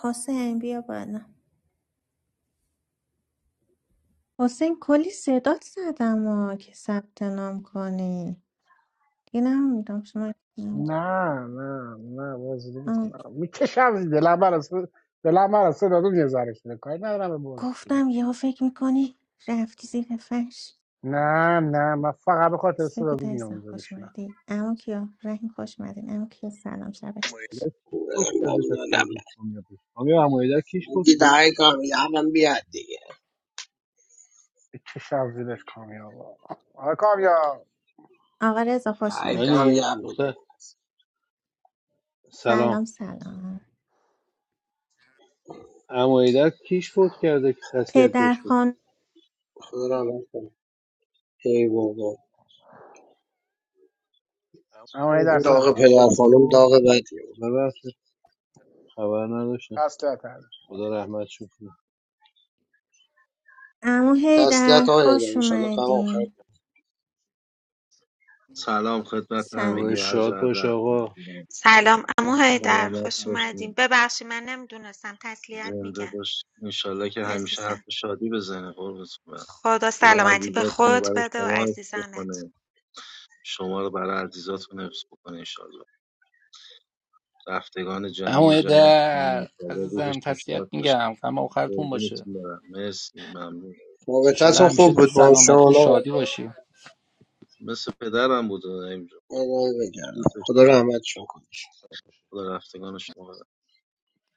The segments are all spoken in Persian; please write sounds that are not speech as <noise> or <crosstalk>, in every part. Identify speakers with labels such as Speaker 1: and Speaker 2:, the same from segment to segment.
Speaker 1: حسین بیا بالا حسین کلی صدات زدم ها که ثبت نام کنی دیگه نمیدونم شما نبود.
Speaker 2: نه نه نه بازی
Speaker 1: آه.
Speaker 2: نمیکنم میکشم زیر دلم براسه دلم براسه صدا یه ذره شده کاری ندارم به بازی اینا.
Speaker 1: گفتم یهو فکر میکنی رفتی زیر فرش
Speaker 2: نه نه من فقط به خاطر صدا
Speaker 1: سپید
Speaker 2: میام
Speaker 1: عزیزم
Speaker 2: اونجا
Speaker 1: خوش
Speaker 2: میشینم
Speaker 1: اومدی اما کیا رحیم خوش اومدین اما کیا سلام شبتون خوش
Speaker 3: گفت از کسی از
Speaker 4: ممنونم
Speaker 3: گفت کامیاب بشه کامیاب عمویدر کیش فوت
Speaker 4: دیگه
Speaker 3: کرد؟
Speaker 4: دعای کامیابم بیاد دیگه
Speaker 2: میکشم زیرش کامیاب آقا کامیاب
Speaker 1: آقا رضا خوش
Speaker 4: دعای
Speaker 1: اومدی
Speaker 3: نانی
Speaker 4: کامیاب بوده
Speaker 3: دختر
Speaker 1: سلام
Speaker 3: سلام
Speaker 1: سلام
Speaker 3: عمویدر کیش فوت کرده که تسلیت
Speaker 1: پدر
Speaker 3: بهش بود
Speaker 1: خان
Speaker 4: خدا نکنه ای بابا
Speaker 2: اما
Speaker 3: در
Speaker 2: در
Speaker 3: درست
Speaker 4: داغ
Speaker 2: سلام
Speaker 4: پدر
Speaker 2: هستم
Speaker 3: تسلیت
Speaker 4: خانم
Speaker 3: او
Speaker 4: داغ بدی بود
Speaker 3: ببخشید خبر نداشتم
Speaker 2: تسلیت هست.
Speaker 3: خدا رحمتشون کنه
Speaker 1: اما هیدر
Speaker 4: تسلیت آقای هیدر
Speaker 1: خوش
Speaker 4: انشالله کم آخر
Speaker 1: اومدین
Speaker 5: Assalamu alaikum.
Speaker 1: سلام
Speaker 3: روح
Speaker 1: سلام
Speaker 3: شاد باش آقا
Speaker 6: سلام عمو حیدر خوش اومدین ببخشید من نمیدونستم تسلیت میگن عزیزم خدا سلامتی به خودت بده و عزیزانت
Speaker 7: اما در عزیزم تسلیت میگم غم آخرتون باشه انشالله
Speaker 4: رابطتون
Speaker 7: همیشه
Speaker 4: خوب
Speaker 7: تو
Speaker 4: بود با
Speaker 7: سلامتی و
Speaker 4: شما
Speaker 7: شادی باشی
Speaker 4: ادامه بگردم خدا رحمتشون کنه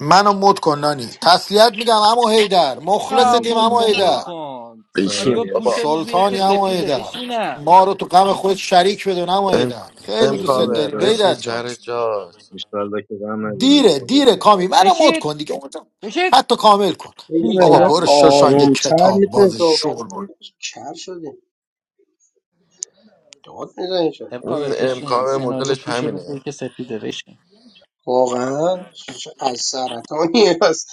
Speaker 8: منو مد کن نانی
Speaker 1: چشم
Speaker 8: تسلیت میگم امو هیدر مخلص
Speaker 7: آه،
Speaker 8: تیم
Speaker 7: مد
Speaker 8: امو
Speaker 7: کن مد
Speaker 8: هیدر
Speaker 7: کن
Speaker 9: بشین
Speaker 7: ساریو پوش
Speaker 9: بابا
Speaker 7: روزیه که
Speaker 8: سلطانی امو
Speaker 7: سپیده
Speaker 8: هیدر
Speaker 7: بشینم
Speaker 8: ما رو تو غم خود شریک بدون امو
Speaker 9: ام,
Speaker 8: هیدر خیلی
Speaker 9: ام
Speaker 8: دوست
Speaker 5: قربونت
Speaker 9: کاور
Speaker 8: داریم
Speaker 5: برم
Speaker 9: بشین
Speaker 8: هیدر جان
Speaker 9: سر جات
Speaker 5: ایشالله که غم نبینیم
Speaker 8: دیره
Speaker 5: خدا
Speaker 8: دیره
Speaker 5: کنه،
Speaker 8: کامی
Speaker 5: قربون.
Speaker 8: منو مد
Speaker 7: بشید
Speaker 8: کن دیگه اونجا.
Speaker 7: بشید
Speaker 8: حتی کامل کن
Speaker 4: بگیم
Speaker 7: بی
Speaker 8: بابا
Speaker 4: ما
Speaker 8: برو
Speaker 7: تربیت
Speaker 8: شوشان که
Speaker 4: آرومتر
Speaker 8: کتاب
Speaker 4: میتونیم
Speaker 8: باز
Speaker 4: صحبت
Speaker 8: شور
Speaker 4: کنیم. چر شدیم داد میزنیم چرا
Speaker 7: امکاور
Speaker 9: اون ام
Speaker 7: بشین
Speaker 9: کاور
Speaker 7: سناریو
Speaker 9: مدلش
Speaker 7: پوش روزیه
Speaker 9: همینه
Speaker 7: که سپیده بشین
Speaker 4: واقعا چه از سرطانی هست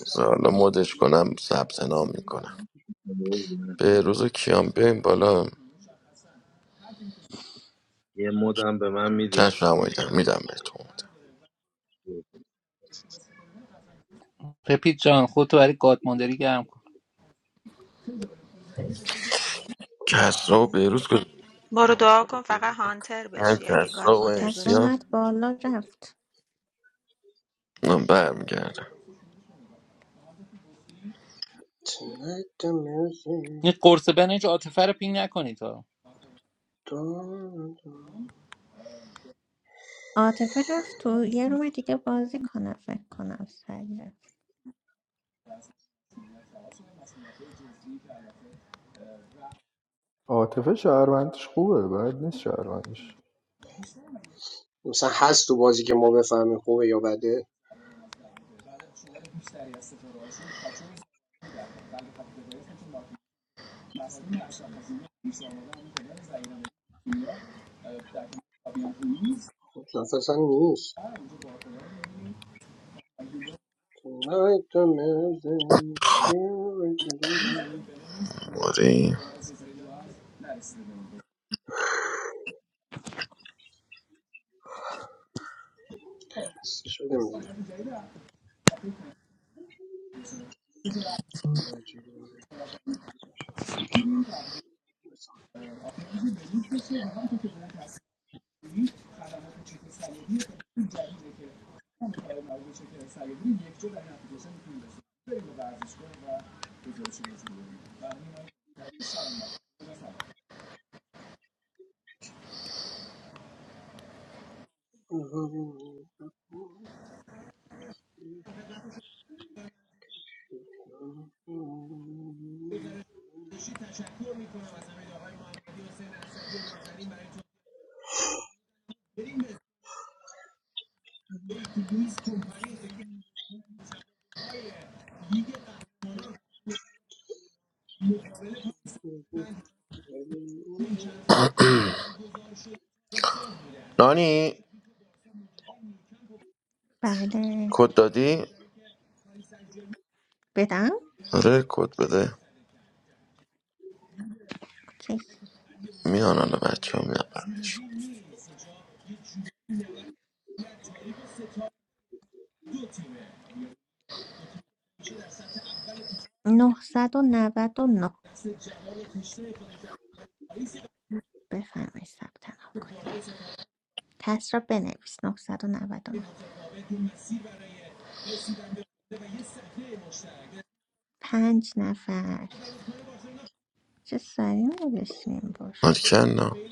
Speaker 9: مثلا حالا مدش کنم ثبت نام میکنم
Speaker 5: قربونه.
Speaker 9: به روز و کیان بیایم بالا
Speaker 5: یه مدم به من میدین
Speaker 9: چشم
Speaker 5: اگر
Speaker 9: نماییدم
Speaker 5: امکان
Speaker 9: میدم
Speaker 5: داره.
Speaker 9: بهتون
Speaker 5: قربون.
Speaker 7: پپیت جان خودتو برای گادماندری گرم کن
Speaker 9: کسرا و بیروز کجا
Speaker 6: برو دعا کن فقط هانتر
Speaker 9: هم
Speaker 6: بشی اگه گاد
Speaker 9: کسرا و
Speaker 6: مادر
Speaker 1: کس
Speaker 6: بشم
Speaker 9: امسیا
Speaker 1: اومد بالا رفت
Speaker 9: من برمیگردم
Speaker 4: Tonight the
Speaker 7: این قرص بنج عاطفه رو پین نکنید ها
Speaker 4: music
Speaker 1: عاطفه رفت تو یه روم دیگه بازی کنه فکر کنم سری رفت
Speaker 10: عاطفه شهروندیش خوبه بد نیست شهروندیش
Speaker 4: مثلا هست تو بازی که ما بفهمیم خوبه یا بده خب، مثلا اصلا نیست Tonight I'm missing
Speaker 9: موری
Speaker 4: چی کنم؟
Speaker 9: نانی
Speaker 1: بله
Speaker 9: کد دادی؟
Speaker 1: بدم
Speaker 9: آره کد بده
Speaker 1: اوکی
Speaker 9: میان حالا بچه ها میان برمیشون
Speaker 1: 999 بفرمایید ثبت نام کنید کس را بنویس 999 پنج نفر چه سریع نوشتیم باش
Speaker 9: مالکن نه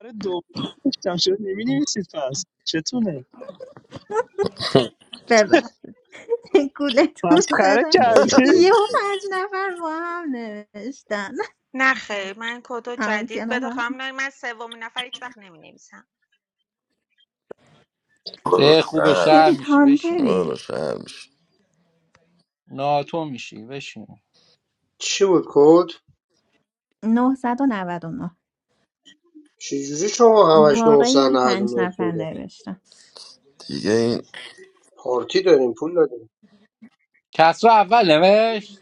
Speaker 11: بار دوم گفتم چرا نمی‌نویسید پس چتونه <laughs>
Speaker 1: ببر <laughs> گولتون
Speaker 11: مسخره
Speaker 1: زدم
Speaker 3: ناصر
Speaker 11: کردید
Speaker 3: خود
Speaker 1: یه و
Speaker 3: بخدا
Speaker 1: پنج نفر با هم نوشتن
Speaker 6: نه خیر من کدو
Speaker 1: اما که
Speaker 6: جدید بده
Speaker 1: نفر
Speaker 6: خواهم نه من سومین نفر هیچ وقت نمی نویسم
Speaker 9: برو
Speaker 7: سه خوبه
Speaker 9: شهر
Speaker 7: شهر
Speaker 9: میشه.
Speaker 1: سفید
Speaker 7: میشی بشین
Speaker 9: برو
Speaker 1: هانتری
Speaker 9: شهر میشه.
Speaker 7: ناتو میشی بشین
Speaker 4: چی بود کد؟
Speaker 1: نه. صد و نود و نه.
Speaker 4: چجوری شما همش
Speaker 1: واقعی هم پنج
Speaker 4: 999
Speaker 1: نفر
Speaker 4: کده؟
Speaker 1: نوشتن
Speaker 9: دیگه این
Speaker 4: پارتی داریم پول داریم
Speaker 7: کسرا اول نوشت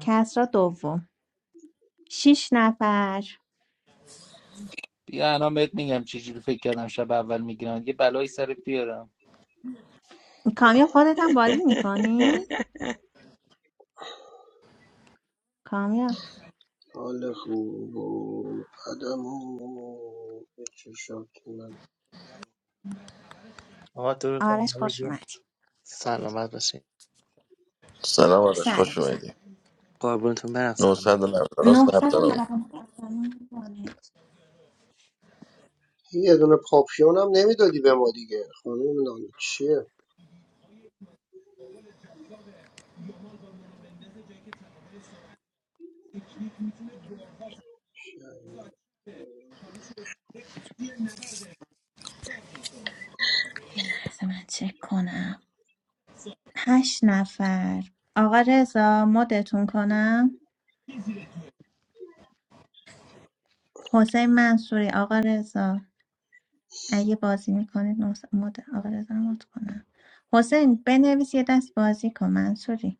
Speaker 1: کسرا دوم شیش نفر
Speaker 7: بیا الان بهت میگم چه جوری فکر کردم شب اول میگیرم یه بلایی سرت بیارم
Speaker 1: کامیاب خودت هم بازی میکنی؟
Speaker 6: <laughs>
Speaker 1: کامیاب
Speaker 4: حال خوب و قدم و به چشات من
Speaker 12: آقا درود به
Speaker 1: آرش خوش
Speaker 12: همگی
Speaker 1: اومدی
Speaker 12: سلامت باشید
Speaker 9: سلام آرش خوش
Speaker 1: سلام سلام
Speaker 9: اومدی
Speaker 12: قربونتون برم سلامت
Speaker 9: 990 ثبت نام
Speaker 1: 999
Speaker 4: یه دونه پاپیون هم نمیدادی به ما دیگه خانم نانا چیه
Speaker 1: یه لحظه من چک کنم هشت نفر آقا رضا مدتون کنم حسین منصوری آقا رضا اگه بازی میکنید مد آقا رضا رو مد کنم حسین بنویس یه دست بازی کن منصوری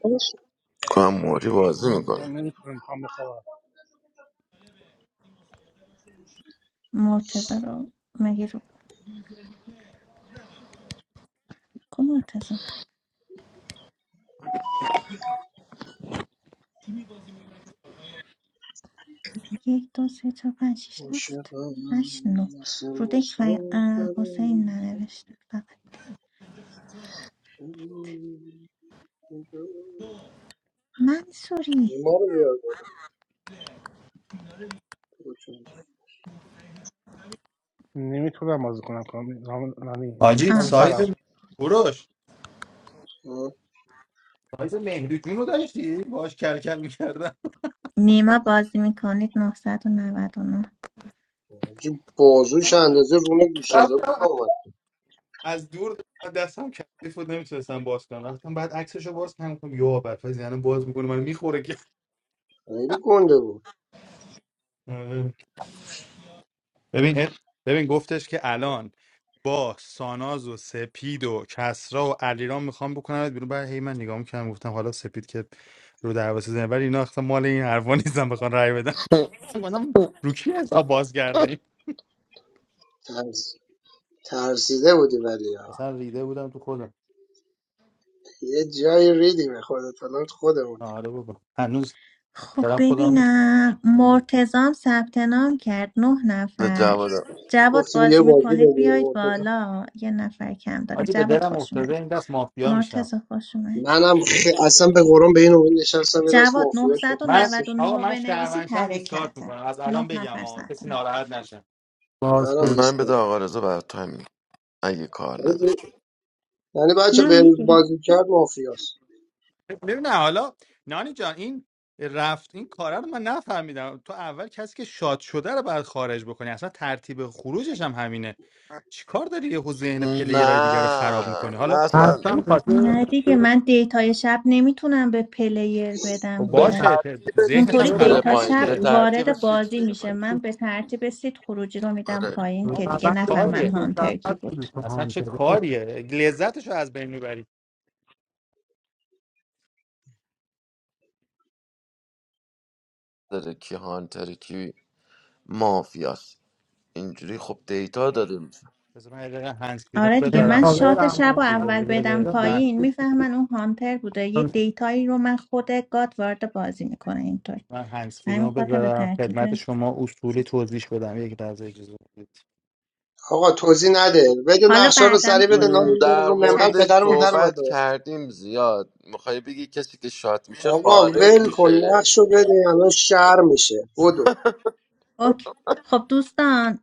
Speaker 11: باش.
Speaker 9: کنم موری بازی میکنه
Speaker 2: نمیتونم میخوام بخوابم
Speaker 1: مرتضی رو مگه رو کو مرتضی یک دو سه چهار پنج شیش هفت
Speaker 4: عاشقم
Speaker 1: هشت نو
Speaker 4: مثل
Speaker 1: رودک و اه،
Speaker 4: مسافر
Speaker 1: حسین ننوشته فقط منصوری
Speaker 4: نیما رو بیار بالا
Speaker 2: نمیتونم بازی کنم کامی نامی
Speaker 13: حاجی
Speaker 2: کامی
Speaker 1: آه
Speaker 13: سایز
Speaker 2: سلام
Speaker 1: باش
Speaker 13: کوروش
Speaker 4: ها؟
Speaker 13: سایز مهدی جون رو داشتی باش کل کل میکردم
Speaker 1: نیما بازی میکنید 999
Speaker 4: حاجی بازوش اندازه رون گوساله
Speaker 13: رفتم
Speaker 4: بود لامد
Speaker 13: از دور دستم کثیف بود نمیتونستم باز کنم رفتم بعد عکسشو باز کنم گفتم یا بدفاز یعنی باز میکنه من میخوره که <laughs>
Speaker 4: خیلی گنده بود
Speaker 13: آره. ببین ببین گفتش که الان با ساناز و سپید و کسرا و علیرام میخوام بکنم بیرون بعد هی من نگاه میکنم گفتم حالا سپید که رو دروازه زنه ولی اینا اصلا مال این حرفا نیستم بخوام رای بدم من <laughs> گفتم رو کی حساب باز کرده ایم؟
Speaker 4: ترس ترسیده بودی ولی ها.
Speaker 13: اصلا ریده بودم تو خودم
Speaker 4: یه جایی ریدیم به خودت الان خودمونی
Speaker 13: آره بابا هنوز
Speaker 1: خب
Speaker 13: دارم خودم
Speaker 1: ببینم مرتزام ثبت نام کرد نه
Speaker 9: به
Speaker 1: نفر
Speaker 9: دوازه
Speaker 1: جواد
Speaker 4: گفتیم یه
Speaker 1: بازی
Speaker 4: بازی
Speaker 1: میکنید بیایید
Speaker 4: بگیم
Speaker 1: بالا یه نفر کم داریم
Speaker 13: آجی به
Speaker 1: جواد
Speaker 13: دلم
Speaker 1: خوش
Speaker 13: افتاده
Speaker 1: اومد
Speaker 13: این دست مافیا میشم
Speaker 1: مرتزا خوش اومد
Speaker 4: منم خ... اصلا به قرآن به این امید نشستم یه دست
Speaker 1: جواد
Speaker 4: مافیا شد
Speaker 13: من
Speaker 4: خسته شدم.
Speaker 1: 999
Speaker 13: آقا
Speaker 1: رو
Speaker 13: من
Speaker 1: بنویسید
Speaker 13: شهروندشم دیسکارت
Speaker 1: حرکته
Speaker 13: میکنم از
Speaker 1: نه
Speaker 13: الان بگم
Speaker 1: نفر
Speaker 13: آقا کسی
Speaker 1: ثبت نام
Speaker 13: ناراحت نشه
Speaker 4: منم
Speaker 14: بازپرس
Speaker 9: من به
Speaker 4: دیسپلی
Speaker 9: آقا رضا برات تایم می‌گیرم، اگه کار نداشت
Speaker 4: یعنی یعنی بچه
Speaker 1: نه
Speaker 4: به
Speaker 1: می‌گیرم.
Speaker 4: بازی کرد مافیاست
Speaker 13: ببین حالا نانی جان این رفت این کاره رو من نفهمیدم تو اول کسی که شاد شده رو باید خارج بکنی اصلا ترتیب خروجش هم همینه چیکار داری یهو ذهن پلیرای دیگر رو خراب
Speaker 9: نه
Speaker 13: میکنی
Speaker 9: نه
Speaker 13: حالا
Speaker 9: اصلا
Speaker 14: حرفم
Speaker 13: نمیخواد
Speaker 14: بشه
Speaker 1: نه دیگه من دیتای شب نمیتونم به پلیر بدم
Speaker 9: به
Speaker 1: که
Speaker 14: نه
Speaker 13: باشه ت-
Speaker 9: ترتیب
Speaker 13: ذهنش هم
Speaker 1: اونطوری
Speaker 9: سیت
Speaker 14: بروی
Speaker 9: میره
Speaker 13: خراب
Speaker 1: دیتا
Speaker 13: نکن
Speaker 9: پایین
Speaker 1: شب
Speaker 9: به
Speaker 13: که
Speaker 14: روند
Speaker 9: ترتیب
Speaker 1: وارد
Speaker 9: سیت
Speaker 1: بازی
Speaker 9: میره
Speaker 1: میشه
Speaker 9: پایین
Speaker 1: من به ترتیب سید خروجی رو میدم
Speaker 9: آره
Speaker 1: پایین که
Speaker 13: بابا
Speaker 1: دیگه
Speaker 13: چه
Speaker 14: بازی
Speaker 1: نفهمن
Speaker 13: کاریه
Speaker 1: هانتر کی
Speaker 14: مشخص بوده
Speaker 1: بود
Speaker 14: تو
Speaker 13: اصلا چه
Speaker 14: هانتره خب
Speaker 13: کاریه لذتش رو از بین میبری
Speaker 9: داره کی هانتر کی مافیاست اینجوری خب دیتا داده میشه
Speaker 13: بذار من یه دقیقه هنسفری رو
Speaker 1: آره دیگه
Speaker 14: این
Speaker 1: من
Speaker 13: بذارم
Speaker 14: کاور
Speaker 1: شات شب
Speaker 14: اما
Speaker 1: رو اول
Speaker 13: اجازه
Speaker 1: بدم
Speaker 13: بده
Speaker 14: یا
Speaker 13: من
Speaker 1: پایین
Speaker 14: بشید
Speaker 1: میفهمن اون هانتر بوده یه دیتایی رو من خود گاد وارد بازی میکنه اینطوری
Speaker 13: من
Speaker 1: من
Speaker 13: هنسفری
Speaker 1: همین
Speaker 13: رو
Speaker 1: خاطر به
Speaker 13: بذارم
Speaker 1: ترتیب
Speaker 13: خدمت شما اصولی
Speaker 1: چیز.
Speaker 13: توضیح بدم یک لحظه اجازه بدید
Speaker 4: آقا توضیح نده بگو
Speaker 1: حالا
Speaker 4: نقشه رو
Speaker 1: بعدا
Speaker 4: سریع بده
Speaker 1: توضیح
Speaker 9: م،
Speaker 1: میدم
Speaker 4: نامون بره
Speaker 9: در
Speaker 4: رو منبر
Speaker 9: موردش
Speaker 1: چشم
Speaker 4: پدرمون در
Speaker 1: چشم
Speaker 9: صحبت
Speaker 4: اومده
Speaker 9: کردیم زیاد میخوای بگی کسی که شات میشه
Speaker 4: آقا
Speaker 9: خارج
Speaker 4: ول کن
Speaker 9: میشه
Speaker 4: نقش رو بده الان شهر میشه بدو
Speaker 1: اوکی خب دوستان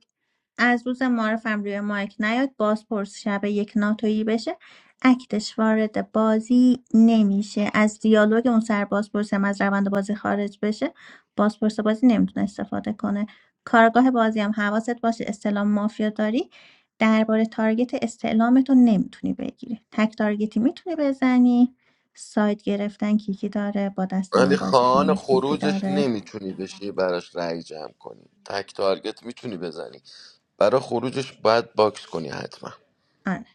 Speaker 1: از روز معارفم روی مایک نیاد بازپرس شب یک ناتویی بشه اکتش وارد بازی نمیشه از دیالوگ اون سر بازپرسم از روند بازی خارج بشه بازپرس بازی نمیتونه استفاده کنه کارگاه بازی هم حواست باشه استلام مافیا داری درباره تارگت استعلامتو نمیتونی بگیری تک تارگتی میتونی بزنی ساید گرفتن کیکی داره با دست
Speaker 9: ولی
Speaker 1: من بازی
Speaker 9: خواهان
Speaker 1: کنید کیکی
Speaker 9: خروجش
Speaker 1: داره
Speaker 9: نمیتونی بشی براش رأی جمع کنی تک تارگت میتونی بزنی برای خروجش باید باکس کنی حتما
Speaker 1: آره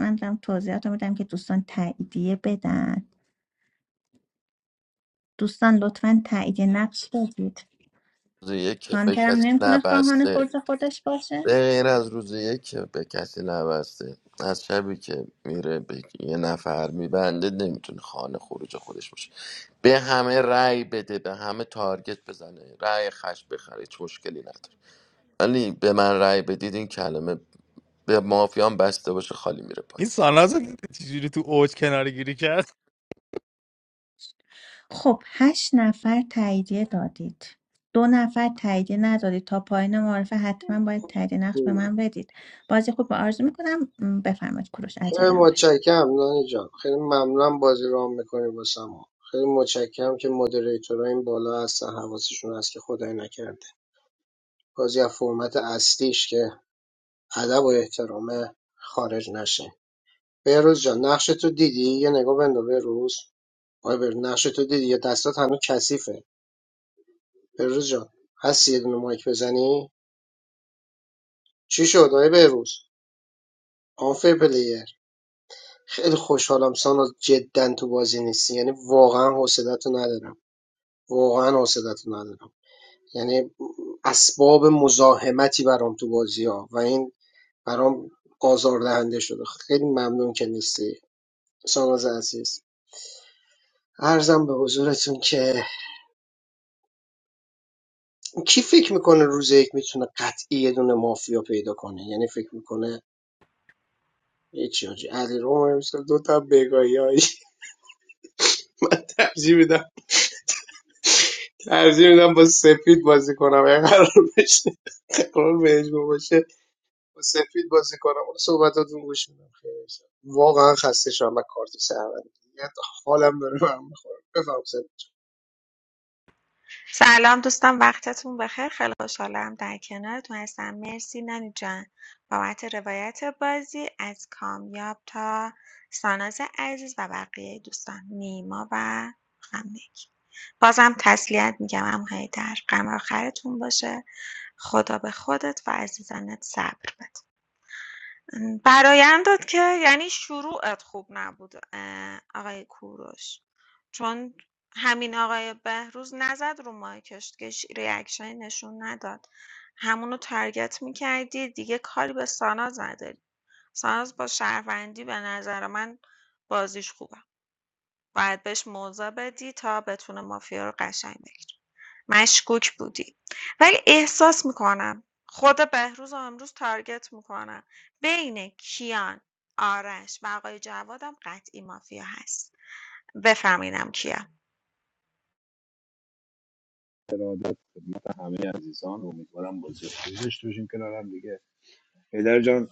Speaker 1: من دارم توضیحات میدم که دوستان تاییدیه بدن دوستان لطفا تایید نقش بدید
Speaker 9: روز یک که به
Speaker 1: هانترم
Speaker 9: کسی
Speaker 1: نمیتونه خواهان
Speaker 9: نبسته
Speaker 1: خورد خودش باشه
Speaker 9: به غیر از روز یک که به کسی نبسته از شبی که میره به یه نفر میبنده نمیتونه خانه خروج خودش باشه به همه رأی بده به همه تارگت بزنه رأی خش بخره هیچ مشکلی نداره ولی به من رأی بدید این کلمه به مافیان بسته باشه خالی میره پایین
Speaker 13: این ساناز رو دیدی چجوری تو اوج کنار گیری کرد
Speaker 1: خب هشت نفر تاییدیه دادید دو نفر تاییدیه ندادید تا پایین معرفه حتما باید تایید نقش به من بدید بازی خوب به آرزو میکنم م، بفرمایید کوروش
Speaker 4: خیلی
Speaker 1: عجلم داشت
Speaker 4: متشکرم نانی جان خیلی ممنونم بازی رو هم میکنیم واسه ما خیلی متشکرم که مدریتورها این بالا هستن حواسشون هست که خدای نکرده بازی از فرمت اصلیش که ادب و احترامه خارج نشه بهروز جان نقشتو دیدی یه نگاه بنداز بهروز آیا بهروز نقشتو دیدی یا دستات هنوز کثیفه بهروز جان هستی یه دونه مایک بزنی چی شد آیا بهروز آنفر پلیر خیلی خوشحالم ساناز جدا تو بازی نیستی یعنی واقعا حوصلتو ندارم واقعا حوصلتو ندارم یعنی اسباب مزاحمتی برام تو بازی ها و این برام آزاردهنده شده خیلی ممنون که نیستی ساناز عزیز عرضم به حضورتون که کی فکر میکنه روز یک میتونه قطعی یه دونه مافیا پیدا کنه یعنی فکر میکنه هیچی آجی علی روم امسال دو تا بگاهی هایی <laughs> من ترجیح میدم ترجیح میدم با سفید بازی کنم اگه قرار بشه قرار بهش باشه با سفید بازی کنم اون صحبتاتون گوش میدم خیلی شد. واقعا خسته شدم و کارت سهرمندی حالم داره برم میخوره بفهم سفید
Speaker 6: سلام دوستان وقتتون بخیر خیلی خوشحالم در کنارتون هستم مرسی نانی جان بابت روایت بازی از کامیاب تا ساناز عزیز و بقیه دوستان نیما و همگی بازم تسلیت میگم هم در غم آخرتون باشه خدا به خودت و عزیزانت صبر بده برایندت که یعنی شروعت خوب نبود آقای کوروش چون همین آقای بهروز نزد رو مایکش که ریاکشنی نشون نداد همونو تارگت میکردی دیگه کاری به ساناز نداری ساناز با شهروندی به نظر من بازیش خوبه باید بهش موضع بدی تا بتونه مافیا رو قشنگ بگیره مشکوک بودی. ولی احساس میکنم خود بهروز رو امروز تارگت می‌کنم. بین کیان، آرش و آقای جوادم قطعی مافیا هست. بفهمیدم کیا.
Speaker 3: ارادت خدمت همه عزیزان امیدوارم بازی خوبی داشته باشیم کنار هم دیگه پدر جان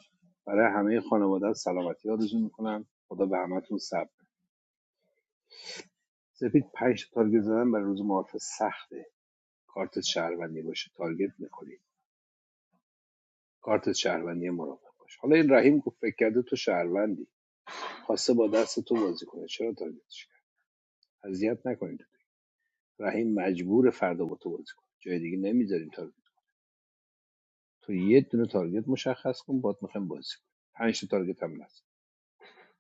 Speaker 3: برای همه خانواده سلامتی آرزو میکنم خدا به همتون صبر سپید پنج تا تارگت زدن برای روز معارف سخته کارت شهروندی باشه تارگت میخوری کارت شهروندی مراقب باش حالا این رحیم گفت فکر کرده تو شهروندی خواسته با دست تو بازی کنه چرا تارگتش کرد اذیت نکنید رحیم مجبور فردا با تو بازی کنه جای دیگه نمیذاریم تارگت تو یه دونه تارگت مشخص کن باد میخوایم بازی کنیم پنج تا تارگت هم نزن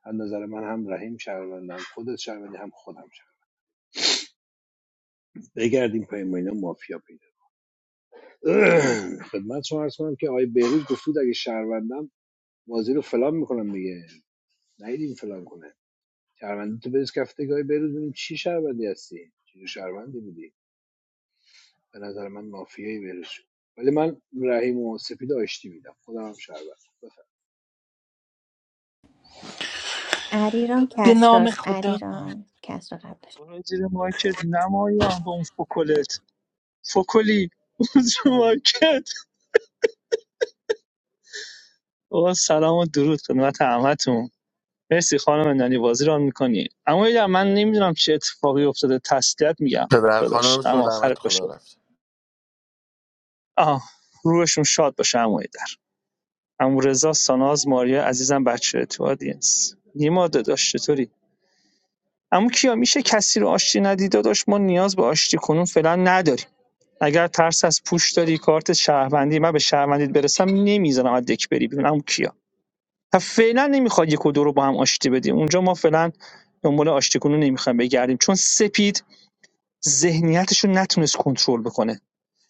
Speaker 3: از نظر من هم رحیم شهروندم خودت شهروندی هم خودم شهروند بگردیم پای ما اینا مافیا پیدا <clears throat> خدمت شما عرض کنم که آقای بهروز گفتود اگه شهروندم بازی رو فلان میکنم دیگه نیدیم فلان کنه شهروندی تو بریز کفتگاهی بروز ببین چی شهروندی هستی چی شهروندی بودی به نظر من مافیایی بروز شد. ولی من رحیم و سپید آشتی میدم خودم هم شهروند بفرم.
Speaker 1: علیرام
Speaker 7: به نام
Speaker 1: کسراست
Speaker 7: خدا
Speaker 1: علیرام کسرا قبل داشت
Speaker 11: برو زیر مارکت نمایان با اون فکلت فکلی برو زیر مارکت آقا سلام و درود خدمت همتون مرسی خانم نانی بازی ران میکنی اما یه من نمیدونم چه اتفاقی افتاده تسلیت میگم
Speaker 9: پدر
Speaker 11: داداش اما
Speaker 9: خانمشون رحمت
Speaker 11: آخرت باشه
Speaker 9: خدا رفت
Speaker 11: آه روحشون شاد باشه عمو در عمو رضا ساناز ماریا عزیزم بچه تو آدینس نیما داداش چطوری اما کیا میشه کسی رو آشتی ندی داداش ما نیاز به آشتی کنون فعلا نداریم اگر ترس از پوش داری کارت شهروندی من به شهروندیت برسم نمیذارم از دک بری بیرون اما کیا و فعلا نمیخواد یک و دو رو با هم آشتی بدیم اونجا ما فعلا دنبال آشتی کنون نمیخوایم بگردیم چون سپید ذهنیتش رو نتونست کنترل بکنه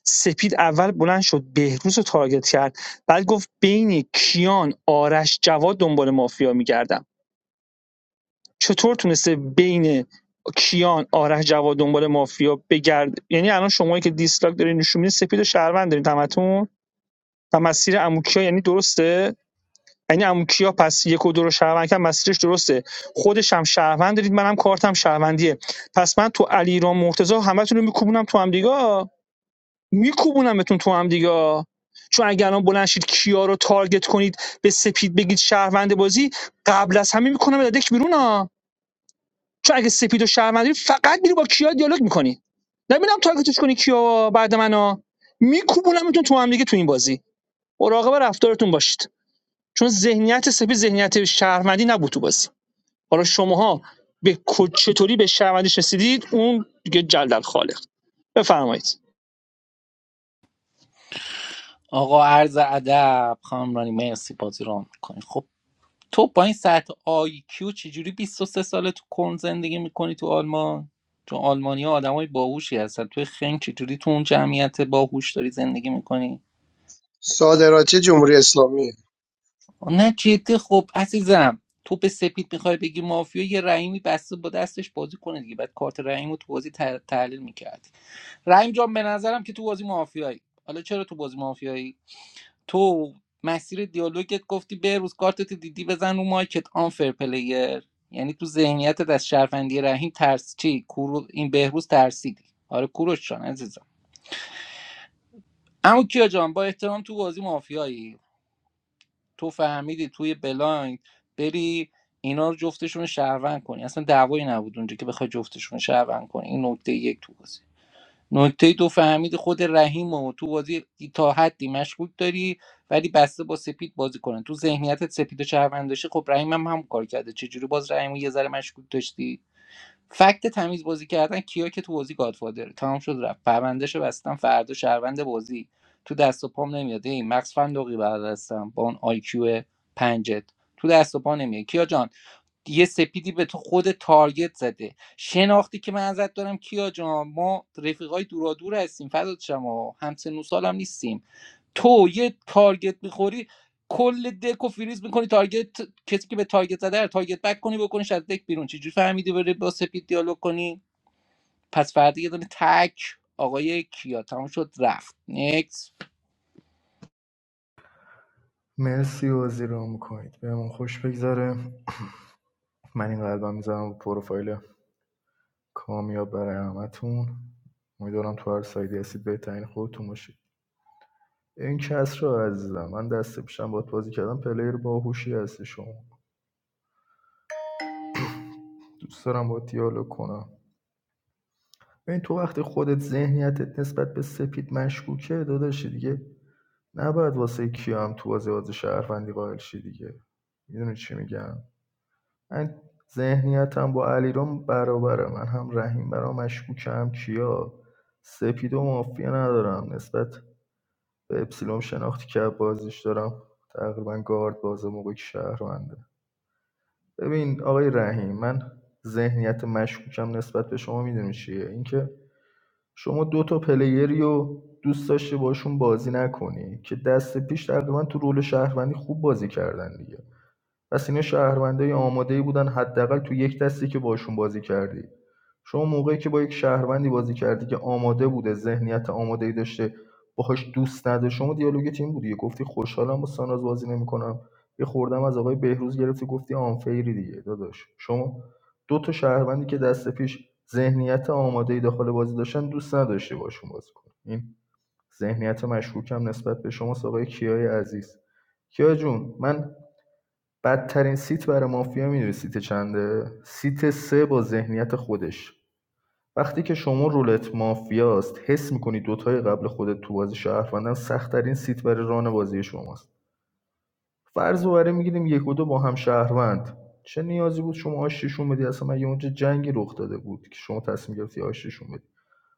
Speaker 11: سپید اول بلند شد بهروز رو تارگت کرد بعد گفت بین کیان آرش جواد دنبال مافیا میگردم چطور تونسته بین کیان آرش جواد دنبال مافیا بگرد یعنی الان شمایی که دیسلاک دارین نشون میدین سپید و شهروند دارین تمتون و مسیر اموکیا یعنی درسته یعنی اموکیا پس یک و دو رو شهروند کرد مسیرش درسته خودش هم شهروند دارید منم کارتم شهروندیه پس من تو علیرام مرتضی همتون رو میکوبونم تو هم دیگه میکوبونمتون تو هم دیگه چون اگر الان بلند شید کیا رو تارگت کنید به سپید بگید شهروند بازی قبل از همه میکنم دک بیرون ها چون اگه سپید و شهروندی فقط میری با کیا دیالوگ میکنی نمیدونم تارگتش کنی کیا بعد منو میکوبونمتون تو هم دیگه تو این بازی مراقب رفتارتون باشید چون ذهنیت سپید ذهنیت شهروندی نبود تو بازی حالا شماها به کو- چطوری به شهروندیش رسیدید اون دیگه جلدل خالق بفرمایید
Speaker 7: آقا عرض ادب خانم رانی مرسی بازی رام میکنی خب تو با این سطح آی کیو چجوری بیست و سه ساله تو کلن زندگی میکنی تو آلمان چون آلمانی ها آدم های باهوشی هستن توی خنگ چجوری تو اون جمعیت باهوش داری زندگی میکنی
Speaker 4: صادرات جمهوری اسلامی
Speaker 7: نه جدی خب عزیزم تو به سپید میخوای بگی مافیا یه رحیمی بسته با دستش بازی کنه دیگه بعد کارت رحیم رو تو بازی تح- تحلیل میکرد رحیم جان به نظرم که تو بازی مافیایی حالا چرا تو بازی مافیایی تو مسیر دیالوگت گفتی به روز کارتت دیدی بزن رو مایکت آنفر پلیر یعنی تو ذهنیتت از شرفندی رحیم ترس چی کورو این بهروز ترسیدی آره کوروش جان عزیزم اما کیا جان با احترام تو بازی مافیایی تو فهمیدی توی بلایند بری اینا رو جفتشون رو شهروند کنی اصلا دعوایی نبود اونجا که بخوای جفتشون رو شهروند کنی این نکته یک تو بازی نکته دو فهمید خود رحیم و تو بازی تا حدی مشکوک داری ولی بسته با سپید بازی کنن تو ذهنیتت سپید و شهروند داشتی خب رحیم هم هم کار کرده چجوری باز رحیم و یه ذره مشکوک داشتی فکت تمیز بازی کردن کیا که تو بازی گادفادره تمام شد رفت پروندهشو بستم فردا شهروند بازی تو دست و پام نمیاد این مغز فندقی برداشتم با اون آی کیو پنجت تو دست و پا نمیاد کیا جان یه سپیدی به تو خود تارگت زده شناختی که من ازت دارم کیا جان ما رفیقای دورادور هستیم فضات شما همسن سال هم نیستیم تو یه تارگت میخوری کل دک و فریز میکنی تارگت کسی که به تارگت زده رو تارگت بک کنی بکنیش از دک بیرون چجوری فهمیدی بره با سپید دیالوگ کنی پس فردا یه دونه تک آقای کیا تموم شد رفت نکس
Speaker 10: مرسی بازی رو میکنید بهمون خوش بگذره من این قلبم میذارم پروفایل کامیاب برای همتون امیدوارم تو هر سایدی هستید بهترین خودتون باشید این کس رو عزیزم من دست پیشم باید بازی کردم پلیر باهوشی هستی شما دوست دارم با دیالوگ کنم ببین تو وقتی خودت ذهنیتت نسبت به سپید مشکوکه داداشی دیگه نباید واسه کیام هم تو بازی بازی شهروندی قائل شی دیگه میدونی چی میگم من ذهنیتم با علیرام برابره من هم رحیم برام مشکوکه هم کیا سپید و مافیا ندارم نسبت به اپسیلوم شناختی که بازیش دارم تقریبا گارد باز موقع که شهرونده ببین آقای رحیم من ذهنیت مشکوکم نسبت به شما میدونی چیه اینکه شما دو تا پلیری رو دوست داشتی باشون بازی نکنی که دست پیش تقریبا تو رول شهروندی خوب بازی کردن دیگه پس اینا شهروندای آماده‌ای بودن حداقل تو یک دستی که باشون بازی کردی شما موقعی که با یک شهروندی بازی کردی که آماده بوده ذهنیت آماده‌ای داشته باهاش دوست نداره شما دیالوگت این بودی گفتی خوشحالم با ساناز بازی نمیکنم یه خوردم از آقای بهروز گرفتی گفتی آنفیری دیگه داداش شما دو تا شهروندی که دست پیش ذهنیت آماده‌ای داخل بازی داشتن دوست نداشتی باشون بازی کنی این ذهنیت مشکوکم نسبت به شما آقای کیای عزیز کیا جون من بدترین سیت برای مافیا میدونی سیت چنده سیت سه با ذهنیت خودش وقتی که شما رولت مافیاست حس میکنی دوتای قبل خودت تو بازی شهروندن سخت‌ترین سیت برای ران بازی شماست فرض رو برای میگیریم یک و دو با هم شهروند چه نیازی بود شما آشتیشون بدی اصلا مگه اونجا جنگی رخ داده بود که شما تصمیم گرفتی آشتیشون بدی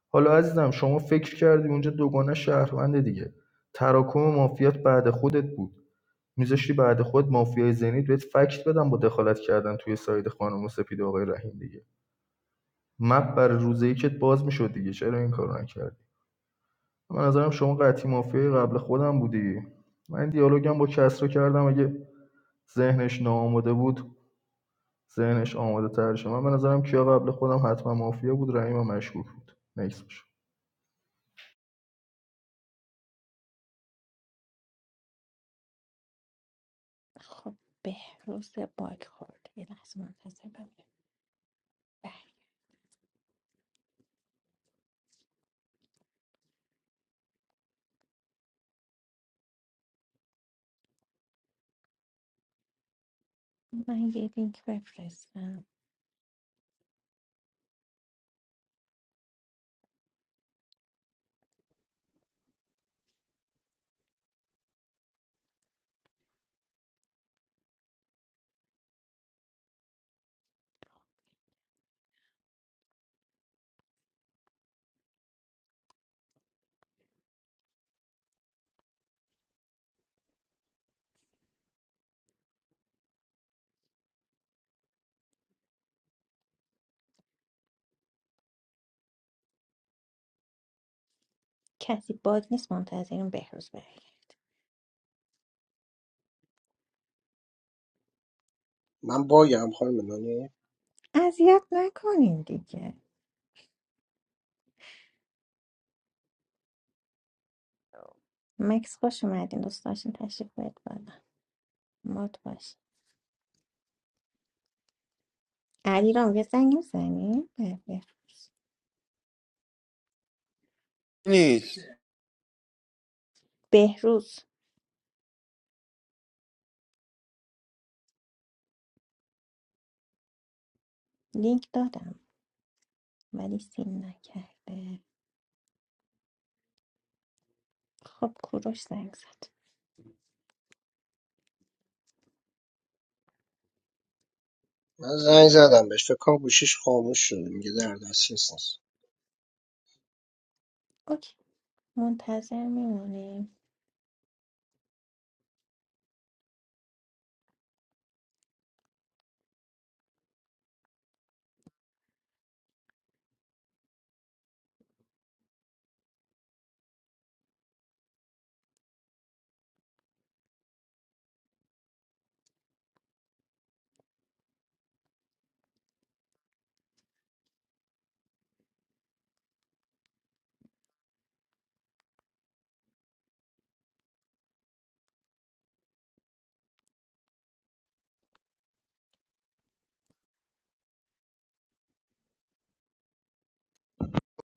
Speaker 10: حالا عزیزم شما فکر کردی اونجا دوگانه شهروند دیگه تراکم مافیات بعد خودت بود میذاشتی بعد خود مافیای ذهنی بهت فکت بدم با دخالت کردن توی ساید خانم سپید و آقای رحیم دیگه مپ بر روزه ای که باز میشد دیگه چرا این کارو نکردی من نظرم شما قطعی مافیای قبل خودم بودی من دیالوگم با کسرا کردم اگه ذهنش ناآماده بود ذهنش آماده تر شد من به نظرم کیا قبل خودم حتما مافیا بود رحیم هم مشکوک بود نکس باشه
Speaker 1: خب بهروز باگ خورد یه لحظه منتظر بمونید. بله. من یه لینک بفرستم کسی باگ نیست منتظریم بهروز برگرده
Speaker 4: من باگم خانم نانی
Speaker 1: اذیت نکنین دیگه مکس خوش اومدین دوست داشتین تشریف بیارید بالا مد باش علی رام یه زنگ میزنی بهروز
Speaker 9: نیست
Speaker 1: بهروز لینک دادم ولی سین نکرده خب کوروش زنگ زد
Speaker 4: من زنگ زدم بهش فکر کنم گوشیش خاموش شده میگه در دسترس نیست
Speaker 1: اوکی منتظر میمونیم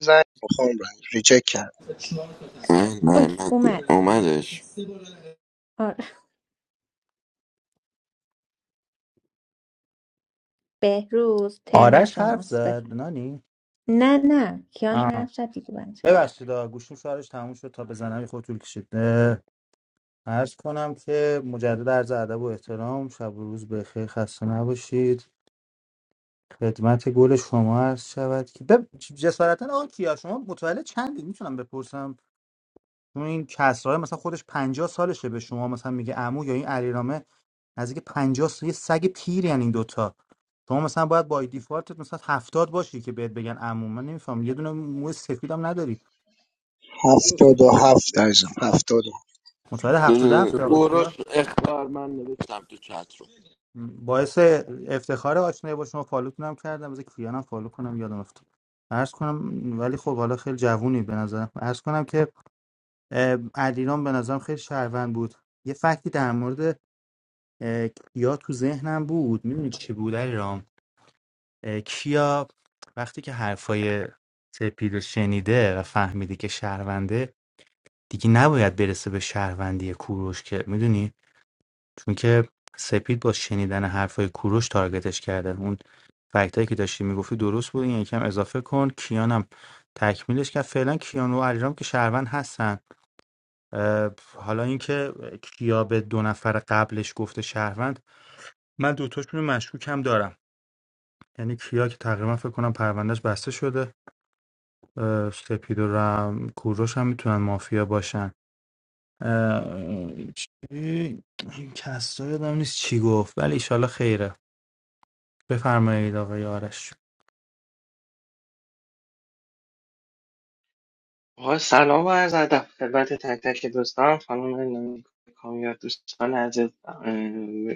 Speaker 4: زنگ میخوام رنگ ریجکت کرد
Speaker 9: نه نه
Speaker 1: اوکی
Speaker 9: نه
Speaker 1: اومدم
Speaker 9: اومدش
Speaker 1: آره بهروز ترن
Speaker 13: آرش حرف
Speaker 1: شماست
Speaker 13: زد
Speaker 1: بفهم
Speaker 13: نانی
Speaker 1: نه نه کیان
Speaker 13: آه.
Speaker 1: حرف زد دیگه بند شما.
Speaker 13: ببخشید آه، گوشیم شارژ تموم شد تا بزنم یه خود طول کشید اه، عرض کنم که مجدد عرض ادب و احترام شب و روز بخیر خسته نباشید خدمت گل شما عرض شود که بب... جسارتا آقا کیا شما متولد چندی میتونم بپرسم چون این کسرای مثلا خودش پنجاه سالشه به شما مثلا میگه عمو یا این علیرامه نزدیک 50 سال یه سگ پیر یعنی این دوتا شما مثلا باید با دیفالت مثلا 70 باشی که بهت بگن عمو من نمیفهم یه دونه موی سفیدم نداری
Speaker 3: دو
Speaker 4: هفتاد و
Speaker 3: سالم
Speaker 4: هفت عزیزم هفتاد و
Speaker 13: متولد
Speaker 3: بیست
Speaker 13: 77
Speaker 3: و دو سال
Speaker 13: یا
Speaker 9: گروش اخبار من نوشتم تو چت رو
Speaker 13: باعث افتخار آشنایی با شما فالوتون هم کردم بذار کیانم فالو کنم یادم افتاد عرض کنم ولی خب حالا خیلی جوونی به نظرم عرض کنم که اه، علیرام به نظرم خیلی شهروند بود یه فکتی در مورد اه، کیا تو ذهنم بود میدونی چی بود رام کیا وقتی که حرفای سپید رو شنیده و فهمیده که شهرونده دیگه نباید برسه به شهروندی کوروش که میدونی چون که سپید با شنیدن حرفای کوروش تارگتش کرده اون فکتایی که داشتی میگفتی درست بود این یکم اضافه کن کیانم تکمیلش کرد فعلا کیان و علیرام که شهروند هستن اه، حالا اینکه کیا به دو نفر قبلش گفته شهروند من دوتاشون رو مشکوکم دارم یعنی کیا که تقریبا فکر کنم پروندهش بسته شده اه، سپید و رم کوروش هم میتونن مافیا باشن اه، چی؟ کسرا یادم نیست چی گفت ولی ایشالله خیره بفرمایید آقای آرش
Speaker 12: آقا سلام و عرض ادب خدمت تک تک دوستان خانم نامی، کامیار دوستان عزیز اه،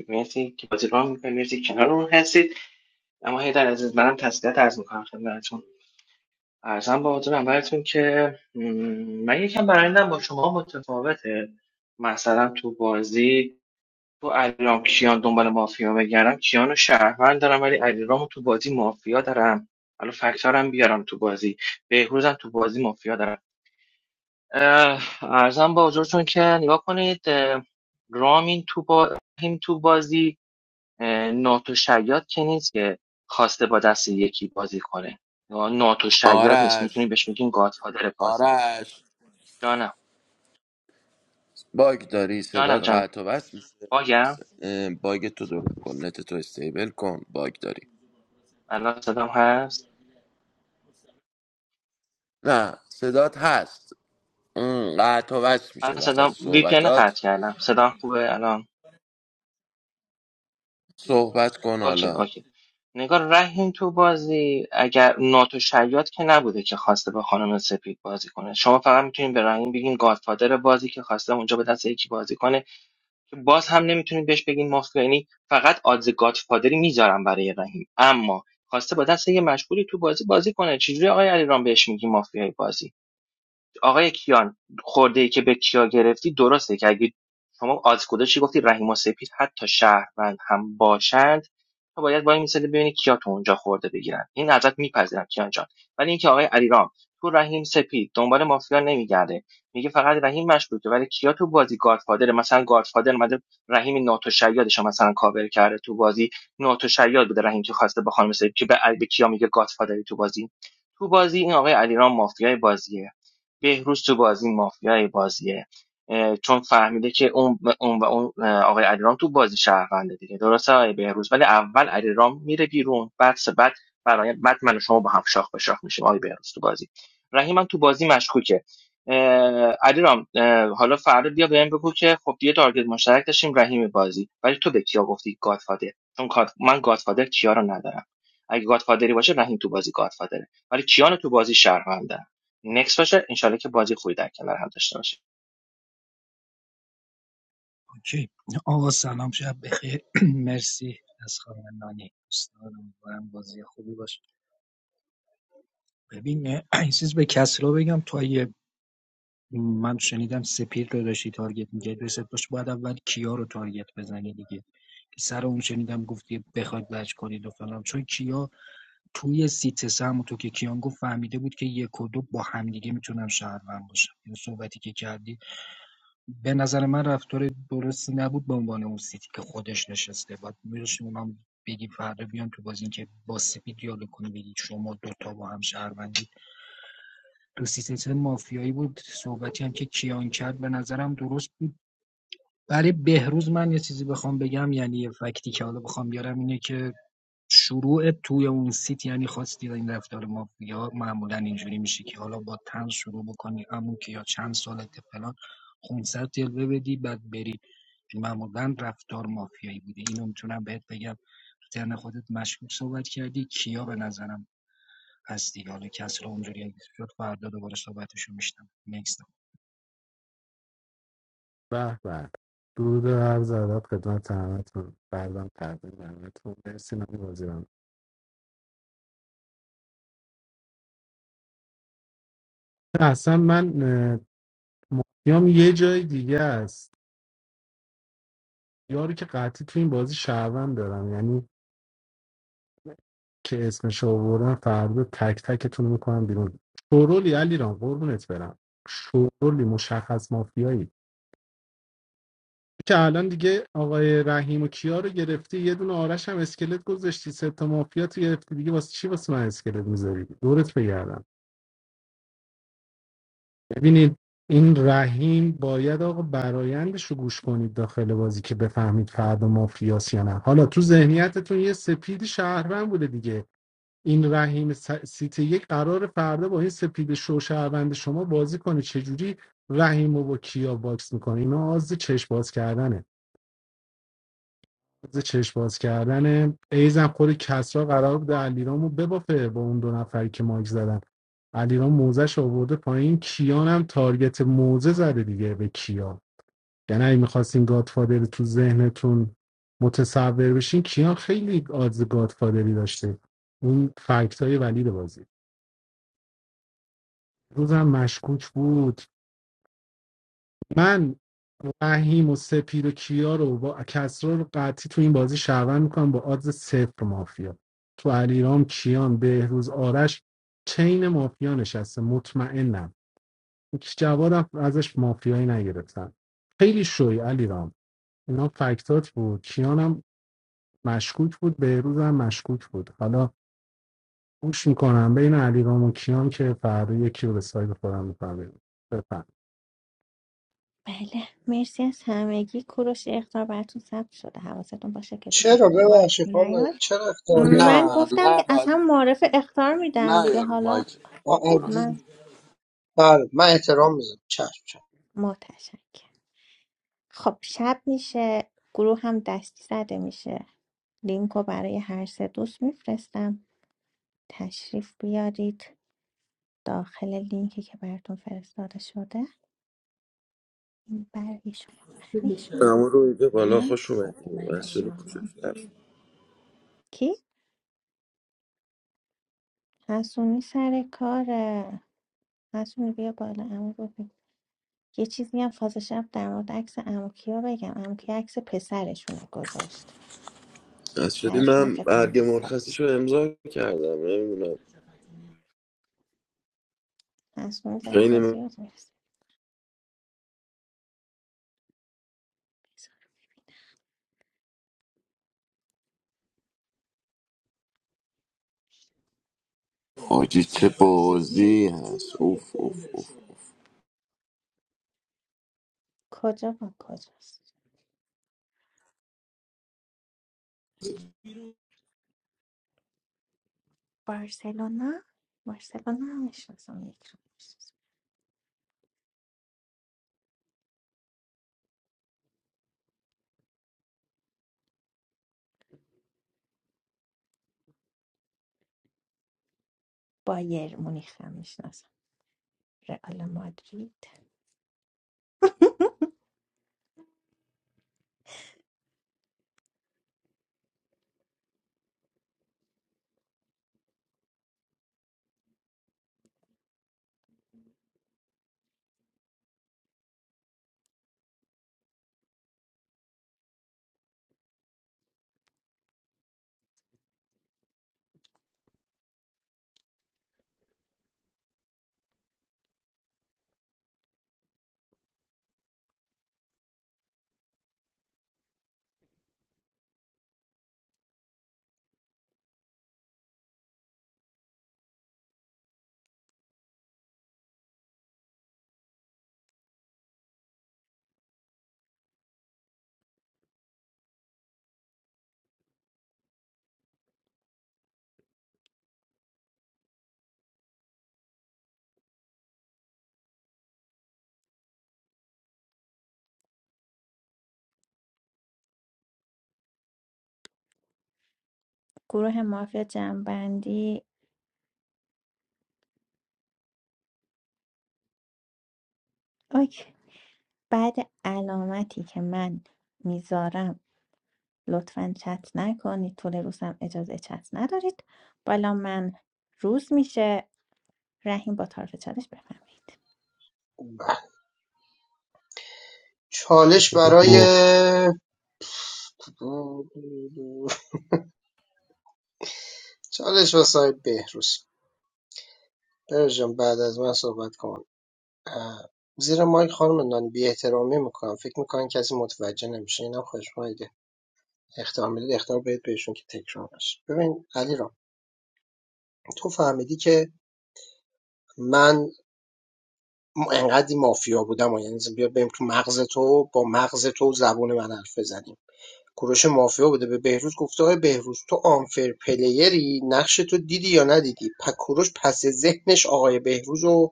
Speaker 12: مرسی که بازی راه میکنید مرسی که کنارمون هستید اما هیدر عزیز منم تسلیت عرض میکنم خدمتتون ارزم با حضور اولتون که م، من یکم برندم با شما متفاوته مثلا تو بازی تو الان کیان دنبال مافیا بگردم کیان و شهروند دارم ولی علیرامو تو بازی مافیا دارم حالا فکتارم بیارم تو بازی بهروزم تو بازی مافیا دارم اه، ارزم با حضورتون که نگاه کنید اه، رامین تو با این تو بازی اه، ناتو شیاد که نیست که خواسته با دست یکی بازی کنه یا ناتو شیاد نیست
Speaker 9: آرش
Speaker 12: میتونی بهش میگین گادفادر بازی
Speaker 9: آرش
Speaker 12: جانم
Speaker 9: باگ داری
Speaker 12: جانم
Speaker 9: صدات
Speaker 12: جانم
Speaker 9: قطع و وصل میشه
Speaker 12: باگم
Speaker 9: اه، باگ تو درست کن نت تو استیبل کن باگ داری
Speaker 12: الان صدام هست
Speaker 9: نه صدات هست اون قطع و وصل میشه
Speaker 12: الان
Speaker 9: وسط
Speaker 12: صدام وی پی ان قطع
Speaker 9: صحبتات
Speaker 12: کردم صدام خوبه الان
Speaker 9: صحبت کن
Speaker 12: اوکی
Speaker 9: حالا
Speaker 12: اوکی نگار رحیم تو بازی اگر ناتو شیاد که نبوده که خواسته به خانم سپید بازی کنه شما فقط میتونین به رحیم بگین گادفادر بازی که خواسته اونجا به دست یکی بازی کنه که باز هم نمیتونین بهش بگین مافیا یعنی فقط آدز گادفادری میذارم برای رحیم اما خواسته با دست یه مشغولی تو بازی بازی کنه چجوری آقای علیرام بهش میگی مافیای بازی آقای کیان خورده ای که به کیا گرفتی درسته که اگه شما آز گذاشتی گفتی رحیم و سپید حتی شهروند هم باشند تو باید با این مثال ببینی کیا تو اونجا خورده بگیرن این ازت میپذیرم کیان جان ولی اینکه آقای علیرام تو رحیم سپید دنبال مافیا نمیگرده میگه فقط رحیم مشکوکه ولی کیا تو بازی گادفادر مثلا گادفادر اومده رحیم ناتوشیادش رو مثلا کاور کرده تو بازی ناتوشیاد بوده رحیم که خواسته با خانم سپید که به به کیا میگه گادفادری تو بازی تو بازی این آقای علیرام مافیای بازیه بهروز تو بازی مافیای بازیه چون فهمیده که اون اون و اون آقای علیرام تو بازی شهرونده دیگه درسته آقای بهروز ولی اول علیرام میره بیرون بعد سه- بعد برای بعد من و شما با هم شاخ به شاخ میشیم آقای بهروز تو بازی رحیم هم تو بازی مشکوکه اه، علیرام اه، حالا فردا بیا بهم بگو که خب دیگه تارگت مشترک داشتیم رحیم بازی ولی تو به کیا گفتی گادفادر چون گاد- من گادفادر کیا رو ندارم اگه گادفادری باشه رحیم تو بازی گادفادره ولی کیان تو بازی شهرونده نکس باشه انشالله که بازی خوبی در کنار هم داشته باشیم
Speaker 15: اوکی آقا سلام شب بخیر <clears throat> مرسی از خانم نانی دوستان امیدوارم بازی خوبی باشه ببین <clears throat> این چیز به کسرا بگم تو اگه من شنیدم سپیر رو داشتی تارگت میگه رسد باش باید اول کیا رو تارگت بزنی دیگه سر اون شنیدم گفتی بخواید وج کنید و فلان چون کیا توی سیت سم تو که کیان گفت فهمیده بود که یک و دو با همدیگه میتونن شهروند باشن این صحبتی که کردی به نظر من رفتار درستی نبود به عنوان اون سیتی که خودش نشسته بعد میذاشتیم اونم بگی فردا بیان تو بازی که با سپی دیالوگ کنی بگی شما دوتا با هم شهروندی تو سیستم مافیایی بود صحبتی هم که کیان کرد به نظرم درست بود برای بهروز من یه چیزی بخوام بگم یعنی یه فکتی که حالا بخوام بیارم اینه که شروع توی اون سیت یعنی خواستید این رفتار مافیا معمولا اینجوری میشه که حالا با تن شروع بکنی امون که یا چند سالت فلان 500 جلوه بدی بعد بری معمولا رفتار مافیایی بوده اینو میتونم بهت بگم تو ترن خودت مشکوک صحبت کردی کیا به نظرم هستی حالا کسی رو اونجوری اگه شد فردا دوباره صحبتشو میشنم نکست
Speaker 14: به به درود و عرض ادب خدمت همتون بردم تقدیم همتون مرسی نمی بازیرم اصلا من اه، مافیام یه جای دیگه است یارو که قطعی تو این بازی شهروند دارم یعنی که اسمش رو آوردم فردا تک تکتون رو میکنم بیرون شورولی علی رام قربونت برم شورولی مشخص مافیایی که الان دیگه آقای رحیم و کیا رو گرفتی یه دونه آرش هم اسکلت گذاشتی سه تا مافیا تو گرفتی دیگه واسه چی واسه من اسکلت میذاری دورت بگردم ببینید این رحیم باید آقا برایندش رو گوش کنید داخل بازی که بفهمید فردا مافیاس یا نه حالا تو ذهنیتتون یه سپید شهروند بوده دیگه این رحیم سیتی یک قرار فردا با این سپید شوشهروند شما بازی کنه چجوری رحیم و با کیا باکس میکنه اینا آز چشم باز کردنه آز چشم باز کردنه ایزم خود کسرا قرار بود علیرامو ببافه با اون دو نفری که ماک زدن علیرام موزش آورده پایین کیان هم تارگت موزه زده دیگه به کیا یعنی اگه میخواستین گادفادر تو ذهنتون متصور بشین کیان خیلی آدز گادفادری داشته اون فکت های ولید بازی روزم مشکوک بود من فهیم و سپیر و کیا رو با کسرا رو قطعی تو این بازی شهروند میکنم با آدز صفر مافیا تو علیرام کیان بهروز آرش چین مافیا نشسته مطمئنم هیچ جوادم ازش مافیایی نگرفتن خیلی شوی علیرام اینا فکتات بود کیانم مشکوک بود بهروزم مشکوک بود حالا گوش میکنم بین علیرام و کیان که فردا یکی رو به سایت خودم میکنم بفهم
Speaker 1: بله مرسی از همگی کوروش اختار براتون ثبت شده حواستون باشه که دیگه
Speaker 4: چرا
Speaker 1: روی مایک
Speaker 4: ببخشید خانم
Speaker 1: نیاد
Speaker 4: چرا اختیار دارم
Speaker 1: من
Speaker 4: من
Speaker 9: نه
Speaker 1: گفتم
Speaker 9: نه
Speaker 1: که از
Speaker 9: باید
Speaker 1: هم معرف اختار میدم
Speaker 9: نه
Speaker 1: دیگه
Speaker 9: یا رو
Speaker 1: حالا
Speaker 4: با
Speaker 9: مایک
Speaker 4: عزیز-
Speaker 1: من
Speaker 4: بله من احترام میذارم چشم چشم
Speaker 1: متشکرم خب شب میشه گروه هم دستی زده میشه لینکو برای هر سه دوست میفرستم تشریف بیارید داخل لینکی که براتون فرستاده شده این برای شما برای شما
Speaker 9: اما روی به بالا
Speaker 1: اینم
Speaker 9: خوش اومدی
Speaker 1: خدمت
Speaker 9: مسئولی کجا
Speaker 1: شما
Speaker 9: رفت
Speaker 1: کی؟ حسونی سر کاره حسونی بیا بالا عمو رو ببین یه چیزی هم فاز شب در مورد عکس عمو کیا بگم عمو کیا عکس پسرشون رو گذاشت
Speaker 9: مسئولی
Speaker 1: پسرشون هم
Speaker 9: من
Speaker 1: فکر کنم
Speaker 9: برگ
Speaker 1: 20 سالش
Speaker 9: مرخصیشو امضا کردم نمیدونم
Speaker 1: حسونی
Speaker 9: خیلی
Speaker 1: زرده
Speaker 9: م-
Speaker 1: زیاد میرسه
Speaker 9: حاجی چه بازی هست اوف اوف اوف
Speaker 1: کجا با کجاست بارسلونا بارسلونا هم میشناسم یک رو میشناسم بایر مونیخ هم میشناسم رئال مادرید گروه مافیا جنبندی اوکی بعد علامتی که من میذارم لطفا چت نکنید طول روز هم اجازه چت ندارید بالا من روز میشه رحیم با طرف چالش بفهمید
Speaker 4: بله. چالش برای
Speaker 13: بگو
Speaker 4: چالش واسه بهروز بهروز جان بعد از من صحبت کن اه، زیر مایک خانم نان بی احترامی میکنم فکر میکنن کسی متوجه نمیشه اینم خوشمایه اخطار میدید اخطار بدید بهشون که تکرار نشه ببین علی را تو فهمیدی که من م- انقدی مافیا بودم و یعنی بیا بریم تو مغز تو با مغز تو زبون من حرف بزنیم کوروش مافیا بوده به بهروز گفته آقای بهروز تو آنفر پلیری نقش تو دیدی یا ندیدی پک کوروش پس ذهنش آقای بهروز و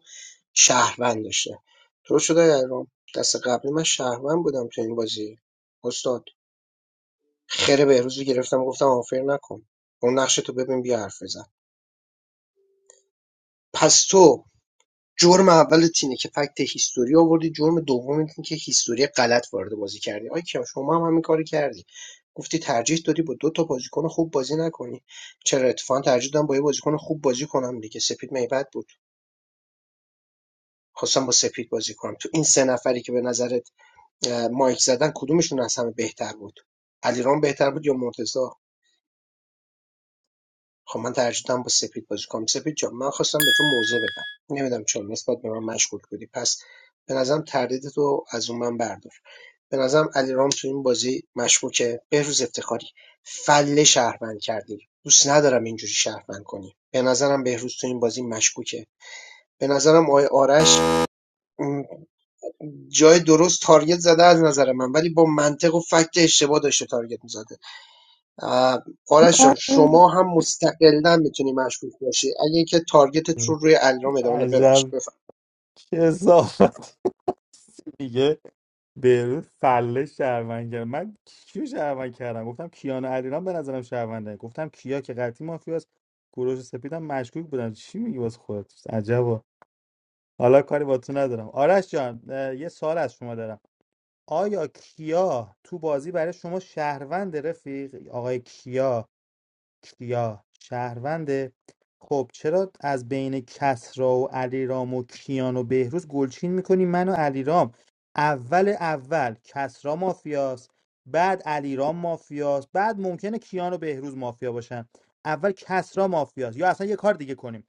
Speaker 4: شهروند داشته تو شده ایران دست قبلی من شهروند بودم تو این بازی استاد خیر بهروز رو گرفتم گفتم آنفر نکن اون نقش تو ببین بیا حرف بزن پس تو جرم اولت اینه که فکت هیستوری آوردی جرم دومت اینه که هیستوری غلط وارد بازی کردی آی کیان شما هم همین کاری کردی گفتی ترجیح دادی با دو تا بازیکن خوب بازی نکنی چرا اتفاقا ترجیح دادم با یه بازیکن خوب بازی کنم دیگه سپید میبد بود خواستم با سپید بازی کنم تو این سه نفری که به نظرت اه، مایک زدن کدومشون از همه بهتر بود علیرام بهتر بود یا مرتضی خب من ترجیح دادم با سپید بازی کنم سپید جان من خواستم به تو موضع بدم نمیدم چرا نسبت به من مشغول بودی پس به نظرم تردید تو از اون من بردار به نظرم علیرام تو این بازی مشکوکه بهروز افتخاری فله شهروند کردی دوست ندارم اینجوری شهروند کنی به نظرم بهروز تو این بازی مشکوکه به نظرم آقای آرش م، جای درست تارگت زده از نظر من ولی با منطق و فکت اشتباه داشته تارگت میزده اه، آرش جان شما هم مستقلا میتونی مشکوک باشی اگه اینکه تارگتت رو روی علیرام ادامه بده.
Speaker 13: عجب
Speaker 4: ببخشید بفهم
Speaker 13: چه اضافت میگه به فله شهروند کردم من کیو شهروند کردم گفتم کیان و علیرام به نظرم شهرونده گفتم کیا که قطعی مافیاست کوروش و سپیدم مشکوک بودن چی میگی واسه خودت عجب حالا کاری با تو ندارم آرش جان اه، یه سوال از شما دارم آیا کیا تو بازی برای شما شهروند رفیق آقای کیا کیا شهرونده خب چرا از بین کسرا و علیرام و کیان و بهروز گلچین میکنی من و علیرام اول اول کسرا مافیاست بعد علیرام مافیاست بعد ممکنه کیان و بهروز مافیا باشن اول کسرا مافیاست یا اصلا یه کار دیگه کنیم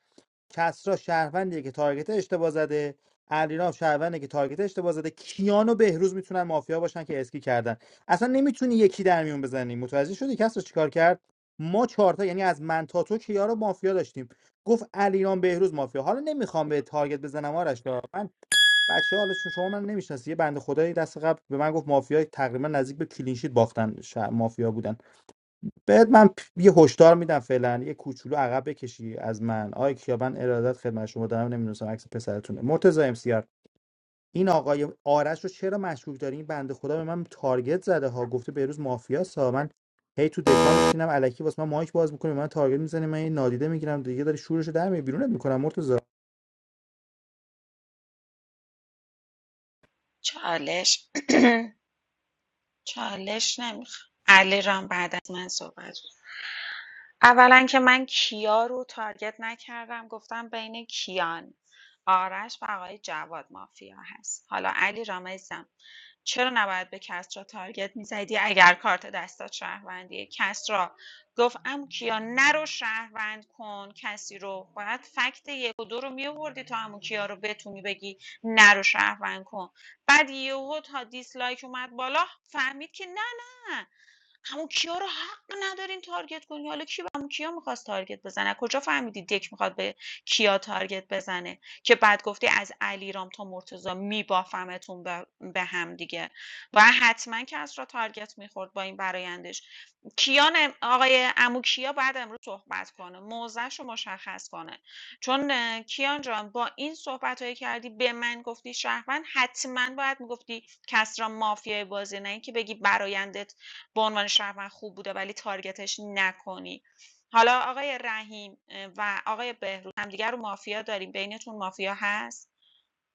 Speaker 13: کسرا شهروندیه که تارگت اشتباه زده علیرام شهرونده که تارگت اشتباه زده کیان و بهروز میتونن مافیا باشن که اسکی کردن اصلا نمیتونی یکی در میون بزنی متوجه شدی کسرا چیکار کرد ما چهارتا یعنی از من تا تو کیا رو مافیا داشتیم گفت علیرام بهروز مافیا حالا نمیخوام به تارگت بزنم آرش جان. من بچه ها، حالا چون شما من نمیشناسی یه بنده خدایی دست قبل به من گفت مافیا تقریبا نزدیک به کلینشیت باختن شهر- مافیا بودن بهت من یه هشدار میدم فعلا یه کوچولو عقب بکشی از من آی کیابن ارادت خدمت شما دارم نمیدونستم عکس پسرتونه مرتضی امسیار این آقای آرش رو چرا مشکوک داری این بنده خدا به من تارگت زده ها گفته بهروز مافیاست ها من هی تو دکا میشینم الکی واسه من مایک باز میکنه من تارگت میزنه من یه نادیده میگیرم دیگه داری شورشو در میاری بیرونت میکنم مرتضی
Speaker 6: چالش <clears throat> چالش نمیخوام علی بعد از من صحبت اولا که من کیا رو تارگت نکردم گفتم بین کیان آرش و آقای جواد مافیا هست حالا علی رامزم چرا نباید به کسرا تارگت میزدی اگر کارت دستات شهروندیه کسرا گفت ام کیا نرو شهروند کن کسی رو باید فکت یک و دو رو میوردی تا امو کیا رو بتونی بگی نرو شهروند کن بعد یهو تا دیسلایک اومد بالا فهمید که نه عمو کیا رو حق ندارین تارگت کنی حالا کی به عمو کیا میخواست تارگت بزنه از کجا فهمیدی دک میخواد به کیا تارگت بزنه که بعد گفتی از علیرام تا مرتضی میبافمتون به به هم دیگه و حتما کس را تارگت میخورد با این برایندش کیان آقای عمو کیا بعد امروز صحبت کنه موضعش رو مشخص کنه چون اه، کیان جان با این صحبت های کردی به من گفتی شهروند حتما باید میگفتی کس را مافیای بازی نه اینکه بگی برایندت به عنوان شهروند خوب بوده ولی تارگتش نکنی حالا آقای رحیم و آقای بهروز همدیگر رو مافیا داریم بینتون مافیا هست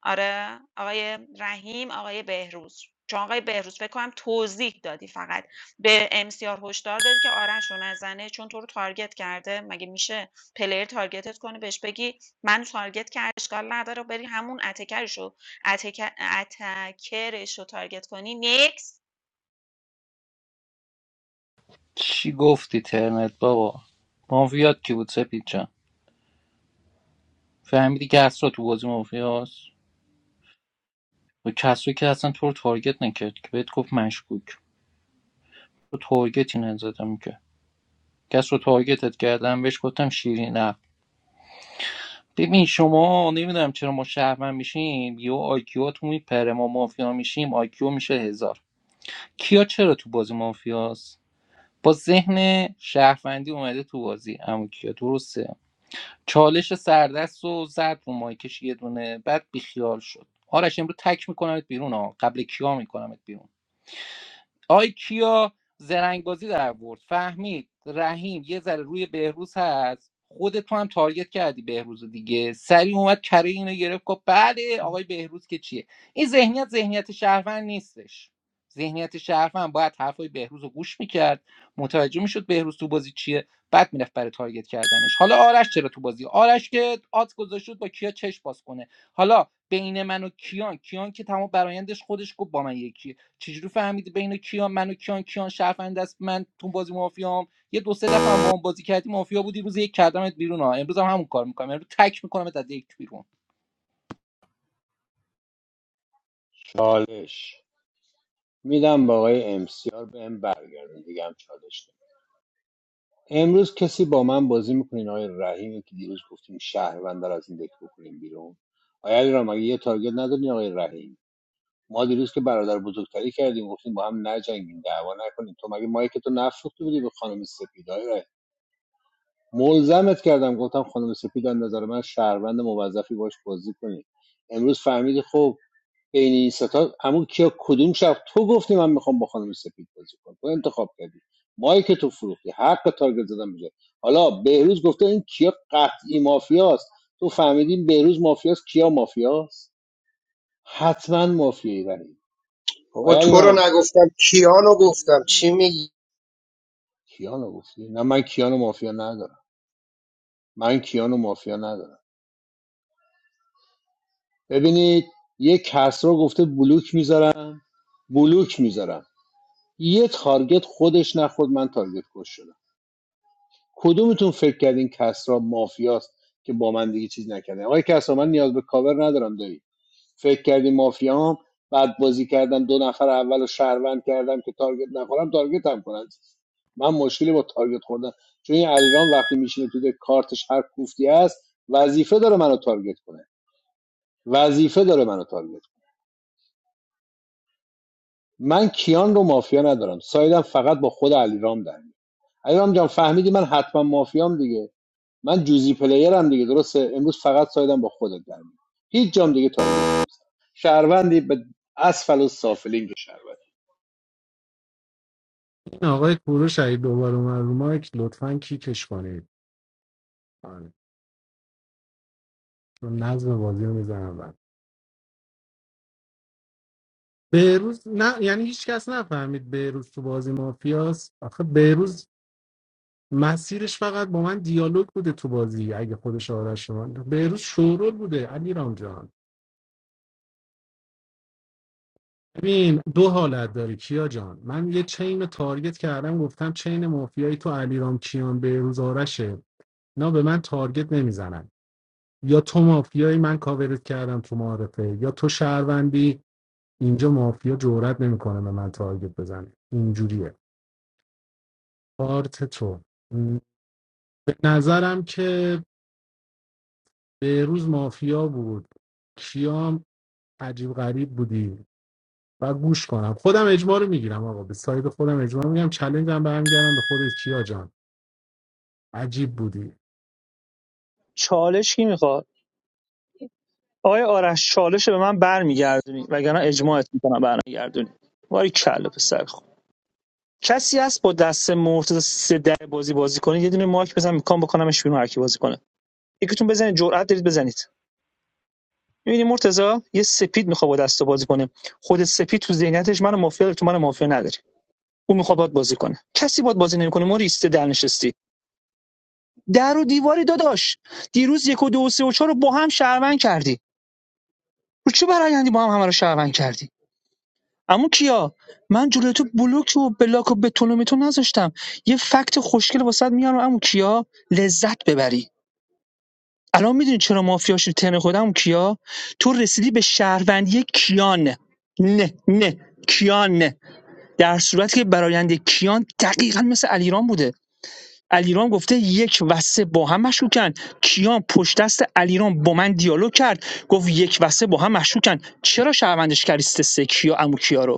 Speaker 6: آره آقای رحیم آقای بهروز چون آقای بهروز فکر کنم توضیح دادی فقط به امسیار هشدار دادی که آرش رو نزنه چون تو رو تارگت کرده مگه میشه پلیر تارگتت کنه بهش بگی من تارگت کرد اشکال نداره بری همون اتکرش رو اتک... اتکرش رو تارگت کنی نیکس
Speaker 7: چی گفتی ترنت بابا مافیات کی بود سپید جان فهمیدی که اصلا تو بازی مافیاست و کسرا که اصلا تو رو تارگت نکرد که بهت گفت مشکوک تو تارگتی نزدم که کس رو تارگتت کردم بهش گفتم شیرین نه ببین شما نمیدونم چرا ما شهروند میشیم یا آیکیواتون میپره ما مافیا میشیم آیکیو میشه هزار کیا چرا تو بازی مافیاست با ذهن شهروندی اومده تو بازی اما کیا درسته چالش سردست و زد رو مایکش یه دونه بعد بیخیال شد آرش امروز تک میکنمت بیرون ها قبل کیا میکنمت بیرون آی کیا زرنگبازی در آورد فهمید رحیم یه ذره روی بهروز هست خود تو هم تارگت کردی بهروز دیگه سری اومد کره اینو گرفت گفت بله آقای بهروز که چیه این ذهنیت ذهنیت شهروند نیستش ذهنیت شهروند باید حرفای بهروز رو گوش میکرد متوجه میشد بهروز تو بازی چیه بعد میرفت برای تارگت کردنش حالا آرش چرا تو بازی آرش که آت گذاشت بود با کیا چش باز کنه حالا بین من و کیان کیان که تمام برایندش خودش گفت با من یکیه چجوری فهمیدی بین کیان منو کیان کیان شرفنده است من تو بازی مافیام یه دو سه دفعه هم با هم بازی کردی مافیا بودی روز یک کردمت بیرون ها امروز هم همون کار میکنم امروز تک میکنم از یک بیرون
Speaker 3: چالش میدم با آقای امسیار به ام برگردم دیگه هم چالش نمی‌کنم. امروز کسی با من بازی میکنین آقای رحیمی که دیروز گفتیم شهروند رو از این دک بکنیم بیرون آیا علی مگه یه تارگت نداری آقای رحیم ما دیروز که برادر بزرگتری کردیم گفتیم با هم نجنگیم دعوا نکنیم تو مگه مایک تو نفروخته بودی به خانم سپید آره ملزمت کردم گفتم خانم سپید از نظر من شهروند موظفی باش بازی کنی امروز فهمیدی خب بین این ستا همون کیا کدوم شب تو گفتی من میخوام با خانم سپید بازی کنم تو انتخاب کردی مایک تو فروختی حق تارگت زدن میشه حالا بهروز گفته این کیا قطعی مافیاست تو فهمیدی بهروز مافیاست کیا مافیاست حتما مافیایی برای
Speaker 4: بابا
Speaker 3: آیا
Speaker 4: تو رو
Speaker 3: علیرام
Speaker 4: نگفتم کیانو گفتم چی میگی
Speaker 3: کیانو گفتی نه من کیانو مافیا ندارم من کیانو مافیا ندارم ببینید یه کسرا گفته بلوک میذارم بلوک میذارم یه تارگت خودش نخورد من تارگت کش شدم کدومتون فکر کردین کسرا مافیاست که با من دیگه چیز نکردین آقای کسرا من نیاز به کاور ندارم دایی فکر کردی مافیام بعد بازی کردم دو نفر اول رو شهروند کردم که تارگت نخورم تارگت هم کنن من مشکلی با تارگت خوردن چون این علیرام وقتی میشینه تو ده، کارتش هر کوفتی است وظیفه داره منو تارگت کنه وظیفه داره منو تارگت کنه من کیان رو مافیا ندارم سایدم فقط با خود علیرام در میاد علیرام جان فهمیدی من حتما مافیام دیگه من جوزی پلیرم دیگه درسته امروز فقط سایدم با خودت در میاد هیچ جام دیگه تارگت نمیزنم شهروندی به اسفل و سافلین شهروند
Speaker 14: این آقای کوروش اگه دوباره اومد رو مایک لطفا کیکش کنید آره. چون نظم بازی رو میزنم بند بهروز نه یعنی هیچ کس نفهمید بهروز تو بازی مافیاست آخه بهروز مسیرش فقط با من دیالوگ بوده تو بازی اگه خودش آرش من بهروز شورول بوده علی جان ببین دو حالت داری کیا جان من یه چین تارگت کردم گفتم چین مافیایی تو علیرام کیان بهروز آرشه نه به من تارگت نمیزنن یا تو مافیایی من کاورت کردم تو معارفه یا تو شهروندی اینجا مافیا جرئت نمیکنه به من تارگت بزنه اینجوریه کارت تو م، به نظرم که بهروز مافیا بود کیام عجیب غریب بودی و گوش کنم خودم اجماع رو میگیرم آقا به ساید خودم اجماع میگم چلنجم برمیگردم به خودت کیا جان عجیب بودی
Speaker 11: چالش کی میخواد آیا آرش چالش به من برمیگردونی وگرنه اجماعت میکنم برمیگردونی وای کله پسر کسی هست با دست مرتضی سه در بازی بازی کنه یه دونه مایک بزن میکام بکنمش بیرون هر کی بازی کنه یکیتون بزنید جرأت دارید بزنید میبینی مرتضی یه سپید میخواد با دست بازی کنه خود سپید تو ذهنیتش منو مافیا تو منو مافیا نداری اون میخواد باد بازی کنه کسی باد بازی نمیکنه ما ریسته در نشستی در و دیواری داداش دیروز یک و دو و سه و چهار رو با هم شهروند کردی رو چه برایندی با هم همه رو شهروند کردی عمو کیا من جلوی تو بلوک و بلاک و بتون و تو نذاشتم یه فکت خوشگل واسط میارم عمو کیا لذت ببری الان میدونی چرا مافیا شدی تن خودم عمو کیا تو رسیدی به شهروندی کیان نه نه کیان نه، در صورتی که برایند کیان دقیقا مثل علیرام بوده علیرام گفته یک و سه با هم مشکوکن کیان پشت دست علیرام با من دیالوگ کرد گفت یک و سه با هم مشکوکن چرا شهروندش کردی سه سه کیا عمو کیا رو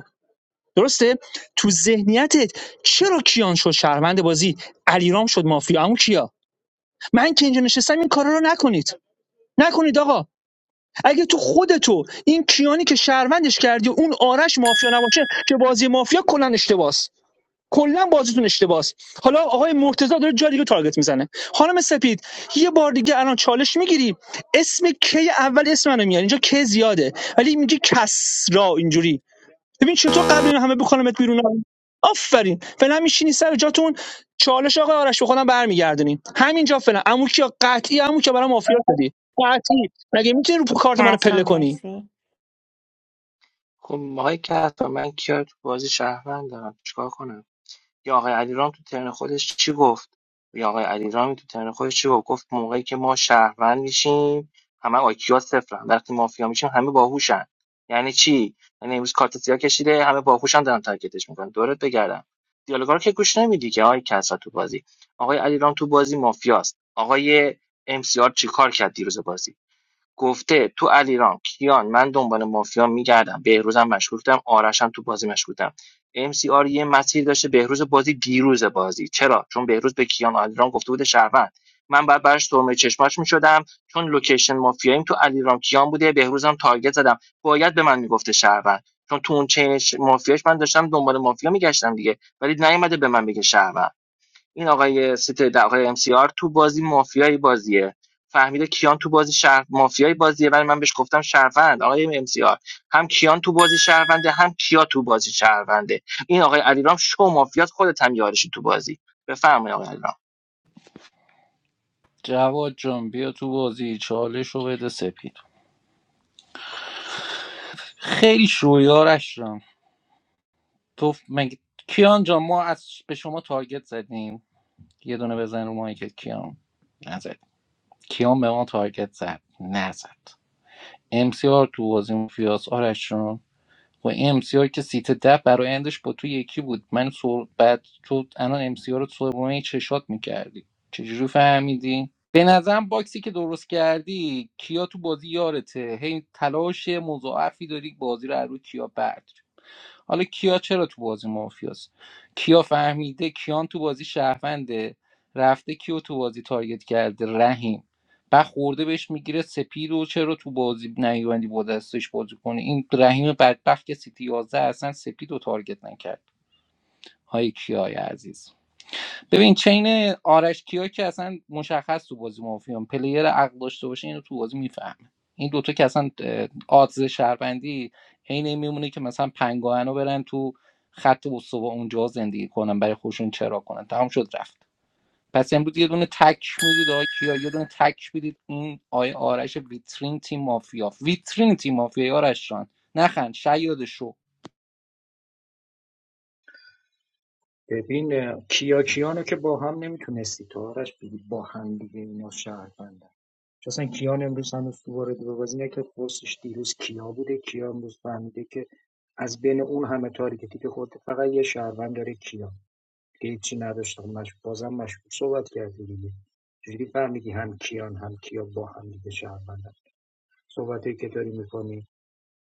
Speaker 11: درسته تو ذهنیتت چرا کیان شد شهروند بازی علیرام شد مافیا اون کیا من که اینجا نشستم این کارا رو نکنید نکنید آقا اگه تو خودتو این کیانی که شهروندش کردی و اون آرش مافیا نباشه که بازی مافیا کلا اشتباس کلا بازیتون اشتباس حالا آقای مرتضی داره جای دیگه تارگت میزنه خانم سپید یه بار دیگه الان چالش میگیری اسم کی اول اسم منو میاری اینجا کی زیاده ولی میگه کسرا اینجوری ببین چطور قبل این همه بکنمت بیرون آفرین فعلا میشینی سر جاتون چالش آقای آرش به خودم برمیگردونین همینجا فعلا عمو کیا قطعی عمو کیا برام مافیا شدی قطعی مگه میتونی رو کارت منو
Speaker 1: کسرا
Speaker 11: پله کنی
Speaker 1: مرسی
Speaker 12: خب آقای کهتا من کیا تو بازی شهروند دارم چیکار کنم یا آقای علیرام تو ترن خودش چی گفت یا آقای علیرامی تو ترن خودش چی گفت گفت موقعی که ما شهروند میشیم همه آیکیا صفرن وقتی مافیا میشیم همه باهوشن یعنی چی یعنی امروز کارت سیاه کشیده همه باهوشن دارن تارگتش میکنن دورت بگردم دیالوگا رو که گوش نمیدی که آقای کسرا تو بازی آقای علیرام تو بازی مافیاست آقای ام سی آر چیکار کرد دیروز بازی گفته تو علیرام کیان من دنبال مافیا میگردم بهروزم مشغول بودم آرشم تو بازی مشغول بودم ام سی آر یه مسیر داشته بهروز بازی دیروز بازی چرا چون بهروز به کیان علیرام گفته بوده شهروند من بعد برش سرمه چشماش میشدم چون لوکیشن مافیاییم تو علیرام کیان بوده بهروزم تارگت زدم باید به من میگفته شهروند چون تو اون چین مافیاش من داشتم دنبال مافیا میگشتم دیگه ولی نیومده به من بگه شهروند این آقای سیته در آقای MCR تو بازی مافیای بازیه فهمیده کیان تو بازی شهر مافیای بازیه ولی من بهش گفتم شهروند آقای MCR هم کیان تو بازی شهرونده هم کیا تو بازی شهرونده این آقای علیرام شو مافیات خودت هم یارشی تو بازی بفرمایید آقای علیرام
Speaker 7: جواد جان بیا تو بازی چالش رو بده سپید خیلی شویارش رم تو مگه کیان جان ما از به شما تارگت زدیم یه دونه بزن رو مایکت کیان نزد کیان به ما تارگت زد نزد ام سی آر تو بازی مافیاس آرش جان. و ام امسیار که سیت ده برایندش با تو یکی بود من سر... بعد تو الان امسیار رو سرمایه چشات میکردی چجوری فهمیدی؟ به نظرم باکسی که درست کردی کیا تو بازی یارته هی تلاش مضاعفی داری بازی رو از روی کیا برد حالا کیا چرا تو بازی مافیاست کیا فهمیده کیان تو بازی شهرونده رفته کیو تو بازی تارگت کرده رحیم بعد خورده بهش میگیره سپید و چرا تو بازی نیومدی با دستش بازی کنه این رحیم بدبخت که سیتی 11 اصلا سپید رو تارگت نکرد های کیای عزیز ببین چین آرش کیا که اصلا مشخص تو بازی مافیان پلیر عقل داشته باشه اینو تو بازی میفهمه این دوتا که اصلا اه، آدز شهروندی عین این میمونه که مثلا پنگاهنو برن تو خط استوا اونجا زندگی کنن برای خودشون چرا کنن تمام شد رفت پس امروز یه دونه تک میدید آقای کیا یه دونه تک میدید این آقای آرش ویترین تیم مافیا ویترین تیم مافیا آرش جان نخند شیاد شو
Speaker 15: ببین اه، کیا کیانو که با هم نمیتونستی تو آرش بگی با هم دیگه اینا شهروندن چون اصلا کیان امروز هنوز تو وارد به بازی نکرد پرسش دیروز کیا بوده کیا امروز فهمیده که از بین اون همه تاریکتی که خودت فقط یه شهروند داره کیا هیچی نداشتم مش... بازم مشکوک صحبت کردی دیگه چجوری فهمیدی هم کیان هم کیا با هم دیگه شهروندن صحبتی که داری میکنی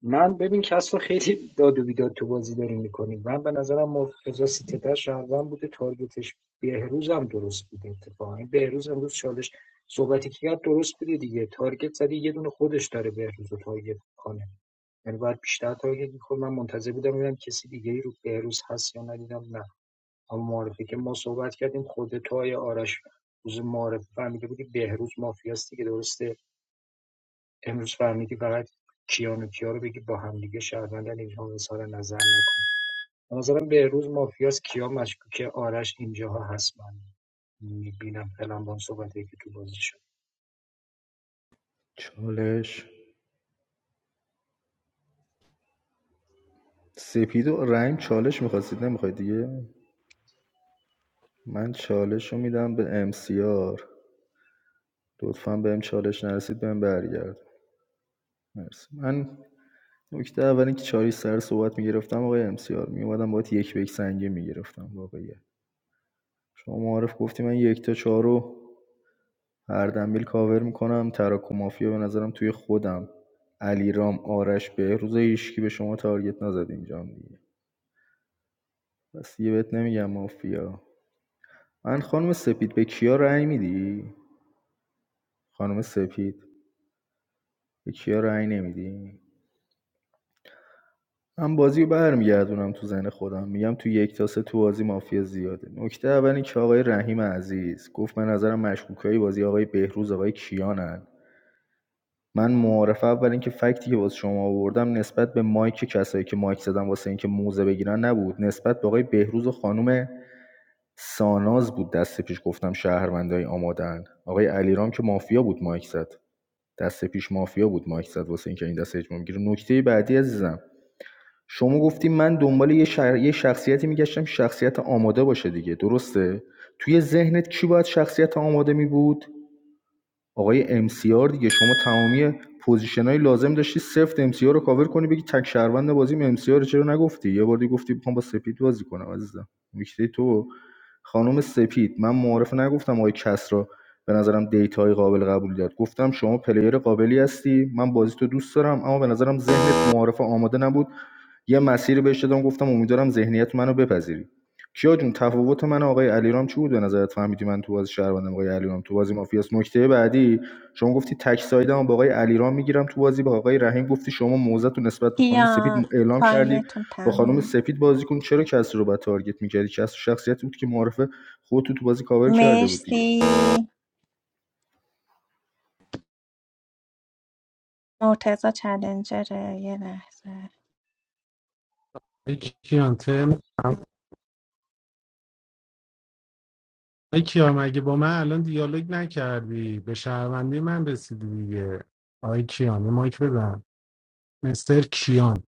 Speaker 15: من ببین کس خیلی داد و بیداد تو بازی داری میکنی من به نظرم مرتضی سیتتر شهروند بوده تارگتش بهروز هم درست بوده اتفاقا این بهروز امروز چالش صحبتی که کرد درست بوده دیگه تارگت زدی یه دونه خودش داره بهروز رو تارگت کنه یعنی باید بیشتر تارگت میخورد من منتظر بودم ببینم کسی دیگه ای رو بهروز هست یا ندیدم نه اما معارفه که ما صحبت کردیم خود تو آیه آرش روز معرفی فهمیده بودی بهروز مافیاستی که درسته امروز فهمیدی فقط کیان و کیا رو بگی با هم دیگه شهروندن اینها اظهار نظر نکن به نظرم بهروز مافیاست کیا مشکوکه آرش اینجاها هست من میبینم فعلا با اون صحبتی که تو بازی شد
Speaker 10: چالش سپید و رحیم چالش میخواستید نمیخواید دیگه من چالش رو میدم به امسیار لطفا بهم چالش نرسید بهم برگرد مرسی من نکته اول اینکه چالش سر صحبت میگرفتم آقای امسیار میومدم باید یک به یک سنگین میگرفتم واقعیه شما معارف گفتی من یک تا چهار رو هر دنبیل کاور میکنم تراک و مافیا به نظرم توی خودم علیرام آرش بهروز هیچکی به شما تارگت نزد اینجام دیگه پس دیگه بهت نمیگم مافیا من خانم سپید به کیا رأی میدی خانم سپید به کیا رأی نمیدی من بازی رو برمیگردونم تو ذهن خودم میگم تو یک تا سه تو بازی مافیا زیاده نکته اول این که آقای رحیم عزیز گفت من نظرم مشکوکای بازی آقای بهروز آقای کیانن من معارفه اول اینکه فکتی که واسه شما آوردم نسبت به مایک کسایی که مایک زدن واسه اینکه موزه بگیرن نبود نسبت به آقای بهروز و خانم ساناز بود دست پیش گفتم شهروندای آمادن آقای علیرام که مافیا بود مایک زد دست پیش مافیا بود مایک زد واسه اینکه این دست اجماع بگیره نکته بعدی عزیزم شما گفتی من دنبال یه, شر- یه شخصیتی میگشتم شخصیت آماده باشه دیگه درسته توی ذهنت کی باید شخصیت آماده می بود آقای ام سی آر دیگه شما تمامی پوزیشن لازم داشتی سفت ام سی آر رو کاور کنی بگی تک شهروند بازیم ام سی آر، چرا نگفتی یه بار دیگه گفتی میخوام با سپید بازی کنم عزیزم نکته تو خانم سپید من معارف نگفتم آقای کس را به نظرم دیتا قابل قبول داد گفتم شما پلیر قابلی هستی من بازی تو دوست دارم اما به نظرم ذهنت معارف آماده نبود یه مسیر بهش دادم گفتم امیدوارم ذهنیت منو بپذیری کیا جون تفاوت من و آقای علیرام چی بود به نظرت فهمیدی من تو بازی شهروندم آقای علیرام تو بازی مافیاس نکته بعدی شما گفتی تک سایدم با آقای علیرام میگیرم تو بازی با آقای رحیم گفتی شما موزه تو نسبت به خانم سپید
Speaker 1: کیان
Speaker 10: اعلام کردی
Speaker 1: تایمتون
Speaker 10: با خانم
Speaker 1: تمومه
Speaker 10: سپید بازی کن چرا کسی رو با تارگت میکردی کسی شخصیتی بود که معرفه خودت تو تو بازی کاور کرده بود دیگه
Speaker 1: مرسی مرتزا چلنجره یه لحظه
Speaker 14: ای کیان تم ای کیا مگه با من الان دیالوگ نکردی به شهروندی من رسیدی دیگه آی کیان یه مایک بزن مستر کیان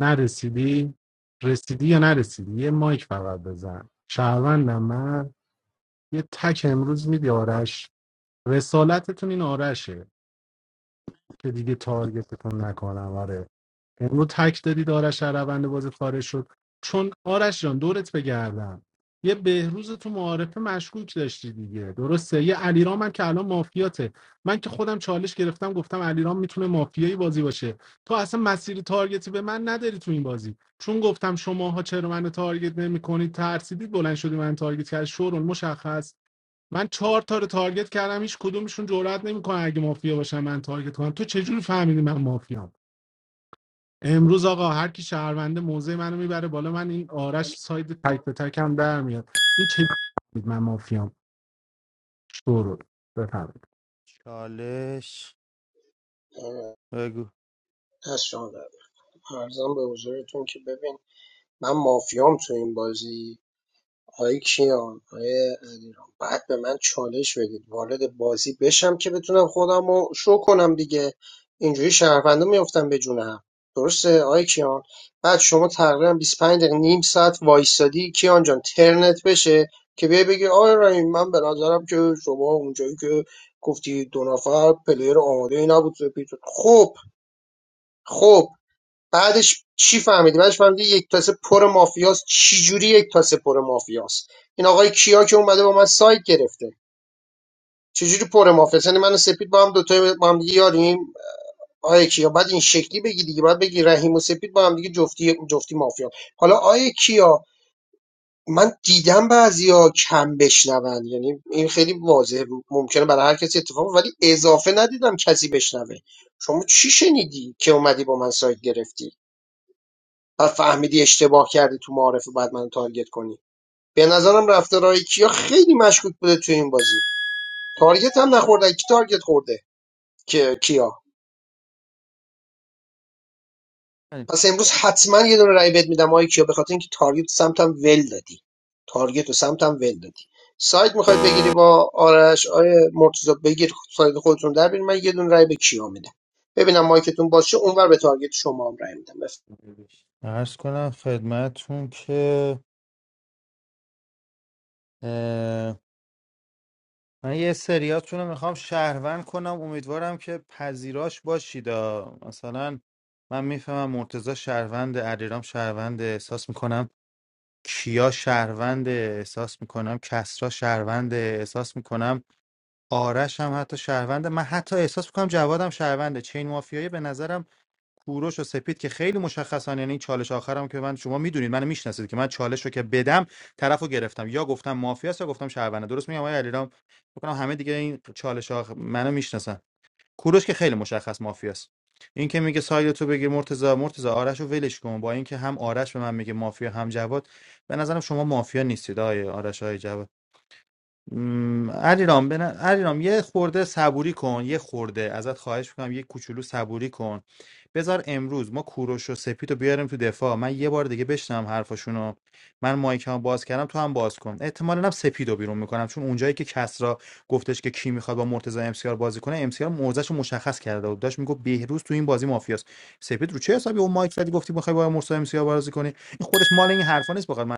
Speaker 14: نرسیدی رسیدی یا نرسیدی یه مایک فقط بزن شهروندم من یه تک امروز میدی آرش رسالتتون این آرشه که دیگه تارگتتون نکنم آره امروز تک دادید آرش در روند بازی خارج شد چون آرش جان دورت بگردم یه بهروز تو معارفه مشکوک داشتی دیگه درسته یه علیرام هم که الان مافیاته من که خودم چالش گرفتم گفتم علیرام میتونه مافیایی بازی باشه تو اصلا مسیر تارگتی به من نداری تو این بازی چون گفتم شماها چرا من تارگت نمیکنید ترسیدید بلند شدی من تارگت کرد شورون مشخص من چهار تا رو تارگت کردم هیچ کدومشون جرئت نمیکنه اگه مافیا باشم من تارگت کنم تو چجوری فهمیدی من مافیام امروز آقا هر کی شهرونده موضع منو میبره بالا من این آرش ساید تک به تک هم در میاد این چه بود من مافیام شروع بفرمایید
Speaker 13: چالش
Speaker 4: اه،
Speaker 13: بگو
Speaker 4: دست شما درد. ارزم به حضورتون که ببین من مافیام تو این بازی آقای کیان آقای علیرام بعد به من چالش بدید وارد بازی بشم که بتونم خودم رو شو کنم دیگه اینجوری شهروندا میفتم به جون هم درسته آقای کیان بعد شما تقریبا بیست و پنج دقیقه نیم ساعت وایستادی کیان جان ترنت بشه که بیای بگی آقای رحیم من به نظرم که شما اونجایی که گفتی دو نفر پلیر آماده ای نبود پیتون خب خب بعدش چی فهمیدی بعدش فهمیدی یک تاسه پر مافیاست چی جوری یک تاسه پر مافیاست این آقای کیا که اومده با من سایت گرفته چجوری پر مافیاست یعنی من و سپید با هم دوتا با هم دیگه یاریم آیا کیا بعد این شکلی بگی دیگه بعد بگی رحیم و سپید با هم دیگه جفتی جفتی مافیا حالا آیا کیا من دیدم بعضیا کم بشنون یعنی این خیلی واضحه ممکنه برای هر کسی اتفاق بیفته، ولی اضافه ندیدم کسی بشنوه شما چی شنیدی که اومدی با من سایت گرفتی بعد فهمیدی اشتباه کردی تو معارفه بعد منو تارگت کنی به نظرم رفتارهای کیا خیلی مشکوک بوده تو این بازی تارگت هم نخورده کی تارگت خورده که کیا پس امروز حتما یه دونه رای بد میدم آقای کیا به خاطر اینکه تارگت سمتم ول دادی تارگت و سمتم ول دادی سایت میخوای بگیری با آرش آیه مرتضی بگیر سایت خودتون در بیارین. من یه دونه رای به کیا میدم ببینم مایکتون باشه اونور به تارگت شما هم رای میدم
Speaker 13: عرض کنم خدمتون که من یه سریاتون رو میخوام شهروند کنم امیدوارم که پذیراش باشید. باشیدا مثلا من میفهمم مرتزا شهروند علیرام شهروند احساس میکنم کیا شهروند احساس میکنم کسرا شهروند احساس میکنم آرش هم حتی شهروند من حتی احساس میکنم جوادم شهرونده چین مافیایی به نظرم کوروش و سپید که خیلی مشخصن یعنی چالش آخرم که من شما میدونید منو میشناسید که من چالش رو که بدم طرفو گرفتم یا گفتم مافیاست یا گفتم شهرونده درست میگم آقای علیرام فکر همه دیگه این چالش آخر منو میشناسن کوروش که خیلی مشخص مافیاست این که میگه سایل تو بگیر مرتضی مرتضی آرش رو ولش کن با اینکه هم آرش به من میگه مافیا هم جواد به نظرم شما مافیا نیستید آقای آرش های م، علیرام بن... علیرام یه خورده صبوری کن یه خورده ازت خواهش میکنم یه کوچولو صبوری کن بذار امروز ما کوروش و سپید رو بیاریم تو دفاع من یه بار دیگه بشنم حرفاشونو من مایکمو باز کردم تو هم باز کن احتمالاً هم سپید رو بیرون میکنم چون اونجایی که کسرا گفتش که کی میخواد با مرتضی امسیار بازی کنه امسیار موضعش رو مشخص کرده بود داشت میگفت بهروز تو این بازی مافیاست سپید رو چه حسابی اون مایک زدی گفتی میخوای با مرتضی امسیار بازی کنی این خودش مال این حرفا نیست بخواد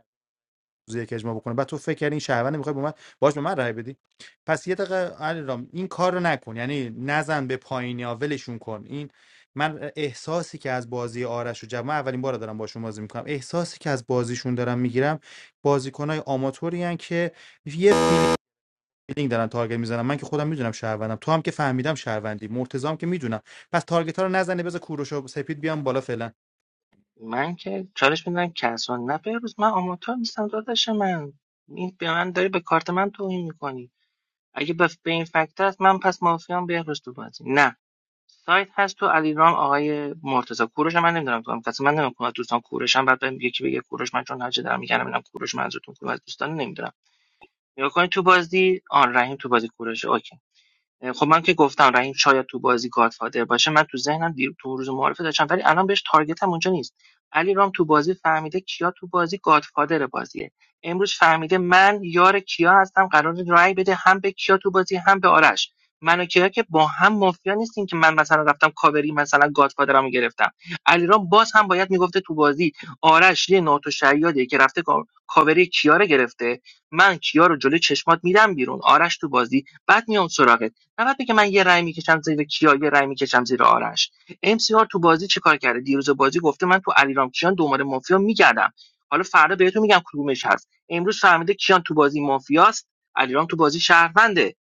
Speaker 13: روز یک اجماع بکنه بعد تو فکر کردی این شهروند میخوای با من باش به من رای بدی پس یه دقیقه علیرام این کار رو نکن یعنی نزن به پایین یا ولشون کن این من احساسی که از بازی آرش و جمع من اولین بار دارم باشون بازی میکنم احساسی که از بازیشون دارم میگیرم بازیکنای آماتوری که یه فیلینگ فیلینگ دارن تارگت میزنن من که خودم میدونم شهروندم تو هم که فهمیدم شهروندی مرتضام که میدونم پس تارگت ها رو نزنه بذار کوروش و سپید بیام بالا فعلا
Speaker 12: من که چالش میدم کسان نه روز من آماتور نیستم داداش من این به من داری به کارت من توهین میکنی اگه به به این فکت است من پس مافیام بهروز تو بازی نه سایت هست تو علیرام آقای مرتضی کوروش من نمیدونم تو هم کسی من نمیدونم دوستان کوروشم بعد بهم یکی بگه کوروش من چون هرچه دارم میگم میدونم کوروش منظورتون کدوم از دوستان نمیدونم نگاه کنید تو بازی آن رحیم تو بازی کوروش اوکی خب من که گفتم رحیم شاید تو بازی گادفادر باشه من تو ذهنم دیر تو روز معارفه داشتم ولی الان بهش تارگتم اونجا نیست علی رام تو بازی فهمیده کیا تو بازی گادفادر بازیه امروز فهمیده من یار کیا هستم قرار رای بده هم به کیا تو بازی هم به آرش من و کیا که با هم مافیا نیستیم که من مثلا رفتم کاوری مثلا گادفادرمو گرفتم علیرام باز هم باید میگفته تو بازی آرش یه ناتو شیادیه که رفته کا- کاوری کیا رو گرفته من کیا رو جلوی چشمات میدم بیرون آرش تو بازی بعد میام سراغت فقط بگه من یه رأی میکشم زیر کیا یه رأی میکشم زیر آرش ام سی آر تو بازی چیکار کرده دیروز بازی گفته من تو علیرام کیان دوباره مافیا میگردم حالا فردا بهتون میگم کدومش هست امروز فهمیده کیان تو بازی مافیاست علیرام تو بازی شهرونده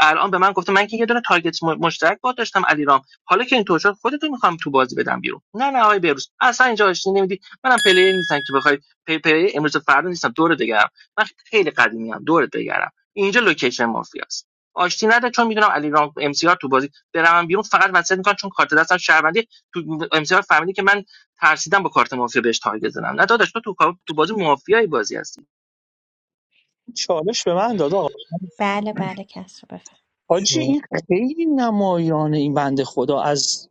Speaker 12: الان به من گفته من که یه دونه تارگت مشترک با داشتم علیرام حالا که اینطور شد خودتون میخوام تو بازی بدم بیرون نه نه آقای بهروز اصلا اینجا آشتی نمیدی منم پلیر نیستم که بخوای پی پی امروز و فردا نیستم دور بگردم من خیلی قدیمی هم دورت بگردم اینجا لوکیشن مافیاست آشتی نده چون میدونم علیرغم رام ام سی آر تو بازی برم بیرون فقط وصیت میکنم چون کارت دستم شهروندی تو ام سی آر فهمیدی که من ترسیدم با کارت مافیا بهش تارگت زدم نه داداش تو تو کار- تو بازی مافیایی بازی هستی
Speaker 11: چالش به من داد آقا
Speaker 1: بله بله کسرا بفهم
Speaker 11: حاجی این خیلی نمایانه این بنده خدا از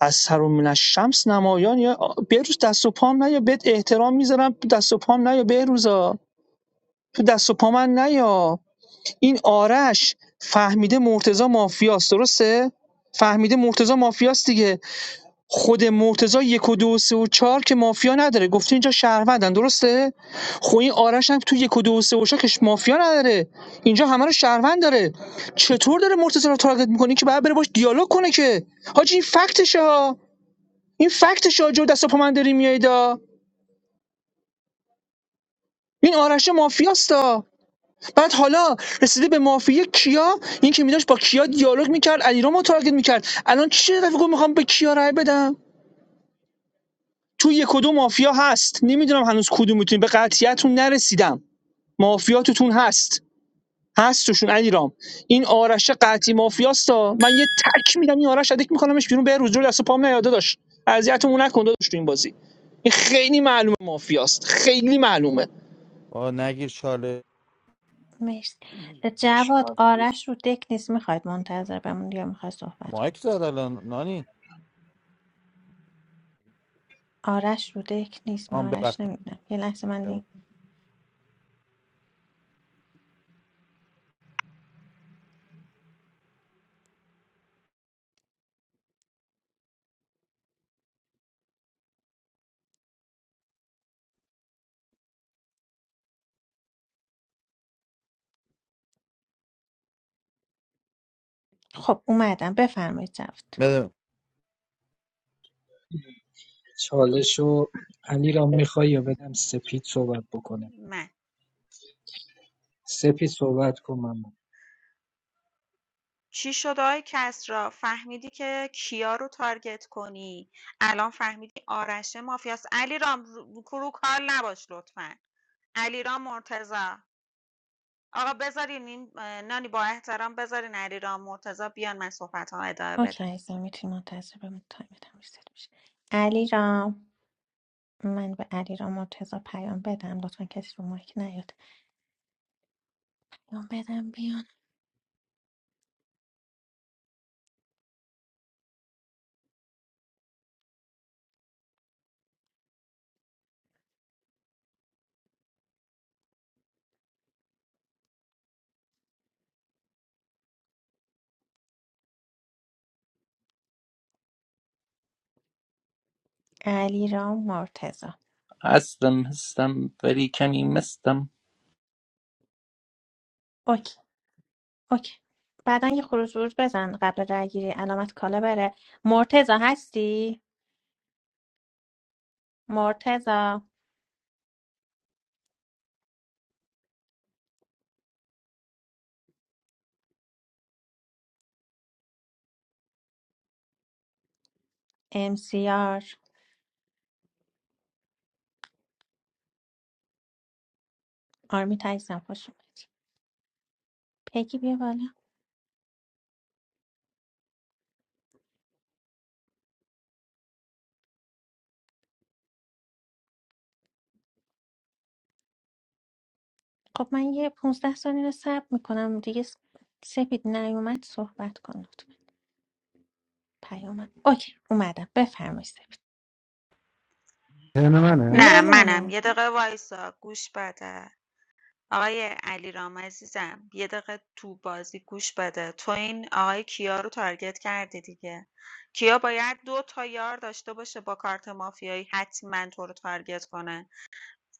Speaker 11: از سر و من شمس نمایان یا بهروز دست و پام نه یا بهت احترام میذارم دست و پام نه یا بهروزا تو دست و پا من نیا این آرش فهمیده مرتضی مافیاست درسته؟ فهمیده مرتضی مافیاست دیگه خود مرتضی یک و دو و سه و چهار که مافیا نداره گفته اینجا شهروندن درسته خب این آرش هم تو یک و دو و سه و چهار که مافیا نداره اینجا همه رو شهروند داره چطور داره مرتضی رو تارگت میکنه که بعد بره باش دیالوگ کنه که حاجی این فکتشه ها این فکتشه ها جو دست و پا من داری میایدا این آرش مافیاستا بعد حالا رسیده به مافیا کیا این که میداشت با کیا دیالوگ میکرد علیرام رو تارگت میکرد الان چی شده گفت میخوام به کیا رای بدم تو یک و دو مافیا هست نمیدونم هنوز کدوم میتونی به قطعیتون نرسیدم مافیا توتون هست هست توشون علیرام این آرش قطعی مافیاستا من یه تک میدم این آرش ادک میکنمش بیرون به روز رو دست و پام نیاده داشت اذیتمون نکن داداش تو این بازی این خیلی معلومه مافیاست خیلی معلومه
Speaker 13: آه، نگیر چاله
Speaker 1: مرسی جواد
Speaker 15: چالش
Speaker 1: آرش رو دک نیست میخواید منتظر بمون یا میخواد صحبت کن
Speaker 13: مایک زد الان نانی
Speaker 1: آرش رو دک نیست
Speaker 13: آم
Speaker 1: من آرش
Speaker 13: ببخشید
Speaker 1: نمیبینم یه لحظه من دی... خب اومدم بفرمایید جواد
Speaker 13: بده.
Speaker 15: چالشو علی را میخوای یا بدم سپید صحبت بکنه
Speaker 6: من
Speaker 15: سپید صحبت کن من
Speaker 6: چی شد آقای کسری؟ فهمیدی که کیا رو تارگت کنی الان فهمیدی آرش مافیاست علیرام رو رو نباش لطفا علیرام مرتضی آقا بذارین این اه، نانی با احترام بذارین علیرام مرتضی بیان من صحبت ها ادامه
Speaker 1: اوکی
Speaker 6: بدم
Speaker 1: عزیزم میتونی منتظر بمونی تایمت هم ریست میشه علی رام من به علی رام مرتزا پیام بدم لطفا کسی رو مایک نیاد پیام بدم بیان علی رام مرتزا
Speaker 7: هستم هستم ولی کمی مستم
Speaker 1: اوکی اوکی بعدا یه خروج ورود بزن قبل رای گیری علامت کالا بره مرتزا هستی مرتزا ام سی آر آرمی تایزم خوش اومدی پیگی بیا بالا خب من یه 15 ثانیه رو صبر میکنم دیگه س- سپید نیومد صحبت کن پیام اوکی اومدم بفرمایید سپید.
Speaker 14: ترن منه
Speaker 1: نه
Speaker 6: نه
Speaker 1: نه
Speaker 6: منم
Speaker 1: نه
Speaker 6: یه دقیقه وایسا گوش بده آقای علیرام عزیزم یه دقیقه تو بازی گوش بده تو این آقای کیا رو تارگت کردی دیگه کیا باید دو تا یار داشته باشه با کارت مافیایی حتما تو رو تارگت کنه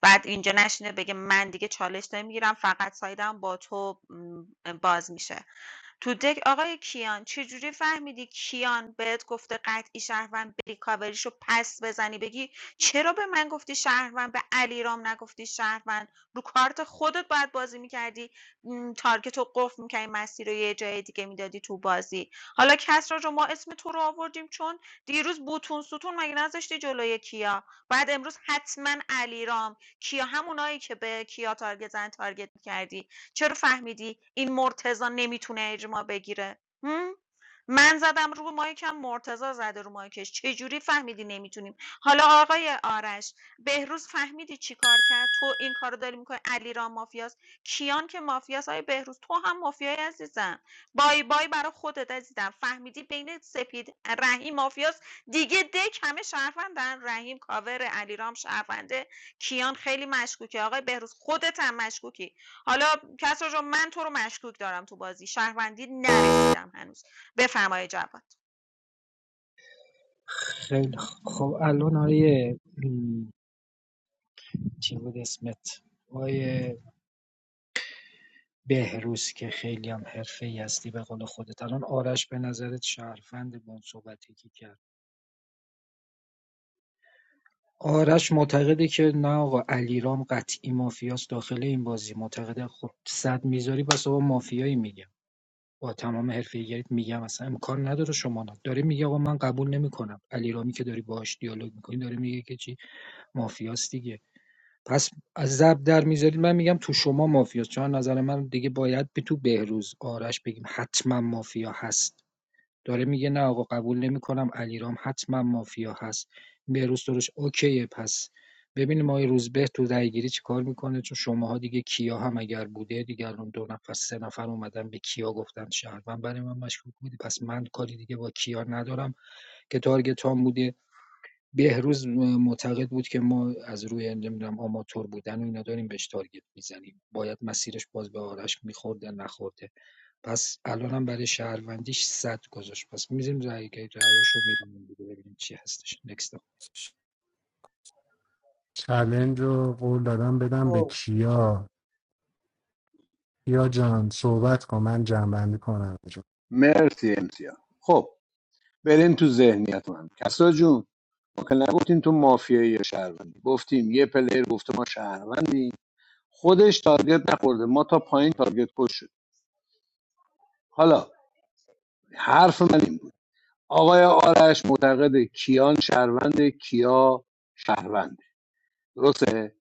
Speaker 6: بعد اینجا نشینه بگه من دیگه چالش نمیگیرم فقط سایدم با تو م، باز میشه تو دک آقای کیان چجوری فهمیدی کیان بهت گفته قطعی شهروند بری کاوریشو پس بزنی بگی چرا به من گفتی شهروند به علیرام نگفتی شهروند رو کارت خودت باید بازی میکردی تارگت رو قفل میکردی مسیر رو یه جای دیگه میدادی تو بازی حالا کسرا رو ما اسم تو رو آوردیم چون دیروز بوتون ستون مگه نذاشتی جلوی کیا بعد امروز حتما علیرام کیا همونایی که به کیا تارگت زن تارگت میکردی چرا فهمیدی این مرتضی نمیتونه اجماع بگیره هم؟ من زدم رو مایکم مرتضی زده رو مایکش چجوری فهمیدی نمیتونیم حالا آقای آرش بهروز فهمیدی چی کار کرد تو این کارو داری میکنی علیرام مافیاست کیان که مافیاست های بهروز تو هم مافیای عزیزم بای بای برای خودت عزیزم فهمیدی بین سپید رحیم مافیاست دیگه دک همه شهروندن رحیم کاور علیرام شهرونده کیان خیلی مشکوکه آقای بهروز خودت هم مشکوکی حالا کسرا جان من تو رو مشکوک دارم تو بازی شهروندی نرسیدم هنوز بفرمایید جواد
Speaker 15: خیلی خ- خب الان آیه چی بود اسمت آقای بهروز که خیلی هم حرفه هستی به قول خودت الان آرش به نظرت شهروند با اون صحبتی که کرد آرش معتقده که نه آقا علیرام قطعی مافیاست داخل این بازی معتقده خب صد میذاری پس آقا مافیایی میگم با تمام حرفه‌ایت میگم اصلا امکان نداره شما نه داره میگه آقا من قبول نمیکنم علیرامی که داری باهاش دیالوگ میکنی داره میگه که چی مافیاست دیگه پس از ضرب در می‌ذارید من میگم تو شما مافیاست چون نظر من دیگه باید به تو بهروز آرش بگیم حتما مافیا هست داره میگه نه آقا قبول نمیکنم علیرام حتما مافیا هست بهروز درش اوکیه پس ببینیم آقای روزبه تو درگیری چی کار میکنه چون شماها دیگه کیا هم اگر بوده دیگر اون دو نفر سه نفر اومدن به کیا گفتن شهروند برای من مشکوک بودی پس من کاری دیگه با کیا ندارم که تارگت هم بوده بهروز معتقد بود که ما از روی نمیدونم آماتور بودن و اینا داریم بهش تارگت میزنیم باید مسیرش باز به آرش میخورده نخورده پس الان هم برای شهروندیش صد گذاشت پس میزیم رأی رأیش رو میبینیم ببینیم چی هستش نکست
Speaker 14: چلنج رو قول دادم بدم به کیا کیا جان صحبت کن من جنبندی کنم جان.
Speaker 3: مرسی امسیا خب بریم تو ذهنیت من کسرا جون ما که نگفتیم تو مافیایی یا شهروندی گفتیم یه پلیر گفته ما شهروندیم خودش تارگت نخورده ما تا پایین تارگت کش شد حالا حرف من این بود آقای آرش معتقد کیان شهرونده کیا شهرونده درسته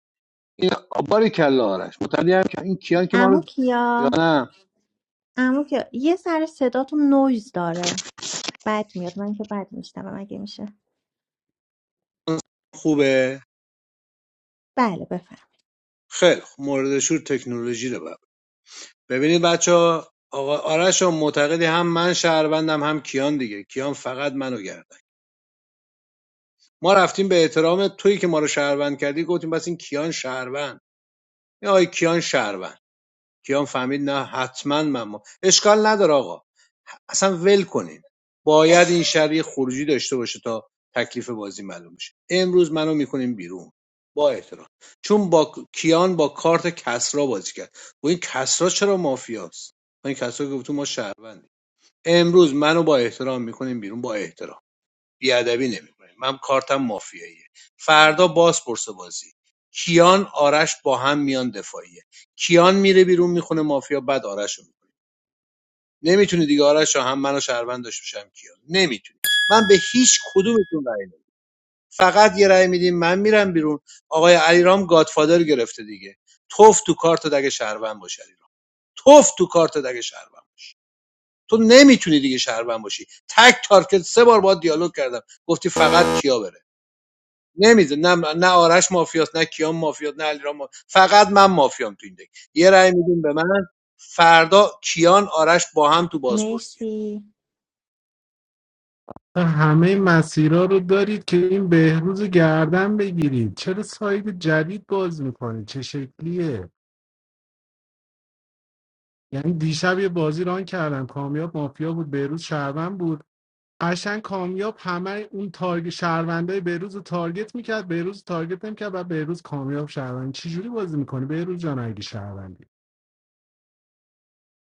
Speaker 3: این باری کلا آرش معتقدی هم که این کیان که ما
Speaker 1: عمو
Speaker 3: رو یا
Speaker 1: کیا
Speaker 3: نه
Speaker 1: عمو کیا یه سر صداتون نویز داره بد میاد من که بد میشنوم اگه میشه
Speaker 3: خوبه
Speaker 1: بله بفرمایید
Speaker 3: خیلی خوب. مورد شور تکنولوژی رو ببینید بچه آقا آرش هم معتقدی هم من شهروندم هم کیان دیگه کیان فقط منو گردن ما رفتیم به احترام تویی که ما رو شهروند کردی گفتیم بس این کیان شهروند یا آی کیان شهروند کیان فهمید نه حتما من ما اشکال نداره آقا اصلا ول کنین باید این شهر خروجی داشته باشه تا تکلیف بازی معلوم بشه امروز منو میکنیم بیرون با احترام چون با کیان با کارت کسرا بازی کرد و این کسرا چرا مافیاست این کسرا گفت ما شهروند امروز منو با احترام میکنیم بیرون با احترام بیادبی نمیکنیم من کارتم مافیاییه فردا باز پرس بازی کیان آرش با هم میان دفاعیه کیان میره بیرون میخونه مافیا بعد آرش رو میکنه نمیتونی دیگه آرش رو هم منو شهروند داشته باشم کیان نمیتونی من به هیچ کدومتون رأی نمیدم فقط یه رأی میدیم من میرم بیرون آقای علیرام گادفادر گرفته دیگه توف تو کارت دگه شهروند باشه علیرام توف تو کارت دگه شهروند تو نمیتونی دیگه شهروند باشی تک تارکت سه بار با دیالوگ کردم گفتی فقط کیا بره نمیزه نه نه آرش مافیاست نه کیان مافیاست نه علیرام مافیاست. فقط من مافیام تو این دک یه رأی میدیم به من فردا کیان آرش با هم تو بازپرسیه.
Speaker 1: مرسی
Speaker 14: همه مسیرها رو دارید که این بهروز رو گردن بگیرید چرا ساید جدید باز میکنید چه شکلیه یعنی دیشب یه بازی ران کردم کامیاب مافیا بود بهروز شهروند بود قشنگ کامیاب همه اون تارگ شهروندای بیروز رو تارگت میکرد بیروز رو تارگت نمیکرد و بیروز کامیاب شهروند چی جوری بازی میکنه بیروز جان اگه شهروندی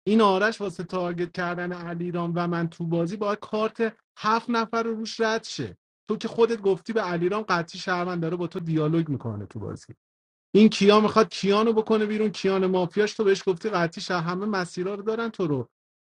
Speaker 14: این آرش واسه تارگت کردن علیرام و من تو بازی باید کارت هفت نفر رو روش رد شه تو که خودت گفتی به علیرام قطعی شهروند داره با تو دیالوگ میکنه تو بازی این کیا میخواد کیانو بکنه بیرون کیان مافیاش تو بهش گفتی قطعی شهر همه مسیرها رو دارن تو رو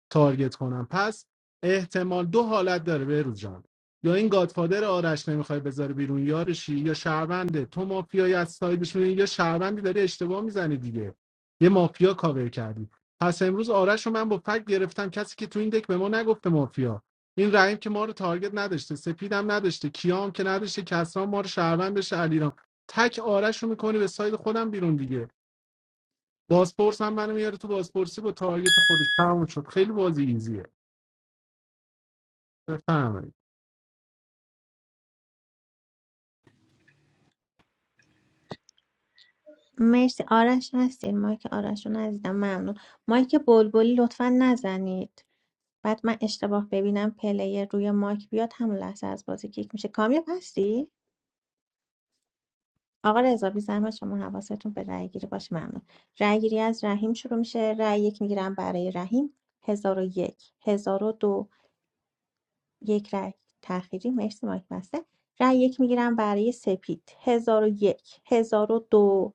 Speaker 14: تارگت کنم پس احتمال دو حالت داره بهروز جان یا این گادفادر آرش نمیخوای بذاره بیرون یارشی یا شهرونده تو مافیایی از سایدش میدونی یا شهروندی داری اشتباه میزنی دیگه یه مافیا کاور کردی پس امروز آرش رو من با فک گرفتم کسی که تو این دک به ما نگفته مافیا این رحیم که ما رو تارگت نداشته سپیدم نداشته کیام که نداشته کسان ما رو شهروندش علیرام تک آرش رو میکنی به ساید خودم بیرون دیگه بازپرس هم منو میاره تو بازپرسی با تارگت خودش تموم شد خیلی بازی ایزیه بفهمید
Speaker 1: مرسی آرش هستین مایک آرش رو نزدم ممنون مایک بلبلی لطفا نزنید بعد من اشتباه ببینم پلیر روی مایک بیاد همون لحظه از بازی کیک میشه کامیاب هستی؟ آقا رضا بی‌زحمت شما حواستون به رأی گیری باشه ممنون رأی گیری از رحیم شروع میشه رأی یک میگیرم برای رحیم هزار و یک هزار و دو یک رأی تأخیری مرسی مایک بسته رأی یک میگیرم برای سپید هزار و یک هزار و دو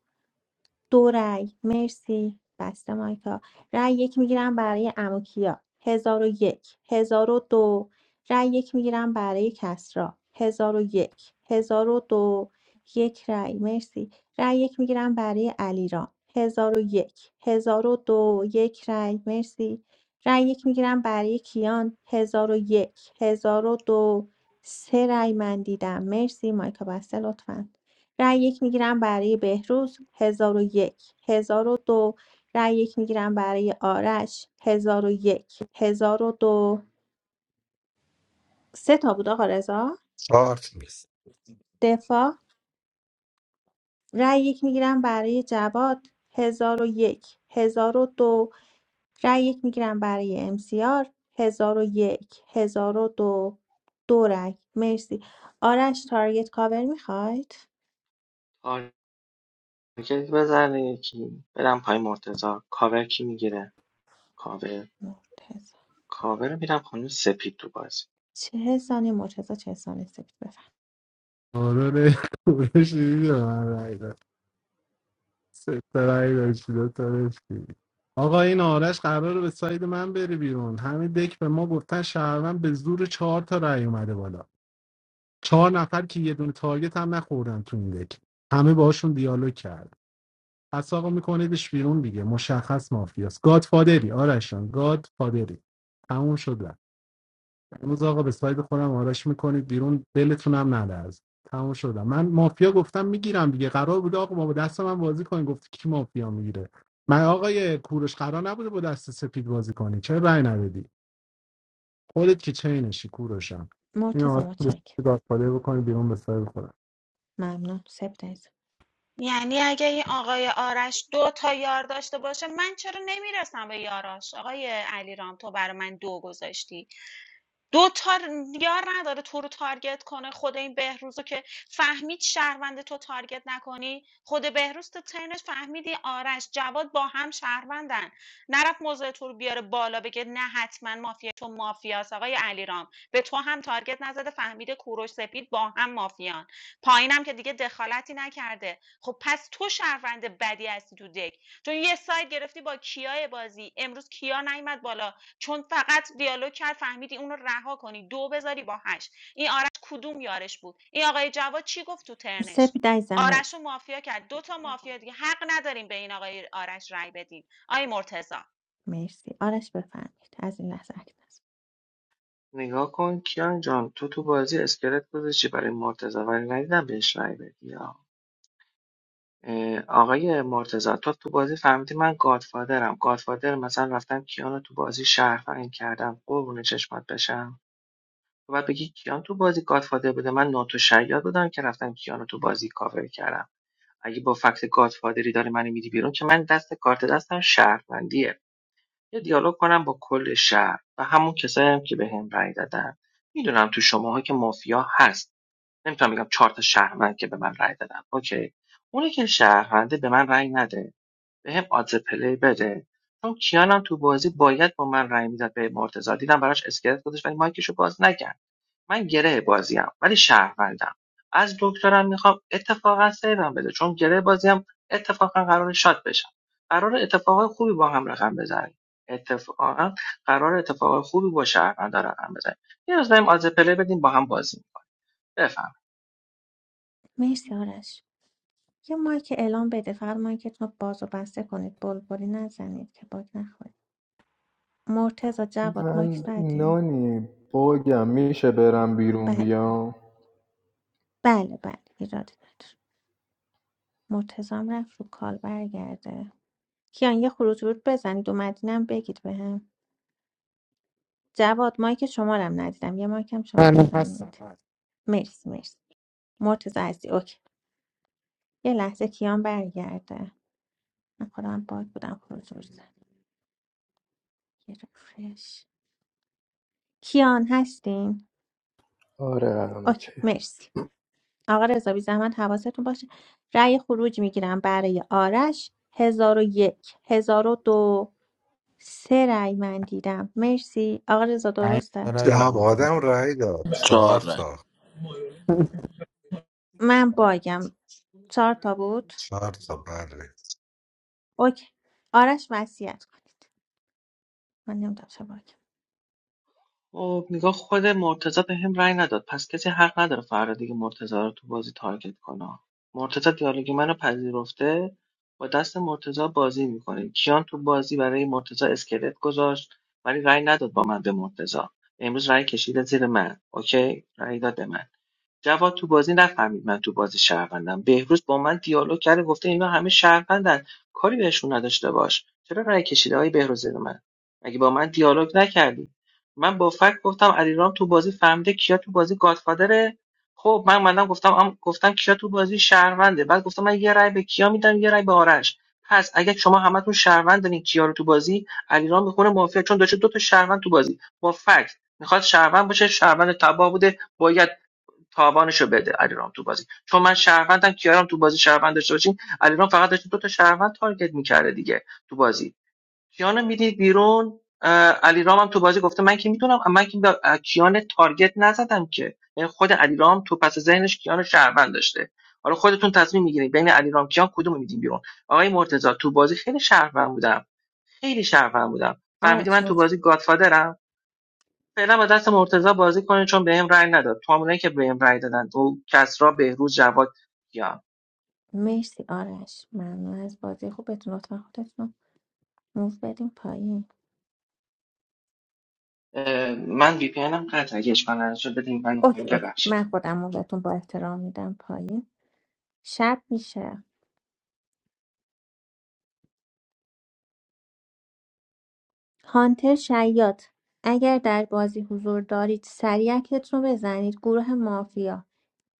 Speaker 1: دو رأی مرسی بسته مایکا رأی یک میگیرم برای عمو کیا هزار و یک هزار و دو رأی یک میگیرم برای کسرا هزار و یک هزار و دو یک رأی مرسی رأی یک میگیرم برای علیرام هزار و یک هزار و دو یک رأی مرسی رأی یک میگیرم برای کیان هزار و یک هزار و دو سه رأی من دیدم مرسی مایکا بسته لطفا رای یک میگیرم برای بهروز 1001 دو رای یک میگیرم برای آرش 1001 دو سه تا بود آقا رضا
Speaker 16: Four.
Speaker 1: دفاع رای یک میگیرم برای جواد 1001 دو رای یک میگیرم برای امسیار 1001 1002 دو دو رای مرسی آرش تارگت کاور میخواید
Speaker 12: تارگت بزنه یکی برم پای مرتضا کاور کی میگیره کاور
Speaker 1: مرتضی
Speaker 12: کاور میرم خانم سپید تو بازی
Speaker 1: چه ثانیه مرتضی چه ثانیه سپید بفهم
Speaker 14: آرون کورش دیدی به من رای داد سه تا رای داشتی دو تا داشتی آقا این آرش قراره به ساید من بره بیرون همین دک به ما گفتن شهروند به زور چهار تا رای اومده بالا چهار نفر که یه دونه تارگت هم نخوردن تو این دک همه باشون دیالوگ کرد پس آقا میکنیدش بیرون دیگه مشخص مافیاست گاد فادری آرشان گاد فادری تموم شد امروز آقا به ساید خودم آرش میکنید بیرون دلتون هم نلرز تموم شدم من مافیا گفتم میگیرم دیگه قرار بود آقا ما با دست من بازی کنیم گفت کی مافیا میگیره من آقای کوروش قرار نبوده با دست سپید بازی کنی چرا رأی ندادی خودت که چینشی کوروشم این
Speaker 1: مرتضی
Speaker 14: آقا کوروش
Speaker 1: متشکرم
Speaker 14: رو گادفادر بکنید بیرون به ساید خودم
Speaker 1: ممنون سپید عزیزم
Speaker 6: یعنی اگه این آقای آرش دو تا یار داشته باشه من چرا نمیرسم به یاراش آقای علیرام تو برای من دو گذاشتی دو تا یار نداره تو رو تارگت کنه خود این بهروزو که فهمید شهروند تو تارگت نکنی خود بهروز تو ترنش فهمیدی آرش جواد با هم شهروندن نرفت موضع تو رو بیاره بالا بگه نه حتما مافیا تو مافیاس آقای علیرام به تو هم تارگت نزده فهمیده کوروش سپید با هم مافیان پایینم که دیگه دخالتی نکرده خب پس تو شهروند بدی هستی تو دک چون یه ساید گرفتی با کیای بازی امروز کیا نیومد بالا چون فقط دیالوگ کرد فهمیدی اونو رها کنی دو بذاری با هشت این آرش کدوم یارش بود این آقای جواد چی گفت تو ترنش
Speaker 1: سپید عزیزم مرسی
Speaker 6: آرش رو مافیا کرد دو تا مافیا دیگه حق نداریم به این آقای آرش رای بدیم آی مرتزا
Speaker 1: مرسی آرش بفرمید از این لحظه اکنون است.
Speaker 12: نگاه کن کیان جان تو تو بازی اسکلت گذاشتی برای مرتضی ولی ندیدم بهش رای بدی آقای مرتضی تو تو بازی فهمیدی من گادفادرم گادفادر مثلا رفتم کیان رو تو بازی شهروند کردم قربون چشمات بشم تو باید بگی کیان تو بازی گادفادر بوده من ناتو شیاد بودم که رفتم کیانو رو تو بازی کاور کردم اگه با فکت گادفادری داری منو میدی بیرون که من دست کارت دستم شهروندیه یه دیالوگ کنم با کل شهر و همون کسایی هم که بهم هم رأی دادن میدونم تو شماها که مافیا هست نمیتونم بگم چهار تا شهروند که به من رأی دادن اوکی اونی که شهرونده به من رأی نده بهم آدز پلی بده چون کیانم تو بازی باید با من رأی میداد به مرتضی دیدم براش اسکلت گذاشت ولی مایکشو باز نکرد من گره بازیم ولی شهروندم از دکترم میخوام اتفاقا سیوم بده چون گره بازیم اتفاقا قرار شاد بشم قرار اتفاقای خوبی با هم رقم بزنیم اتفاقا قرار اتفاقای خوبی با شهروندا رقم بزنیم یه روز بریم آدز پلی بدیم با هم بازی بفهم
Speaker 1: مرسی آرش یه مایک اعلام بده فقط مایکتون رو باز و بسته کنید بلبلی نزنید که باگ نخورید مرتضی جواد مایک
Speaker 10: من
Speaker 1: زدیم
Speaker 10: نانی باگم میشه برم بیرون
Speaker 1: بله
Speaker 10: بیام
Speaker 1: بله بله ایرادی نداره مرتزا هم رفت رو کال برگرده کیان یه خروج ورود بزنید اومدینم بگید بهم جواد مایک شما رو هم ندیدم یه مایک هم شما
Speaker 14: من
Speaker 1: بزنید
Speaker 14: هستم
Speaker 1: مرسی مرسی مرتضی عزیزی اوکی یه لحظه کیان برگرده من خودم باگ بودم خروج زد گرفتش کیان هستین
Speaker 10: آره الان اوکی
Speaker 1: اوکی مرسی آقا رضا بی زحمت حواستون باشه رأی خروج میگیرم برای آرش هزار و یک هزار و دو سه رأی من دیدم مرسی آقا رضا
Speaker 13: پنج تا
Speaker 1: درسته
Speaker 13: رأی
Speaker 16: Yeah, more
Speaker 13: آورده من-
Speaker 16: than one. I think. Four,
Speaker 9: چهار رنگ
Speaker 16: four,
Speaker 1: من باگم چهار تا بود
Speaker 16: four, four.
Speaker 1: اوکی آرش وصیت کنید من نمیدونم چه باگم
Speaker 12: خب نگاه خود مرتضی به هم رأی نداد پس کسی حق نداره فردا دیگه مرتضی رو تو بازی تارگت کنه مرتضی دیالوگ منو پذیرفته با دست مرتضی بازی میکنه کیان تو بازی برای مرتضی اسکلت گذاشت ولی رأی نداد با من به مرتضی امروز رأی کشیده زیر من اوکی رأی داد به من جواد تو بازی نفهمید من تو بازی شهروندم بهروز با من دیالوگ کرده گفته اینا همه شهروندن کاری بهشون نداشته باش چرا رأی کشیده های بهروز زیر من مگه با من دیالوگ نکردی من با فکر گفتم علیرام تو بازی فهمیده کیا تو بازی گادفادره خب من مدام گفتم ام- گفتم کیا تو بازی شهرونده بعد گفتم من یه رأی به کیا میدم یه رأی به آرش پس اگه شما همتون شهروند دارین کیا رو تو بازی علیرام میخونه مافیا چون داشته دو تا شهروند تو بازی با فکت میخواد شهروند باشه شهروند تباه بوده باید تاوانشو بده علیرام تو بازی چون من شهروندم کیارم تو بازی شهروند داشته باشین علیرام فقط داشت دو تا شهروند تارگت میکرده دیگه تو بازی کیانو میدید بیرون اه، علیرام هم تو بازی گفته من که میدونم من که به کیان تارگت نزدم که یعنی خود علیرام تو پس ذهنش کیان شهروند داشته حالا خودتون تصمیم میگیرید بین علیرام کیان کدوم میدین بیرون آقای مرتضی تو بازی خیلی شهروند بودم خیلی شهروند بودم فهمیدی من
Speaker 1: آرش
Speaker 12: تو
Speaker 1: مت-
Speaker 12: بازی گادفادرم فعلا با دست مرتضی بازی کنید چون بهم رأی نداد تو همونایی که بهم رأی دادن او کسرا بهروز جواد یا
Speaker 1: مرسی آرش ممنون از بازی خوبتون لطفا خودتون رو موو بدیم پایین
Speaker 12: من وی پی هم قطع اگه اشکال نداشت بدین من
Speaker 1: اوکی اوکی
Speaker 12: ببخشید
Speaker 1: من خودم اون بهتون با احترام میدم پایین شب میشه هانتر شیاد اگر در بازی حضور دارید سریع اکتت رو بزنید گروه مافیا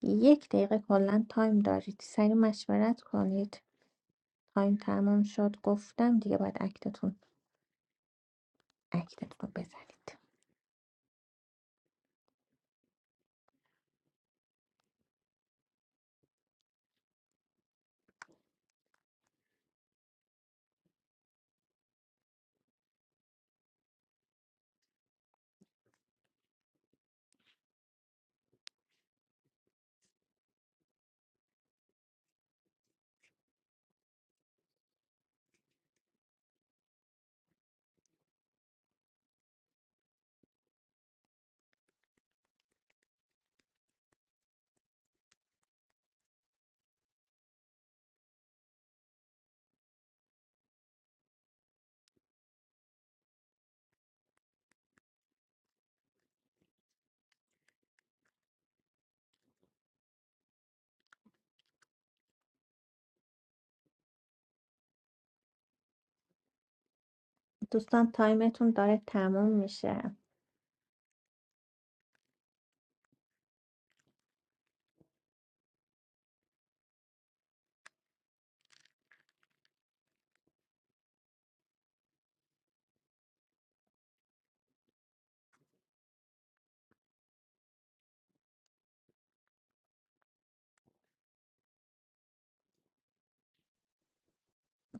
Speaker 1: یک دقیقه کلا تایم دارید سریع مشورت کنید تایم تمام شد گفتم دیگه باید اکتتون اکتتون رو بزنید دوستان تایمتون داره تمام میشه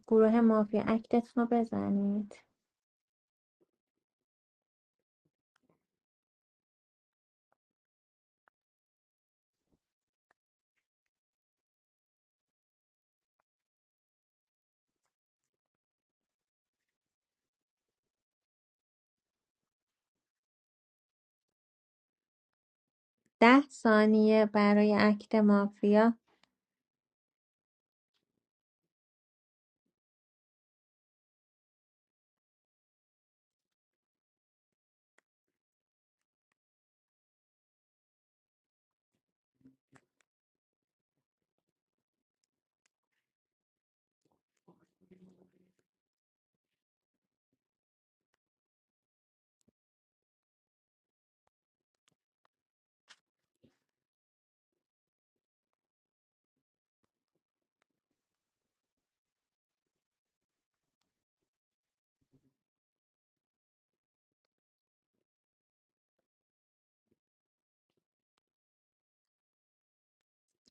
Speaker 1: گروه مافیا اکتتون رو بزنید ده ثانیه برای اکت مافیا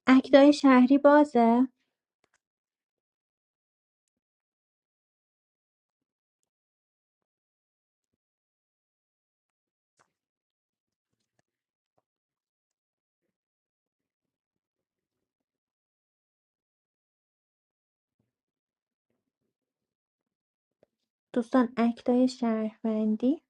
Speaker 1: اکتای شهری بازه دوستان اکتای شهروندی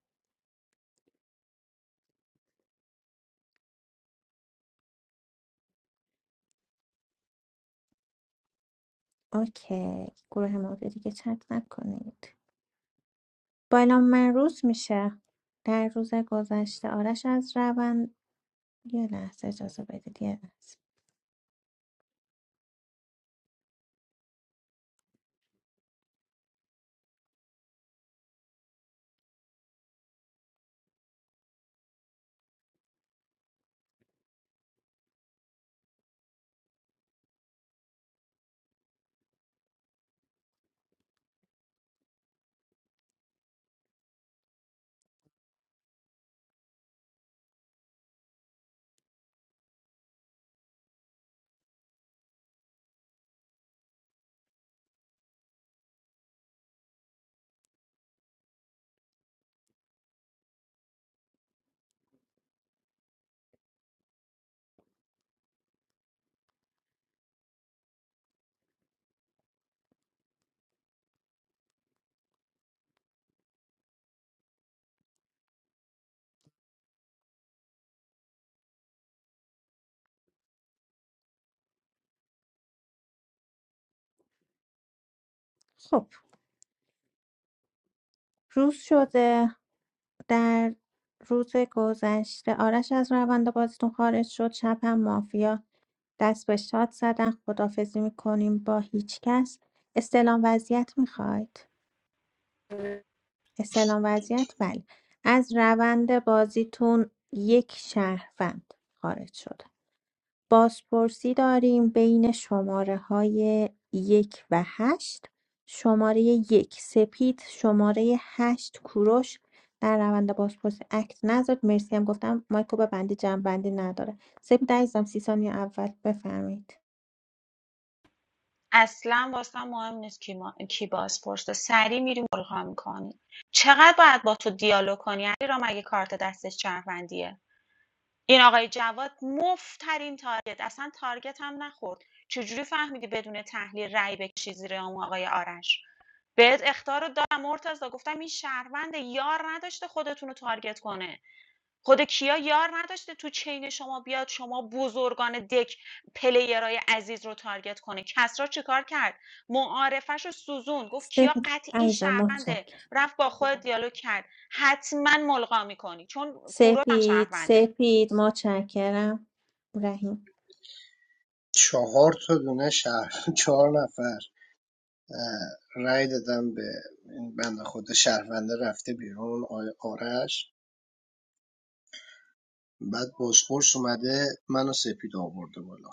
Speaker 1: اوکی گروه مافیا دیگه چت نکنید بالا من روز میشه در روز گذشته آرش از روند یه لحظه اجازه بدید یه لحظه خب روز شده در روز گذشته آرش از روند بازیتون خارج شد شب هم مافیا دست به شاد زدن خدافزی میکنیم با هیچ کس استلام وضعیت میخواید استعلام وضعیت بله از روند بازیتون یک شهروند خارج شده بازپرسی داریم بین شماره های یک و هشت شماره یک سپید شماره هشت کوروش در روند بازپرسی اکت نذارد مرسی هم گفتم مایکو ببندی جنبندی نداره سپید عزیزم سی ثانیه اول بفرمایید
Speaker 6: اصلا واسه مهم نیست کی, ما... کی باز پرسه سری میریم ملغا میکنی چقدر باید با تو دیالوگ کنی علی را مگه کارت دستش چرفندیه این آقای جواد مفترین تارگت اصلا تارگت هم نخورد چجوری فهمیدی بدون تحلیل رای بکشی زیر اون آقای آرش بهت اخطار رو دادم مرتضی گفتم این شهروند یار نداشته خودتون رو تارگت کنه خود کیا یار نداشته تو چین شما بیاد شما بزرگان دک پلیرای عزیز رو تارگت کنه کسرا چیکار کرد معارفش رو سوزون گفت کیا
Speaker 1: سپید
Speaker 6: قطعی
Speaker 1: عزیزم
Speaker 6: شهرونده
Speaker 1: متشکرم
Speaker 6: رفت با خود دیالوگ کرد حتما ملغا میکنی چون کوروش هم
Speaker 1: سپید
Speaker 6: شهرونده
Speaker 1: سپید متشکرم رحیم
Speaker 4: چهار تا دونه شهر <laughs> چهار نفر رای رأی دادم به این بنده خدا شهرونده رفته بیرون آقای آرش بعد بازپرس اومده منو سپید آورده بالا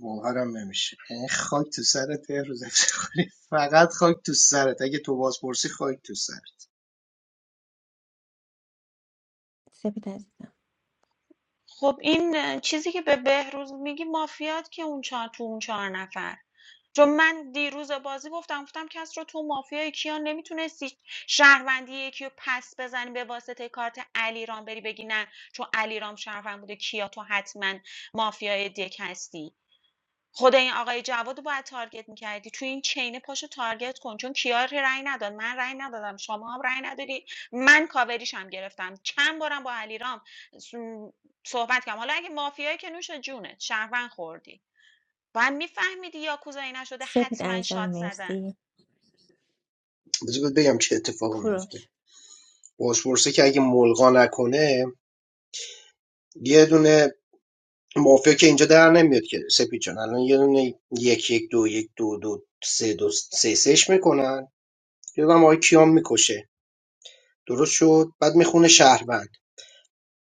Speaker 4: باورم نمیشه یعنی خاک تو سرت روز افتخاری فقط خاک تو سرت اگه تو بازپرسی خاک تو سرت
Speaker 1: سپید عزیزم
Speaker 6: خب این چیزی که به بهروز میگی مافیات که اون چهار تو اون چهار نفر چون من دیروز بازی گفتم گفتم کس رو تو مافیای کیان نمیتونستی شهروندی یکی رو پس بزنی به واسطه کارت علیرام بری بگی نه چون علیرام شهروند بوده کیا تو حتما مافیای دک هستی خود این آقای جواد رو باید تارگت میکردی تو این چینه پاشو تارگت کن چون کیا رأی نداد من رأی ندادم شما هم رأی ندادی من کاوریش هم گرفتم چند بارم با علیرام س- صحبت کردم حالا اگه مافیایی که نوش جونت شهروند خوردی با هم میفهمیدی یاکوزایی نشده
Speaker 1: سپید
Speaker 6: حتما
Speaker 1: عزیزم
Speaker 6: شات زدن
Speaker 1: مرسی
Speaker 4: بذار بهت بگم چه اتفاقی میفته
Speaker 1: کوروش
Speaker 4: بازپرسی که اگه ملغا نکنه یه دونه مافیا که اینجا در نمیاد که سپید جان الان یه دونه یک یک دو یک دو دو سه دو سه سهش میکنن یه دونه هم آقای کیان میکشه درست شد بعد میخونه شهروند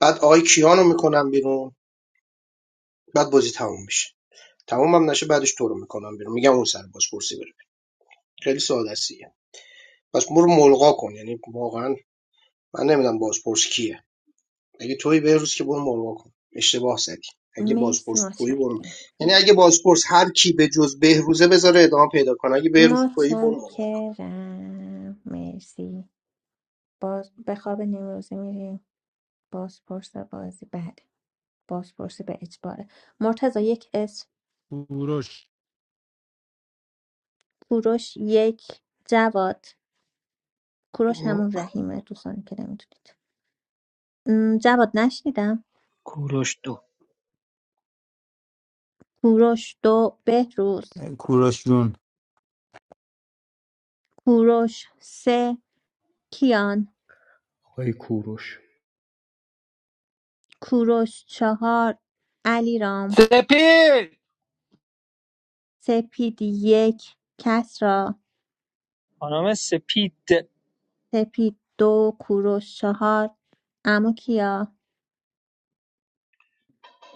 Speaker 4: بعد آقای کیان رو میکنن بیرون بعد بازی تموم میشه تموم هم نشه بعدش تو رو میکنم بیرون میگم اون سر بازپرسی بره خیلی ساده است دیگه. پس برو ملغا کن یعنی واقعا من نمیدونم بازپرس کیه اگه تویی بهروز که برو ملغا کن اشتباه زدی اگه
Speaker 1: مرسی
Speaker 4: بازپرس تویی برو
Speaker 1: متشکرم
Speaker 4: یعنی اگه بازپرس هر کی به جز بهروزه بذاره ادامه پیدا کنه اگه بهروز تویی برو ملغا
Speaker 1: متشکرم مرسی باز به خواب نیمروزی میریم بازپرس بازی بله بازپرسی به اجباره مرتضی یک اسم
Speaker 14: کوروش
Speaker 1: کوروش یک جواد کوروش
Speaker 15: دو
Speaker 1: همون رحیمه دوستانی که نمیتونید م، جواد نشنیدم
Speaker 15: کوروش دو
Speaker 1: کوروش دو بهروز
Speaker 13: کوروش جون
Speaker 1: کوروش سه کیان
Speaker 10: آقای کوروش
Speaker 1: کوروش چهار علیرام
Speaker 7: سپید
Speaker 1: سپید یک کسری
Speaker 11: خانم سپید به
Speaker 1: سپید دو کوروش چهار اما کیا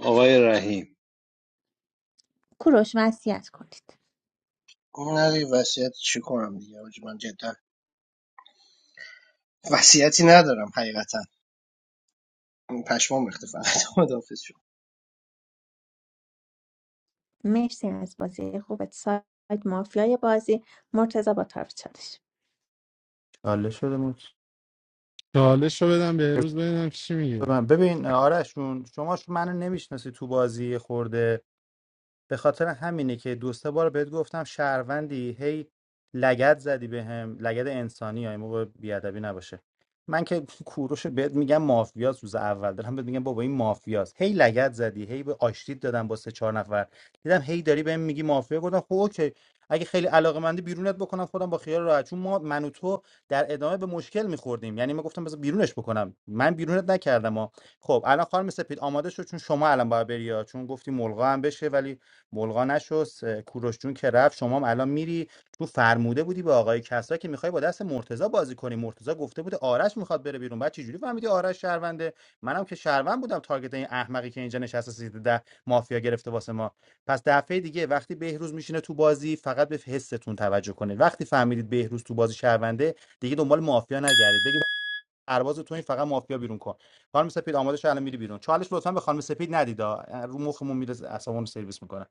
Speaker 3: آقای رحیم
Speaker 1: کوروش وصیت کنید
Speaker 4: کن نه دیگه وصیت چی کنم دیگه حاجی من جدا وصیتی ندارم حقیقتا پشمام ریخته فقط <laughs> خداحافظ شد
Speaker 1: مرسی از بازی خوبت سایت مافیای بازی مرتضی با طرف چالش
Speaker 13: چاله شده بود
Speaker 14: چالش رو بدم به
Speaker 13: بذار
Speaker 14: روز ببینم چی میگه
Speaker 13: من- ببین آرش جون شما ش- منو نمیشناسی تو بازی یه خورده به خاطر همینه که دو سه بار بهت گفتم شهروندی هی لگد زدی بهم لگد انسانی ها این موقع بیادبی نباشه من که <laughs> کوروش بهت میگم مافیاس روز اول دارم بهت میگم بابا این مافیاس هی لگد زدی هی به آشتید دادم با سه چهار نفر دیدم هی داری بهم میگی مافیا گفتم خب اوکی اگه خیلی علاقه مندی بیرونت بکنم خودم با خیال راحت چون ما من و تو در ادامه به مشکل میخوردیم یعنی من گفتم بذار بیرونش بکنم من بیرونت نکردم ها خب الان خانم سپید آماده شد چون شما الان باید بری ها. چون گفتی ملغا هم بشه ولی بلغا نشست اه، کوروش جون که رفت شما هم الان میری تو فرموده بودی به آقای کسرا که میخوای با دست مرتضی بازی کنی مرتضی گفته بوده آرش میخواد بره بیرون بعد چجوری فهمیدی آرش شهرونده منم که شهروند بودم تارگت این احمقی که اینجا نشسته سیت ده مافیا گرفته واسه ما پس دفعه دیگه وقتی بهروز میشینه تو بازی فقط به حستون توجه کنید وقتی فهمیدید بهروز تو بازی شهرونده دیگه دنبال مافیا نگردید بگید پرواز تو این فقط مافیا بیرون کن خانم سپید آماده شو الان میری بیرون چالش لطفا به خانم سپید ندید آ. رو مخمون میره اعصابمون سرویس میکنه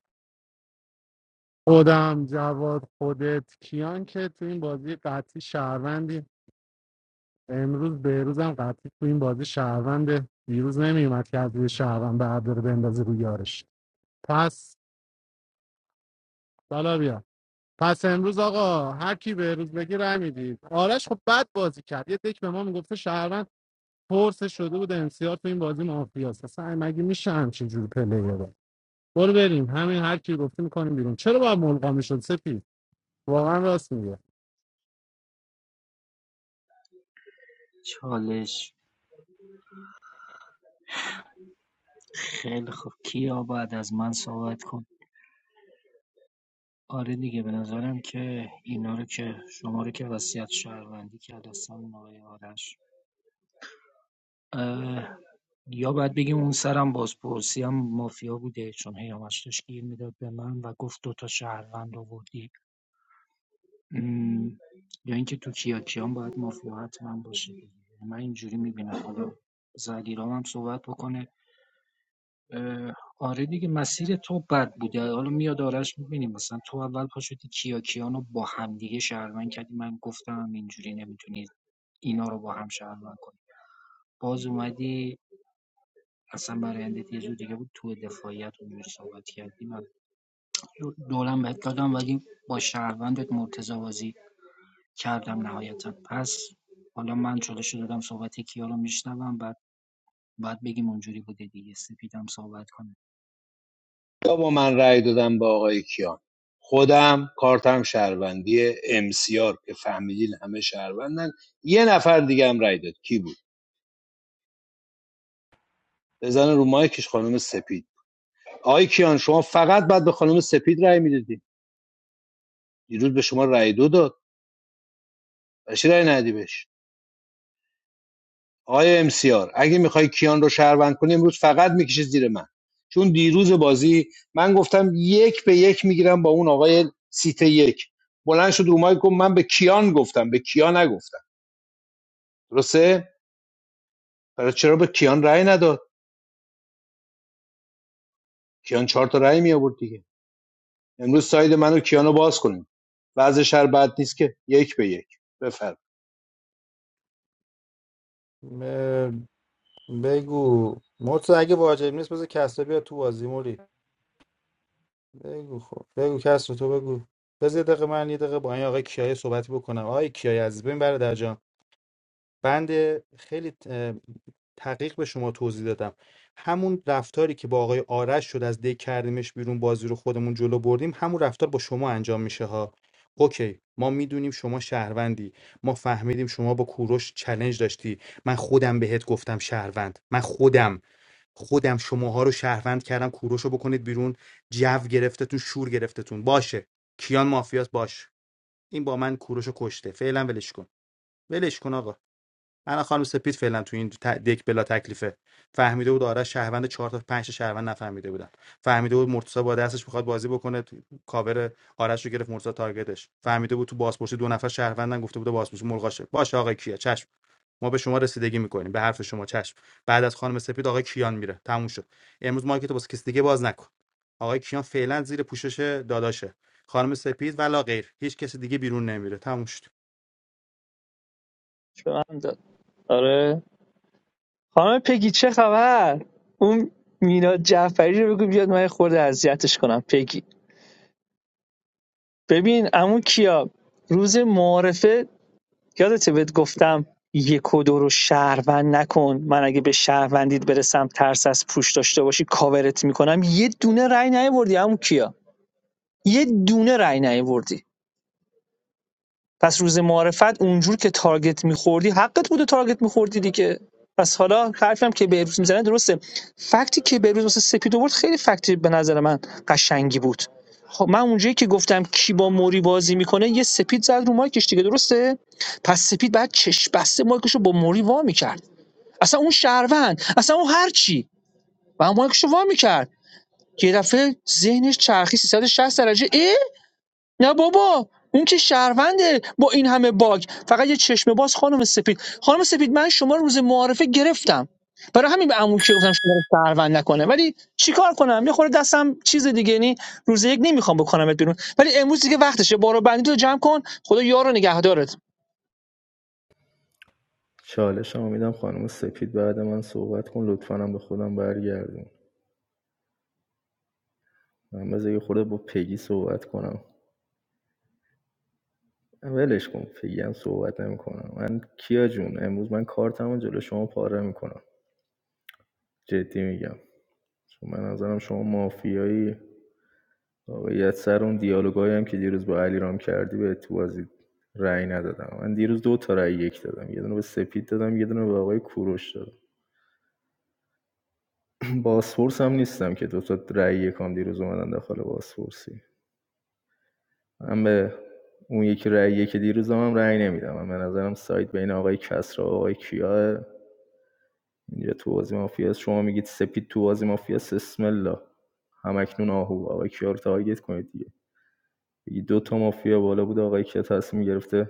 Speaker 14: خودم جواد خودت کیان که تو این بازی قطعی شهروندیم امروز بهروز هم قطعی تو این بازی شهروند دیروز نمیومد که از روی شهروند به عبدال بندازه روی یارش پس بالا بیا پس امروز آقا هر کی بهروز بگی رای میدید آرش خب بد بازی کرد یه تک به ما میگفته شهروند پرسه شده بود امسیار تو این بازی مافیاست اصلا مگه میشه همچین جور پلیره برو بریم همین هر کی گفتی میکنیم بیرون چرا باید ملقا میشد سپید واقعا راست میگه
Speaker 15: چالش خیلی خوب کیا بعد از من صحبت کن آره دیگه به نظرم که اینا رو که شما رو که وصیت شهروندی کرد اصلا این آقای آرش اه، یا باید بگیم اون سرم بازپرسی هم مافیا بوده چون هیامش داشت گیر میداد به من و گفت دوتا شهروند آوردی م، یا اینکه تو کیاکیان باید مافیا حتما باشه دیگه. من اینجوری میبینم حالا زلیرام هم صحبت بکنه اه، آره دیگه مسیر تو بد بوده حالا میاد آرش میبینیم مثلا تو اول پا شدی کیاکیان رو با همدیگه شهروند کردی من گفتم اینجوری نمیتونی اینا رو با هم شهروند کنی باز اومدی اصلا برایندت یه جور دیگه بود تو دفاعیت اونجور صحبت کردی من دولم بهت دادم ولی با شهروندت مرتضی بازی کردم نهایتا پس حالا من چالش رو دادم صحبت کیا رو میشنوم بعد بعد بگیم اونجوری بوده دیگه سپیدم صحبت کنه
Speaker 3: یا با من رأی دادم با آقای کیان خودم کارتم شهروندی امسیار که فهمیدین همه شهروندن یه نفر دیگه هم رأی داد کی بود بزن رو مایکش خانم سپید آقای کیان شما فقط بعد به خانم سپید رأی میدادی دیروز به شما رأی دو داد بچه رأی ندی بهش آقای ام سی آر. اگه میخوای کیان رو شهروند کنی امروز فقط میکشی زیر من چون دیروز بازی من گفتم یک به یک میگیرم با اون آقای سیت یک بلند شد رو مایک گفت من به کیان گفتم به کیان نگفتم درسته برای چرا به کیان رأی نداد کیان چهار تا رأی می آورد دیگه امروز ساید من کیانو باز کنیم وضع شر بد نیست که یک به یک بفرم
Speaker 13: م- بگو مرتضی اگه واجب نیست بذار کسرا بیا تو بازی موری بگو خب بگو کسرا تو بگو بذار یه دقیقه من یه دقیقه با این آقای کیای صحبتی بکنم آقای کیای عزیز ببین برادر جان. بند خیلی اه، تحقیق به شما توضیح دادم همون رفتاری که با آقای آرش شد از دک کردیمش بیرون بازی رو خودمون جلو بردیم همون رفتار با شما انجام میشه ها اوکی ما میدونیم شما شهروندی ما فهمیدیم شما با کوروش چلنج داشتی من خودم بهت گفتم شهروند من خودم خودم شماها رو شهروند کردم کوروش رو بکنید بیرون جو گرفتتون شور گرفتتون باشه کیان مافیاس باش این با من کوروش رو کشته فعلا ولش کن ولش کن آقا الان خانم سپید فعلا تو این ت- دک بلا تکلیفه فهمیده بود آرش شهروند چهار تا پنج تا شهروند نفهمیده بودن فهمیده بود مرتضی با دستش میخواد بازی بکنه تو- کاور آرش رو گرفت مرتضی تارگتش فهمیده بود تو بازپرسی دو نفر شهروندن گفته بود بازپرسی ملغاشه باشه آقای کیه چشم ما به شما رسیدگی میکنیم به حرف شما چشم بعد از خانم سپید آقای کیان میره تموم شد امروز مارکت واسه کسی دیگه باز نکن آقای کیان فعلا زیر پوشش داداشه خانم سپید ولا غیر هیچ کسی دیگه بیرون نمیره تموم شد
Speaker 11: من داد آره خانم پگی چه خبر اون مینا جعفری رو بگو بیاد من یه خورده اذیتش کنم پگی ببین عمو کیا روز معارفه یادته بهت گفتم یک و دو رو شهروند نکن من اگه به شهروندید برسم ترس از پوش داشته باشی کاورت میکنم یه دونه رأی نیاوردی عمو کیا یه دونه رأی نیاوردی پس روز معرفت اونجور که تارگت میخوردی حقت بوده تارگت میخوردی دیگه پس حالا حرفی هم که بهروز میزنه درسته فکتی که بهروز واسه سپید آورد خیلی فکتی به نظر من قشنگی بود خب من اونجایی که گفتم کی با موری بازی میکنه یه سپید زد رو مایکش دیگه درسته پس سپید بعد چش بسته مایکشو با موری وا میکرد اصلا اون شهروند اصلا اون هرچی و مایکش رو وا میکرد که یه دفعه ذهنش چرخی 360 درجه اه نه بابا اون که شهرونده با این همه باگ فقط یه چشم باز خانم سپید خانم سپید من شما رو روز معارفه گرفتم برای همین به عمو که گفتم شما رو شهروند نکنه ولی چیکار کنم یه خورده دستم چیز دیگه یعنی روز یک نمیخوام بکنمت بیرون ولی امروز دیگه وقتشه بارو بندی تو جمع کن خدا یارو نگهدارت
Speaker 10: چالشمو میدم خانم سپید بعد من صحبت کن لطفا هم به خودم برگردون من بذار یه خورده با پگی صحبت کنم ولش کن پگی هم صحبت نمیکنم من کیا جون امروز من کارتمو جلو شما پاره میکنم جدی میگم چون من نظرم شما مافیایی واقعیت سر اون دیالوگایی هم که دیروز با علیرام کردی به تو بازی رأی ندادم من دیروز دو تا رأی یک دادم یه دونه به سپید دادم یه دونه به آقای کوروش دادم <clears throat> باسفورس هم نیستم که دو تا رأی یکام دیروز اومدن داخل باسفورسی من به اون یکی رأیه که دیروز هم رأی نمیدم من به نظرم سایت بین آقای کسرا و آقای کیاه اینجا تو بازی مافیاست شما میگید سپید تو بازی مافیاست اسم الله همکنون آهو آقای کیا رو تارگت کنید دیگه بگید دو تا مافیا بالا بود آقای کیا تصمیم گرفته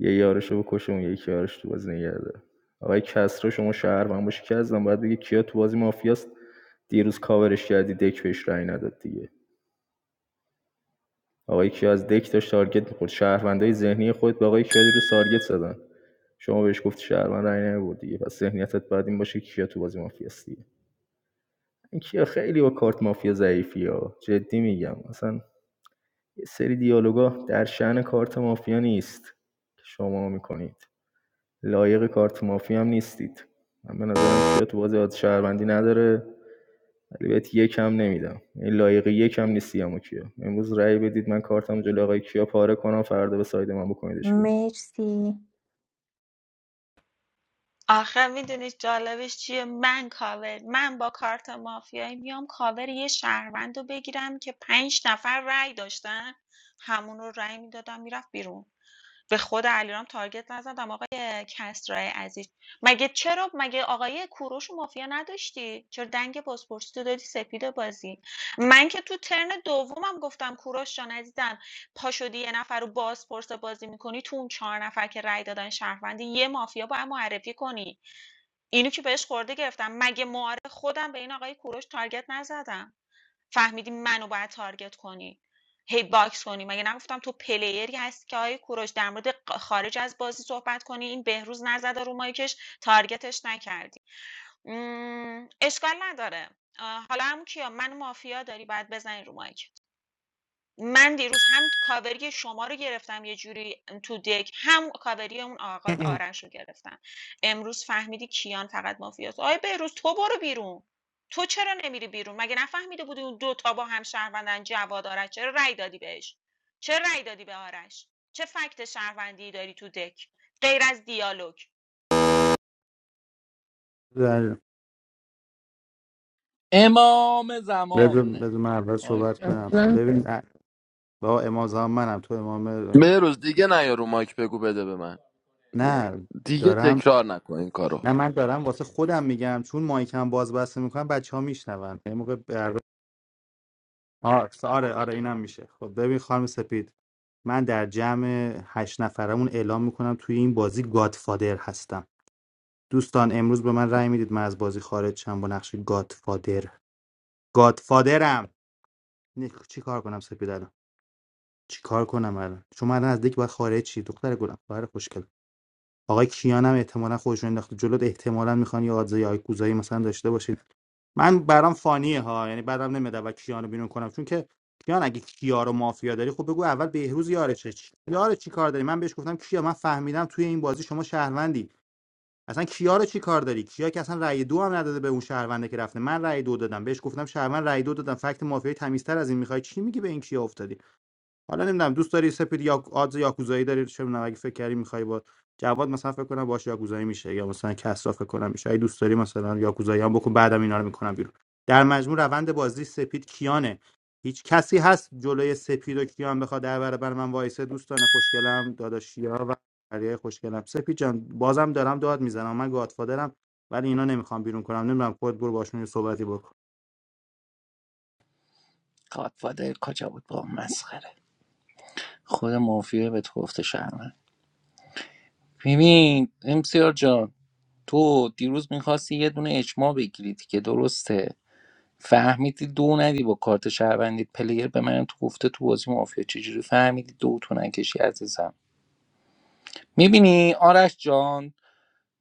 Speaker 10: یه یارش رو بکشه اون یکی یارش تو بازی نگه آقای کسرا شما شهر من باشی که ازم باید بگید کیا تو بازی مافیاست دیروز کاورش کردی دک بهش رأی نداد دیگه آقا یکی از دک داشت تارگت میخورد شهروندای ذهنی خودت به آقای کدی رو تارگت زدن شما بهش گفتی شهروند رای نبرد دیگه پس ذهنیتت باید این باشه که کیا تو بازی مافیاست این کیا خیلی با کارت مافیا ضعیفیه. جدی میگم مثلا یه سری دیالوگا در شأن کارت مافیا نیست که شما می‌کنید. لایق کارت مافی هم نیستید من به نظرم کیا تو بازی آز شهروندی نداره ولی بهت یک هم نمیدم این لایق یک هم نیستی اما کیا امروز رأی بدید من کارتم جلوی آقای کیا پاره کنم فردا به ساید من بکنیدش بیرون
Speaker 1: مرسی
Speaker 6: آخه میدونی جالبش چیه من کاور من با کارت مافیایی میام کاور یه شهروند رو بگیرم که پنج نفر رأی داشتن همون رو رأی میدادم میرفت بیرون به خود علیرام تارگت نزدم آقای کسرای عزیز مگه چرا مگه آقای کوروش و مافیا نداشتی چرا دنگ پاسپورتی تو دادی سپید بازی من که تو ترن دومم گفتم کوروش جان عزیزم پا شدی یه نفر رو بازپرس بازی میکنی تو اون 4 نفر که رأی دادن شهروندی یه مافیا باید معرفی کنی اینو که بهش خورده گرفتم مگه معارف خودم به این آقای کوروش تارگت نزدم فهمیدی منو باید تارگت کنی هی باکس کنی مگه نگفتم تو پلیری هستی که آقای کوروش در مورد ق- خارج از بازی صحبت کنی این بهروز نزده رو مایکش تارگتش نکردی مم، اشکال نداره آه، حالا هم کیا من و مافیا داری باید بزنی رو مایک من دیروز هم کاوری شما رو گرفتم یه جوری تو دک هم کاوری اون آقای آرش رو گرفتم امروز فهمیدی کیان فقط مافیاست آقای بهروز تو برو بیرون تو چرا نمیری بیرون مگه نفهمیده بودی اون دوتا با هم شهروندن جواد آرش چرا رأی دادی بهش چرا رأی دادی به آرش چه فکت شهروندی داری تو دک غیر از دیالوگ
Speaker 13: <clears throat>
Speaker 7: امام
Speaker 13: بذار
Speaker 7: زمان
Speaker 13: بذار من اول
Speaker 7: آقای
Speaker 13: صحبت
Speaker 7: بهروز
Speaker 13: کنم
Speaker 14: اصلا
Speaker 13: ببین ا- با امام زمان منم تو امام
Speaker 9: مهروز دیگه نیا رو مایک بگو بده به من
Speaker 13: نه
Speaker 9: دیگه
Speaker 13: دارم
Speaker 9: تکرار نکن این کارو
Speaker 13: نه من دارم واسه خودم میگم چون مایکم باز بسته میکنم بچه ها میشنون یه موقع بر... آه، آره آره اینم میشه خب ببین خانم سپید من در جمع هشت نفرمون اعلام میکنم توی این بازی گادفادر هستم دوستان امروز به من رأی میدید من از بازی خارج شم با نقش گادفادر گادفادرم نه، چی کار کنم سپید الان؟ چیکار کنم الان شما الان از دیگه باید خارج شی دختر گلم خواهر خوشگل آقای کیان احتمالاً احتمالا خودش رو انداخته جلوت احتمالاً میخوان یه آدزای آیکوزایی مثلا داشته باشید من برام فانیه ها یعنی بعدم نمیاد و کیان رو بیرون کنم چون که کیان اگه کیا رو مافیا داری خب بگو اول بهروز یارشه چی یاره چی کار داری من بهش گفتم کیا من فهمیدم توی این بازی شما شهروندی اصلا کیا رو چی کار داری کیا که اصلا رأی دو هم نداده به اون شهرونده که رفته من رأی دو دادم بهش گفتم شهروند رأی دو دادم فکت مافیایی تمیزتر از این میخوای چی میگی به این کیا افتادی حالا نمیدونم دوست داری سپید یا آدز یاکوزایی داری چه میدونم اگه فکر کردی میخوای با جواد مثلا فکر کنم باش یاکوزایی میشه یا مثلا کسرا فکر کنم میشه اگه دوست داری مثلا یاکوزایی هم بکن بعدم اینا رو میکنم بیرون در مجموع روند بازی سپید کیانه هیچ کسی هست جلوی سپید و کیان بخواد در برابر من وایسه دوستان خوشگلم داداشیا و بقیه خوشگلم سپید جان بازم دارم داد میزنم من گادفادرم ولی اینا نمیخوام بیرون کنم نمیدونم خود برو باشون یه صحبتی بکن
Speaker 7: گادفادر کجا بود با اون مسخره خود مافیا به تو گفته شرمن ببین امسیار جان تو دیروز میخواستی یه دونه اجماع بگیری که درسته فهمیدی دو ندی با کارت شهروندی پلیر به من تو گفته تو بازی مافیا چجوری فهمیدی دو تو نکشی عزیزم میبینی آرش جان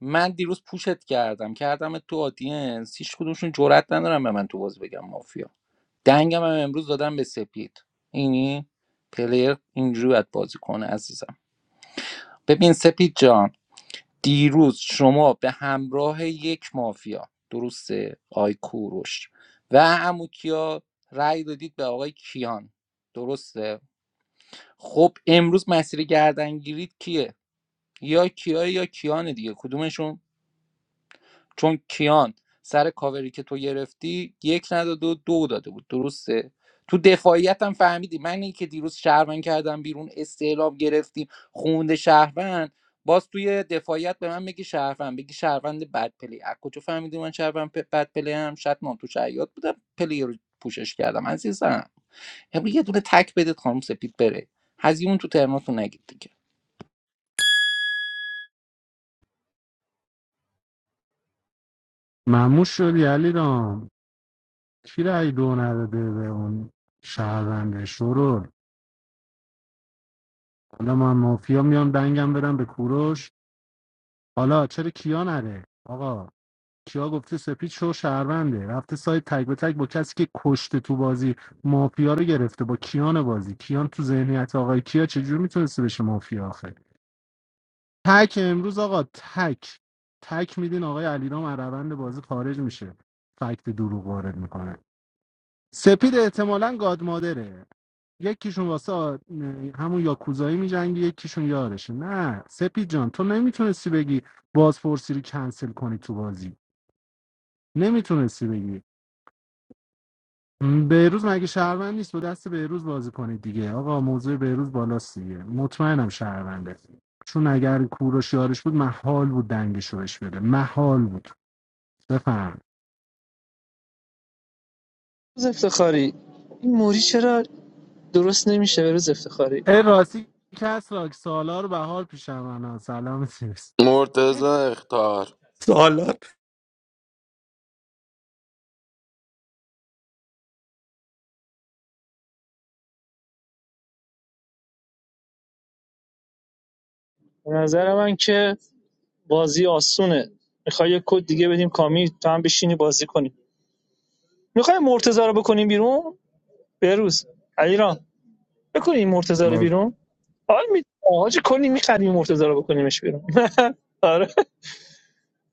Speaker 7: من دیروز پوشت کردم کردم تو آدینس هیچ کدومشون جرئت ندارم به من تو بازی بگم مافیا دنگم هم امروز دادم به سپید اینی پلیر اینجوری باید بازی کنه عزیزم ببین سپید جان دیروز شما به همراه یک مافیا درسته آی کوروش و اموکیا رأی دادید به آقای کیان درسته خب امروز مسیر گردن گیرید کیه یا کیا یا کیان دیگه کدومشون چون کیان سر کاوری که تو گرفتی یک نداده و دو داده بود درسته تو دفاعیت هم فهمیدی من این که دیروز شهروند کردم بیرون استعلام گرفتیم خونده شهروند باز توی دفاعیت به من میگی شهروند بگی شهروند بد پلی از کجا فهمیدی من شهروند پ- بد پلی هم شاید من تو شعیات بودم پلی رو پوشش کردم عزیزم امروز یه دونه تک بدید خانم سپید بره هزیمون تو ترماتون نگید دیگه
Speaker 14: مموش شدی علی رام کی رأی دو نداده به اون شهرونده شرور حالا من مافیا میام دنگم برم به کوروش حالا چرا کیا نره آقا کیا گفته سپید شو شهرونده رفته سایت تک به تک با کسی که کشته تو بازی مافیا رو گرفته با کیان بازی کیان تو ذهنیت آقای کیا چجور میتونسته بشه مافیا آخه تک امروز آقا تک تک میدین آقای علیرام از روند بازی خارج میشه فکت دروغ وارد میکنه سپید احتمالاً گاد مادره یکیشون واسه آ- همون یاکوزایی میجنگه یکیشون یارشه نه سپید جان تو نمیتونستی بگی بازپرسی رو کنسل کنی تو بازی نمیتونستی بگی بهروز مگه شهروند نیست با دست بهروز بازی کنید دیگه آقا موضوع بهروز بالاست دیگه مطمئنم شهرونده چون اگر کوروش یارش بود محال بود دنگش رو بهش بده محال بود بفهم
Speaker 11: روز افتخاری این موری چرا درست نمیشه به روز افتخاری
Speaker 14: ای راستی کس را سالار بهار پیشم انا سلام سیرس
Speaker 9: مرتزا اختار
Speaker 13: سوالات
Speaker 11: به نظر من که بازی آسونه میخوای یه کد دیگه بدیم کامی تو هم بشینی بازی کنی میخوای مرتضی رو بکنیم بیرون بروز علیرام بکنی این مرتضی رو بیرون حال می آجی کنی میخریم مرتضی رو بکنیمش بیرون <laughs> آره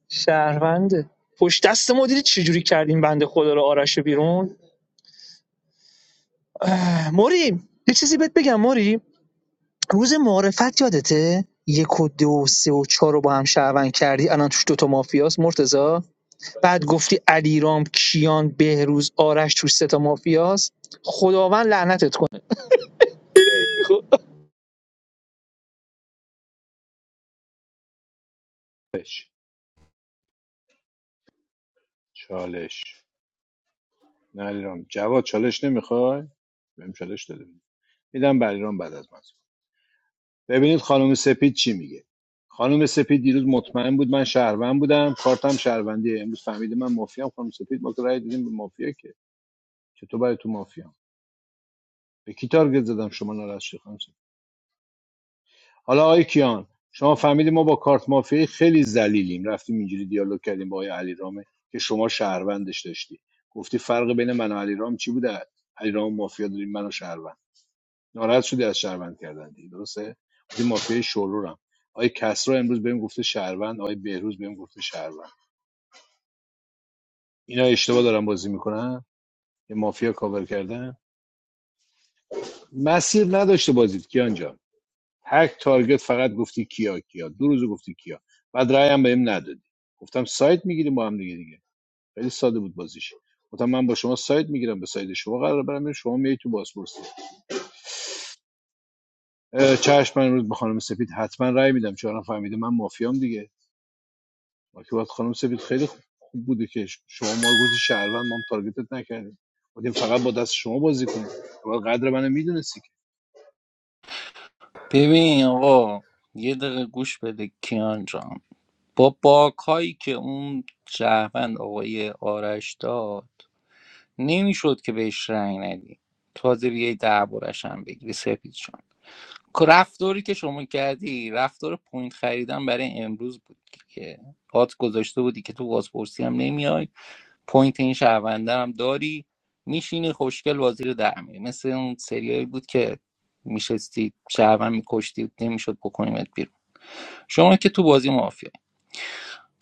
Speaker 11: شهرونده پشت دست ما دیدی چجوری کردیم بنده خدا رو آرش بیرون اه، موری یه چیزی بهت بگم موری روز معرفت یادته یک و دو و سه و چهار رو با هم شهروند کردی الان توش دوتا مافیاست مرتزا بعد گفتی علیرام کیان بهروز آرش توش سه تا مافیاست خداوند لعنتت کنه <laughs> خب،
Speaker 3: چالش علیرام جواد چالش نمیخوای بهم چالش داده بود. میدم بریرام بعد از من ببینید خانم سپید چی میگه خانم سپید دیروز مطمئن بود من شهروند بودم کارتم شهروندیه امروز فهمیده من مافیام خانم سپید ما که رأی دادیم به مافیا که چطور برای تو مافیام به کی تارگت زدم شما ناراحت شدی خانم حالا آقای کیان شما فهمیدی ما با کارت مافیایی خیلی ذلیلیم رفتیم اینجوری دیالوگ کردیم با آقای علیرام که شما شهروندش داشتی گفتی فرق بین من و علیرام چی بوده علیرام مافیا داریم منو شهروند ناراحت شدی از شهروند کردن دیگه درسته این مافیای شورورم آقای کسرا امروز بهم گفته شهروند آقای بهروز بهم گفته شهروند اینا اشتباه دارن بازی میکنن یه مافیا کاور کردن مسیر نداشته بازید کیان جان هک تارگت فقط گفتی کیا کیا دو روز گفتی کیا بعد رأی هم بهم ندادی گفتم سایت میگیریم با هم دیگه دیگه خیلی ساده بود بازیش گفتم من با شما سایت میگیرم به سایت شما قرار برم شما میای تو بازپرسی اه، چشم من امروز به خانم سپید حتما رأی میدم چون الان فهمیده من مافیام دیگه ما که باید خانم سپید خیلی خوب خوب بوده که شما ما رو گفتی شهروند ما هم تارگتت نکردیم بودیم فقط با دست شما بازی کنیم تو باید قدر منو میدونستی که
Speaker 7: ببین آقا یه دقیقه گوش بده کیان جان با باکایی که اون شهروند آقای آرش داد نمیشد که بهش رأی ندی تازه بیای دربارش هم بگیری سپید جان که رفتاری که شما کردی رفتار پوینت خریدن برای امروز بود که هات گذاشته بودی که تو بازپرسی هم نمیای پوینت این شهرونده هم داری میشینی خوشگل وزیر در میری مثل اون سریایی بود که میشستی شهروند میکشتی نمیشد بکنیمت بیرون شما که تو بازی مافی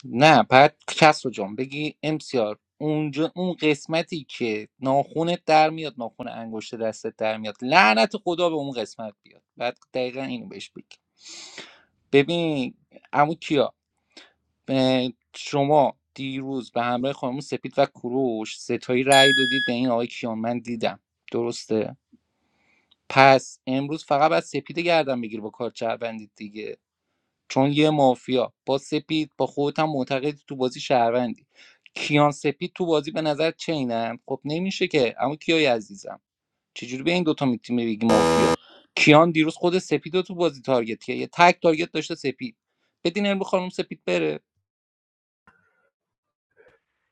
Speaker 7: نه بعد کس رو جان بگی امسیار اونجا اون قسمتی که ناخونت در میاد ناخون انگشت دستت در میاد لعنت خدا به اون قسمت بیاد بعد دقیقا اینو بهش بگی ببین عمو کیا اه، شما دیروز به همراه خانم سپید و کوروش ستایی رأی دادید به این آقای کیان من دیدم درسته پس امروز فقط باید سپید گردن بگیر با کار چربندید دیگه چون یه مافیا با سپید با خودت هم معتقدی تو بازی شهروندی کیان سپید تو بازی به نظر چینن خب نمیشه که اما کیای عزیزم چجوری به این دوتا میتونی بگی مافیا کیان دیروز خود سپید رو تو بازی تارگت کرد یه تک تارگت داشته سپید بدین امرو خانم سپید بره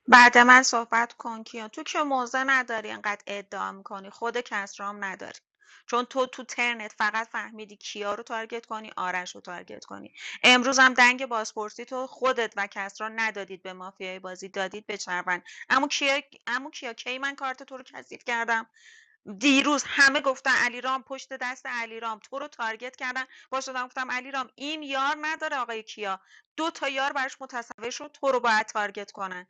Speaker 6: بعد من صحبت کن کیان تو که موضع نداری انقدر ادعا میکنی خود کسرام نداری چون تو تو ترنت فقط فهمیدی کیا رو تارگت کنی آرش رو تارگت کنی امروز هم دنگ بازپرسی تو خودت و کسرا ندادید به مافیای بازی دادید به چرون اما کیا اما کیا کی من کارت تو رو کثیف کردم دیروز همه گفتن علیرام پشت دست علیرام تو رو تارگت کردن با شدم گفتم علیرام این یار نداره آقای کیا دو تا یار براش متصور شد تو رو باید تارگت کنن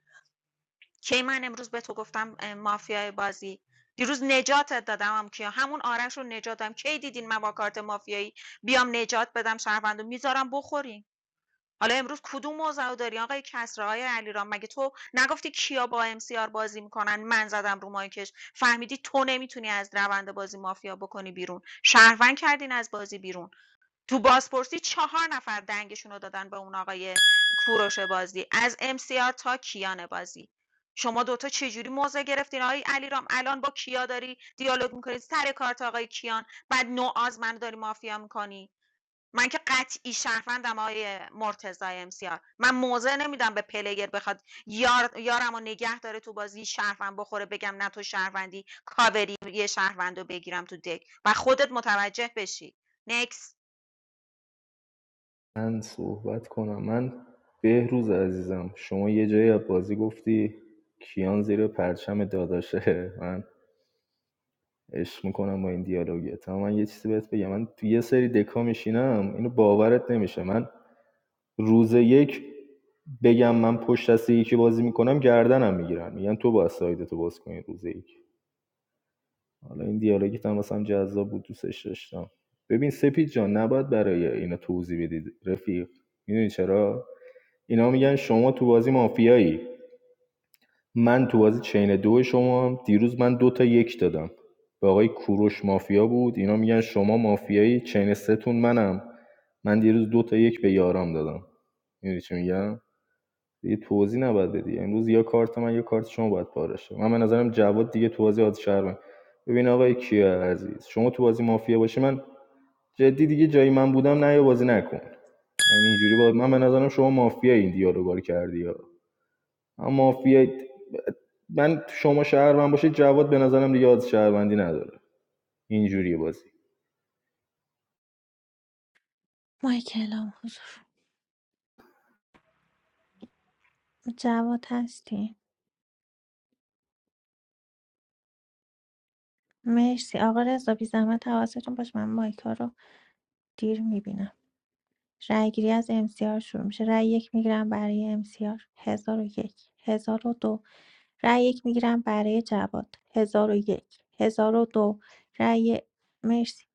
Speaker 6: کی من امروز به تو گفتم اه، مافیای بازی دیروز نجاتت دادم هم کیا همون آرش رو نجات دادم کی دیدین من با کارت مافیایی بیام نجات بدم شهروندو میذارم بخورین حالا امروز کدوم موضع داری آقای کسرا آقای علیرام مگه تو نگفتی کیا با ام سی آر بازی میکنن من زدم رو مایکش فهمیدی تو نمیتونی از روند بازی مافیا بکنی بیرون شهروند کردین از بازی بیرون تو بازپرسی چهار نفر دنگشون رو دادن به اون آقای کوروش بازی از امسیار تا کیان بازی شما دوتا چجوری موضع گرفتین آقای علیرام الان با کیا داری دیالوگ میکنی سر کارت آقای کیان بعد نوآز من داری مافیا میکنی من که قطعی شهروندم آقای مرتضی امسیار من موضع نمیدم به پلیر بخواد یار یارم و نگه داره تو بازی شهروند بخوره بگم نه تو شهروندی کاوری یه شهروند رو بگیرم تو دک و خودت متوجه بشی Next.
Speaker 10: من صحبت کنم من بهروز عزیزم شما یه جایی از بازی گفتی کیان زیر پرچم داداشه من عشق میکنم با این دیالوگت اما من یه چیزی بهت بگم من تو یه سری دکا میشینم اینو باورت نمیشه من روز یک بگم من پشت دست یکی بازی میکنم گردنم میگیرن میگن تو باید سایدتو باز کنی روز یک حالا این دیالوگیت هم مثلا جذاب بود دوستش داشتم ببین سپید جان نباید برای اینا توضیح بدید رفیق میدونی چرا اینا میگن شما تو بازی مافیایی من تو بازی چین دو شما دیروز من دو تا یک دادم به آقای کوروش مافیا بود اینا میگن شما مافیایی چین سه تون منم من دیروز دو تا یک به یارام دادم میدونی چی میگم دیگه توضیح نباید بدی یعنی امروز یا کارت من یا کارت شما باید پاره شه من به نظرم جواد دیگه تو بازی آد شهر من. ببین آقای کیا عزیز شما تو بازی مافیا باشی من جدی دیگه جایی من بودم نه یا بازی نکن یعنی اینجوری با من به نظرم شما مافیا این دیالوگا رو کردی ها اما مافیا من شما شهر من باشید جواد به نظرم دیگه آد شهروندی نداره اینجوری بازی
Speaker 1: مایکل حضور جواد هستی مرسی آقا رضا بی زحمت حواستون باش من مایکا رو دیر میبینم رأیگیری از امسیار شروع میشه رأی یک میگیرم برای امسیار هزار و یک هزار و دو رأی یک میگیرم برای جواد هزار و یک هزار و دو رای مرسی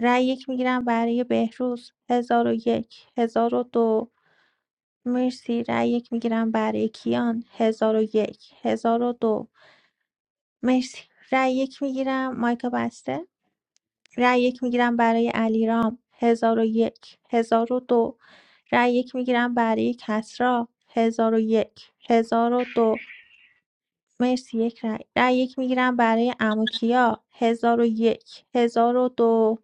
Speaker 1: رأی یک میگیرم برای بهروز هزار و یک هزار و دو مرسی رأی یک میگیرم برای کیان هزار و یک هزار و دو مرسی رأی یک میگیرم مایکا بسته رای یک میگیرم برای علیرام هزار و یک هزار و دو رای یک میگیرم برای کسرا هزار و یک هزار و دو مرسی یک رای رای یک میگیرم برای اموکیا هزار و یک هزار و دو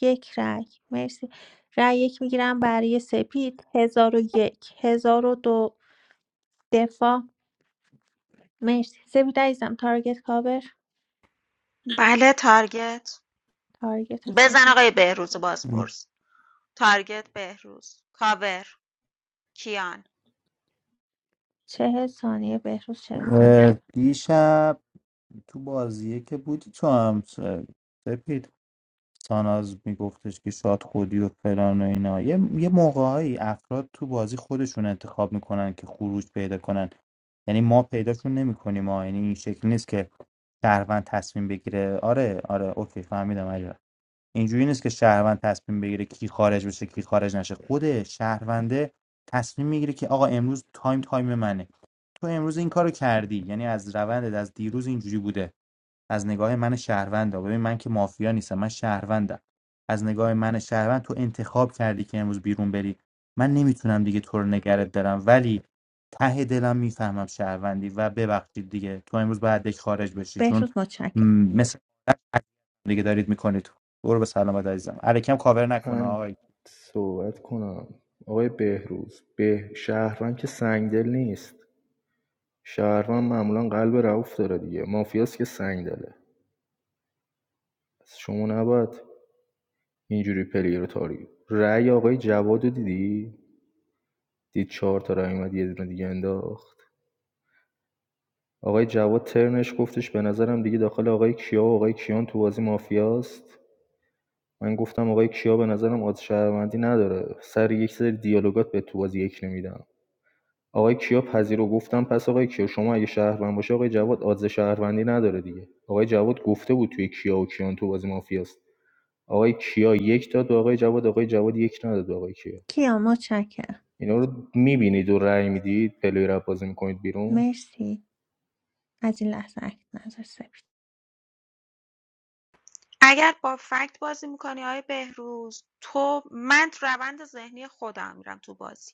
Speaker 1: یک رای مرسی رای یک میگیرم برای سپید هزار و یک هزار و دو دفاع مرسی سپید عزیزم تارگت کاور
Speaker 6: بله تارگت
Speaker 1: تارگت
Speaker 6: بزن
Speaker 1: سپید
Speaker 6: آقای بهروز بازپرس تارگت بهروز کاور کیان
Speaker 1: چهل ثانیه بهروز چهل ثانیه
Speaker 13: اه،
Speaker 1: کیا.
Speaker 13: دیشب تو بازیه که بودی تو هم س- سپید ساناز میگفتش که شاد خودی و فلان و اینا یه, یه موقعهایی افراد تو بازی خودشون انتخاب میکنن که خروج پیدا کنن یعنی ما پیداشون نمیکنیم ما یعنی این شکل نیست که شهروند تصمیم بگیره آره آره اوکی فهمیدم علی اینجوری نیست که شهروند تصمیم بگیره کی خارج بشه کی خارج نشه خود شهرونده تصمیم میگیره که آقا امروز تایم تایم منه تو امروز این کارو کردی یعنی از روندت از دیروز اینجوری بوده از نگاه من شهروندم ببین من که مافیا نیستم من شهروندم از نگاه من شهروند تو انتخاب کردی که امروز بیرون بری من نمیتونم دیگه تو رو نگرت دارم ولی ته دلم میفهمم شهروندی و ببخشید دیگه تو امروز باید دیگه خارج بشی چون
Speaker 1: بهروز
Speaker 13: م،
Speaker 1: متشکرم
Speaker 13: مثل <clears throat> دیگه دارید میکنید برو به سلامت عزیزم علیکم کاور نکنه
Speaker 10: من
Speaker 13: آقای
Speaker 10: صحبت کنم آقای بهروز به شهروند که سنگدل نیست شهروند معمولا قلب رعوف داره دیگه مافیاست که سنگ داره پس شما نباید اینجوری پلیر رو تاری رأی آقای جواد رو دیدی دید چهار تا رأی اومد یه دونه دیگه انداخت آقای جواد ترنش گفتش به نظرم دیگه داخل آقای کیا و آقای کیان تو بازی مافیاست من گفتم آقای کیا به نظرم آز شهروندی نداره سر یک سری دیالوگات به تو بازی یک نمیدم آقای کیا پذیرو گفتم پس آقای کیا شما اگه شهروند باشه آقای جواد آدز شهروندی نداره دیگه آقای جواد گفته بود توی کیا و کیان تو بازی مافیاست آقای کیا یک داد به آقای جواد آقای جواد یک نداد به آقای کیا
Speaker 1: کیا متشکرم
Speaker 10: اینا رو میبینید و رأی میدید پلیر رو بازی میکنید بیرون
Speaker 1: مرسی از این لحظه اکت نظر سپید
Speaker 6: اگر با فکت بازی میکنی آقای بهروز تو من تو روند ذهنی خودم میرم تو بازی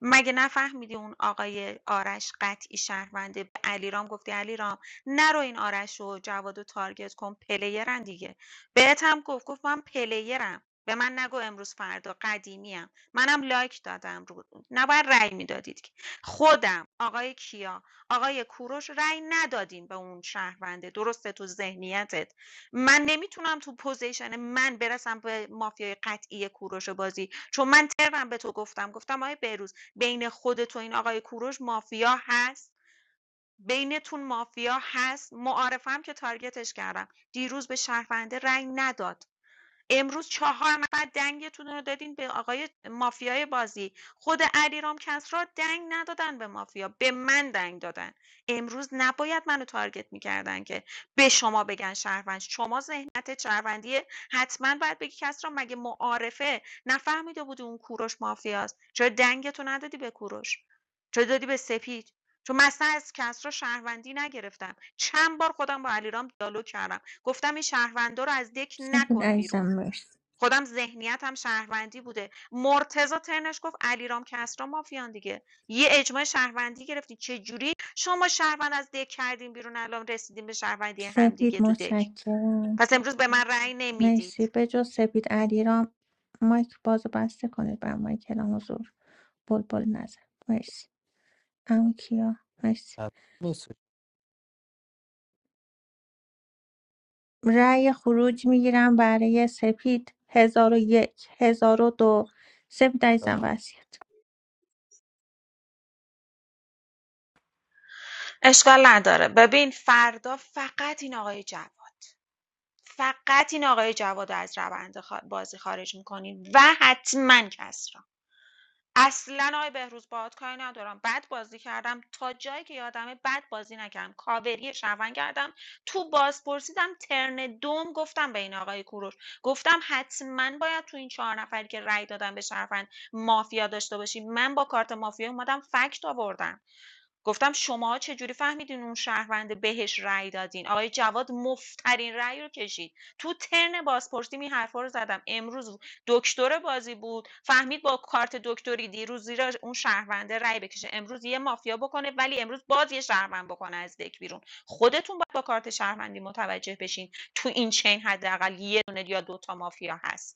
Speaker 6: مگه نفهمیدی اون آقای آرش قطعی شهرونده به علیرام گفتی علیرام نرو این آرش و جواد و تارگت کن پلیرن دیگه بهت هم گفت گفت من پلیرم به من نگو امروز فردا قدیمیم منم لایک دادم رو نباید رأی میدادید که. خودم آقای کیا آقای کوروش رأی ندادیم به اون شهرونده درسته تو ذهنیتت من نمیتونم تو پوزیشن من برسم به مافیای قطعی کوروش بازی چون من ترم به تو گفتم گفتم آقای بهروز بین خودت و این آقای کوروش مافیا هست بینتون مافیا هست معارفه هم که تارگتش کردم دیروز به شهرونده رأی نداد امروز چهار نفر دنگتون رو دادین به آقای مافیای بازی خود علیرام کسرا دنگ ندادن به مافیا به من دنگ دادن امروز نباید منو تارگت میکردن که به شما بگن شهروند شما ذهنیت شهروندیه حتما باید بگی کسرا مگه معارفه نفهمیده بودی اون کوروش مافیاست چرا دنگتو ندادی به کوروش چرا دادی به سپید چون مثلا از کسرا شهروندی نگرفتم چند بار خودم با علیرام دیالوگ کردم گفتم این شهروندا رو از دک
Speaker 1: سپید
Speaker 6: نکن بیرون
Speaker 1: عزیزم مرسی
Speaker 6: خودم ذهنیتم شهروندی بوده مرتضی ترنش گفت علیرام کسری مافیان دیگه یه اجماع شهروندی گرفتین چه جوری شما شهروند از دک کردین بیرون الان رسیدین به شهروندی هم دیگه
Speaker 1: سپید
Speaker 6: تو دک
Speaker 1: متشکرم
Speaker 6: پس امروز به من رأی
Speaker 1: مرسی
Speaker 6: نمیدید
Speaker 1: به جز سپید علیرام مایک بازو بسته کنید بر مایک الان حضور بلبل نظر مرسی اما کیا مرسی
Speaker 13: نیستش
Speaker 1: رأی خروج میگیرم برای سپید هزار و یک هزار و دو سپید عزیزم وصیت
Speaker 6: اشکال نداره ببین فردا فقط این آقای جواد فقط این آقای جواد رو از روند بازی خارج میکنین و حتما کسری اصلا آقای بهروز باهات کاری ندارم بد بازی کردم تا جایی که یادمه بد بازی نکردم کاوری شهروند کردم تو باز پرسیدم ترن دوم گفتم به این آقای کوروش گفتم حتما باید تو این چهار نفری که رأی دادم به شهروند مافیا داشته باشی من با کارت مافیا اومدم فکت آوردم گفتم شماها چجوری فهمیدین اون شهرونده بهش رأی دادین آقای جواد مفترین رأی رو کشید تو ترن بازپرسی می حرفا رو زدم امروز دکتر بازی بود فهمید با کارت دکتری دیروز زیر اون شهرونده رأی بکشه امروز یه مافیا بکنه ولی امروز باز یه شهروند بکنه از دک بیرون خودتون باید با کارت شهروندی متوجه بشین تو این چین حداقل یه دونه یا دوتا مافیا هست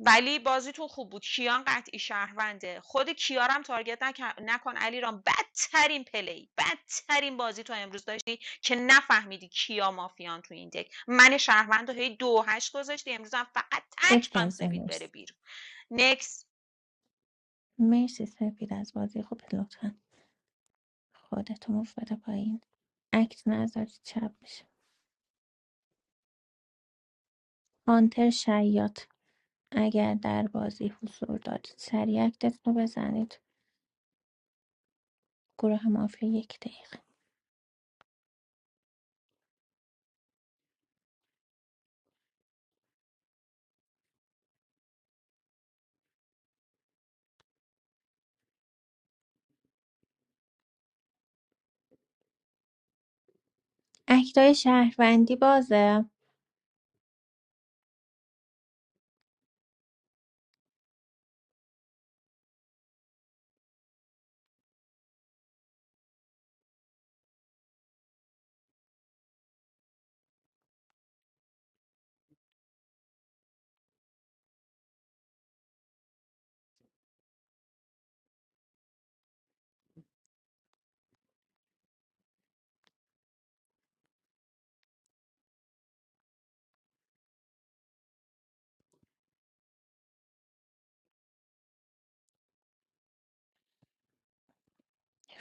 Speaker 6: ولی بازیتون خوب بود کیان قطعی شهرونده خود کیارم تارگت نکن, نکن علیرام بدترین پلی بدترین بازی تو امروز داشتی که نفهمیدی کیا مافیان تو این دک من شهروند رو هی دو هشت گذاشتی امروز هم فقط تک
Speaker 1: سپید
Speaker 6: قم
Speaker 1: عزیزم
Speaker 6: سپید بره
Speaker 1: مرسی
Speaker 6: بیرون نکس.
Speaker 1: مرسی سپید از بازی خوب لطفا خودتو موف بده پایین اکت نذارید چپ میشه هانتر شیاط اگر در بازی حضور دارید سریع اکتتون رو بزنید گروه مافیا یک دقیقه اکتای شهروندی بازه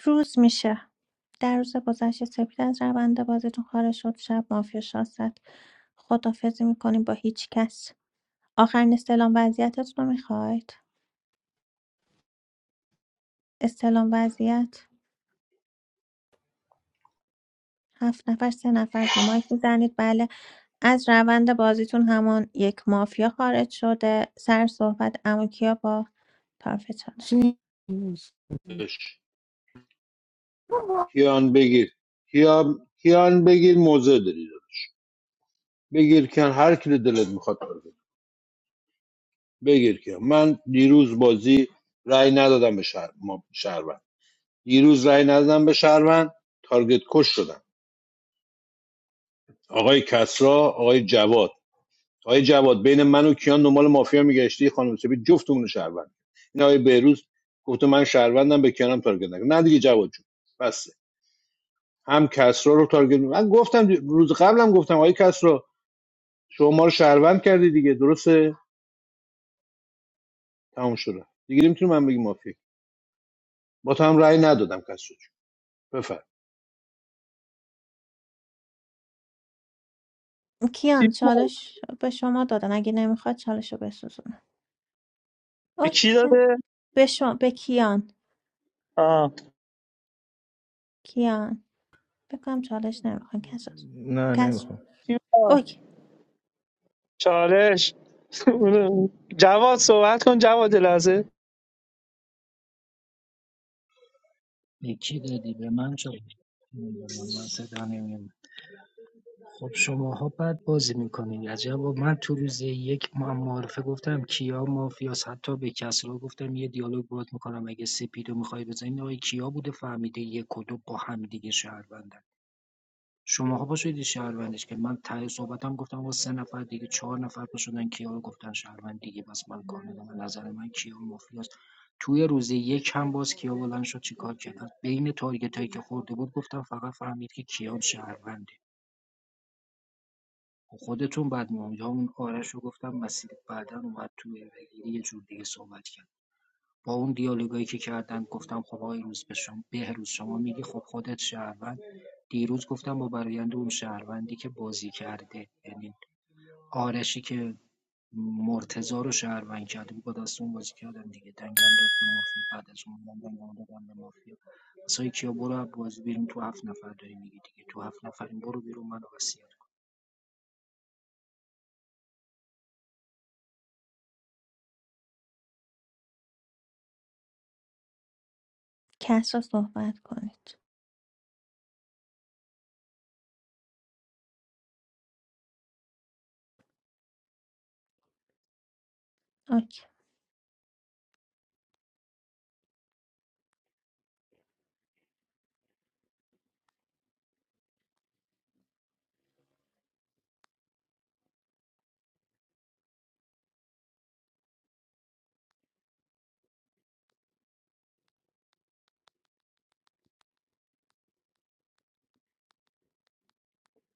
Speaker 1: روز میشه در روز گذشته سپید از روند بازیتون خارج شد شب مافیا شاست خدافزی میکنیم با هیچ کس آخرین استلام وضعیتتون رو میخواید استلام وضعیت هفت نفر سه نفر رو مایک میزنید بله از روند بازیتون همون یک مافیا خارج شده سر صحبت اما کیا با طرف چالش
Speaker 13: چی؟
Speaker 3: کیان بگیر کیان کیان بگیر موزه داری بگیر کیان هر کی رو دلت میخواد بگیر بگیر کیان من دیروز بازی رأی ندادم به شهر ما شهروند دیروز رأی ندادم به شهروند تارگت کش شدم آقای کسرا آقای جواد آقای جواد بین من و کیان دنبال مافیا میگشتی خانم سپید جفتمون رو شهروند این آقای بهروز گفته من شهروندم به کیانم تارگت نکن نه دیگه جواد جون بس هم کسرا رو تارگت من گفتم روز قبلم گفتم آقای کسرا شما ما رو شهروند کردی دیگه درسته تمام شده دیگه نمیتونم من بگی مافیا با تو هم رأی ندادم کسرا جون بفر
Speaker 11: کی-
Speaker 1: کیان چالش به شما دادن اگه نمیخواد چالش رو بسوزونم
Speaker 11: به
Speaker 1: اوکی
Speaker 11: کی
Speaker 1: چشم.
Speaker 11: داده
Speaker 1: به شما به کیان
Speaker 11: آه.
Speaker 1: کیان بکنم چالش نمیخواد کس
Speaker 10: نه
Speaker 1: کس
Speaker 10: نمیخوام
Speaker 1: اوکی
Speaker 11: چالش <laughs> جواد صحبت کن جواد یه لحظه
Speaker 15: به کی دادی به من چالش من صدا نمیاد. خب شماها بد بازی میکنین عجبا من تو روز یک ما- معارفه گفتم کیا مافیاس حتی به کسرا گفتم یه دیالوگ باید میکنم اگه سپید رو میخوای بزنین آقای کیا بوده فهمیده یک و دو با هم دیگه شهروندن شماها باشید شهروندش که من ته صحبتم گفتم آقا سه نفر دیگه چهار نفر پا شدن کیا رو گفتن شهروند دیگه بس من کار ندارم نظر من کیا مافیاس توی روز یک هم باز کیا بلند شد چیکار کرد بین تارگت هایی که خورده بود گفتم فقط فهمید که کیان شهروند خودتون بدمون یا اون آرش رو گفتم مسیرت بعدا اومد توی بگیری یه جور دیگه صحبت کرد با اون دیالوگایی که کردن گفتم خب آقای روز به شما بهروز شما میگی خب خودت شهروند دیروز گفتم با برایند اون شهروندی که بازی کرده یعنی آرشی که مرتزا رو شهروند کرده بود با دست بازی کردم دیگه دنگم داد به مافیا بعد از اون من دنگم دادم به مافیا مثلا کیا برو از بازی بیرون تو هفت نفر داری میگی دیگه تو هفت نفریم برو بیرون منو وصیت
Speaker 1: کس را صحبت کنید اوکی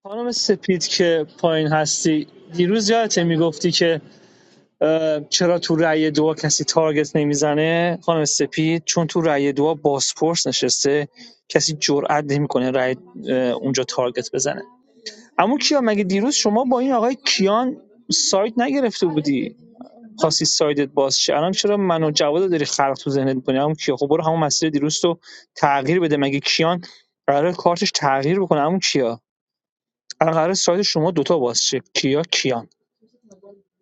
Speaker 11: خانم سپید که پایین هستی دیروز یادته میگفتی که اه، چرا تو رأی دو کسی تارگت نمیزنه خانم سپید چون تو رأی دو بازپرس نشسته کسی جرئت نمیکنه رأی اه، اونجا تارگت بزنه اما کیا مگه دیروز شما با این آقای کیان سایت نگرفته بودی خواستی سایدت باز شه الان چرا من و جوادو داری خلق تو ذهنت می‌کنی همون کیا خب برو همون مسیر دیروز رو تغییر بده مگه کیان قرار کارتش تغییر بکنه همون کیا الان قرار ساید شما دوتا باز شه کیا کیان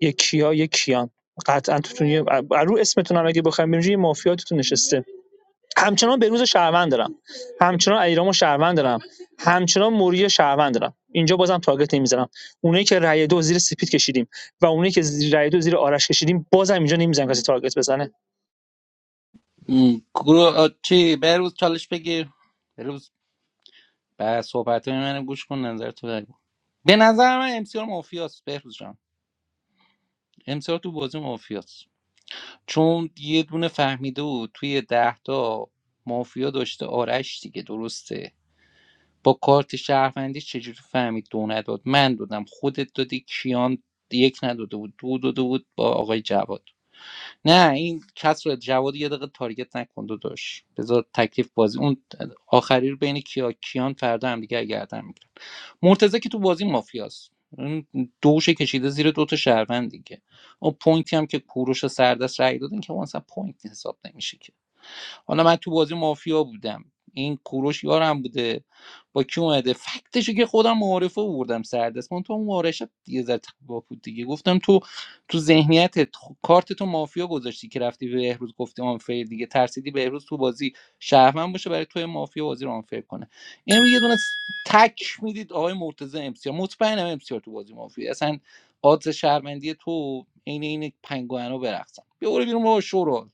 Speaker 11: یک کیا یک کیان قطعا توتون یه رو اسمتون هم اگه بخوایم ببینیم یه مافیا توتون نشسته همچنان بروز شهروند دارم همچنان ایرامو شهروند دارم همچنان موری شهروند دارم اینجا بازم تاگت نمیزنم اونایی که رای دو زیر سپید کشیدیم و اونایی که زیر رای دو زیر آرش کشیدیم بازم اینجا نمیزنم کسی تارگت بزنه
Speaker 7: م، گروه آ، چی بهروز چالش بگیر بهروز به صحبت های من گوش کن نظر تو بگو به نظر من امسیار مافیاست بهروز جان امسیار تو بازی مافیاست چون یه دونه فهمیده بود توی ده تا مافیا داشته آرش دیگه درسته با کارت شهروندی چجوری فهمید دو نداد من دادم خودت دادی کیان یک نداده بود دو داده بود با آقای جواد نه این کس رو جواد یه دقیقه تارگت نکن داشت بذار تکلیف بازی اون آخری رو بین کیا کیان فردا هم دیگه گردن میگیرن مرتضی که تو بازی مافیاست اون دوش کشیده زیر دوتا شهروند دیگه اون پوینتی هم که کوروش سردست رای دادن که اون اصلا پوینت حساب نمیشه که حالا من تو بازی مافیا بودم این کوروش یارم بوده با کی اومده فکتشو که خودم معارفه بردم سردست من تو اون معارفه یه ذره تقوا بود دیگه گفتم تو تو ذهنیت کارت تو مافیا گذاشتی که رفتی به بهروز گفتی آنفیر دیگه ترسیدی بهروز تو بازی شهرمن باشه برای تو مافیا بازی رو آنفیر کنه این رو یه دونه س- تک میدید آقای مرتضی امسیار مطمئنم امسیار تو بازی مافیا اصلا آدز شهرمندی تو عین این پنگوئنو برقصن بیا برو بیرون بابا شورو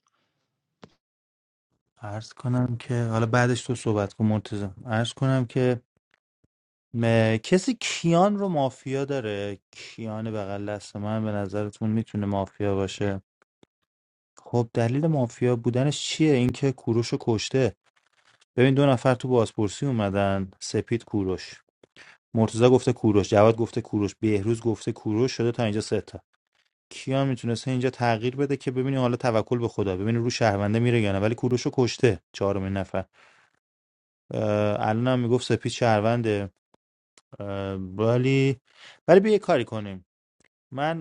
Speaker 13: عرض کنم که حالا بعدش تو صحبت کن مرتضی عرض کنم که م- کسی کیان رو مافیا داره کیان بغل دست من به نظرتون میتونه مافیا باشه خب دلیل مافیا بودنش چیه اینکه کوروش رو کشته ببین دو نفر تو بازپرسی اومدن سپید کوروش مرتضی گفته کوروش جواد گفته کوروش بهروز گفته کوروش شده تا اینجا سه تا کیان میتونسته اینجا تغییر بده که ببینی حالا توکل به خدا ببینی رو شهرونده میره یا نه ولی کوروش رو کشته چهارمین نفر اه، الان هم میگفت سپید شهرونده اه، ولی ولی بیا یه کاری کنیم من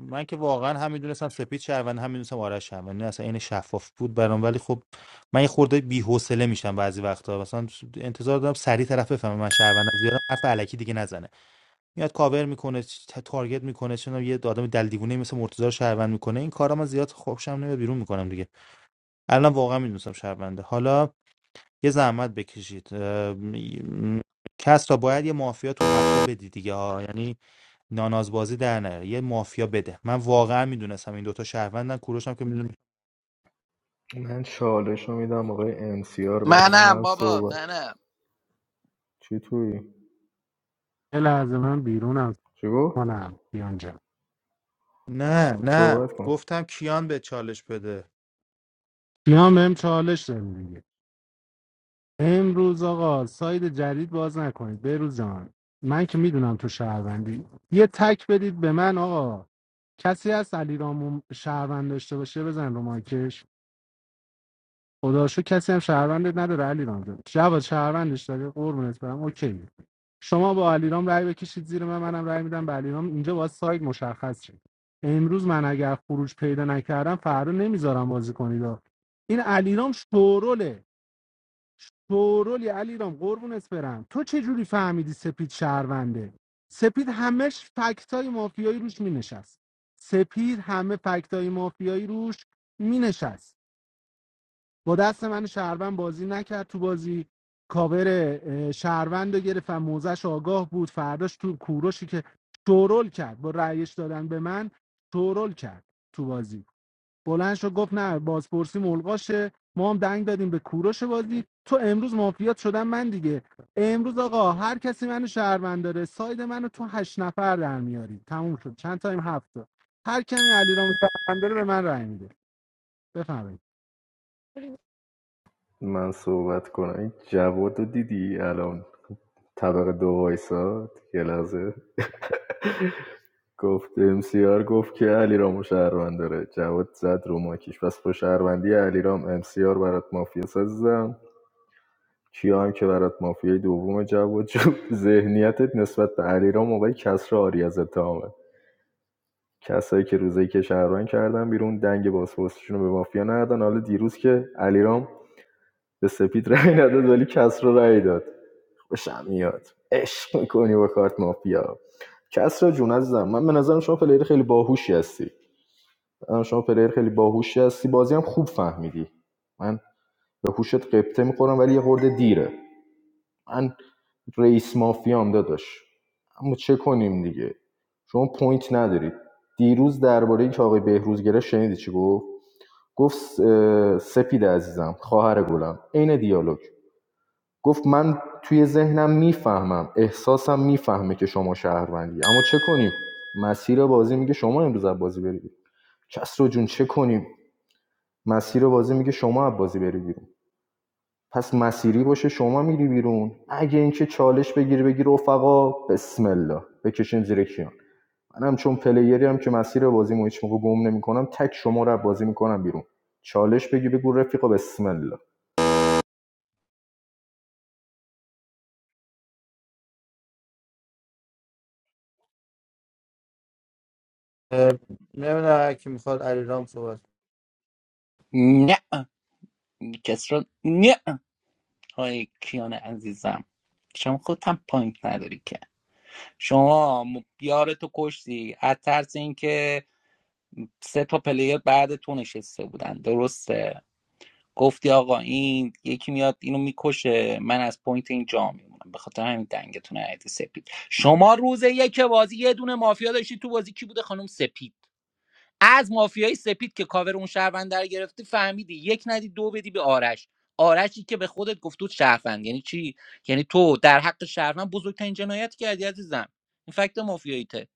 Speaker 13: من که واقعا هم میدونستم سپید شهروند هم میدونستم آرش شهروند نه اصلا این شفاف بود برام ولی خب من یه خورده بی‌حوصله میشم بعضی وقتا مثلا انتظار دارم سریع طرف بفهمه من شهروندم زیاد حرف الکی دیگه نزنه میاد کاور میکنه تا- تارگت میکنه چون یه آدم دل دیوونه مثل مرتضی رو شهروند میکنه این کارا من زیاد خوشم نمیاد بیرون میکنم دیگه الان واقعا میدونستم شهرونده حالا یه زحمت بکشید اه، م- کس را باید یه مافیا تو هفته بدی دیگه ها. یعنی نانازبازی در نیار یه مافیا بده من واقعا میدونستم این دوتا شهروندن کوروشم که میدونم
Speaker 10: من چالش رو میدم آقای امسیار بعد
Speaker 7: منم
Speaker 10: من
Speaker 7: بابا
Speaker 10: صحبت
Speaker 7: منم
Speaker 10: چی توی؟
Speaker 14: یه لحظه من بیرونم
Speaker 10: چی گفت؟
Speaker 14: کنم کیان جان
Speaker 13: نه نه
Speaker 10: صحبت کن
Speaker 13: گفتم کیان به چالش بده
Speaker 14: کیان بهم چالش داره دیگه امروز آقا ساید جدید باز نکنید بروز جان من که میدونم تو شهروندی یه تک بدید به من آقا کسی از علیرامو شهروند داشته باشه بزن رو مایکش خدا رو شکر کسی هم شهروندت نداره علیرام جان جواد شهروندش داره قربونت برم اوکی شما با علیرام رأی بکشید زیر من منم رأی میدم به علیرام اینجا باید ساید مشخص شه امروز من اگر خروج پیدا نکردم فردا نمیذارم بازی کنید این علیرام شوروله شورولی علیرام قربونت برم تو چه جوری فهمیدی سپید شهرونده سپید همش فکتای مافیایی روش مینشست سپید همه فکتای مافیایی روش مینشست با دست من شهروند بازی نکرد تو بازی کاور اه، شهروند رو گرفت و موزش آگاه بود فرداش تو کوروشی که شورول کرد با رأیش دادن به من شورول کرد تو بازی بلند شد گفت نه بازپرسی ملغاشه ما هم دنگ دادیم به کوروش بازی تو امروز مافیات شدم من دیگه امروز آقا هر کسی منو شهروند داره ساید منو تو هشت نفر در میاری تموم شد چند تایم هفته هر کمی علیرام شهروند داره به من رأی میده بفهمید
Speaker 10: من صحبت کنم این جواد رو دیدی الان طبق دو وایساد یه لحظه گفت امسیار گفت که علیرامو رامو شهروند داره جواد زد رو ماکیش پس با شهروندی علی رام امسیار برات مافیا سازم کیا هم که برات مافیای دوم جواد جو ذهنیتت نسبت به علیرام موقع کسر آری از اتهامه کسایی که روزی که شهروند کردن بیرون دنگ بازپرسیشون رو به مافیا ندادن حالا دیروز که علیرام به سپید رأی نداد ولی کسر رو رأی داد خوشم میاد عشق میکنی با کارت مافیا کسر جون عزیزم من به نظرم شما پلیر خیلی باهوشی هستی به نظرم شما پلیر خیلی باهوشی هستی بازی هم خوب فهمیدی من به هوشت قبطه میخورم ولی یه خورده دیره من رئیس مافیام داداش اما چه کنیم دیگه شما پوینت ندارید دیروز درباره که آقای بهروز گرفت شنیدی چی گفت گفت اه، سپید عزیزم خواهر گلم عین دیالوگ گفت من توی ذهنم میفهمم احساسم میفهمه که شما شهروندی اما چه کنیم مسیر بازی میگه شما امروز از بازی برید کس رو جون چه کنیم مسیر بازی میگه شما از بازی برید پس مسیری باشه شما میری بیرون اگه اینکه چالش بگیری بگی رفقا بسم الله بکشیم زیر کیان منم چون پلیری هم که مسیر بازیمو هیچ موقع گم نمیکنم تک شما رو بازی میکنم بیرون چالش بگی بگو رفیقا بسم الله
Speaker 13: نمیدونم هر کی میخواد علیرام صحبت
Speaker 7: نه کس را نه های کیان عزیزم شما خودت هم پوینت نداری که شما م- یارتو کشتی از ترس اینکه سه تا پلیر بعد تو نشسته بودن درسته گفتی آقا این یکی میاد اینو میکشه من از پوینت این جا میمونم به خاطر همین دنگتون عیدی سپید شما روز یک بازی یه دونه مافیا داشتی تو بازی کی بوده خانم سپید از مافیای سپید که کاور اون شهروند رو گرفتی فهمیدی یک ندی دو بدی به آرش آرشی که به خودت گفت بود شهروند یعنی چی یعنی تو در حق شهروند بزرگترین جنایت کردی عزیزم این فکت مافیاییته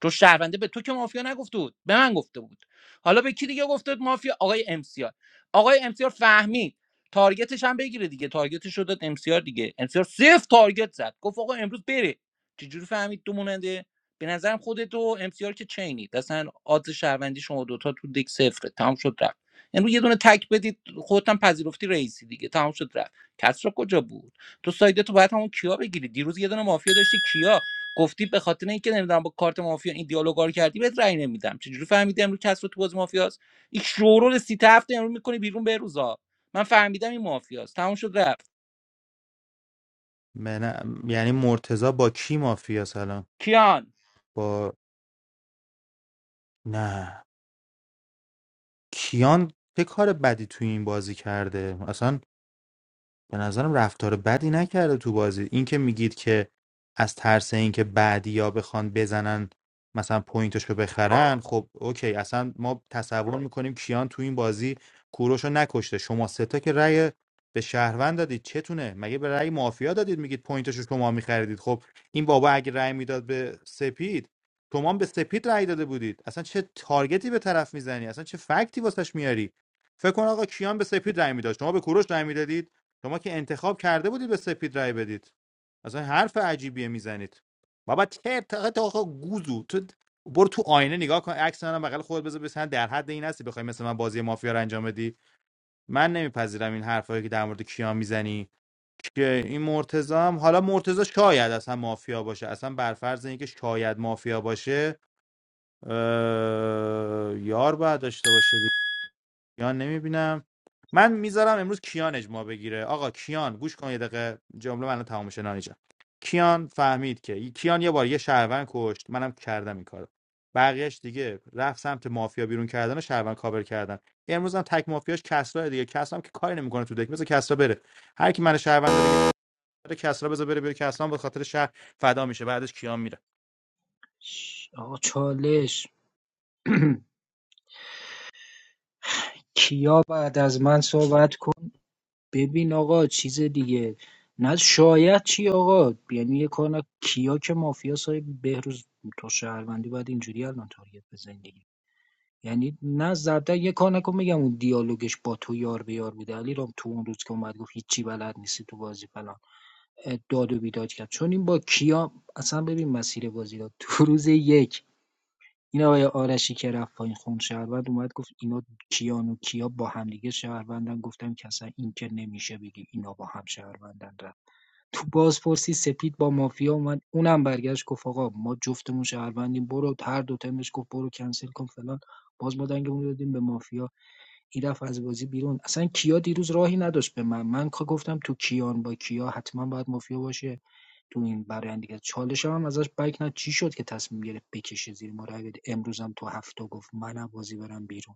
Speaker 7: تو شهرونده به تو که مافیا نگفته بود به من گفته بود حالا به کی دیگه گفته بود مافیا آقای امسیار آقای امسیار فهمید تارگتش هم بگیره دیگه تارگتش رو داد امسیار دیگه امسیار صفر تارگت زد گفت آقا امروز بره چجوری فهمید تو مونده به نظرم خودت و امسیار که چینید اصلا آدز شهروندی شما دوتا تو دک صفره تمام شد رفت امروز یه دونه تک بدید خودتم پذیرفتی رئیسی دیگه تمام شد رفت کسرا کجا بود تو سایده تو باید همون کیا بگیری دیروز یه دونه مافیا داشتی کیا گفتی به خاطر اینکه نمیدونم با کارت مافیا این دیالوگا رو کردی بهت رأی نمیدم چجوری فهمیدی امروز کسرا تو بازی مافیاست این شورول سیت هفت امروز میکنی بیرون به روزا من فهمیدم این مافیاست تمام شد رفت
Speaker 13: من یعنی مرتضی با کی مافیا الان
Speaker 7: کیان
Speaker 13: با نه کیان چه کار بدی توی این بازی کرده اصلا به نظرم رفتار بدی نکرده تو بازی این که میگید که از ترس اینکه بعدیا بخوان بزنن مثلا پوینتشو بخرن خب اوکی اصلا ما تصور میکنیم کیان تو این بازی کوروشو نکشته شما ستا که رأی به شهروند دادید چتونه مگه به رأی مافیا دادید میگید پوینتشو شما میخریدید خب این بابا اگه رأی میداد به سپید شما هم به سپید رأی داده بودید اصلا چه تارگتی به طرف میزنی اصلا چه فکتی واسش میاری فکر کن آقا کیان به سپید رأی میداد شما به کوروش رأی میدادید شما که انتخاب کرده بودید به سپید رای بدید اصلا حرف عجیبیه میزنید بابا ترتقه تا آقا گوزو تو برو تو آینه نگاه کن عکس منم بغل خودت بذار بسن در حد این هستی بخوای مثل من بازی مافیا رو انجام بدی من نمیپذیرم این حرفایی که در مورد کیان میزنی که این مرتضی هم حالا مرتضی شاید اصلا مافیا باشه اصلا بر فرض اینکه شاید مافیا باشه یار باید داشته باشه کیان نمیبینم من میذارم امروز کیان اجماع بگیره آقا کیان گوش کن یه دقیقه جمله منو تمام شنانی جان کیان فهمید که کیان یه بار یه شهروند کشت منم کردم این کارو بقیهش دیگه رفت سمت مافیا بیرون کردن و شهروند کاور کردن امروز هم تک مافیاش کسرا دیگه کسرا هم که کاری نمیکنه تو دک بذار کسرا بره هر کی من شهروند رو گرفته کسرا بذار بره بره کسرا هم به خاطر شهر فدا میشه بعدش کیان میره
Speaker 15: کن. آقا چالش کیا بعد از من صحبت کن ببین آقا چیز دیگه نه شاید چی آقا یعنی یه کار نه کیا که مافیا های بهروز تو شهروندی باید اینجوری الان تارگت بزنی دیگه یعنی نه زبده یه کار نکن میگم اون دیالوگش با تو یار به یار بوده علی رام تو اون روز که اومد گفت هیچی بلد نیستی تو بازی فلان اه، داد و بیداد کرد چون این با کیا اصلا ببین مسیر بازی رو <laughs> تو روز یک این آقای آرشی که رفت پایین خوند شهروند اومد گفت اینا کیان و کیا با همدیگه شهروندن گفتم که اصلا این که نمیشه بگی اینا با هم شهروندن رفت تو بازپرسی سپید با مافیا اومد اونم برگشت گفت آقا ما جفتمون شهروندیم برو هر دو تمش گفت برو کنسل کن فلان باز ما دنگمون دادیم به مافیا این رفت از بازی بیرون اصلا کیا دیروز راهی نداشت به من من که گفتم تو کیان با کیا حتما باید مافیا باشه تو این برآیند دیگه چالشم هم ازش بک نه چی شد که تصمیم گرفت بکشه زیر ما رای بده امروزم تو هفته گفت من از بازی برم بیرون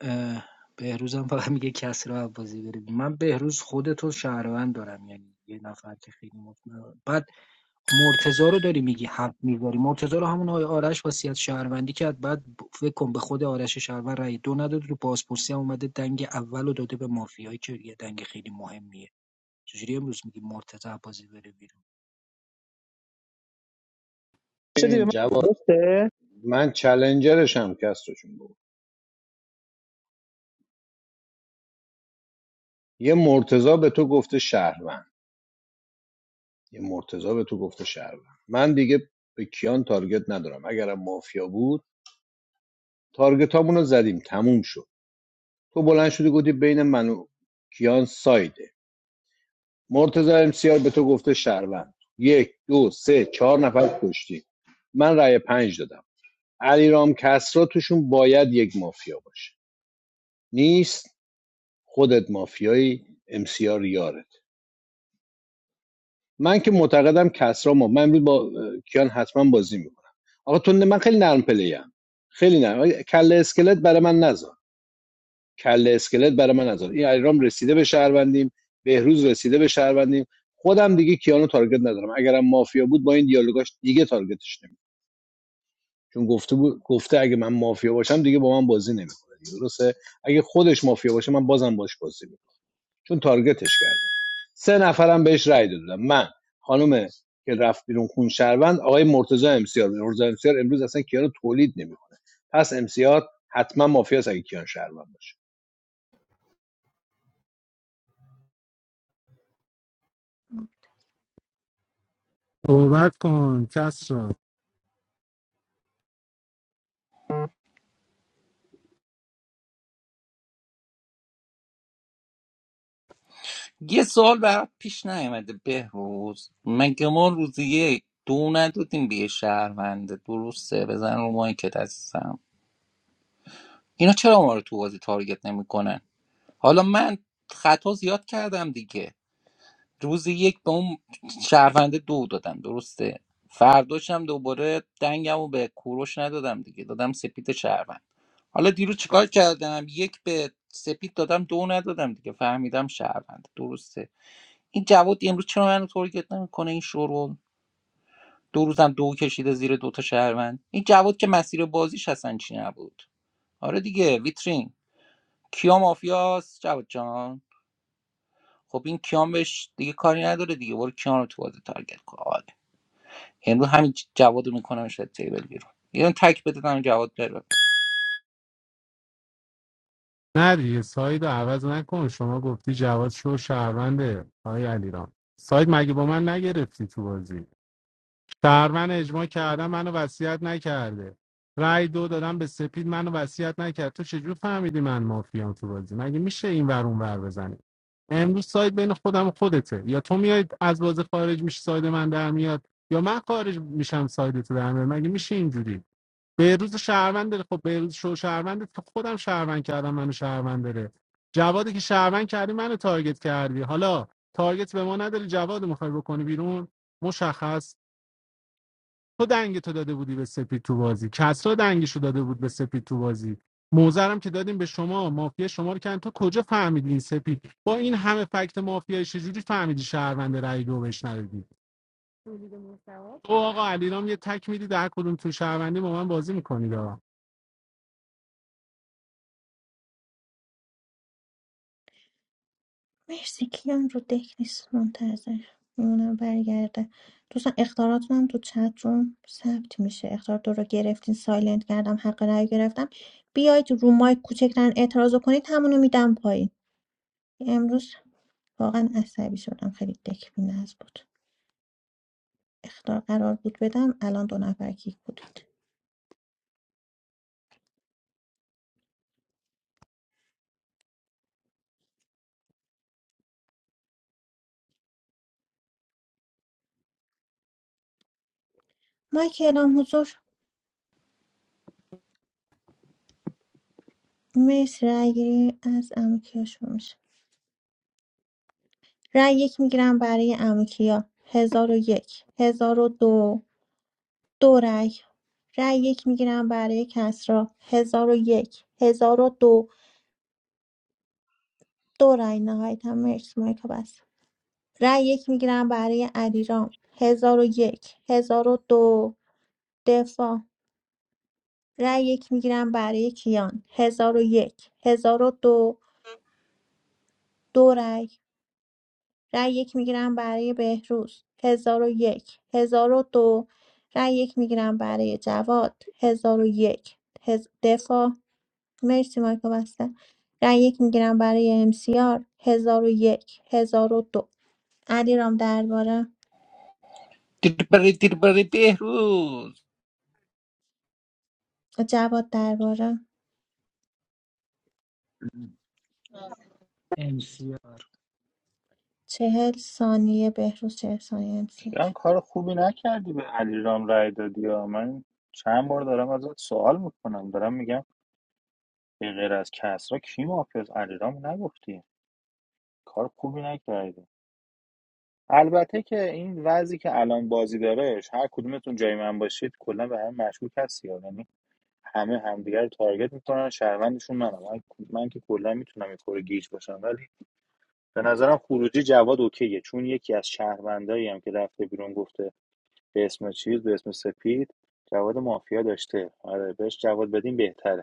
Speaker 15: اه، بهروزم فقط میگه کسی رو از بازی بره بیرون. من بهروز خودتو شهروند دارم یعنی یه نفر که خیلی مطمئن بعد مرتضی رو داری میگی حرف میبری مرتضی رو همون آقای آرش وصیت شهروندی کرد بعد ب- فکر کن به خود آرش شهروند رای دو نداد رو بازپرسی هم اومده دنگ اول داده به مافیایی که یه دنگ خیلی مهمیه چجوری امروز میگی مرتضی از بازی بره بیرون
Speaker 11: شدی به
Speaker 3: این
Speaker 11: من
Speaker 3: جواد
Speaker 11: درسته؟
Speaker 3: من چالنجرشم کسرا جون بابا. یه مرتضا به تو گفته شهروند یه مرتضا به تو گفته شهروند من دیگه به کیان تارگت ندارم اگرم مافیا بود تارگت هامون رو زدیم تموم شد تو بلند شدی گفتی بین من و کیان سایده مرتضا امسیار به تو گفته شهروند یک دو سه چهار نفر کشتی من رأی پنج دادم علیرام کسرا توشون باید یک مافیا باشه نیست خودت مافیایی امسیار یارت من که معتقدم کسرا ما من امروز با کیان حتما بازی میکنم آقا تو من خیلی نرم پلیم خیلی نرم کله اسکلت برای من نذار کله اسکلت برای من نذار این ایرام رسیده به شهروندیم بهروز رسیده به شهروندیم خودم دیگه کیانو تارگت ندارم اگرم مافیا بود با این دیالوگاش دیگه تارگتش نمی‌کنم. چون گفته بود گفته اگه من مافیا باشم دیگه با من بازی نمیکنه درسته اگه خودش مافیا باشه من بازم باش بازی می‌کنم. چون تارگتش کردن سه نفرم بهش رای دادم من خانم که رفت بیرون خون شهروند آقای مرتضی امسیار مرتضی امسیار امروز اصلا کیانو تولید نمیکنه پس امسیار حتما مافیاس اگه کیان شهروند باشه
Speaker 14: صحبت کن کس را.
Speaker 7: یه سوال برات پیش نیومده بهروز مگه ما روز یک دو ندادیم به یه شهرونده درسته بزن رو مایکت عزیزم اینا چرا ما رو تو بازی تارگت نمیکنن حالا من خطا زیاد کردم دیگه روز یک به اون شهرونده دو دادم درسته فرداشم دوباره دنگم رو به کوروش ندادم دیگه دادم سپید شهروند حالا دیروز چیکار کردم یک به سپید دادم دو ندادم دیگه فهمیدم شهروند درسته این جواد امروز چرا منو تارگت نمیکنه این شورون دو روزم دو کشیده زیر دوتا شهروند این جواد که مسیر بازیش اصلا چی نبود آره دیگه ویترین کیا مافیاس جواد جان خب این کیام بهش دیگه کاری نداره دیگه برو کیام رو تو بازی تارگت کن آره امروز همین جواد رو میکنم شاید تیبل بیرون یه دونه تک بده دادم جواد بره
Speaker 14: نه دیگه ساید رو عوض نکن شما گفتی جواد شو شهرونده آقای علیرام ساید مگه با من نگرفتی تو بازی شهروند اجماع کردم منو وصیت نکرده رای دو دادم به سپید منو وصیت نکرد تو چجور فهمیدی من مافیام تو بازی مگه میشه این ور اون ور بزنی امروز ساید بین خودم و خودته یا تو میای از بازی خارج میشی ساید من در میاد یا من خارج میشم ساید تو در میاد مگه میشه اینجوری بهروز شهروند داره خب بهروز شو شهروند که خودم شهروند کردم منو شهروند داره جوادی که شهروند کردی منو تارگت کردی حالا تارگت به ما نداری جواد رو میخوای بکنی بیرون مشخص تو دنگ تو داده بودی به سپید تو بازی کسرا دنگشو داده بود به سپید تو بازی موزرم که دادیم به شما مافیا شما رو کردن تو کجا فهمیدی این سپید با این همه فکت مافیایی چجوری فهمیدی شهروند رای دو بهش ندادی تو آقا علیرام یه تک میدی در کدوم تو شهروندی با من بازی میکنید
Speaker 1: مرسی کیان رو دک نیست منتظر میمونم برگرده دوستان اختاراتون هم تو چت روم ثبت میشه اختار دو رو گرفتین سایلنت کردم حق رأی گرفتم بیاید رو مایک کوچکترین اعتراض رو کنید همونو میدم پایین امروز واقعا عصبی شدم خیلی دک بی‌نظم بود اختار قرار بود بدم الان دو نفر کیک بودید مایک اعلام حضور مرسی رأی گیری از امکیا شروع میشه رأی یک میگیرم برای امکیا هزار و یک هزار و دو دو رأی رأی یک میگیرم برای کسرا هزار و یک هزار و دو دو رأی نهایتا مرسی مایکا بس رأی یک میگیرم برای علیرام هزار و یک هزار و دو دفاع رأی یک میگیرم برای کیان هزار و یک هزار و دو دو رأی رأی یک میگیرم برای بهروز هزار و یک هزار و دو رأی یک میگیرم برای جواد هزار و یک هز... دفاع مرسی مایکا بسته رای یک میگیرم برای امسیار هزار و یک هزار و دو علیرام درباره
Speaker 7: دیر بره دیر بره بهروز
Speaker 1: جواد درباره
Speaker 15: MCR
Speaker 1: چهل ثانیه بهروز چهل ثانیه امسیار
Speaker 13: کیان کار خوبی نکردی به علی رای دادی ها. من چند بار دارم ازت سوال میکنم دارم میگم به غیر از کسرا کی مافیاس علیرامو نگفتی کار خوبی نکردی البته که این وضعی که الان بازی دارهش هر کدومتون جای من باشید کلا به هم مشکوک هستی یعنی همه همدیگر رو تارگت میکنن شهروندشون منم من, من که کلا میتونم این خوره گیج باشم ولی به نظرم خروجی جواد اوکیه چون یکی از شهروندایی هم که رفته بیرون گفته به اسم چیز به اسم سپید جواد مافیا داشته آره بهش جواد بدیم بهتره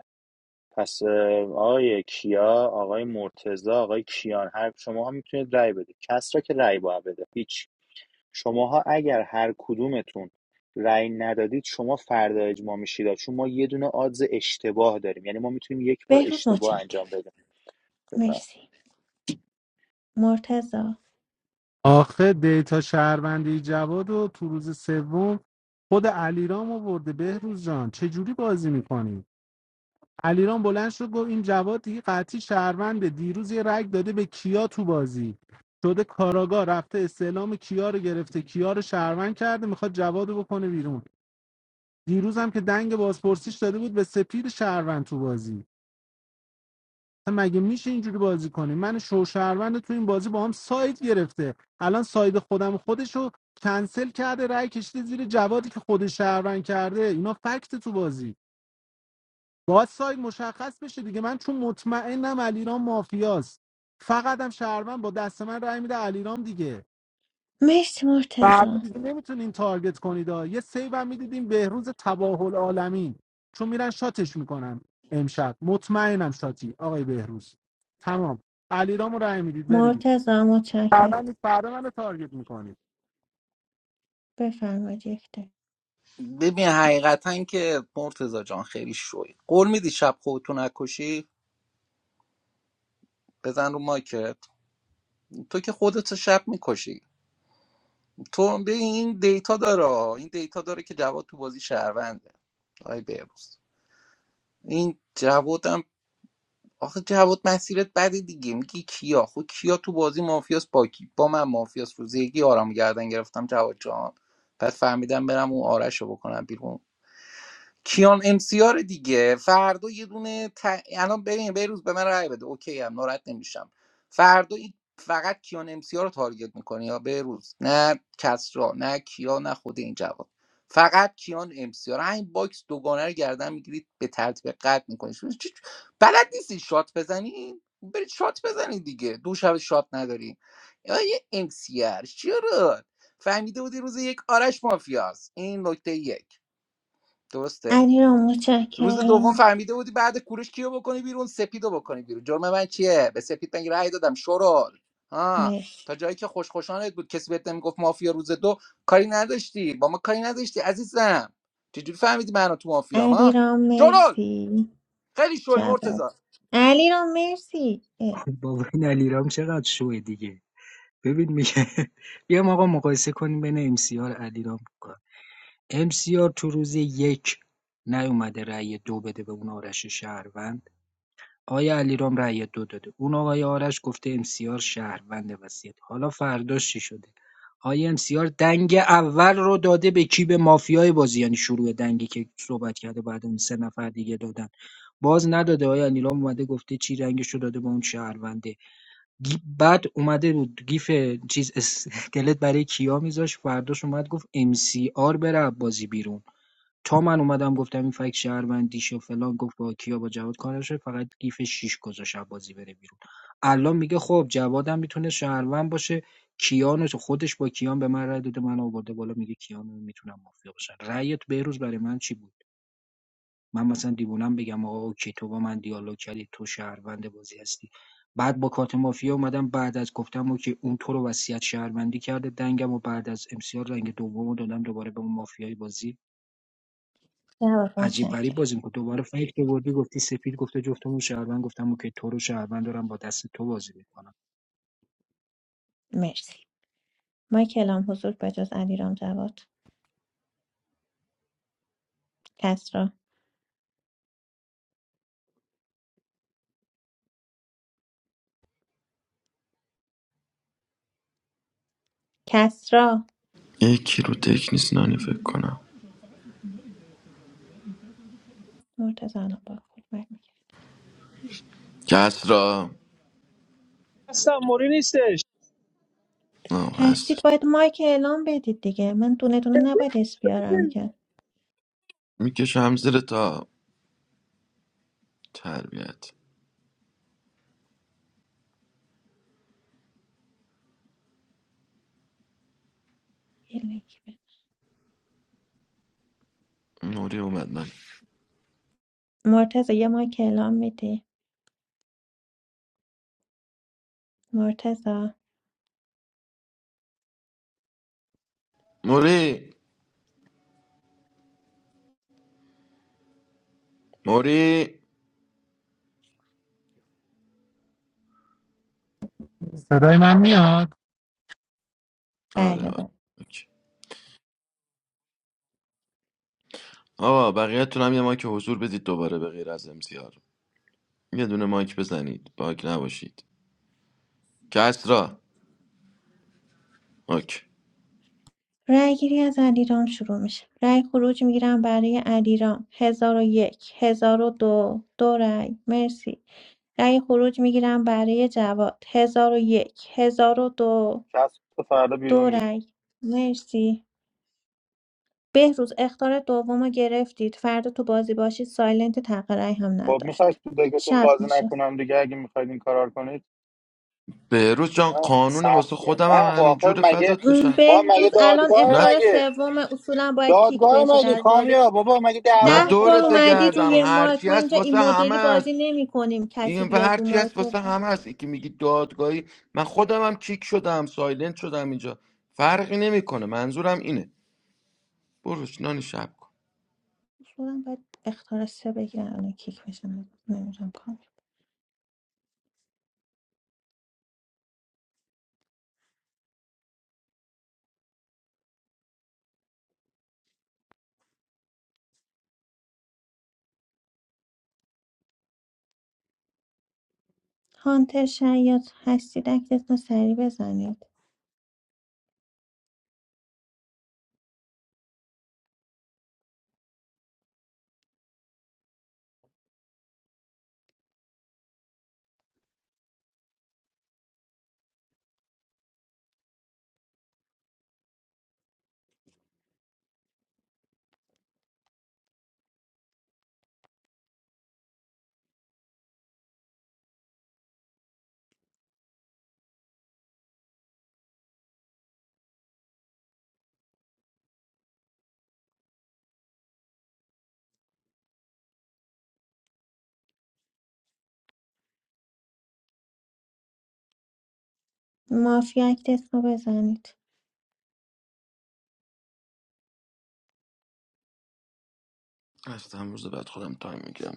Speaker 13: پس اه، آقای کیا آقای مرتزا آقای کیان هر شماها میتونید رأی بدید کس را که رأی باید بده هیچ شماها اگر هر کدومتون رأی ندادید شما فردا اجماع میشید چون ما یه دونه آدز اشتباه داریم یعنی ما میتونیم یک بار
Speaker 1: بهروز
Speaker 13: اشتباه انجام
Speaker 1: متشکرم
Speaker 13: بدیم بفهم.
Speaker 1: مرسی مرتزا
Speaker 14: آخه دیتا شهروندی جواد رو تو روز سوم خود علیرام آورده بهروز جان چه جوری بازی میکنی علیرام بلند شد گفت این جواد دیگه قطعی شهرونده دیروز یه رگ داده به کیا تو بازی شده کاراگاه رفته استعلام کیا رو گرفته کیا رو شهروند کرده میخواد جواد رو بکنه بیرون دیروز هم که دنگ بازپرسیش داده بود به سپید شهروند تو بازی مگه میشه اینجوری بازی کنی من شوشهروند تو این بازی با هم ساید گرفته الان ساید خودم خودشو کنسل کرده رای کشیده زیر جوادی که خودش شهروند کرده اینا فکت تو بازی باید ساید مشخص بشه دیگه من چون مطمئنم علیرام مافیاست فقط هم شهروند با دست من رأی میده علیرام دیگه
Speaker 1: مرسی
Speaker 14: فردا
Speaker 1: مرتزا
Speaker 14: دیگه نمیتونین تارگت کنید ها. یه سیو هم میدیدیم بهروز تباه العالمین چون میرن شاتش میکنن امشب مطمئنم شاتی آقای بهروز تمام علیرامو رای میدید بریدید
Speaker 1: مرتزا متشکرم
Speaker 14: فردا نیست فردا منو تارگت میکنید
Speaker 1: بفرمایید یک دقیقه.
Speaker 7: ببین حقیقتا که مرتزا جان خیلی شوی قول میدی شب خودتو نکشی بزن رو مایک تو که خودت شب میکشی تو به این دیتا داره این دیتا داره که جواد تو بازی شهرونده آی بهروز این جوادم آخه جواد مسیرت بده دیگه میگی کیا خب کیا تو بازی مافیاس با کی با من مافیاس روز یکی آرام گردن گرفتم جواد جان بعد فهمیدم برم اون آرش رو بکنم بیرون کیان امسیار دیگه فردا یه دونه ت... الان ببین بیروز به من رای بده اوکی ام ناراحت نمیشم فردا این فقط کیان امسیار رو تارگت میکنه یا بیروز نه کسرا نه کیا نه خود این جواد فقط کیان امسیار همین باکس دوگانه رو گردن میگیرید به ترتیب قد میکنید بلد نیستی شات بزنی برید شات بزنید دیگه دو شب شات نداری یه امسیار چرا فهمیده بودی روز یک آرش مافیاست این نکته یک درسته
Speaker 1: علیرام
Speaker 7: روز دوم
Speaker 1: متشکرم
Speaker 7: فهمیده بودی بعد کوروش کیو بکنی بیرون سپیدو بکنی بیرون جرم من چیه به سپید من رأی دادم شورال ها
Speaker 1: مرسی
Speaker 7: تا جایی که خوش خوشانت بود کسی بهت نمیگفت مافیا روز دو کاری نداشتی با ما کاری نداشتی عزیزم چجوری فهمیدی منو تو مافیا ما
Speaker 1: علیرام
Speaker 7: شورال
Speaker 1: مرسی
Speaker 7: خیلی شوی مرتضی.
Speaker 1: جواد علیرام مرسی اه،
Speaker 15: بابا این علیرام چقدر شوه دیگه ببین میگه <laughs> بیام آقا مقایسه کنیم بین امسیار علیرام کار امسیار تو روز یک نیومده رأی دو بده به اون آرش شهروند آیا علیرام رأی دو داده اون آقای آرش گفته امسیار شهروند وسیعت حالا فرداش چی شده آیا امسیار دنگ اول رو داده به کی به مافیای بازی یعنی شروع دنگی که صحبت کرده بعد اون سه نفر دیگه دادن باز نداده آیا علیرام اومده گفته چی رنگش رو داده به اون شهرونده بعد اومده رو گیف چیز اسکلت برای کیا میذاش فرداش اومد گفت ام سی آر بره بازی بیرون تا من اومدم گفتم این فکت شهروندیش و فلان گفت با کیا با جواد کارش فقط گیف 6 گذاشت بازی بره بیرون الان میگه خب جوادم میتونه شهروند باشه کیان رو- خودش با کیان به من رای داده من آورده بالا میگه کیان میتونم مافیا باشن رأیت بهروز برای من چی بود من مثلا دیوونم بگم آقا اوکی تو با من دیالوگ کردی تو شهروند بازی هستی بعد با کارت مافیا اومدم بعد از گفتم اوکی اون تو رو وصیت شهروندی کرده دنگم و بعد از امسیار رنگ دومو دادم دوباره به اون مافیای بازی
Speaker 1: جواد
Speaker 15: عجیب غریب
Speaker 1: متشکرم
Speaker 15: بازی میکنه دوباره فکر دوردی گفتی سپید گفته جفتمون شهروند گفتم اوکی تو رو شهروند دارم با دست تو بازی میکنم
Speaker 1: مرسی مایکلام حضور به جز علیرام جواد کسرا کسرا
Speaker 9: یکی رو تک نیست نانی فکر کنم
Speaker 1: مرتضی الان با خود مرگ می‌کرد.
Speaker 9: کس را
Speaker 11: اصلا موری نیستش
Speaker 9: آه هست
Speaker 1: هستید باید مایک اعلام بدید دیگه من دونه دونه نباید اسم بیارم که
Speaker 9: میکشم زیر تا تربیت
Speaker 1: یه لینک بده.
Speaker 9: موری اومد من
Speaker 1: مرتضی یه مایک اعلام میدی مرتضی
Speaker 9: موری موری
Speaker 14: صدای من میاد
Speaker 9: آره
Speaker 1: بله
Speaker 9: آره
Speaker 1: بله
Speaker 9: اوکی. آقا بقیه‌تون هم یه مایک حضور بدید دوباره به غیر از امسیار یه دونه مایک بزنید باگ نباشید کسرا اوکی
Speaker 1: رأی گیری از علیرام شروع میشه رأی خروج میگیرم برای علیرام هزار و یک هزار و دو دو رأی مرسی رأی خروج میگیرم برای جواد هزار و یک هزار و دو
Speaker 13: کس تا فردا بیرون
Speaker 1: دو
Speaker 13: میره
Speaker 1: رأی مرسی بهروز اخطار دومو گرفتید فردا تو بازی باشید سایلنت حق رأی هم
Speaker 13: خب میخواید
Speaker 1: نداشت
Speaker 13: تو دکتون
Speaker 1: شب
Speaker 13: بازی
Speaker 1: میشه
Speaker 13: نکنم دیگه اگه میخواید این کارا رو کنید
Speaker 9: بهروز جان قانون واسه
Speaker 13: سخته
Speaker 9: خودم
Speaker 13: نه
Speaker 9: هم
Speaker 13: خب
Speaker 9: همین
Speaker 13: آخه
Speaker 9: جور
Speaker 13: مگه
Speaker 9: فدات
Speaker 1: م،
Speaker 9: بشم
Speaker 13: با مگه
Speaker 1: بهروز الان
Speaker 13: دادگاه
Speaker 9: نه
Speaker 1: اختار
Speaker 13: مگه
Speaker 1: سوم اصولا باید کیک
Speaker 13: دادگاه
Speaker 1: بشید
Speaker 13: مگه
Speaker 1: از بازی
Speaker 13: کامیا بابا مگه
Speaker 9: نه
Speaker 13: دعوا
Speaker 1: ده
Speaker 13: میکنیم
Speaker 1: بار
Speaker 9: دورت
Speaker 13: با هم
Speaker 1: اومدید
Speaker 9: بگردم
Speaker 1: روی
Speaker 13: رفیقیم
Speaker 1: مایک
Speaker 9: هرچی
Speaker 1: ما
Speaker 9: هست
Speaker 1: اینجا این
Speaker 9: واسه همه
Speaker 1: مدلی بازی
Speaker 9: است
Speaker 1: نمی کنیم
Speaker 9: این
Speaker 1: کسی
Speaker 9: و
Speaker 1: بیاد رو
Speaker 9: هرچی هست
Speaker 1: مایک
Speaker 9: واسه
Speaker 1: بزن.
Speaker 9: همه است یکی میگی دادگاهی من خودم هم کیک شدم سایلنت شدم اینجا فرقی نمیکنه منظورم اینه بروش نانی شب کن
Speaker 1: اصولا باید اختار سه بگیرن الان کیک بشن نمیدونم کار هانتر شاید هستید اکتتون سری بزنید مافیا اکتتون رو بزنید
Speaker 9: از امروز بعد خودم تایم میگیرم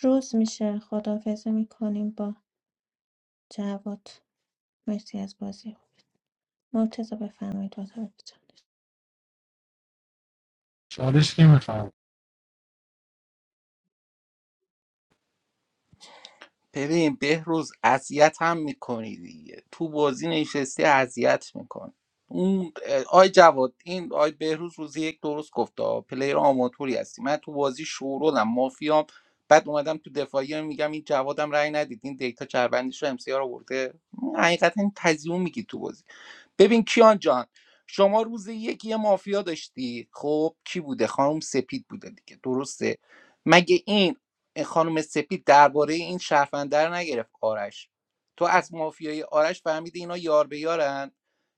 Speaker 1: روز میشه خدافزه میکنیم با جواد مرسی از بازی مرتضی بفرمایید اتاق جان.
Speaker 14: چالش کی میخوام
Speaker 7: ببین بهروز اذیت هم میکنی دیگه تو بازی نشستی اذیت میکنی اون اه، آی جواد این آی بهروز روزی یک درست گفت آ، پلیر آماتوری هستی من تو بازی شورولم مافیام بعد اومدم تو دفاعی میگم این جوادم رأی ندید این دیتا چربندیش رو امسیار آورده حقیقتا این تزیون میگی تو بازی ببین کیان جان شما روز یک یه مافیا داشتی خب کی بوده خانم سپید بوده دیگه درسته مگه این خانم سپید درباره این شرفنده رو نگرفت آرش تو از مافیای آرش فهمیدی اینا یار به یارن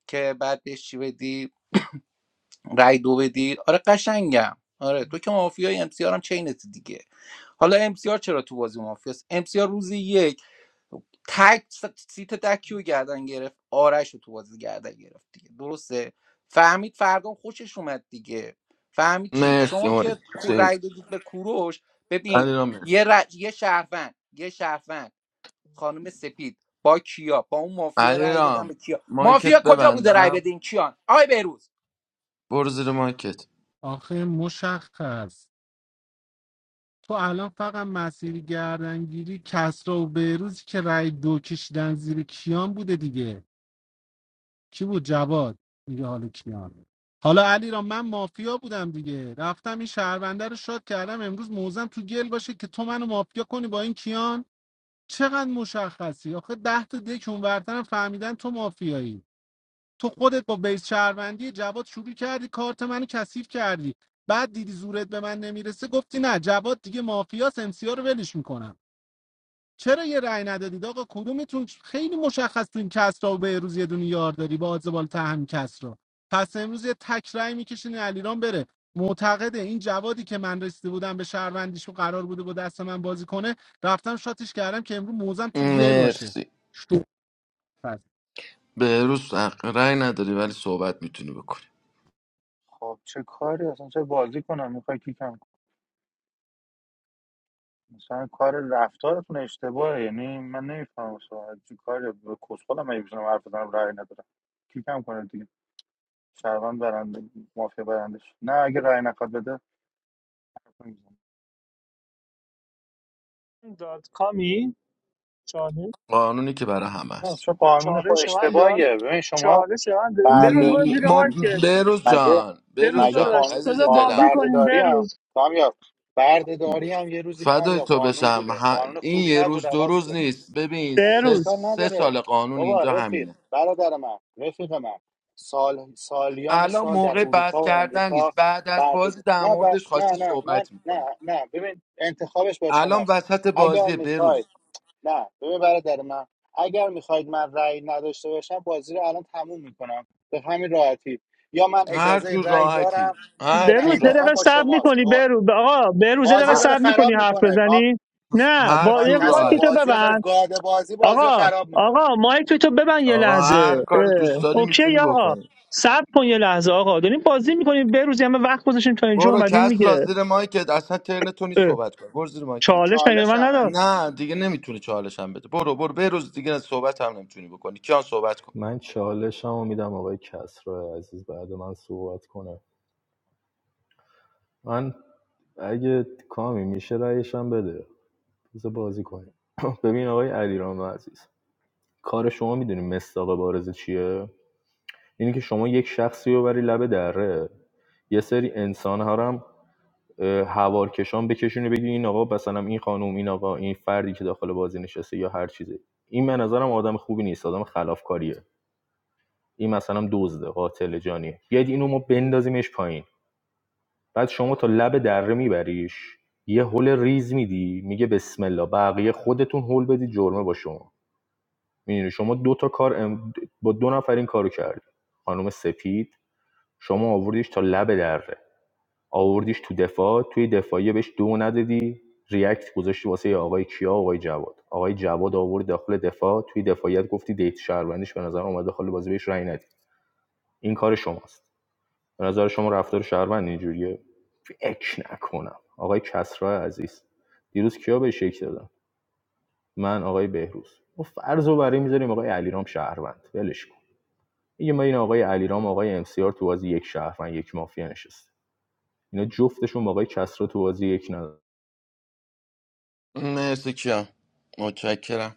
Speaker 7: که بعد بهش چی بدی رای دو بدی آره قشنگم آره تو که مافیای ام سی آر هم چینت دیگه حالا ام سی آر چرا تو بازی مافیاست ام سی آر روز یک تک س- سیت دکیو گردن گرفت آرش رو تو بازی گردن گرفت دیگه درسته فهمید فردام خوشش اومد دیگه فهمید چی
Speaker 9: مرسی
Speaker 7: شما که کو-
Speaker 9: موری
Speaker 7: رأی دادید به کوروش ببین
Speaker 9: علیرام مرسی.
Speaker 7: یه ر... یه شهروند یه شهروند خانم سپید با کیا با اون مافیا رأی دادن
Speaker 9: علیرام
Speaker 7: به کیا
Speaker 9: مایکت
Speaker 7: مافیا کجا بوده رای
Speaker 9: ببندم
Speaker 7: بده این کیان آی بروز
Speaker 9: برو زیر مایکت
Speaker 14: آخه مشخص تو الان فقط مسیر گردنگیری کسرا و بهروزی که رای دو کشیدن زیر کیان بوده دیگه کی بود جواد میگه حالا کیان حالا علی را من مافیا بودم دیگه رفتم این شهرونده رو شاد کردم امروز موزم تو گل باشه که تو منو مافیا کنی با این کیان چقدر مشخصی آخه ده تا دک اونورترم فهمیدن تو مافیایی تو خودت با بیس شهروندی جواد شروع کردی کارت منو کثیف کردی بعد دیدی زورت به من نمیرسه گفتی نه جواد دیگه مافیاس امسیا رو ولش میکنم چرا یه رأی ندادید آقا کدومتون خیلی مشخص این کسرا و بهروز یه دونه یار داری با آزبال تهم کسرا پس امروز یه تک رأی میکشین علیرام بره معتقده این جوادی که من رسیده بودم به شهروندیش و قرار بوده با دست من بازی کنه رفتم شاتش کردم که امروز موزم تو گل باشه
Speaker 9: مرسی
Speaker 14: شو پس.
Speaker 9: بهروز حق رأی نداری ولی صحبت میتونی بکنی
Speaker 13: خب چه کاری اصلا چه بازی کنم میخوای کیکم کنی؟ مثلا کار رفتارتون اشتباهه یعنی من نمیفهمم اصلا چه کاری به کسخلم مگه بزنم حرف بزنم رأی ندارم کیکم کنه دیگه شهروند برنده مافیا برندش نه اگه رأی نخواد بده حرف نمی‌زنم.
Speaker 11: داد کامی چاله
Speaker 9: قانونی که برای همه
Speaker 13: نه
Speaker 9: است
Speaker 13: چه قانون
Speaker 11: چاله
Speaker 13: خود
Speaker 11: شوند داد
Speaker 13: اشتباهیه ببین شما
Speaker 11: چاله شوند داد
Speaker 13: فرد
Speaker 11: بروز برو
Speaker 9: م- ما
Speaker 11: زیر که
Speaker 9: بهروز
Speaker 13: مگه
Speaker 9: جان
Speaker 11: بروز
Speaker 9: بهروز
Speaker 13: مگه
Speaker 9: جان
Speaker 11: داداش
Speaker 13: قانون
Speaker 9: عزیز
Speaker 11: بذار
Speaker 13: قانون
Speaker 11: بازی
Speaker 9: دلم
Speaker 11: کنیم
Speaker 13: بردهداری هم
Speaker 11: بروز
Speaker 13: کامیاب بردهداری هم یه روزی
Speaker 9: فدای
Speaker 13: کامیاب
Speaker 9: تو
Speaker 13: قانون
Speaker 9: بشم
Speaker 13: بوده
Speaker 9: ه-
Speaker 13: قانون
Speaker 9: این
Speaker 13: خوبی
Speaker 9: یه
Speaker 13: نبود
Speaker 9: روز دو
Speaker 13: عوض
Speaker 9: روز
Speaker 13: شد
Speaker 9: نیست ببین سه,
Speaker 11: بروز
Speaker 13: اشکال
Speaker 9: سه
Speaker 13: نداره
Speaker 9: سال قانون
Speaker 13: بابا
Speaker 9: اینجا
Speaker 13: رفیق
Speaker 9: همینه
Speaker 13: برادر من رفیق من سال سالیان
Speaker 9: الان
Speaker 13: سال در
Speaker 9: موقع بحث
Speaker 13: اروپا و
Speaker 9: کردن
Speaker 13: امریکا
Speaker 9: نیست بعد از
Speaker 13: برده
Speaker 9: بازی در
Speaker 13: نه
Speaker 9: موردش
Speaker 13: بس
Speaker 9: خواستی
Speaker 13: نه نه من
Speaker 9: صحبت
Speaker 13: نه
Speaker 9: میکنه
Speaker 13: نه ببین انتخابش با
Speaker 9: الان
Speaker 13: شماست
Speaker 9: وسط
Speaker 13: اگر
Speaker 9: بازی بروز
Speaker 13: میخواید نه ببین برادر من اگر میخواید من رأی نداشته باشم بازی رو الان تموم میکنم به همین راحتی یا من
Speaker 9: هر
Speaker 13: اجازه
Speaker 9: جور
Speaker 13: رأی دارم
Speaker 9: راحتی هر
Speaker 13: نه
Speaker 9: جور
Speaker 11: بروز یه
Speaker 9: راحت
Speaker 13: انتخاب
Speaker 11: دقیقه
Speaker 13: با
Speaker 11: سب
Speaker 13: شماست
Speaker 11: میکنی
Speaker 13: با
Speaker 11: بروز آقا بروز یه
Speaker 13: بازی
Speaker 11: دقیقه
Speaker 9: هر,
Speaker 13: داره
Speaker 11: سب
Speaker 13: خراب
Speaker 11: میکنی حرف
Speaker 13: میکنه کام
Speaker 11: بزنی نه
Speaker 9: هر
Speaker 11: با یه
Speaker 9: جور
Speaker 13: کس را
Speaker 11: مایک تو
Speaker 9: راحتی
Speaker 13: بازی داره
Speaker 11: ببند
Speaker 13: گاده بازی بازی
Speaker 11: آقا
Speaker 13: خراب میکنه
Speaker 11: آقا مایک تو ببند یه
Speaker 9: آقا هر
Speaker 11: لحظه
Speaker 9: کاری دوست
Speaker 11: اه.
Speaker 9: داری
Speaker 11: اوکی
Speaker 9: میتونی
Speaker 11: آقا
Speaker 9: بکنی
Speaker 11: سب کن یه لحظه آقا داریم بازی میکنیم بروز یه همه وقت گذاشتیم تا اینجا
Speaker 9: برو
Speaker 11: اومدین
Speaker 9: کس را
Speaker 11: میگه
Speaker 9: زیر مایکت اصلا ترن تو نیست صحبت کن برو زیر مایکت
Speaker 11: چالش مگه
Speaker 13: چالش
Speaker 11: من
Speaker 13: همه
Speaker 11: نداد
Speaker 9: نه دیگه نمیتونی چالش هم بده برو برو به روز دیگه صحبت هم نمیتونی بکنی کیان صحبت کن
Speaker 10: من چالشم رو میدم آقای کسرا عزیز بعد من صحبت کنه من اگه کامی میشه رأیشم بده بذار بازی کنیم <clears throat> ببین آقای علیرام عزیز کار شما میدونی مصداق بارز چیه اینه که شما یک شخصی رو بری لب دره یه سری انسان ها رو هم هوارکشان بکشونی بگی این آقا مثلا این خانم این آقا این فردی که داخل بازی نشسته یا هر چیزی این به نظرم آدم خوبی نیست آدم خلافکاریه این مثلا دزده قاتل جانیه بیاید اینو ما بندازیمش پایین بعد شما تا لب دره میبریش یه هول ریز میدی میگه بسم الله بقیه خودتون هول بدی جرمه با شما میدونی شما دو تا کار ام- با دو نفر این کارو کردی خانم سپید شما آوردیش تا لب دره آوردیش تو دفاع توی دفاعیه بهش دو ندادی ریاکت گذاشتی واسه آقای کیا آقای جواد آقای جواد آورد داخل دفاع توی دفاعیت گفتی دیت شهروندیش به نظر اومد داخل بازی بهش رأی ندید این کار شماست به نظر شما رفتار شهروند اینجوریه فکر نکنم آقای کسرا عزیز دیروز کیا به شک دادم من آقای بهروز ما فرض رو برای میذاریم آقای علیرام شهروند ولش کن میگه ما این آقای علیرام آقای ام سی آر تو بازی یک شهروند یک مافیا نشسته اینا جفتشون با آقای کسرا تو بازی یک ندارن
Speaker 9: مرسی کیان متشکرم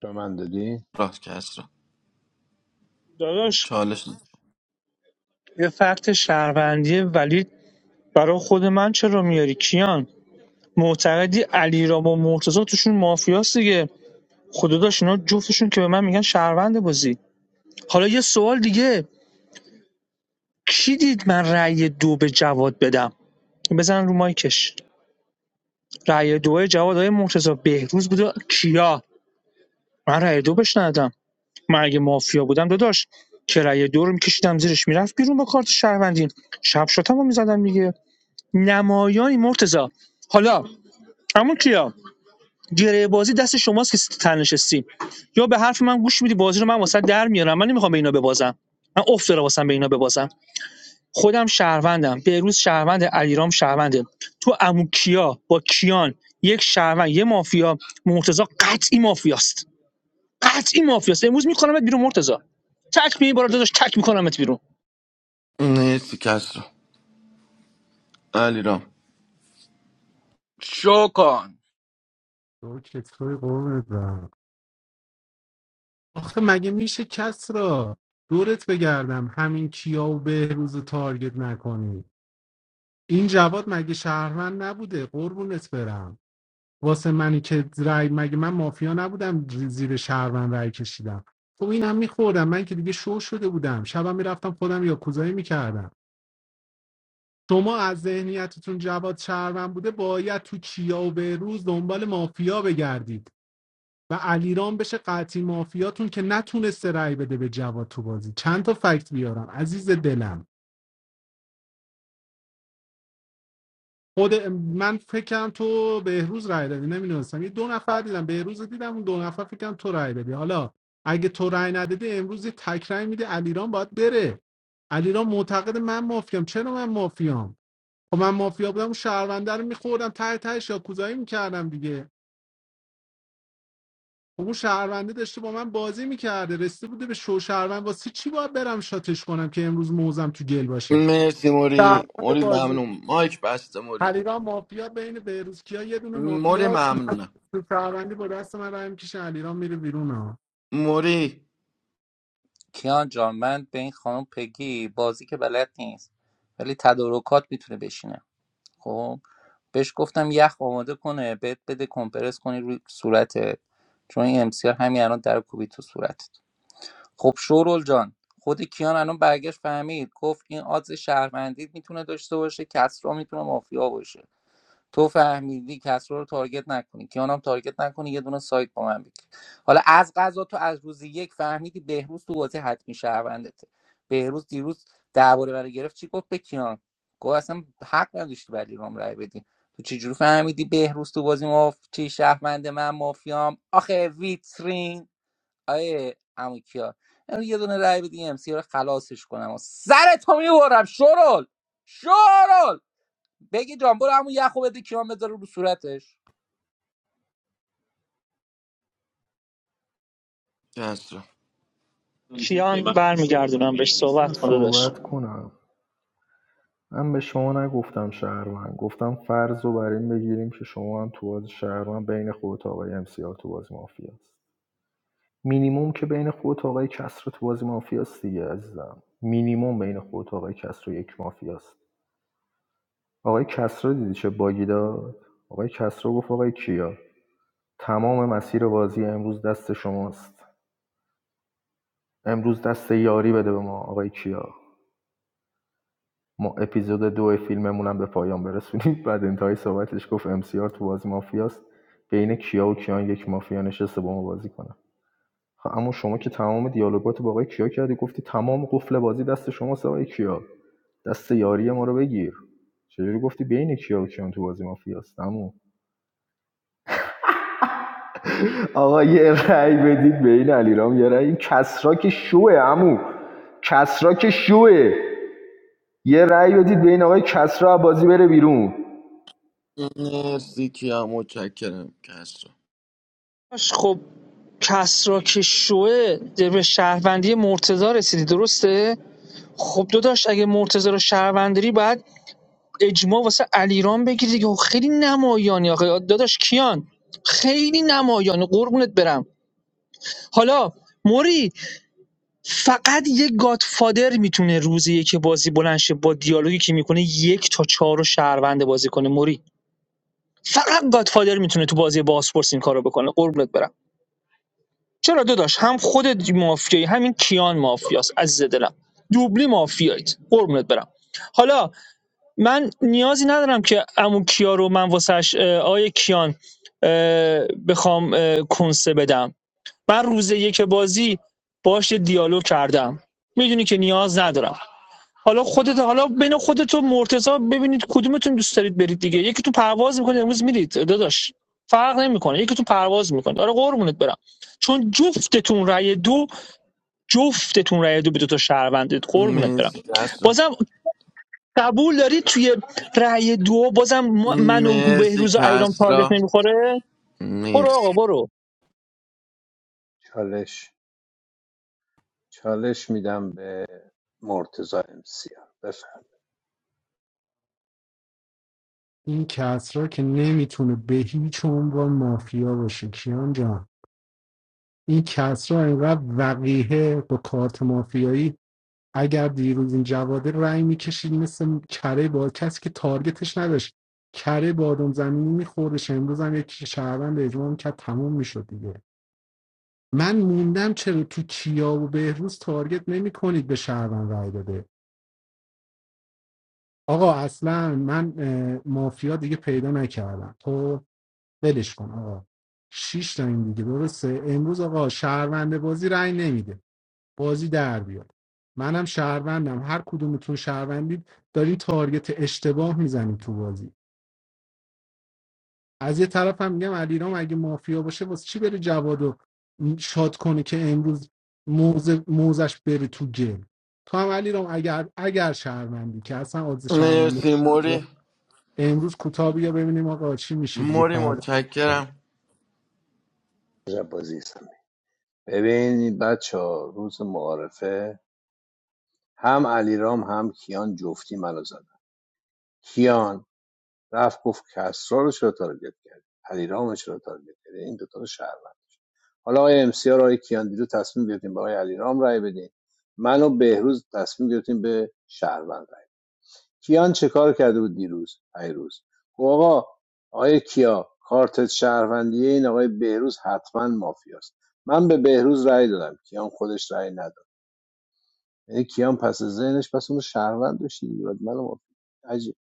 Speaker 3: به من دادی
Speaker 9: راست کس را
Speaker 11: داداش
Speaker 9: چالش نه.
Speaker 11: یه فکت شهروندی ولی برای خود من چرا میاری کیان معتقدی علی را با مرتضی توشون مافیاست دیگه خدا داشت اینا جفتشون که به من میگن شهروند بازی حالا یه سوال دیگه کی دید من رأی دو به جواد بدم بزن رو مایکش رأی دو جواد های مرتضی بهروز بوده کیا من رأی دو بهش ندادم من اگه مافیا بودم داداش که رأی دو رو میکشیدم زیرش میرفت بیرون با کارت شهروندی شب شدم میزدم دیگه نمایانی مرتضی حالا اما کیا گره بازی دست شماست که تن یا به حرف من گوش میدی بازی رو من واسه در میارم من نمیخوام به اینا ببازم من افت داره واسم به اینا ببازم خودم شهروندم بهروز شهروند علیرام شهرونده تو امو کیا با کیان یک شهروند یه مافیا مرتضی قطعی مافیاست قطعی مافیاست امروز میکنمت بیرون مرتضی تک می بالا داداش تک میکنمت بیرون
Speaker 9: مرسی کس را علی رام
Speaker 7: شو کن
Speaker 14: تو چطوری قربونت برم آخه مگه میشه کسرا دورت بگردم همین کیا و بهروز رو تارگت نکنی این جواد مگه شهروند نبوده قربونت برم واسه منی که رای مگه من مافیا نبودم زیر شهروند رای کشیدم خب اینم میخوردم من که دیگه شو شده بودم شبم میرفتم خودم یا کوزایی میکردم شما از ذهنیتتون جواد شهروند بوده باید تو کیا و بهروز دنبال مافیا بگردید و علیرام بشه قطعی مافیاتون که نتونسته رای بده به جواد تو بازی چند تا فکت بیارم عزیز دلم خود من فکرم تو بهروز رای دادی نمیدونستم یه دو نفر دیدم بهروز دیدم اون دو نفر فکرم تو رای دادی حالا اگه تو رای ندادی امروز یه تک رای میده علیرام باید بره علیرام معتقد من مافیام چرا من مافیام خب من مافیا بودم اون شهرونده رو میخوردم ته تهش یا کوزایی میکردم دیگه خب اون شهرونده داشته با من بازی میکرده رسیده بوده به شو شهروند واسه چی باید برم شاتش کنم که امروز موزم تو گل باشه
Speaker 9: مرسی موری
Speaker 14: شهروند
Speaker 9: موری
Speaker 14: بازی
Speaker 9: ممنون مایک بسته موری
Speaker 14: علیرام مافیا بین بهروزکیا یه دونه
Speaker 9: موری
Speaker 14: مافیا
Speaker 9: ممنونم
Speaker 14: تو شهروندی با دست من رای میکشه علیرام میره بیرون ها
Speaker 9: موری
Speaker 7: کیان جان من به این خانم پگی بازی که بلد نیست ولی تدارکات میتونه بشینه خب بهش گفتم یخ آماده کنه بهت بده کمپرس کنی روی صورتت چون این امسیار همین الان در کوبی تو صورتت خب شورول جان خود کیان الان برگشت فهمید گفت این آدز شهروندی میتونه داشته باشه کسرا میتونه مافیا باشه تو فهمیدی کسرا رو تارگت نکنی کیانم تارگت نکنی یه دونه سایت با من بگیر حالا از قضا تو از روز یک فهمیدی بهروز تو بازی حتمی شهروندته بهروز دیروز درباره برای گرفت چی گفت به کیان گفت اصلا حق نداشتی برای رام رای بدی تو چجوری فهمیدی بهروز تو بازی ماف چی شهروند من مافیام آخه ویترین آیه عمو کیا امروز یه دونه رای بدی ام سی رو خلاصش کنم و سر تو میبرم شرول شرول بگی جان برو همون یخو بده کیان بذاره رو صورتش
Speaker 11: کیان برمیگردونم بهش
Speaker 10: من
Speaker 11: صحبت کن داداش
Speaker 10: صحبت کنم من به شما نگفتم شهروند گفتم فرض رو بر این بگیریم که شما هم تو بازی شهروند بین خودت و آقای امسیار تو بازی مافیا است مینیموم که بین خودت و آقای کسرا تو بازی مافیا دیگه عزیزم مینیموم بین خودت و آقای کسری یک مافیاست. آقای کسرا دیدی چه باگی داد آقای کسرا گفت آقای کیا تمام مسیر بازی امروز دست شماست امروز دست یاری بده به ما آقای کیا ما اپیزود دو فیلممون هم به پایان برسونیم بعد انتهای صحبتش گفت ام سی آر تو بازی مافیاست بین کیا و کیان یک مافیا نشسته با ما بازی کنه خب اما شما که تمام دیالوگات با آقای کیا کردی گفتی تمام قفل بازی دست شماست آقای کیا دست یاری ما رو بگیر چجوری گفتی بین کیا و کیان تو بازی مافیاست عمو آقا یه رأی بدید به این علیرام یه رأی این کسرا که شوه عمو کسرا که شوه یه رأی بدید بین این آقای کسرا از بازی بره بیرون
Speaker 9: مرسی کیا متشکرم کسرا
Speaker 11: داداش خب کسرا که شوه یعنی به شهروندی مرتضی رسیدی درسته خب داداش اگه مرتضی رو شهروند داری باید اجماع واسه علیرام بگیری دیگه خب خیلی نمایانی آقا داداش کیان خیلی نمایانی قربونت برم حالا موری فقط یه گادفادر میتونه روزی که بازی بلند شه با دیالوگی که میکنه یک تا چهار رو شهروند بازی کنه موری فقط گادفادر میتونه تو بازی باسپورس این کارو بکنه قربونت برم چرا داداش هم خودت مافیایی همین کیان مافیاست عزیز دلم دوبلی مافیایید قربونت برم حالا من نیازی ندارم که عمو کیا رو من واسش اه، آقای کیان اه، بخوام اه، کنسه بدم من روز یک بازی باش یه دیالوگ کردم میدونی که نیاز ندارم حالا خودت حالا بین خودت و مرتضی ببینید کدومتون دوست دارید برید دیگه یکی تو پرواز میکنه امروز میرید داداش فرق نمیکنه یکی تو پرواز میکنه آره قربونت برم چون جفتتون رأی دو جفتتون رأی دو به دو تا شهروندید قربونت برم
Speaker 9: مرسی کسرا
Speaker 11: بازم قبول داری توی رأی دو بازم من و
Speaker 9: مرسی
Speaker 11: بهروز و ایرام
Speaker 9: کسرا
Speaker 11: تارگت نمیخوره برو
Speaker 9: مرسی
Speaker 11: آقا برو
Speaker 3: چالش چالش میدم به مرتزا امسیار بفرم
Speaker 14: این کسرا که نمیتونه به هیچ عنوان مافیا باشه کیان جان این کسرا اینقدر وقیه با کارت مافیایی اگر دیروز این جواده رای میکشید مثل کره با کسی که تارگتش نداشت کره بادم زمینی میخوردش امروز هم یک شهروند اجماع میکرد تموم میشد دیگه من موندم چرا تو کیا و بهروز تارگت نمی کنید به شهروند رای داده آقا اصلا من اه، مافیا دیگه پیدا نکردم تو ولش کن آقا شیش تا این دیگه درسته امروز آقا شهروند بازی رای نمیده بازی در بیاد منم شهروندم هر کدومتون شهروندید دارین تارگت اشتباه میزنید تو بازی از یه طرف هم میگم علیرام اگه مافیا باشه واسه چی بره جوادو شاد کنه که امروز موزه موزش بره تو گل تو هم علیرام اگر اگر شهروندی که اصلا عادز شهروندی
Speaker 9: مرسی موری
Speaker 14: نداره، امروز کوتاه بیا ببینیم آقا چی میشه دیگه
Speaker 9: موری
Speaker 14: فردا
Speaker 9: متشکرم
Speaker 3: بازی سمی ببین بچه روز معارفه هم علیرام هم کیان جفتی منو زدن کیان رفت گفت کسرا رو چرا تارگت کرد علیرام رو چرا تارگت کرد این دوتا رو شهروند حالا آقای ام سی آر آقای کیاندیدو تصمیم گرفتیم به آقای علیرام رای بدیم من و بهروز تصمیم گرفتیم به شهروند رای کیان چه کار کرده بود دیروز پیروز گفت آقا آقای کیا کارت شهروندیه این آقای بهروز حتما مافیاست من به بهروز رای دادم کیان خودش رای نداد یعنی کیان پس از ذهنش پس اون رو شهروند داشت بعد منو عجیب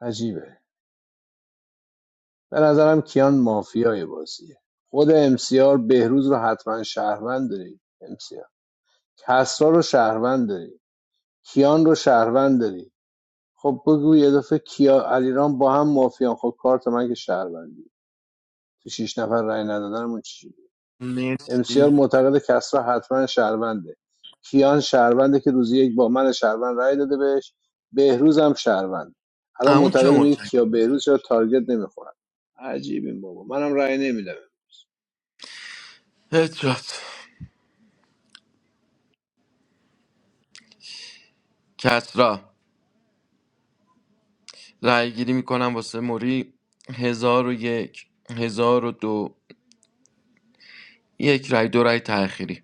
Speaker 3: عجیبه به نظرم کیان مافیای بازیه خود امسیار بهروز رو حتما شهروند داری امسیار کسرا رو شهروند داری کیان رو شهروند داری خب بگو یه دفعه کیا علیرام با هم مافیان خب کارت من که شهروندی تو شیش نفر رأی ندادنمون چی بود؟ امسیار
Speaker 9: مرسی
Speaker 3: معتقد کسرا حتما شهرونده کیان شهرونده که روزی یک با من شهروند رأی داده بهش بهروز هم شهروند الان
Speaker 9: اما کیا
Speaker 3: معتقد میگه
Speaker 9: متشکرم
Speaker 3: کیا بهروز چرا تارگت نمیخورن عجیب این بابا منم رأی نمیدم
Speaker 9: هدشات کسرا رای گیری میکنم واسه موری هزار و یک هزار و دو یک رای دو رای تأخیری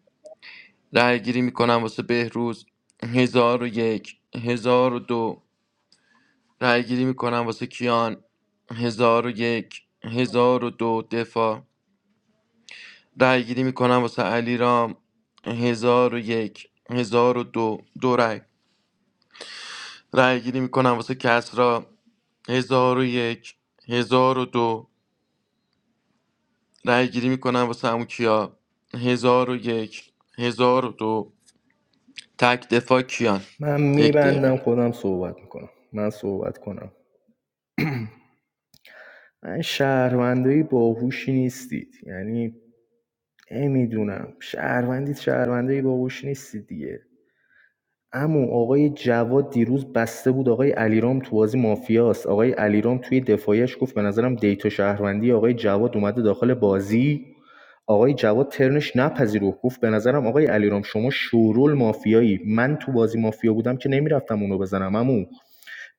Speaker 9: رای گیری میکنم واسه بهروز هزار و یک هزار و دو رأی گیری میکنم واسه کیان هزار و یک هزار و دو دفاع رأی گیری میکنم واسه علیرام هزار و یک هزار و دو دو رأی رأی گیری میکنم واسه کسرا هزار و یک هزار و دو رأی گیری میکنم واسه عمو کیا هزار و یک هزار و دو تک دفاع کیان
Speaker 10: من
Speaker 9: یک دقیقه
Speaker 10: میبندم خودم صحبت میکنم من صحبت کنم من شهروندایی باهوشی نیستید یعنی نمیدونم شهروندید شهروندایی باهوش نیستید دیگه اما آقای جواد دیروز بسته بود آقای علیرام تو بازی مافیاست آقای علیرام توی دفاعش گفت به نظرم دیتا شهروندی آقای جواد اومده داخل بازی آقای جواد ترنش نپذیرفت گفت به نظرم آقای علیرام شما شورول مافیایی من تو بازی مافیا بودم که نمیرفتم اونو بزنم عمو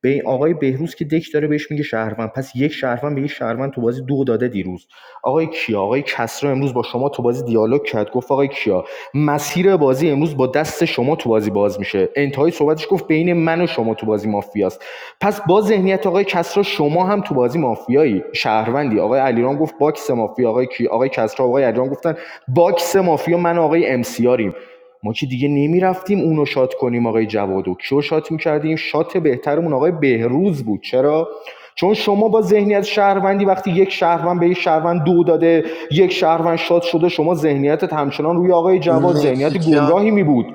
Speaker 10: به آقای بهروز که دک داره بهش میگه شهروند پس یک شهروند به یک شهروند تو بازی دو داده دیروز آقای کیا آقای کسرا امروز با شما تو بازی دیالوگ کرد گفت آقای کیا مسیر بازی امروز با دست شما تو بازی باز میشه انتهای صحبتش گفت بین من و شما تو بازی مافیاست پس با ذهنیت آقای کسرا شما هم تو بازی مافیایی شهروندی آقای علیرام گفت باکس مافیا آقای کی آقای کسرا آقای علیرام گفتن باکس مافیا من آقای ام سی آریم. ما که دیگه نمیرفتیم اونو شات کنیم آقای جوادو کیو شات میکردیم شات بهترمون آقای بهروز بود چرا چون شما با ذهنیت شهروندی وقتی یک شهروند به یک شهروند دو داده یک شهروند شات شده شما ذهنیتت همچنان روی آقای جواد
Speaker 9: مرسی
Speaker 10: ذهنیت
Speaker 9: کیان
Speaker 10: گمراهی می بود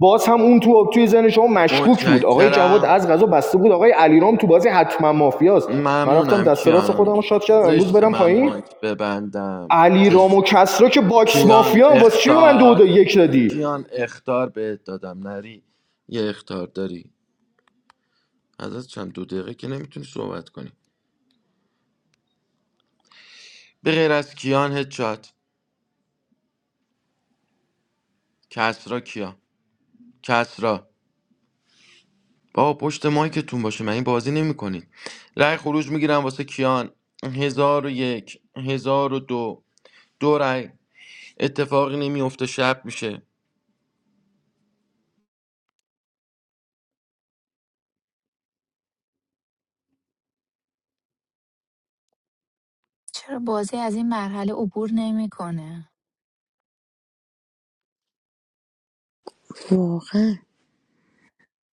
Speaker 10: باز هم اون تو توی ذهن شما مشکوک بود آقای جواد
Speaker 9: متشکرم
Speaker 10: از غذا بسته بود آقای علیرام تو بازی حتما مافیاست من رفتم
Speaker 9: ممنونم
Speaker 10: دست راست
Speaker 9: کیان
Speaker 10: خودم رو شاد کردم امروز
Speaker 9: زشت
Speaker 10: برم
Speaker 9: من
Speaker 10: پایین
Speaker 9: مایک ببندم
Speaker 10: علیرام
Speaker 9: زشت
Speaker 10: و کسرا که باکس
Speaker 9: کیان
Speaker 10: مافیان واسه چی من دو دا
Speaker 9: اختار
Speaker 10: یک دادی
Speaker 9: کیان اختار بهت دادم نری یه اختار داری از چند دو دقیقه که نمیتونی صحبت کنی به غیر از کیان هدشات کسرا کیا کسرا بابا پشت مایکتون باشه من این بازی نمیکنید رأی خروج میگیرم واسه کیان هزار و یک هزار و دو دو رأی اتفاقی نمیفته شب میشه
Speaker 17: چرا بازی از این مرحله عبور نمیکنه
Speaker 18: واقعا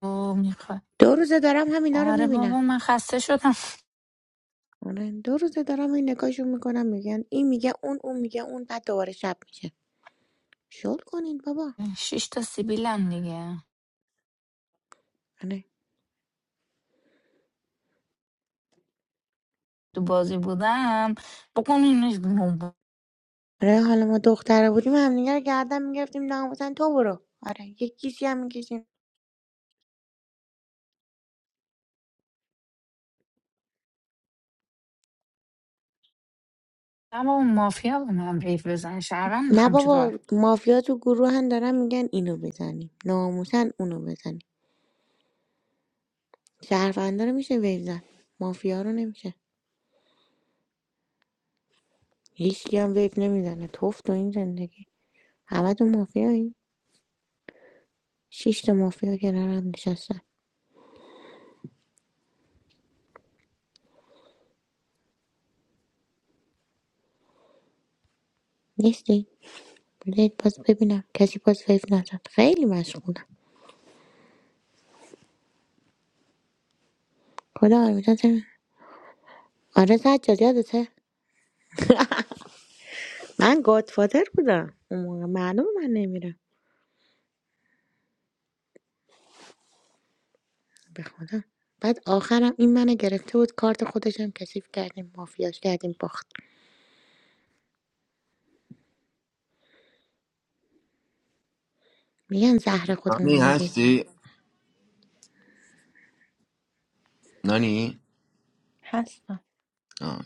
Speaker 17: او میخواد
Speaker 18: دو روزه دارم همینا رو
Speaker 17: آره
Speaker 18: میبینم
Speaker 17: بابا من خسته شدم
Speaker 18: آره دو روزه دارم این نگاهشو میکنم میگن این میگه اون اون میگه اون بعد دوباره شب میشه شل کنین بابا
Speaker 17: شش تا سیبیلم دیگه
Speaker 18: آره
Speaker 17: تو بازی بودم بکن اینش
Speaker 18: آره حالا ما دختره بودیم همدیگه رو گردن میگرفتیم نه مثلا تو برو آره یک کیسی هم میکشیم
Speaker 17: بابا مافیا به من ریف بزن شهروند
Speaker 18: نه
Speaker 17: میخوام چیکار
Speaker 18: بابا مافیا تو گروه هم دارن میگن اینو بزنیم ناموسن اونو بزنیم شهروندا رو میشه ویو زن مافیا رو نمیشه هیچ هم ویو نمیزنه توف تو این زندگی همه تو مافیایی شش تا مافیا کنارم نشستن نیستی؟ بذارید باز ببینم کسی باز ویف نزد خیلی مشغولم خدا آرمیتان چه آره سجاد یادته من گادفادر بودم اون موقع معلوم من نمیرم به خدا بعد آخرم این منو گرفته بود کارت خودشم کثیف کردیم مافیاش کردیم باخت میگن زهر خودمونو
Speaker 9: نانی
Speaker 18: میریزیم
Speaker 9: هستی نانی
Speaker 1: هستم
Speaker 9: آه.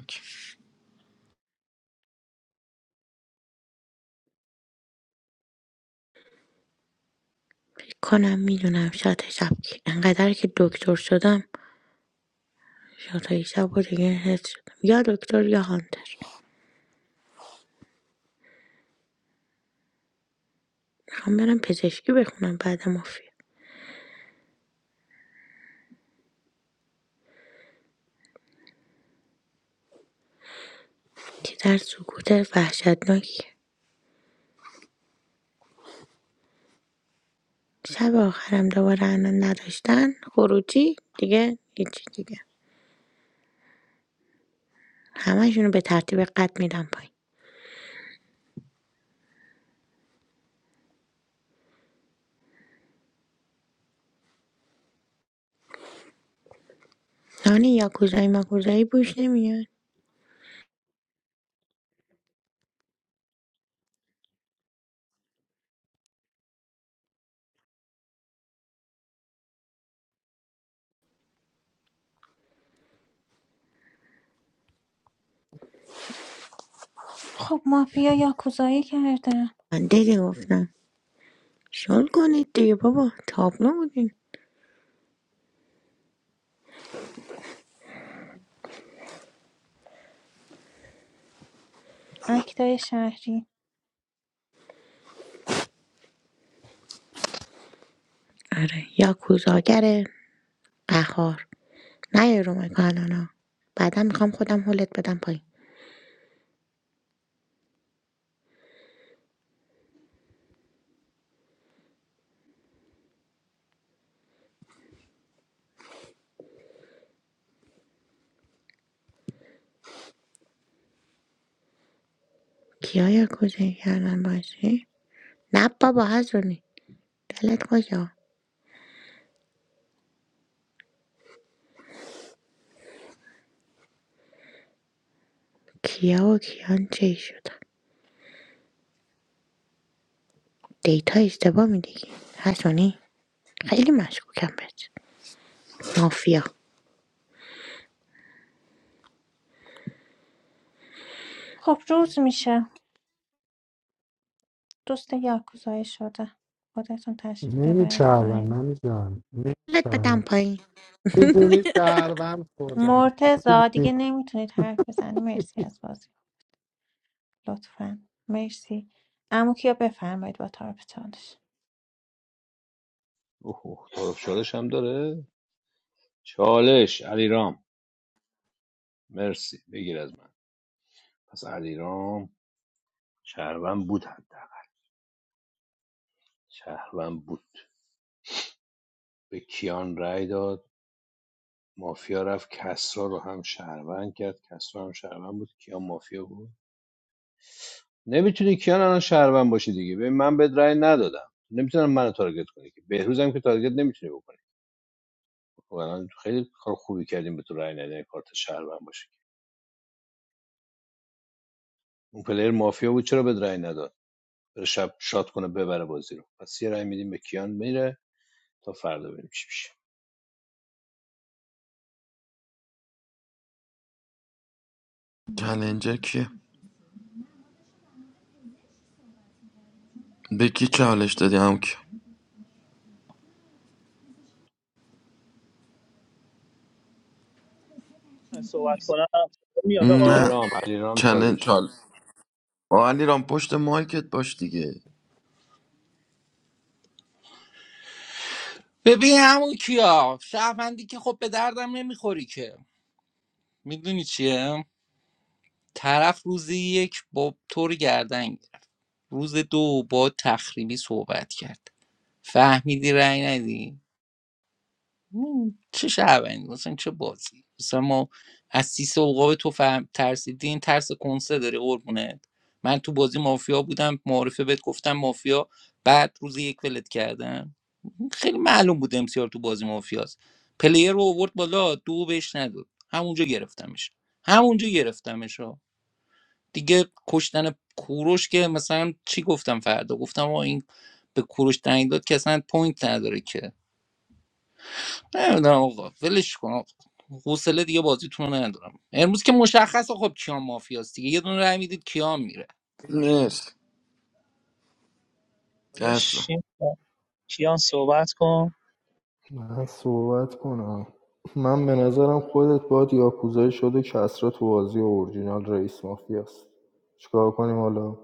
Speaker 18: فکر کنم میدونم شاد شب کی. انقدر که دکتر شدم شاد شب و دیگه حس شدم یا دکتر یا هانتر میخوام برم پزشکی بخونم بعد مافیا که در سکوت وحشتناکی شب آخرم دوباره الان نداشتن خروجی دیگه هیچی دیگه همشونو به ترتیب قد میدم پایین نانی یاکوزایی ماکوزایی بوش نمیاد
Speaker 1: خب مافیا یاکوزایی کردن
Speaker 18: من دیگه گفتم شل کنید دیگه بابا تابلو بودیم
Speaker 1: اکتای شهری
Speaker 18: آره یاکوزاگر قهار نه رو مکانانا بعدا میخوام خودم حلت بدم پایین کیا یاکوزایی کردن باشی؟ نه بابا هزونی دلت کجا کیا و کیان چی شدن دیتا اشتباه میدی هستونی خیلی مشکوکم بهت مافیا
Speaker 1: خب روز میشه دوست یاکوزایی شده خودتون تشریف ببرید
Speaker 14: نمیچربم
Speaker 1: پایین
Speaker 14: نمیدونم
Speaker 18: لت بدم
Speaker 14: نمیچربم
Speaker 18: پایین
Speaker 14: میدونی شهروند خوردم
Speaker 1: مرتضا
Speaker 14: می‌دونی-
Speaker 1: دیگه نمیتونید حرف بزنی مرسی از بازی لطفا مرسی امو کیا بفرمایید با طرف چالش
Speaker 3: اوه طرف تعارف چالش هم داره چالش علیرام مرسی بگیر از من پس علیرام شهروند بود حداقل شهروند بود به کیان رأی داد مافیا رفت کسرا رو هم شهروند کرد کسرا هم شهروند بود کیان مافیا بود نمیتونی کیان الان شهروند باشی دیگه ببین من بهت رأی ندادم نمیتونم منو تارگت کنی که بهروز هم که تارگت نمیتونی بکنی خب الان خیلی کار خوبی کردیم به تو رأی ندادن کارت شهروند باشه اون پلیر مافیا بود چرا بهت رأی نداد بره شب شاد کنه ببره بازی رو پس یه رای میدیم به کیان میره تا فردا ببینیم چی میشه
Speaker 9: چلنجر کیه به کی چالش دادی هم که
Speaker 11: صحبت کنم میاد آقا
Speaker 9: نه
Speaker 3: علیرام علیرام
Speaker 9: چلنج
Speaker 3: چالش داد
Speaker 9: چال آه، علی رام پشت مایکت باش دیگه
Speaker 7: ببین همون کیا شهروندی که خب به دردم نمیخوری که میدونی چیه طرف روز یک با تو رو گردن گرفت روز دو با تخریبی صحبت کرد فهمیدی رأی ندی مم، چه شهروندی مثلا چه بازی مثلا ما از سیس اوقاب تو فهم ترسیدی ترس کنسه داری قربونت من تو بازی مافیا بودم معارفه بهت گفتم مافیا بعد روز یک ولت کردم خیلی معلوم بود امسیار تو بازی مافیاست پلیر رو آورد بالا دو بهش نداد همونجا گرفتمش همونجا گرفتمش ها دیگه کشتن کوروش که مثلا چی گفتم فردا گفتم آقا این به کوروش دنگ داد که اصلا پوینت نداره که نمیدونم آقا ولش کن آقا. حوصله دیگه بازیتون رو ندارم امروز که مشخصه خب کیام مافیاست دیگه یه دونه رای میدید کیام میره
Speaker 9: مرسی کسرا
Speaker 11: داداش، کیان صحبت کن
Speaker 10: من صحبت کنم من به نظرم خودت باید یاکوزایی شده که اصرا تو بازی اورجینال رئیس مافیاست چیکار کنیم حالا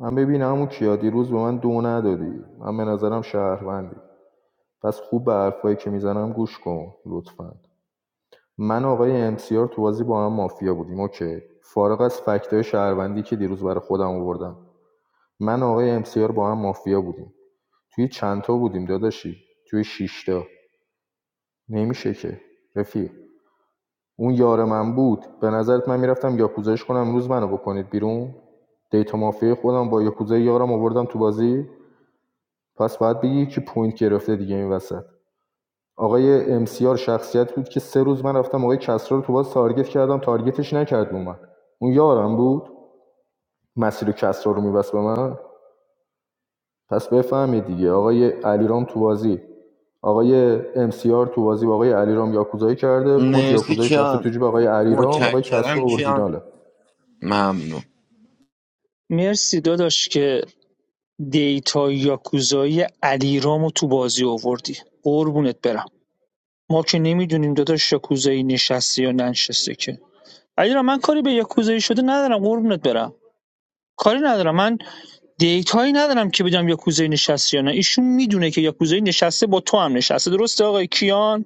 Speaker 10: من ببینم اون کیا دیروز به من دو ندادی من به نظرم شهروندی پس خوب به حرفایی که میزنم گوش کن لطفا من و آقای امسیار تو بازی با هم مافیا بودیم اوکی فارغ از فکتای شهروندی که دیروز برای خودم آوردم من و آقای امسیار با هم مافیا بودیم توی چند تا بودیم داداشی توی شش تا. نمیشه که رفیق اون یار من بود به نظرت من میرفتم یاکوزایش کنم امروز منو بکنید بیرون دیتا مافیا خودم با یاکوزای یارم آوردم تو بازی پس باید بگی که پوینت گرفته دیگه این وسط آقای امسیار شخصیت بود که سه روز من رفتم آقای کسرا رو تو باز تارگت کردم تارگتش نکرد به من اون یارم بود مسیر کسرا رو میبست به من پس بفهمید دیگه آقای علیرام تو بازی آقای امسیار تو بازی با آقای علیرام یاکوزایی کرده پوینت
Speaker 9: مرسی
Speaker 10: یاکوزایی رفته تو
Speaker 9: کیان
Speaker 10: جیب آقای علیرام آقای
Speaker 9: متشکرم
Speaker 10: کسرا
Speaker 9: کیان
Speaker 10: اورجیناله
Speaker 9: ممنون
Speaker 11: مرسی داداش که دیتا یاکوزایی علیرامو تو بازی آوردی قربونت برم ما که نمیدونیم داداش یاکوزایی نشسته یا ننشسته که علیرام من کاری به یاکوزایی شده ندارم قربونت برم کاری ندارم من دیتایی ندارم که بگم یاکوزایی نشسته یا نه ایشون میدونه که یاکوزایی نشسته با تو هم نشسته درسته آقای کیان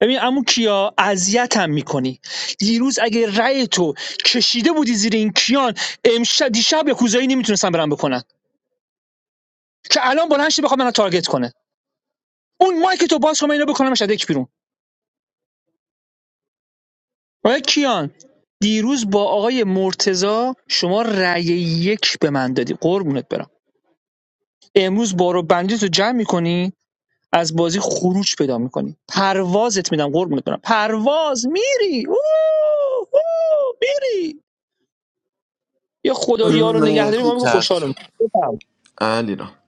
Speaker 11: ببین عمو کیا اذیتم میکنی دیروز اگه رأی تو کشیده بودی زیر این کیان امشب دیشب یاکوزایی نمیتونستم برام بکنن که الان بلند شه بخواد منو تارگت کنه اون مایک تو باز کنم اینو بکنم یک بیرون آقای کیان دیروز با آقای مرتزا شما رأی یک به من دادی قربونت برم امروز بارو بندی تو جمع میکنی از بازی خروج پیدا میکنی پروازت میدم قربونت برم پرواز میری اوه، اوه، میری یه خدایا رو نگهداری
Speaker 9: مرسی
Speaker 11: ما میگه خوشحالم
Speaker 9: کسرا
Speaker 11: بفرمایید.
Speaker 9: علی رام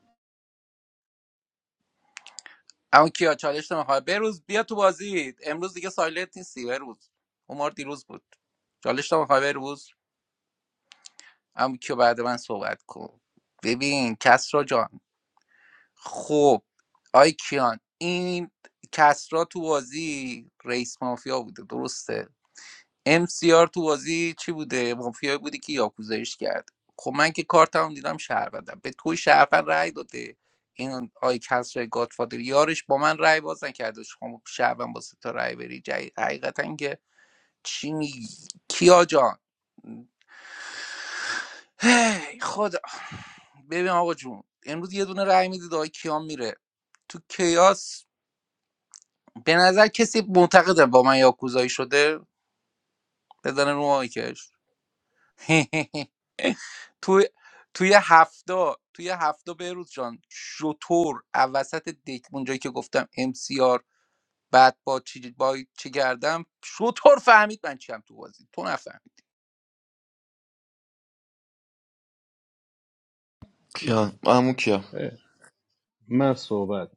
Speaker 7: اما کیا چالش نمیخواد بروز بیا تو بازی امروز دیگه سایلنت نیستی بروز عمر دیروز بود چالش نمیخواد بروز اما کیو بعد من صحبت کن ببین کسرا جان خب آی کیان این کسرا تو بازی رئیس مافیا بوده درسته MCR تو بازی چی بوده مافیا بوده که یاکوزایش کرد خب من که کارتم دیدم شهروندم به توی شهروند رأی داده این آی کسرا گادفادر یارش با من رأی باز نکرده شما شهروند با سه تا رأی بری جای- حقیقتا که چی میگی کیا جان هی خدا ببین آقا جون امروز یه دونه رأی میدید آقای کیان میره تو کیاس به نظر کسی معتقده با من یاکوزایی شده بزنه رو مایکش <laughs> توی توی هفته توی هفته بهروز جان شطور وسط دک اونجایی که گفتم ام سی آر بعد با چی با چی کردم شطور فهمید من چیم تو بازی تو نفهمید
Speaker 9: کیان همون کیا
Speaker 3: من صحبت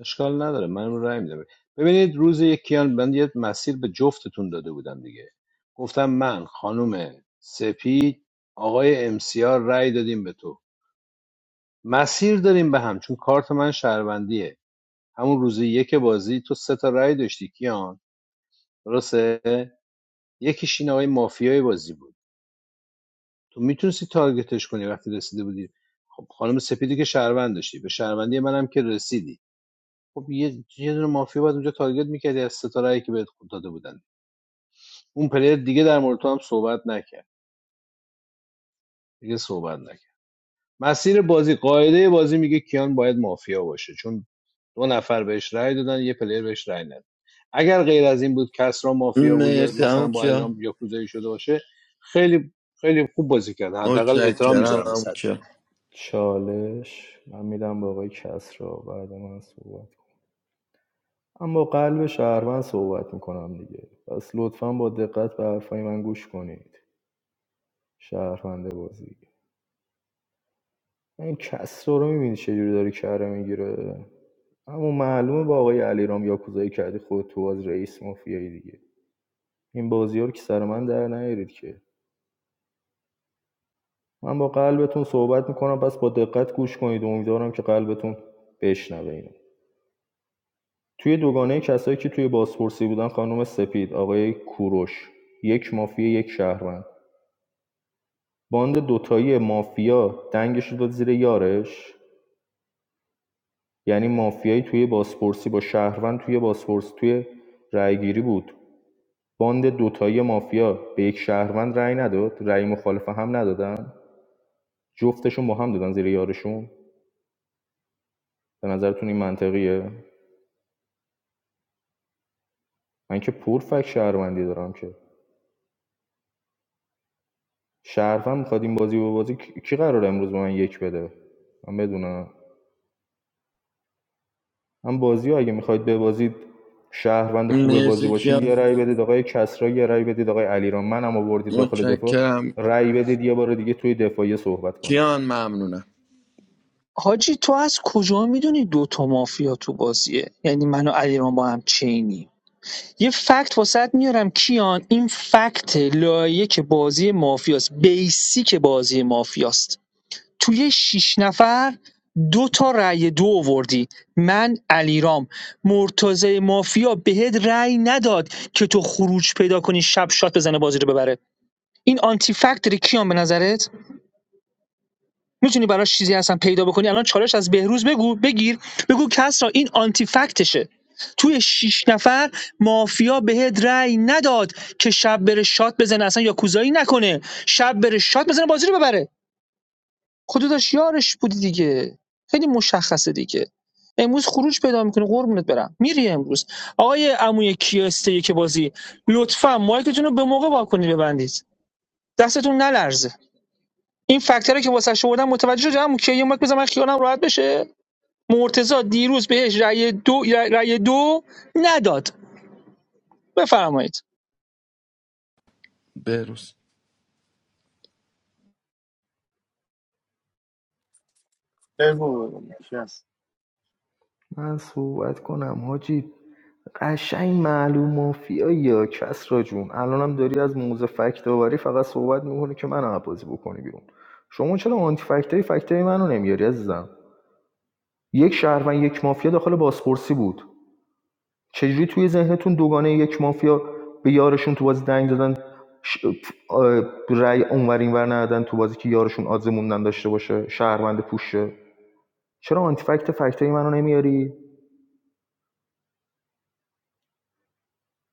Speaker 3: اشکال نداره من رای میدم ببینید روز یک کیان من یه مسیر به جفتتون داده بودم دیگه گفتم من خانم سپید آقای امسیار رای دادیم به تو مسیر داریم به هم چون کارت من شهروندیه همون روز یک بازی تو سه تا رای داشتی کیان درسته یکیش این آقای مافیای بازی بود تو میتونستی تارگتش کنی وقتی رسیده بودی خب خانم سپیدی که شهروند داشتی به شهروندی منم که رسیدی خب یه یه دونه مافیا باید اونجا تارگت میکردی از ستاره که بهت خود داده بودن اون پلیر دیگه در مورد تو هم صحبت نکرد دیگه صحبت نکرد مسیر بازی قاعده بازی میگه کیان باید مافیا باشه چون دو نفر بهش رأی دادن یه پلیر بهش رأی نداد اگر غیر از این بود کس را مافیا بود یا
Speaker 9: مرسی
Speaker 3: مثلا
Speaker 9: همون
Speaker 3: با
Speaker 9: کیا
Speaker 3: ایران یا کوزایی شده باشه خیلی خیلی خوب بازی کردن حداقل احترام
Speaker 9: متشکرم
Speaker 3: میذارم به
Speaker 9: همون
Speaker 3: سطح
Speaker 9: کیا
Speaker 10: چالش من میدم با آقای کسرا بعد من صحبت کنم اما قلب شهروند صحبت میکنم دیگه پس لطفاً با دقت به حرفای من گوش کنید شهرونده بازی این کسرا رو میبینی چجوری داری کره میگیره اما معلومه با آقای علیرام یاکوزایی کردی خود تو از رئیس مافیایی دیگه این بازی ها رو که سر من در نیارید که من با قلبتون صحبت میکنم پس با دقت گوش کنید و امیدوارم که قلبتون بشنوه اینو توی دوگانه کسایی که توی بازپرسی بودن خانم سپید آقای کوروش یک مافیا یک شهروند باند دوتایی مافیا دنگش رو داد زیر یارش یعنی مافیایی توی بازپرسی با شهروند توی بازپرسی توی رأیگیری بود باند دوتایی مافیا به یک شهروند رأی نداد رأی مخالفه هم ندادن جفتشون با هم دادن زیر یارشون به نظرتون این منطقیه من که پور فک شهروندی دارم که شهروند میخواد این بازی رو بازی کی قرار امروز به من یک بده من بدونم هم بازی رو اگه میخواید ببازید شهروند خوب بازی
Speaker 9: مرسی
Speaker 10: باشید یه
Speaker 9: کیان
Speaker 10: رأی بدید آقای کسرا یه رأی بدید آقای علیرام منم آوردید داخل دفاع
Speaker 9: متشکرم
Speaker 10: رأی بدید یه بار دیگه توی دفاعیه صحبت کنید
Speaker 9: کیان ممنونم
Speaker 11: حاجی تو از کجا میدونی دوتا مافیا تو بازیه یعنی من و علیرام با هم چینی یه فکت واسط میارم کیان این فکت لایک بازی مافیاست بیسیک بازی مافیاست توی شیش نفر دو تا رأی دو آوردی من علیرام مرتضی مافیا بهت رأی نداد که تو خروج پیدا کنی شب شات بزنه بازی رو ببره این آنتی فکت داره کیان به نظرت میتونی براش چیزی هستن پیدا بکنی الان چالش از بهروز بگو بگیر بگو کس را این آنتی فکتشه توی شیش نفر مافیا بهت رأی نداد که شب بره شات بزنه اصلا یا کوزایی نکنه شب بره شات بزنه بازی رو ببره خود داشت یارش بودی دیگه خیلی مشخصه دیگه امروز خروج پیدا میکنه قربونت برم میری امروز آقای عموی کیاسته که بازی لطفا مایکتون رو به موقع واکنید ببندید دستتون نلرزه این فکت‌ها که واسه آوردم متوجه شدم که یه مک بزنم من خیالم راحت بشه مرتضی دیروز بهش رأی دو رأی دو نداد بفرمایید
Speaker 9: بروز
Speaker 13: بگو شبت
Speaker 10: من صحبت کنم حاجی قشنگ معلوم مافیایی یا کسرا جون الانم داری از موزه فکت آوری فقط صحبت میکنه که من بازی بکنی بیرون شما چرا آنتی فکتای فکتای منو نمیاری عزیزم یک شهروند یک مافیا داخل بازپرسی بود چجوری توی ذهنتون دوگانه یک مافیا به یارشون تو بازی دنگ دادن ش... آه، رأی اونور اینور ندادن تو بازی که یارشون آدز موندن داشته باشه شهروند پوشه چرا آنتیفکت فکتای منو نمیاری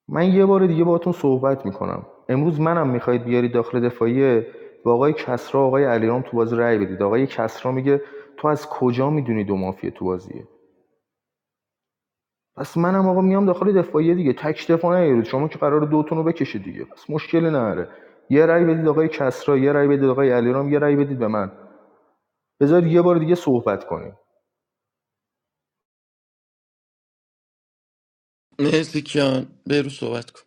Speaker 10: من یه بار دیگه باهاتون صحبت میکنم امروز منم میخواید بیاری داخل دفاعیه با آقای کسرا آقای علیرام تو بازی رأی بدید آقای کسرا میگه تو از کجا میدونی دو مافیا تو بازیه پس منم آقا میام داخل دفاعیه دیگه تک دفاع نیارید شما که قرار دوتون رو بکشید دیگه پس مشکلی نداره یه رأی بدید آقای کسری یه رأی بدید آقای علیرام یه رأی بدید به من بذار یه بار دیگه صحبت کنیم
Speaker 9: مرسی کیان بروز صحبت کن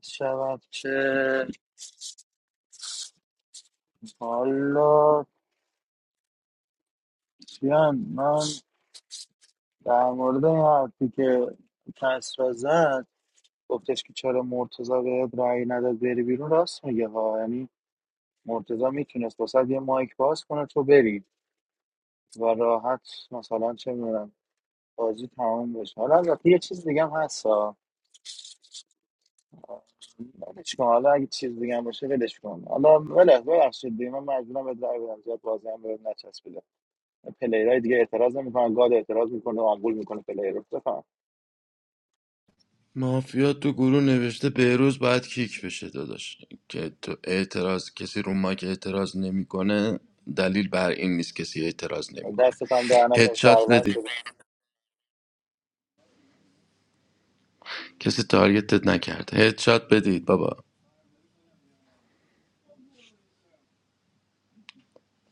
Speaker 13: چه هر شود که حالا بیان من در مورد این حرفی که کس را زد گفتش که چرا مرتضا به رأی نداد بری بیرون راست میگه ها یعنی مرتضا میتونست واسه یه مایک باز کنه تو بری و راحت مثلا چه می‌دونم بازی تمام بشه حالا البته یه چیز دیگه هم هست ها. ولش کن حالا اگه چیز دیگه هم باشه ولش کن حالا ولش ببخشید دیگه من مجبورم به در بدم زیاد بازی هم بهم نچسبیده پلیرای دیگه اعتراض نمیکنن گاد اعتراض میکنه آمبول میکنه پلیر رو بفهم
Speaker 9: مافیا تو گروه نوشته بهروز باید کیک بشه داداش که تو اعتراض کسی رو ما که اعتراض نمیکنه دلیل بر این نیست کسی اعتراض نمیکنه
Speaker 13: دستت هم در نکن
Speaker 9: هدشات
Speaker 13: شهروند
Speaker 9: بدید
Speaker 13: شده
Speaker 9: کسی تارگتت نکرد هدشات بدید بابا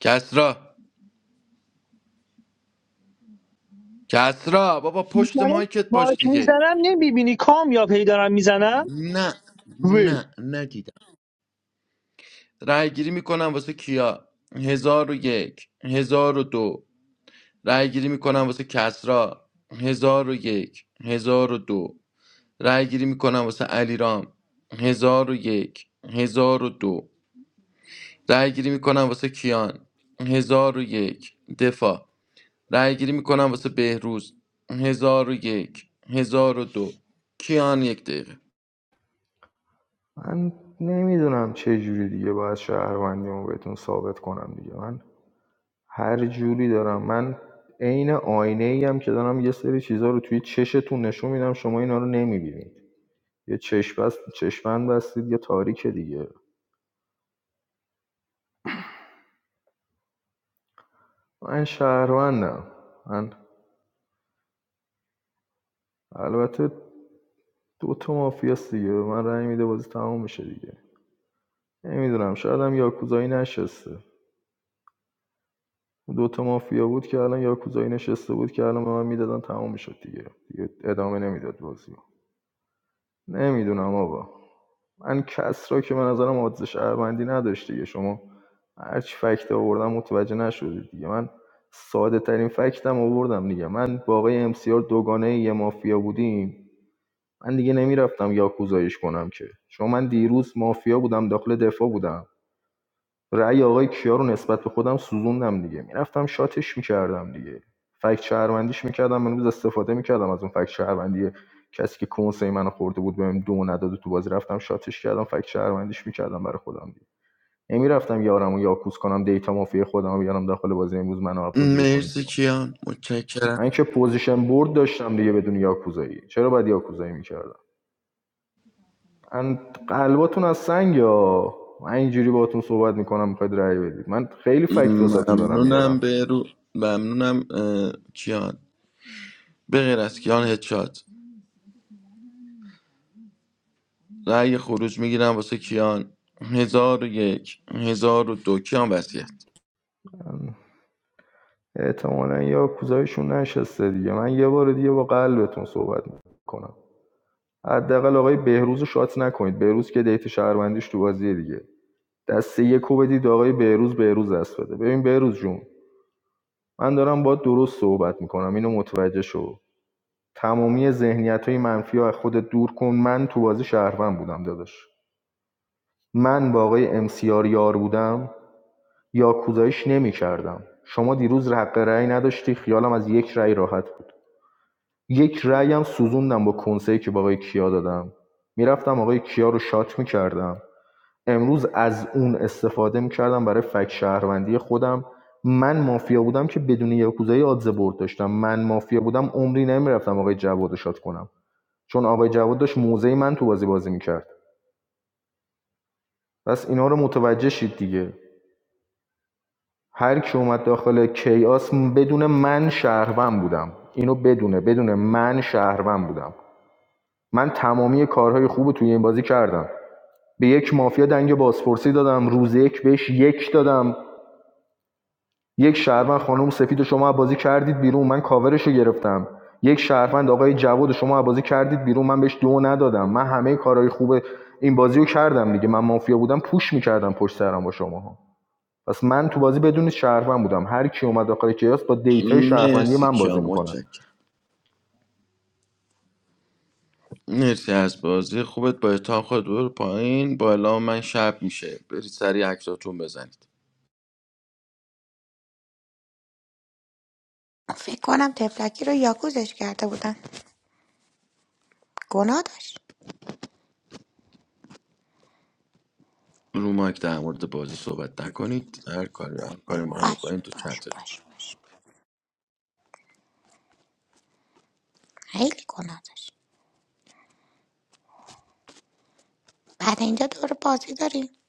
Speaker 9: کسرا کسرا بابا پشت
Speaker 11: من
Speaker 9: مایکت باش
Speaker 11: مارک
Speaker 9: دیگه
Speaker 11: میزنم نمیبینی کامیاب هی دارم میزنم
Speaker 9: نه
Speaker 11: وی
Speaker 9: نه ندیدم رای گیری میکنم واسه کیا هزار و یک هزار و دو رای گیری میکنم واسه کسرا هزار و یک هزار و دو رأی گیری میکنم واسه علیرام هزار و یک هزار و دو رأی گیری میکنم واسه کیان هزار و یک دفاع رأی گیری میکنم واسه بهروز هزار و یک هزار و دو کیان یک دقیقه
Speaker 10: من نمیدونم چه جوری دیگه باید شهروندیمو بهتون ثابت کنم دیگه من هر جوری دارم من عین آینه ای که دارم یه سری چیزها رو توی چشتون نشون میدم شما اینا رو نمیبینید یه چشم بست چشمند بستید یه تاریک دیگه من شهروندم من البته دو تا مافیاست دیگه به من رأی میده بازی تمام میشه دیگه نمیدونم شاید هم یاکوزایی نشسته دو تا مافیا بود که الان یاکوزایی نشسته بود که الان به من میدادن تمام میشد دیگه دیگه ادامه نمیداد بازی نمیدونم آقا من کس را که من نظرم عادز شهروندی نداشت دیگه شما هر چی فکت آوردم متوجه نشدید دیگه من ساده ترین فکتم آوردم دیگه من با آقای امسیار دوگانه یه مافیا بودیم من دیگه نمیرفتم یاکوزایش کنم که چون من دیروز مافیا بودم داخل دفاع بودم رأی آقای کیا رو نسبت به خودم سوزوندم دیگه میرفتم شاتش میکردم دیگه فکت شهروندیش میکردم امروز استفاده میکردم از اون فکت شهروندی کسی که کنسای منو خورده بود بهم دو نداد و تو بازی رفتم شاتش کردم فکت شهروندیش میکردم برای خودم دیگه نمیرفتم یارم و یاکوز کنم دیتا مافیا خودم رو بیارم داخل بازی امروز منو از بازی بکنید
Speaker 9: مرسی
Speaker 10: بیرون که
Speaker 9: کیان متشکرم
Speaker 10: من که پوزیشن برد داشتم دیگه بدون یاکوزایی چرا باید یاکوزایی میکردم من قلباتون از سنگ یا من اینجوری باهاتون صحبت میکنم میخواید رأی بدید من خیلی فکت واسهتون دارم
Speaker 9: ممنونم
Speaker 10: میارم
Speaker 9: برو ممنونم اه، کیان به غیر از کیان هدشات رأی خروج میگیرم واسه کیان هزار و یک هزار و دو کیان وسیعت
Speaker 10: احتمالا یا کوزایشون نشسته دیگه من یه بار دیگه با قلبتون صحبت میکنم حداقل آقای بهروز رو شات نکنید بهروز که دیت شهروندیش تو بازیه دیگه دسته یکو بدید آقای بهروز بهروز دست بده ببین بهروز جون من دارم با درست صحبت میکنم اینو متوجه شو تمامی ذهنیت های منفی رو از خودت دور کن من تو بازی شهروند بودم داداش من با آقای امسیار یار بودم یا کوزایش نمی کردم. شما دیروز حق رأی نداشتی خیالم از یک رأی راحت بود یک رأی هم سوزوندم با کنسه‌ای که با آقای کیا دادم میرفتم آقای کیا رو شات میکردم امروز از اون استفاده میکردم برای فک شهروندی خودم من مافیا بودم که بدون یاکوزایی آدزه برد داشتم من مافیا بودم عمری نمیرفتم آقای جواد رو شات کنم چون آقای جواد داشت موزه من تو بازی بازی میکرد پس اینا رو متوجه شید دیگه هر کی اومد داخل کیاس بدون من شهروند بودم اینو بدونه بدون من شهروند بودم من تمامی کارهای خوب رو توی این بازی کردم به یک مافیا دنگ بازپرسی دادم روز یک بهش یک دادم یک شهروند خانم سفید شما بازی کردید بیرون من کاورش گرفتم یک شهروند آقای جواد شما بازی کردید بیرون من بهش دو ندادم من همه کارهای خوب این بازیو کردم دیگه من مافیا بودم پوش میکردم پشت سرم با شماها. پس من تو بازی بدون شهروند بودم هر کی اومد داخل کیاس با دیتای شهروندی
Speaker 9: مرسی
Speaker 10: من
Speaker 9: کیا
Speaker 10: بازی میکنه
Speaker 9: متشکرم مرسی از بازی خوبت با احترام خود برو پایین با اعلام من شب میشه برید سریع عکساتون بزنید
Speaker 18: <laughs> فکر کنم تفلکی رو یاکوزش کرده بودن گناه داشت
Speaker 9: رو مایک در مورد بازی صحبت نکنید هر کاری هر کاری میخوایم
Speaker 18: باش
Speaker 9: بکنید تو
Speaker 18: باش
Speaker 9: چت رو
Speaker 18: باش باش خیلی گناه داشت بعد اینجا دور بازی داریم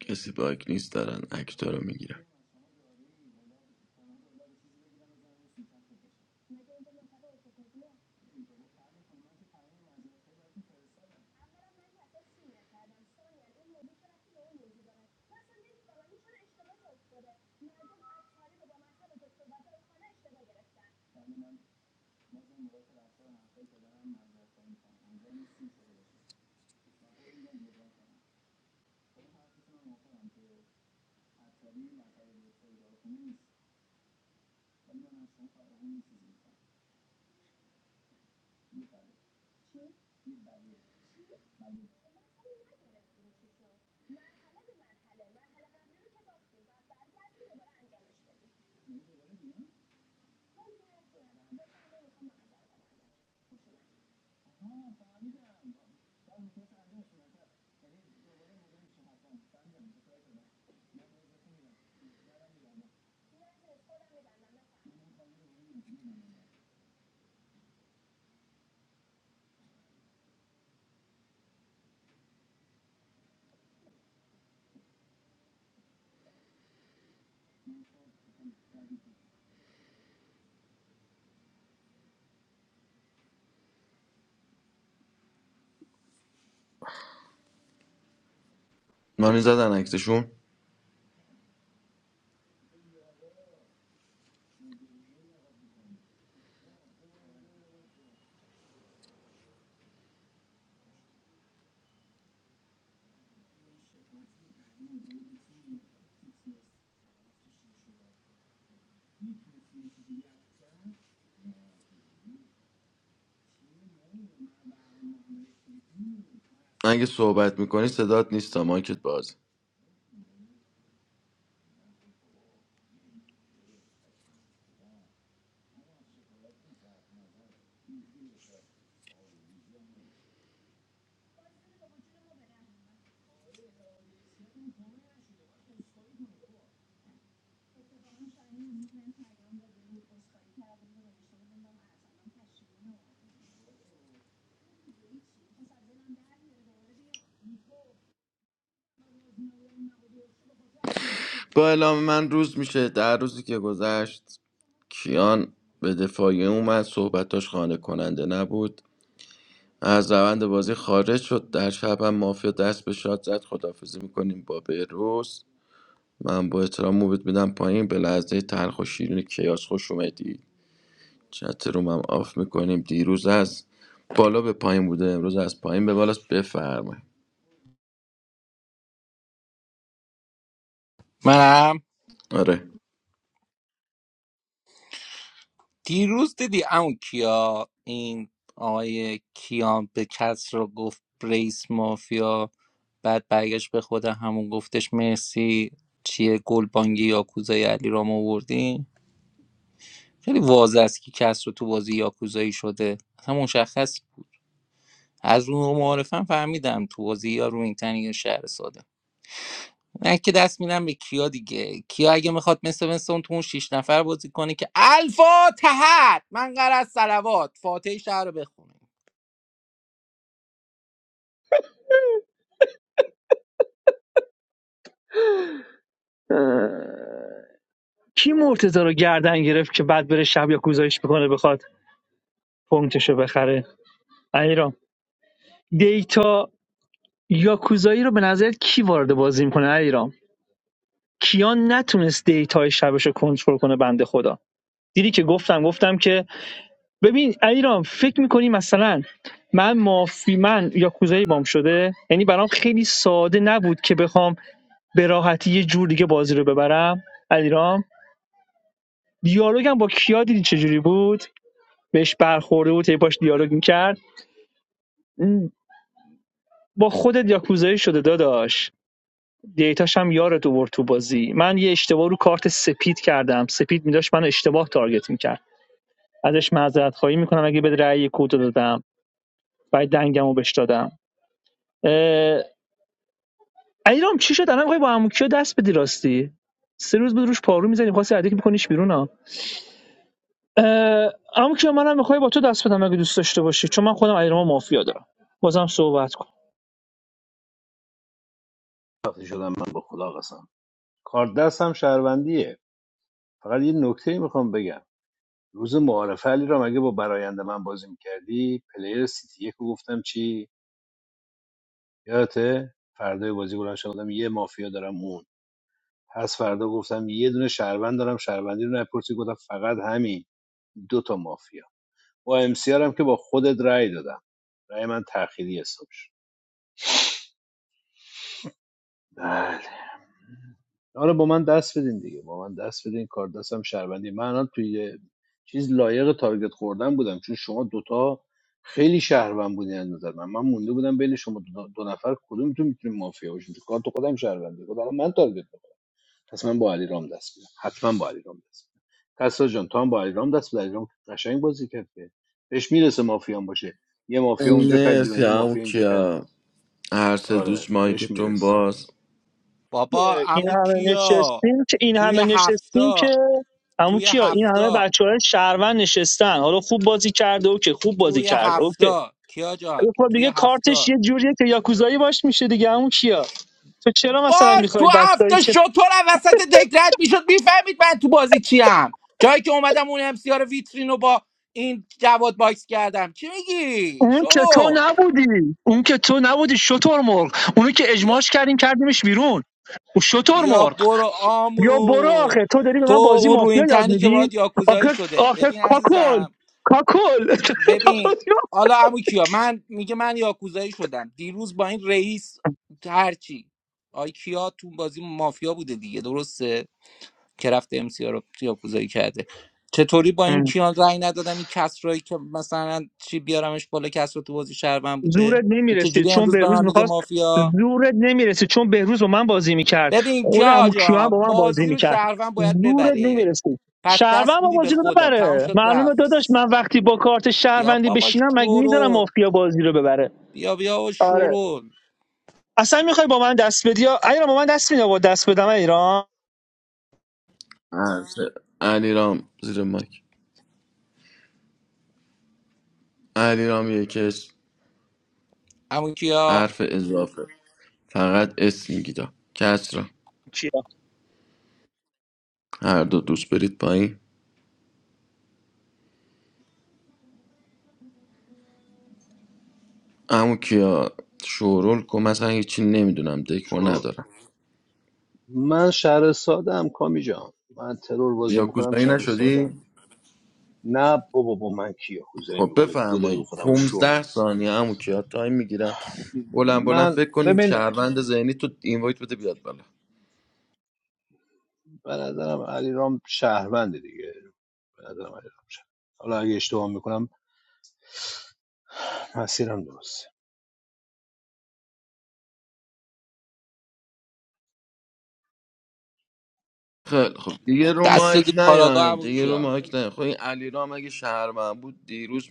Speaker 9: کسی باگ نیست دارن اکتا رو میگیرن مانی زدن عکسشون اگه صحبت میکنی صدات نیست تا مایکت باز با اعلام من روز میشه در روزی که گذشت کیان به دفاعیه اومد صحبتاش خانه کننده نبود از روند بازی خارج شد در شب هم مافیا دست به شاد زد خدافزی میکنیم با بهروز من با احترام موبت میدم پایین به لحظه تلخ و شیرین کیاس خوش اومدی چت روم هم آف میکنیم دیروز از بالا به پایین بوده امروز از پایین به بالاست بفرمایید
Speaker 7: منم
Speaker 9: آره
Speaker 7: دیروز دیدی عمو کیا این آقای کیان به کس رو گفت رئیس مافیا بعد برگشت به خود همون گفتش مرسی چیه گلبانگی یاکوزای علی رام آوردی خیلی واضح است که کس رو تو بازی یاکوزایی شده اصلا مشخص بود از اون معارفم فهمیدم تو بازی یا روینتنی یا شهر ساده من که دست میدم به کیا دیگه کیا اگه میخواد مثل مثل اون تو اون شیش نفر بازی کنه که الفا من قرار سلوات فاتحه شهر رو بخونیم
Speaker 11: اه، کی مرتضی رو گردن گرفت که بعد بره شب یاکوزایش بکنه بخواد پونکتشو بخره ایرام دیتا یاکوزایی رو به نظرت کی وارد بازی میکنه ایرام کیان نتونست دیتای شبش رو کنترل کنه بنده خدا دیدی که گفتم گفتم که ببین علیرام فکر میکنی مثلا من مافی من یا کوزایی بام شده یعنی برام خیلی ساده نبود که بخوام به راحتی یه جور دیگه بازی رو ببرم علیرام دیالوگم با کیا دیدی چجوری بود بهش برخورده بود هی باش دیالوگ میکرد با خودت یاکوزایی شده داداش دیتاش هم یارت اوورد تو بازی من یه اشتباه رو کارت سپید کردم سپید میداشت من اشتباه تارگت میکرد ازش معذرت خواهی میکنم اگه به رأی کود دادم باید دنگمو بهش دادم علیرام چی شد الان میخوای با عموکیو دست بدی راستی سه روز بود روش پارو میزنی خواستی که میکنیش بیرون ها عموکیو منم میخوای با تو دست بدم اگه دوست داشته باشی چون من خودم علیرام مافیا دارم بازم صحبت کن
Speaker 3: خفه شدم من به خدا قسم کار دستم شهروندیه فقط یه نکته میخوام بگم روز معارفه علی را مگه با برایند من بازی میکردی پلیر سیتی یک رو گفتم چی یادته فردای بازی بلند شدم یه مافیا دارم اون پس فردا گفتم یه دونه شهروند دارم شهروندی رو نپرسی گفتم فقط همین دو تا مافیا با ام سی آر هم که با خودت رأی دادم رأی من تأخیری حساب شد آره با من دست بدین دیگه با من دست بدین کار دستم شهروندی من الان توی یه چیز لایق تارگت خوردن بودم چون شما دوتا خیلی شهروند بودین از نظر من من مونده بودم بین شما دو, دو نفر کدومتون میتونیم مافیا باشیم چون کارت خودم شهروندی خود الان من تارگت بودم پس من با علی رام دست بدم حتما با علی رام دست بدم کسرا جان تو هم با علی رام دست بدم علی قشنگ بازی کرد که بهش میرسه مافیا باشه یه مافیا اونجا کرد بیرون
Speaker 9: مرسی
Speaker 3: یه
Speaker 9: هم
Speaker 3: مافیا اینجا کرد بیرون
Speaker 9: کیا هر سه
Speaker 3: آره
Speaker 9: دوست
Speaker 3: بهش
Speaker 9: مایکتون
Speaker 3: میرسه
Speaker 9: باز
Speaker 7: بابا
Speaker 11: این
Speaker 7: عمو
Speaker 11: همه
Speaker 7: کیا
Speaker 11: نشستیم که این
Speaker 7: توی
Speaker 11: همه نشستیم که
Speaker 7: هفته
Speaker 11: عمو
Speaker 7: توی
Speaker 11: کیا این همه
Speaker 7: هفته
Speaker 11: بچه های شهروند نشستن حالا خوب بازی کرده اوکی خوب بازی
Speaker 7: توی
Speaker 11: کرده اوکی
Speaker 7: هفته کیا جان
Speaker 11: ولی خب
Speaker 7: توی
Speaker 11: دیگه کارتش
Speaker 7: هفته
Speaker 11: یه جوریه که یاکوزایی باش میشه دیگه عمو کیا تو چرا مثلا
Speaker 7: باش
Speaker 11: میخوای
Speaker 7: تو
Speaker 11: بچه‌ای
Speaker 7: هفته
Speaker 11: که
Speaker 7: شطور وسط دکرت میشد میفهمید من تو بازی چیم جایی که اومدم اون امسیار ویترین رو با این جواد باکس کردم چی میگی
Speaker 11: اون که تو
Speaker 7: شروع
Speaker 11: نبودی اون که تو نبودی شطور مرغ اونو که اجماعش کردیم کردیمش بیرون او شطور
Speaker 7: بیا
Speaker 11: مرغ
Speaker 7: برو
Speaker 11: یا برو
Speaker 7: آمو
Speaker 11: آخه تو داری به من
Speaker 7: تو
Speaker 11: بازی
Speaker 7: اون رو
Speaker 11: مافیا
Speaker 7: این
Speaker 11: یاد
Speaker 7: تنی که
Speaker 11: میدی
Speaker 7: باید یاکوزایی
Speaker 11: آخه
Speaker 7: شده
Speaker 11: آخه
Speaker 7: ببین
Speaker 11: کاکل
Speaker 7: عزیزم
Speaker 11: کاکل <laughs>
Speaker 7: ببین حالا امو کیا من میگه من یاکوزایی شدم دیروز با این رئیس هرچی آی کیا تو بازی مافیا بوده دیگه درسته که رفته ام سی رو یاکوزایی کرده چطوری با این
Speaker 11: ام.
Speaker 7: کیان رأی ندادم این کسرایی که مثلا چی بیارمش بالا کسرا تو بازی شهروند بوده
Speaker 11: زورت
Speaker 7: این
Speaker 11: نمیرسید
Speaker 7: چجوری
Speaker 11: چون
Speaker 7: امروز به
Speaker 11: بهروز
Speaker 7: من میگه
Speaker 11: میخواست
Speaker 7: مافیا
Speaker 11: زورت نمیرسید چون بهروز با من بازی میکرد
Speaker 7: ببین
Speaker 11: خود
Speaker 7: کیا
Speaker 11: عمو کیا هم
Speaker 7: جا
Speaker 11: با من بازی
Speaker 7: بازی رو
Speaker 11: میکرد
Speaker 7: شهروند باید
Speaker 11: زورت
Speaker 7: ببره
Speaker 11: نمیرسید
Speaker 7: پس
Speaker 11: شهروند
Speaker 7: دست
Speaker 11: با
Speaker 7: میدی به
Speaker 11: بازی رو
Speaker 7: خودم تمام
Speaker 11: ببره
Speaker 7: شد
Speaker 11: معلومه
Speaker 7: رفت
Speaker 11: داداش من وقتی با کارت
Speaker 7: بیا
Speaker 11: شهروندی
Speaker 7: بابا
Speaker 11: بشینم مگه میزنم
Speaker 7: شورول
Speaker 11: مافیا بازی رو ببره
Speaker 7: بیا بیا و
Speaker 11: آره
Speaker 7: شورول
Speaker 11: اصلا میخوای با من دست بدی یا ایران با من دست میده با دست بدم ایران
Speaker 9: هر سه علیرام زیر مایک علیرام یکش
Speaker 7: همون کیا
Speaker 9: حرف اضافه فقط اسم میگیدم کسرا
Speaker 11: کیا
Speaker 9: هر دو دوست برید پایین اما کیا شورول کن مثلا هیچی نمیدونم دکو
Speaker 3: شروع
Speaker 9: ندارم
Speaker 3: من شهر ساده کامی جان من ترور بازی میکنم
Speaker 9: یاکوزایی
Speaker 3: شهر ساده
Speaker 9: نشدی؟
Speaker 3: نه بابا با من کیا خوزایی
Speaker 9: خب
Speaker 3: میکنه دو دقیقه
Speaker 9: بفرمایید
Speaker 3: خودم رو شو
Speaker 9: 15
Speaker 3: می‌کنم.
Speaker 9: ثانیه امو کیا تایم میگیرم بلند بلند
Speaker 3: من
Speaker 9: فکر کنید
Speaker 3: ببین
Speaker 9: شهروند ذهنی تو اینوایت بده بیاد بالا
Speaker 3: به نظرم علیرام شهرونده دیگه به نظرم علیرام شهر. حالا اگه اشتباه میکنم مسیرم درسته
Speaker 9: خیلی خب دیگه رو
Speaker 7: دست
Speaker 9: مایک
Speaker 7: دادی کاراگاه
Speaker 9: نیاین
Speaker 7: همون
Speaker 9: دیگه رو
Speaker 7: کیا
Speaker 9: مایک نیاین خب این علیرام اگه شهروند بود دیروز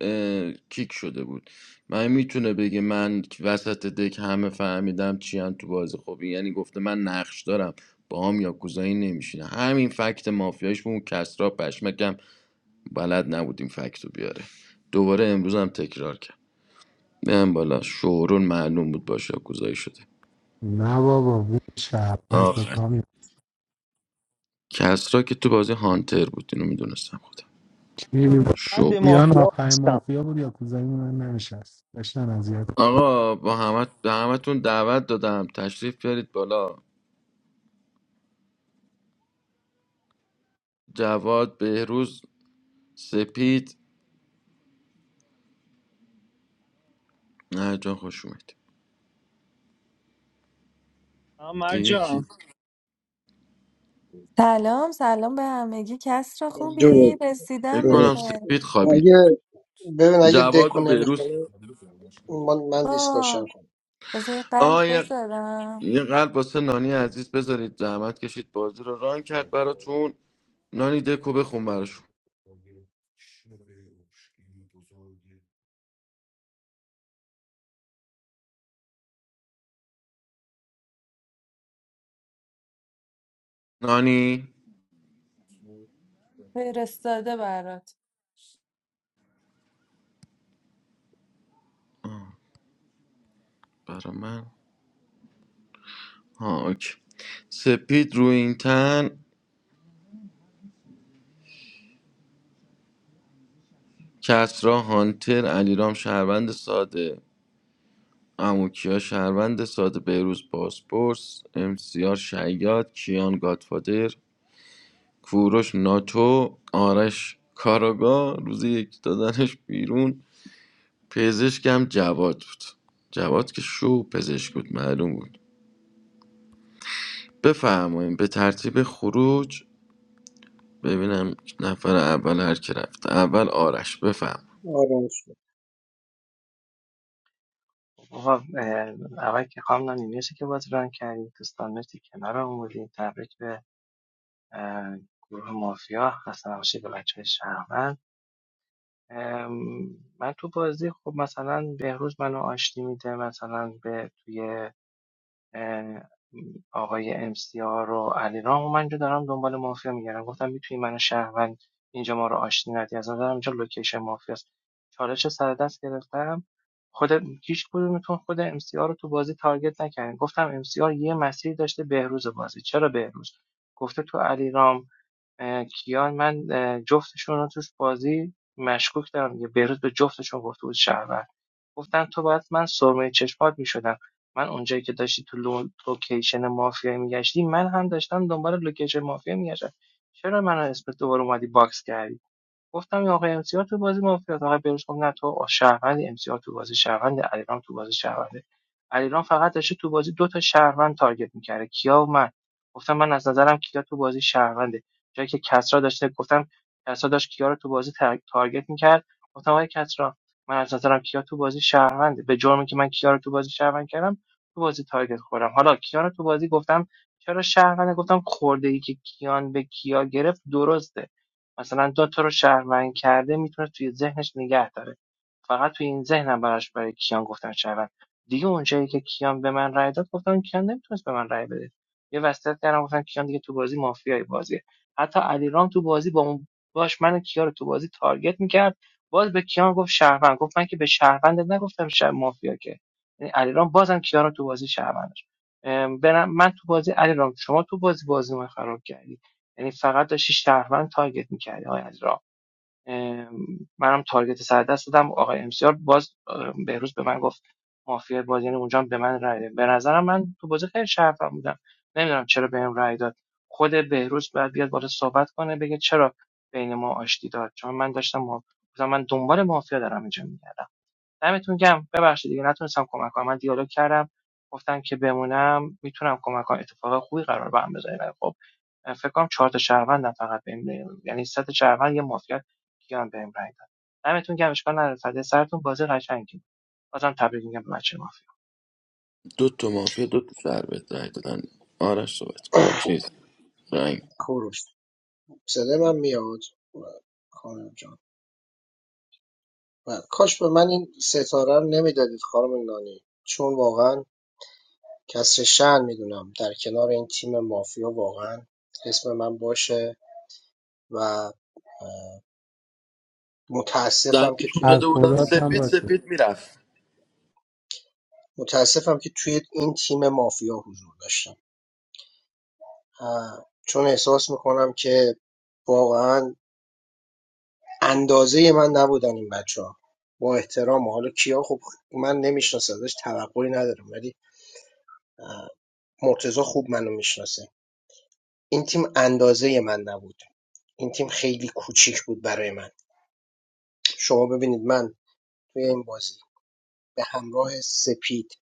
Speaker 9: اه، کیک شده بود من میتونه بگه من وسط دک همه فهمیدم چی هم تو بازی خب این یعنی گفته من نقش دارم با هم یا کوزایی نمیشینه همین فکت مافیایش بود اون کسرا پشمکم بلد نبود این فکت رو بیاره دوباره امروز هم تکرار کرد بیام بالا شورون معلوم بود باشه یا شده
Speaker 14: نه بابا بود شهروند
Speaker 9: آخر
Speaker 14: کامی
Speaker 9: کسرا که تو بازی هانتر بود اینو میدونستم خودم
Speaker 11: بعد
Speaker 9: شو بود.
Speaker 11: به
Speaker 14: بیان
Speaker 11: مافیا
Speaker 14: آخرین
Speaker 11: هستم
Speaker 14: مافیا بود یا کوزایی من نمیشست داشتن
Speaker 9: آقا با همه به همتون دعوت دادم تشریف بیارید بالا جواد بهروز سپید نه جان خوش اومد دیگه کی
Speaker 11: مرجان
Speaker 19: سلام سلام به همگی کس را خوبی
Speaker 4: درود
Speaker 9: فکر
Speaker 19: رسیدم به
Speaker 9: کنم
Speaker 4: درود
Speaker 19: خیر
Speaker 9: سپید
Speaker 4: اگه
Speaker 9: خوابید
Speaker 4: ببین اگه
Speaker 9: جواد
Speaker 4: دکو
Speaker 9: و بهروز
Speaker 4: نمیخونه من من دیسکاشن
Speaker 19: با
Speaker 4: کنم
Speaker 19: بذار یه قلب
Speaker 9: آه یه
Speaker 19: بذارم
Speaker 9: یه قلب واسه نانی عزیز بذارید زحمت کشید بازی رو ران کرد براتون نانی دکو بخون براشون نانی
Speaker 19: فرستاده برات
Speaker 9: برا من ها اوکی سپید روینتن کسرا هانتر علیرام شهروند ساده اموکیا شهروند ساده بهروز باسپورس امسیار شیاد کیان گادفادر کوروش ناتو آرش کاراگا روز یک دادنش بیرون پزشکم جواد بود جواد که شو پزشک بود معلوم بود بفرماییم به ترتیب خروج ببینم نفر اول هر که رفت اول آرش بفهم
Speaker 4: آروم شد
Speaker 12: آقا اول که خانم نانی که بازی ران کردید دوستان مرسی کنار آمودید تبریک به گروه مافیا خسته نباشید به بچه شهروند من تو بازی خب مثلا بهروز منو آشتی میده مثلا به توی اه، آقای امسیار و علی و من اینجا دارم دنبال مافیا میگردم گفتم میتونی من شهروند اینجا ما رو آشتی ندی از نظرم اینجا لوکیشن مافیاست چالش سر دست گرفتم خود هیچ کدومتون خود امسیار رو تو بازی تارگت نکردین گفتم امسیار یه مسیری داشته بهروز بازی چرا بهروز گفته تو علیرام کیان من جفتشون رو توش بازی مشکوک دارم یه بهروز به جفتشون گفته بود شهروند گفتم تو باید من سرمه چشمات میشدم من اونجایی که داشتی تو لو- لوکیشن مافیا میگشتی من هم داشتم دنبال لوکیشن مافیا میگشتم چرا منو اسمت دوباره اومدی باکس کردی گفتم این آقای امسیار تو بازی مافیاست آقای بروز گفت نه تو شهروند امسیار تو بازی شهروند علیرام تو بازی شهرونده علیرام فقط داشته تو بازی دو تا شهروند تارگت میکرده کیا و من گفتم من از نظرم کیا تو بازی شهرونده جایی که کسرا داشته گفتم کسرا داشت کیا رو تو بازی تارگت میکرد گفتم آقای کسرا من از نظرم کیا تو بازی شهرونده به جرمی که من کیا رو تو بازی شهروند کردم تو بازی تارگت خوردم حالا کیا رو تو بازی گفتم چرا شهرونده گفتم خورده ای که کیان به کیا گرفت درسته مثلا دو تا تو رو شهروند کرده میتونه توی ذهنش نگه داره فقط توی این ذهنم براش برای کیان گفتم شهروند دیگه اونجایی که کیان به من رای داد گفتم کیان نمیتونست به من رای بده یه وصیت کردم گفتم کیان دیگه تو بازی مافیای بازیه حتی علیرام تو بازی با اون باش من و کیا رو تو بازی تارگت میکرد باز به کیان گفت شهروند گفت من که به شهروند نگفتم شهر مافیا که یعنی علیرام بازم کیان رو تو بازی شهروند داشت. من تو بازی علیرام شما تو بازی بازی من خراب کردی یعنی فقط داشتی شهروند تارگت میکردی های علیرام منم تارگت سر دست دادم آقای امسیار باز بهروز به من گفت مافیا باز یعنی اونجا هم به من رای داد به نظرم من تو بازی خیلی شرفم بودم نمیدونم چرا بهم رای داد خود بهروز باید بیاد بالا صحبت کنه بگه چرا بین ما آشتی داد چون من داشتم ما... گفتم من دنبال مافیا دارم اینجا میگردم دمتون گم ببخشید دیگه نتونستم کمک کنم من دیالوگ کردم گفتم که بمونم میتونم کمک کنم اتفاق خوبی قرار به هم بذارین خب فکر کنم چهار تا شهروندم فقط بهم یعنی سه تا شهروند یه مافیا کیان بهم رای داد دمتون گم اشکال نداره فدای سرتون بازی قشنگی بازم تبریک میگم به بچه مافیا
Speaker 9: دو تا مافیا دو تا سر رای دادن آرش صحبت کن. چیز رنگ
Speaker 4: کوروش صدای من میاد خانم جان و کاش به من این ستاره رو نمیدادید خانم نانی چون واقعا کسر شن میدونم در کنار این تیم مافیا واقعا اسم من باشه و متاسفم که
Speaker 9: دنگشون
Speaker 4: توی این
Speaker 14: از
Speaker 9: داده
Speaker 4: تیم
Speaker 9: بودن
Speaker 14: خدات هم
Speaker 9: سفید
Speaker 4: مافیا
Speaker 14: باشه
Speaker 9: سفید میرفت
Speaker 4: متاسفم که توی این تیم مافیا حضور داشتم اه، چون احساس میکنم که واقعا اندازه من نبودن این بچه ها با احترام و حالا کیا خب من نمیشناسمش توقعی ندارم ولی مرتزا خوب منو میشناسه این تیم اندازهی من نبود. این تیم خیلی کوچیک بود برای من. شما ببینید من توی این بازی به همراه سپید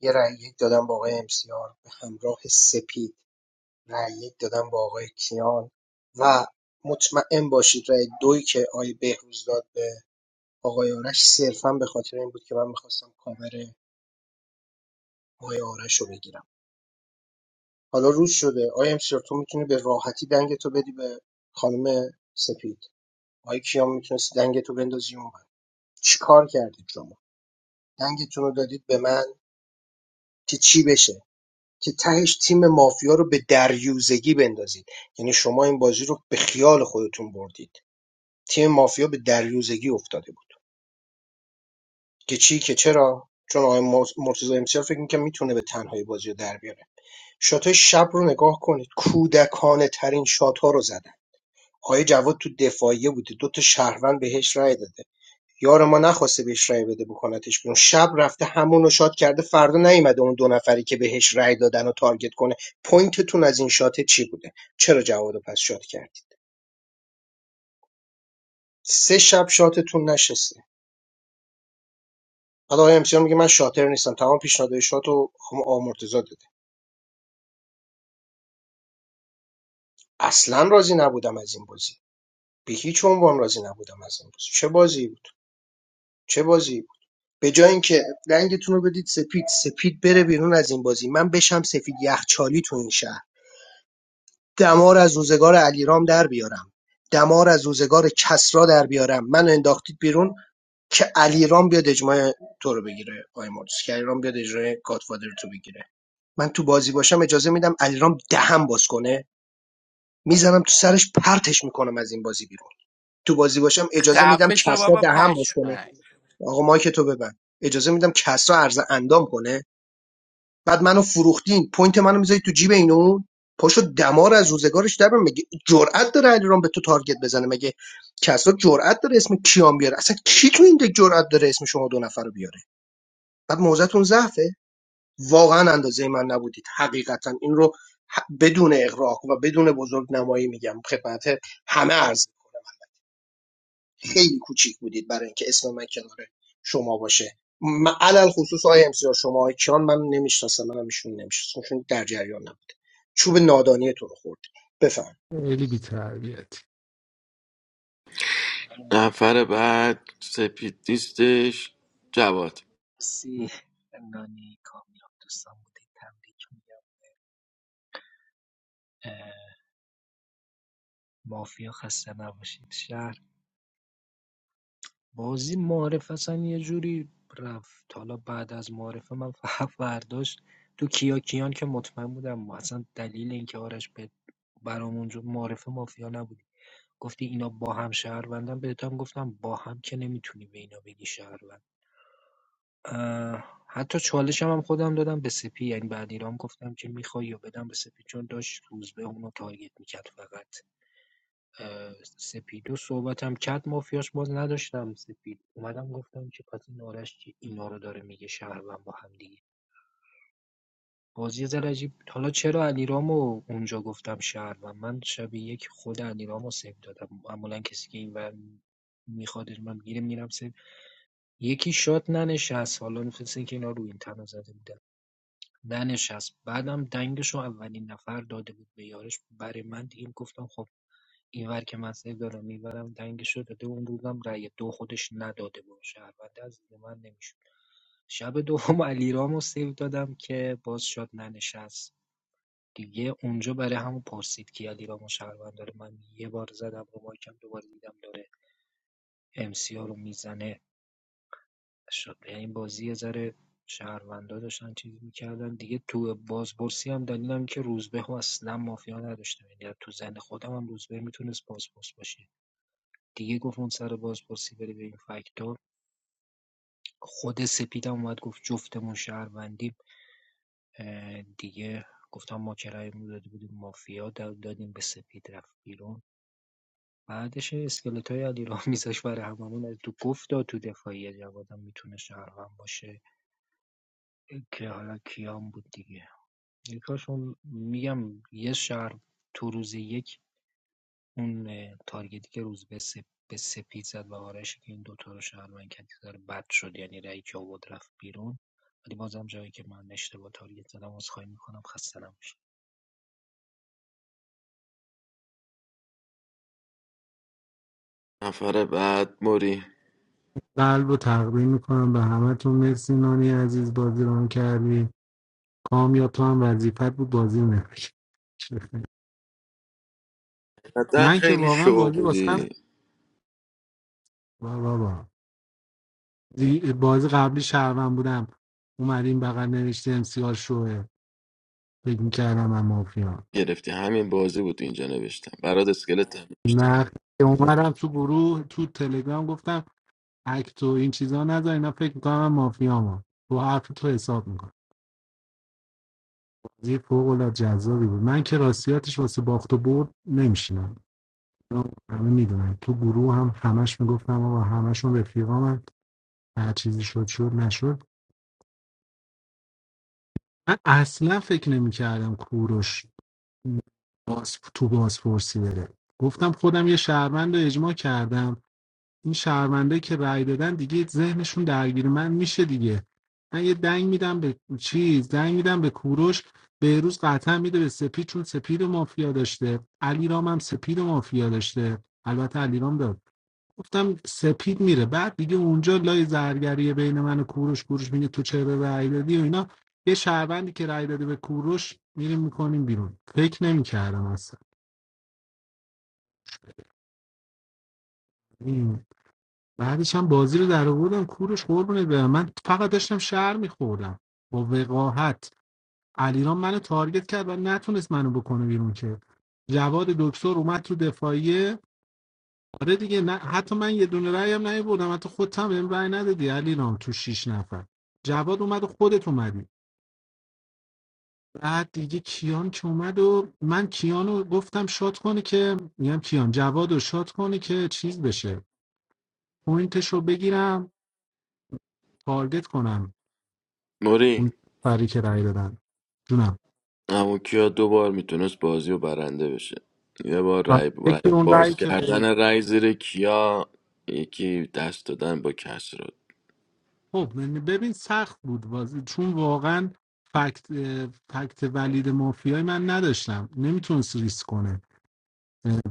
Speaker 4: یه رأی یک دادم با آقای امسیار به همراه سپید رأی یک دادم با آقای کیان و مطمئن باشید رأی دوی که آقای بهروز داد به آقای آرش صرفا به خاطر این بود که من می‌خواستم کاور آقای آرش رو بگیرم حالا روز شده آقای امسیار تو میتونی به راحتی دنگتو تو بدی به خانم سپید آقای کیان میتونست دنگتو تو بندازی اون چیکار کردید شما دنگتون رو دادید به من که چی بشه که تهش تیم مافیا رو به دریوزگی بندازید یعنی شما این بازی رو به خیال خودتون بردید تیم مافیا به دریوزگی افتاده بود که چی که چرا چون آقای مرتضی امسیار فکر میکنه میتونه به تنهایی بازی رو در بیاره شاتای شب رو نگاه کنید کودکانه ترین شات ها رو زدن آقای جواد تو دفاعیه بوده دو تا شهروند بهش رای داده یار ما نخواسته بهش رای بده بکنتش بیرون شب رفته همونو شات کرده فردا نیومده اون دو نفری که بهش رای دادن و تارگت کنه پوینتتون از این شات چی بوده چرا جوادو پس شات کردید سه شب شاتتون نشسته بعد آقای امسیار میگه من شاتر نیستم تمام پیشنهادهای شاتو رو آمورتزا داده اصلا راضی نبودم از این بازی به هیچ عنوان راضی نبودم از این بازی چه بازی بود چه بازی بود به جای اینکه رنگتون رو بدید سپید سپید بره بیرون از این بازی من بشم سفید یخچالی تو این شهر دمار از روزگار علیرام در بیارم، دمار از روزگار کسری دربیارم، منو انداختید بیرون که علیرام بیاد اجماع تو رو بگیره آقای مارتوس که علیرام بیاد اجماع گادفادر تو بگیره من تو بازی باشم اجازه میدم علیرام دهم باز کنه میزنم تو سرش پرتش میکنم از این بازی بیرون تو بازی باشم اجازه میدم
Speaker 7: خفه شو
Speaker 4: کسرا
Speaker 7: بابا
Speaker 4: دهم باز کنه
Speaker 7: پشمک
Speaker 4: آقا مایک تو ببند اجازه میدم کسرا عرض اندام کنه بعد منو فروختین پوینت منو میذاری تو جیب اینو، و اون پاشو دمار از روزگارش در بیار. مگه جرأت داره علیرام به تو تارگت بزنه مگه کسا جرأت داره اسم کیان بیاره اصلا کی تو این دک جرأت داره اسم شما دو نفر رو بیاره بعد موزتون ضعفه واقعا اندازه من نبودید حقیقتا این رو بدون اغراق و بدون بزرگ نمایی میگم خدمت همه عرض خیلی کوچیک بودید برای اینکه اسم من کنار شما باشه من علل خصوص آقای امسیار شما کیان من نمیشناسم منم ایشون نمیشناسم چون در جریان نبود چوب نادانیتون رو خورد بفهم
Speaker 14: خیلی بیتربیتی
Speaker 9: نفر بعد سپید نیستش جواد
Speaker 15: سی نانی کامیاب دوستان بودید تبریک میگم اه، مافیا خسته نباشید شهر بازی معارف اصلا یه جوری رفت حالا بعد از معارفه من <laughs> برداشت تو کیا کیان که مطمئن بودم ما اصلا دلیل اینکه آرش به برامون جو- معارفه مافیا نبودی گفتی اینا با هم شهروندن بهت هم گفتم با هم که نمیتونی به اینا بگی شهروند اه، حتی چالشم هم خودم دادم به سپی یعنی بعد ایرام گفتم که میخوای یا بدم به سپی چون داشت روز به اونو تارگت میکرد فقط اه، سپیدو صحبتم کرد مافیاش باز نداشتم سپید اومدم گفتم که پس این آرش که اینا رو داره میگه شهروند با هم دیگه بازی یه ذره عجیب حالا چرا علیرامو اونجا گفتم شهروند من شب یک خود علیرامو سیو دادم معمولا کسی که اینور میخواد من میره میرم سیو یکی شات ننشست حالا مثل اینکه اینا رو این تنها زده بودن ننشست بعدم دنگشو اولین نفر داده بود به یارش برای من دیگه گفتم خب اینور که من سیو دارم میبرم اینورم شده داده اون روزم رأی دو خودش نداده بود شهرونده از دید من نمیشد شب دوم علیرام رو سیو دادم که باز شاد ننشست دیگه اونجا برای همون پرسید که علیرام و شهروند داره من یه بار زدم رو مایکم دوباره دیدم داره امسیا رو میزنه شد یعنی این بازی یه ذره شهروندا داشتن چیز میکردن دیگه تو بازپرسی هم دلیلم که روزبه ها اصلا مافیا نداشتم یعنی تو زن خودم هم روزبه میتونست بازپرس باشه دیگه گفت اون سر بازپرسی بری به این فکتور خود سپیدم اومد گفت جفتمون شهروندیم اه، دیگه گفتم ما کرایمون داده بودیم مافیا دا- دادیم به سپید رفت بیرون بعدش اسکلت های علی رام میذاش برای هممون از تو گفت داد تو دفاعی جوادم میتونه شهروند باشه که حالا کیام بود دیگه یکاشون میگم یه شهر تو روز یک اون اه، تارگتی که روز به, سپ... به سپید زد و آرش که این دوتا رو شهروند کرد یه ذره بد شد یعنی رأی که آورد رفت بیرون ولی بازم جایی که من اشتباه تارگت زدم عذرخواهی میکنم خسته نباشید
Speaker 9: نفر بعد موری
Speaker 14: قلب رو تقدیم میکنم به همه تون مرسی نانی عزیز بازی ران کردی کامیاب تو هم وظیفت بود بازی نمیشه
Speaker 9: در
Speaker 14: من که
Speaker 9: خیلی
Speaker 14: واقعا
Speaker 9: شو
Speaker 14: بازی واسم
Speaker 9: بودی
Speaker 14: با بابا دی- بازی قبلی شهروند بودم اومدیم بغل نوشته امسیار شوه فکر میکردم من مافیا
Speaker 9: گرفتی همین بازی بود اینجا نوشتم برات اسکلت هم نوشتم
Speaker 14: نه که اومدم تو گروه تو تلگرام گفتم اکتو این چیزا نذار اینا فکر میکنم من مافیامم تو حرف تو حساب می‌کنم. بازی فوق العاده جذابی بود من که راستیاتش واسه باخت و برد نمیشینم همه میدونن تو گروه هم همش میگفتم آقا همشون رفیقامن هر چیزی شد شد نشد من اصلا فکر نمیکردم کوروش باز تو بازپرسی بره گفتم خودم یه شهروند رو اجماع کردم این شهروندایی که رأی دادن دیگه ذهنشون درگیر من میشه دیگه من یه دنگ میدم به چیز دنگ میدم به کوروش بهروز قطعا میده به سپید چون سپید و مافیا داشته علیرام هم سپید و مافیا داشته البته علیرام داد گفتم سپید میره بعد دیگه اونجا لای زرگری بین من و کوروش کوروش میگه تو چرا رأی دادی و اینا یه شهروندی که رأی داده به کوروش میریم میکنیم بیرون فکر نمیکردم اصلا این بعدش هم بازی رو در آوردم کورش قربونه به من فقط داشتم شعر میخوردم با وقاحت علیرام منو تارگت کرد و نتونست منو بکنه بیرون که جواد دکتر اومد تو دفاعیه آره دیگه نه حتی من یه دونه رأی هم نیاوردم حتی خودت هم بهم رأی ندادی علیرام تو شیش نفر جواد اومد و خودت اومدی بعد دیگه کیان که اومد و من کیانو گفتم شات کنه که میگم کیان جواد رو شات کنه که چیز بشه پوینتشو بگیرم تارگت کنم
Speaker 9: موری
Speaker 14: اون فری که رأی دادن جونم
Speaker 9: اما کیا دو بار میتونست بازی رو برنده بشه یه بار
Speaker 14: و
Speaker 9: رای رای-
Speaker 14: فکر اون رأی
Speaker 9: باز
Speaker 14: که به-
Speaker 9: کردن رای زیر کیا یکی دست دادن با کس رو
Speaker 14: خب من- ببین سخت بود بازی چون واقعا فکت اه، فکت ولید مافیای من نداشتم نمیتونست ریسک کنه اه،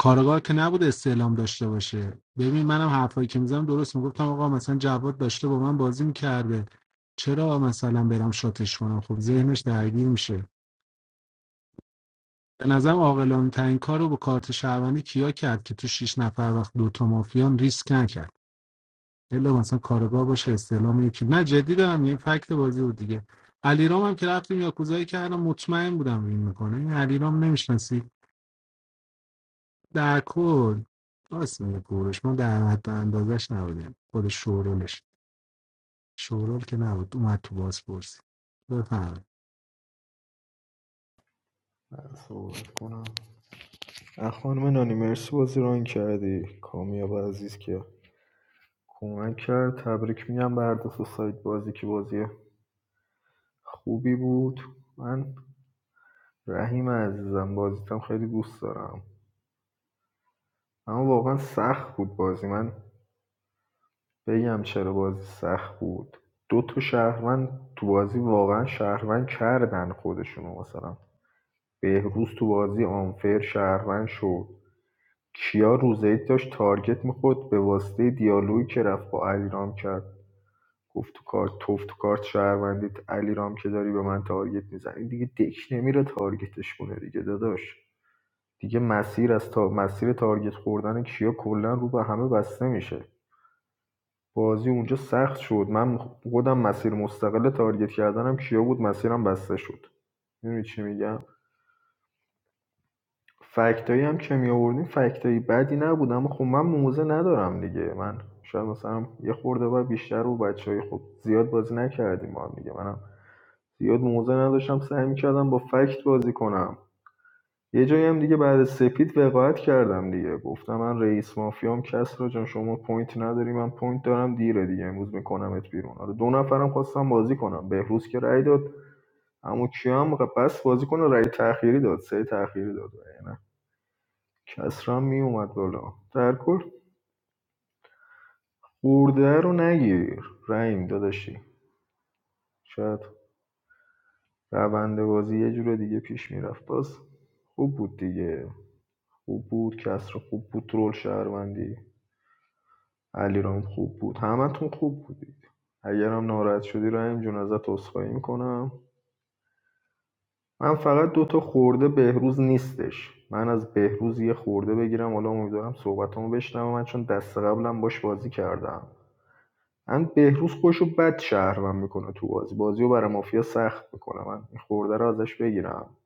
Speaker 14: کارگاه که نبود استعلام داشته باشه ببین منم حرفایی که میزنم درست میگفتم آقا مثلا جواد داشته با من بازی میکرده چرا مثلا برم شاتش کنم خب ذهنش درگیر میشه به نظرم عاقلانه ترین کار رو با کارت شهروندی کیا کرد که تو شیش نفر وقت دوتا مافیان ریسک نکرد الا مثلا کارگاه باشه استعلام یکی نه جدی دارم این فکت بازی بود دیگه علیرام هم که رفتیم یاکوزایی کردم مطمئن بودم این میکنه این علیرام نمیشناسی در کل راست میگه کوروش ما در حد اندازش نبودیم خود شورولش شورول که نبود اومد تو باز پرسی بفهم
Speaker 10: صحبت کنم اه، خانم نانی مرسی بازی ران کردی کامیاب عزیز که کمک کرد تبریک میگم به هر دو سایت بازی که بازی خوبی بود من رحیم عزیزم بازیتم خیلی دوست دارم اما واقعا سخت بود بازی من بگم چرا بازی سخت بود دو تا شهروند تو بازی واقعا شهروند کردن خودشونو مثلا بهروز تو بازی آنفر شهروند شد کیا روزید داشت تارگت میخورد به واسطه دیالوگی که رفت با علیرام کرد گفت تو کارت توف تو کارت شهروندیت علیرام که داری به من تارگت میزنی دیگه دک نمیره تارگتش کنه دیگه داداش دیگه مسیر از تا... مسیر تارگت خوردن کیا کلا رو به همه بسته میشه بازی اونجا سخت شد من خودم مسیر مستقل تارگت کردنم کیا بود مسیرم بسته شد میدونی چی میگم فکتایی هم که می آوردیم فکتایی بدی نبود اما خب من موزه ندارم دیگه من شاید مثلا یه خورده باید بیشتر رو بچه های خب زیاد بازی نکردیم ما دیگه منم زیاد موزه نداشتم سعی می‌کردم با فکت بازی کنم یه جایی هم دیگه بعد سپید وقاحت کردم دیگه گفتم من رئیس مافیام کس را جان شما پوینت نداری من پوینت دارم دیره دیگه امروز میکنمت بیرون آره دو نفرم خواستم بازی کنم بهروز که رأی داد اما کیام بس بازی کنه رأی تأخیری داد سه تأخیری داد یعنی کسرا هم میومد بالا در کل خورده رو نگیر رحیم داداشی شاید روند بازی یه جور دیگه پیش میرفت باز خوب بود دیگه خوب بود کسرا خوب بود رول شهروندی علیرام خوب بود همتون خوب بودید اگرم ناراحت شدی رحیم جون ازت عذرخواهی میکنم من فقط دوتا خورده بهروز نیستش من از بهروز یه خورده بگیرم حالا امیدوارم صحبتامو بشنوم من چون دست قبلم باش بازی کردم من بهروز خودشو بد شهروند میکنه تو بازی بازیو برای مافیا سخت میکنه من این خورده رو ازش بگیرم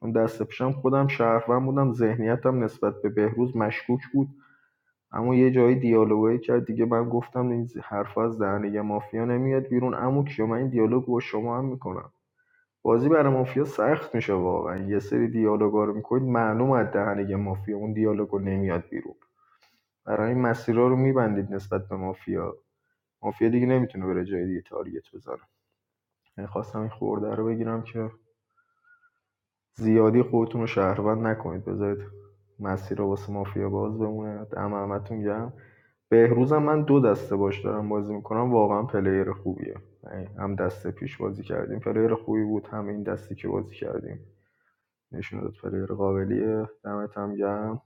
Speaker 10: چون دست پیشم خودم شهروند بودم ذهنیتم نسبت به بهروز مشکوک بود اما یه جایی دیالوگی کرد دیگه من گفتم این حرف از دهنه یه مافیا نمیاد بیرون اما کیا من این دیالوگ با شما هم میکنم بازی برای مافیا سخت میشه واقعا یه سری دیالوگا رو میکنید معلوم از دهنه یه مافیا اون دیالوگو نمیاد بیرون برای این مسیرها رو میبندید نسبت به مافیا مافیا دیگه نمیتونه بره جای دیگه تارگت بزنه یعنی خواستم این خورده رو بگیرم که زیادی خودتون رو شهروند نکنید بذارید مسیر رو واسه مافیا باز بمونه اما همتون گرم بهروزم من دو دسته باش دارم بازی میکنم واقعا پلیر خوبیه یعنی هم دسته پیش بازی کردیم پلیر خوبی بود هم این دستی که بازی کردیم نشون داد پلیر قابلیه دمت هم گرم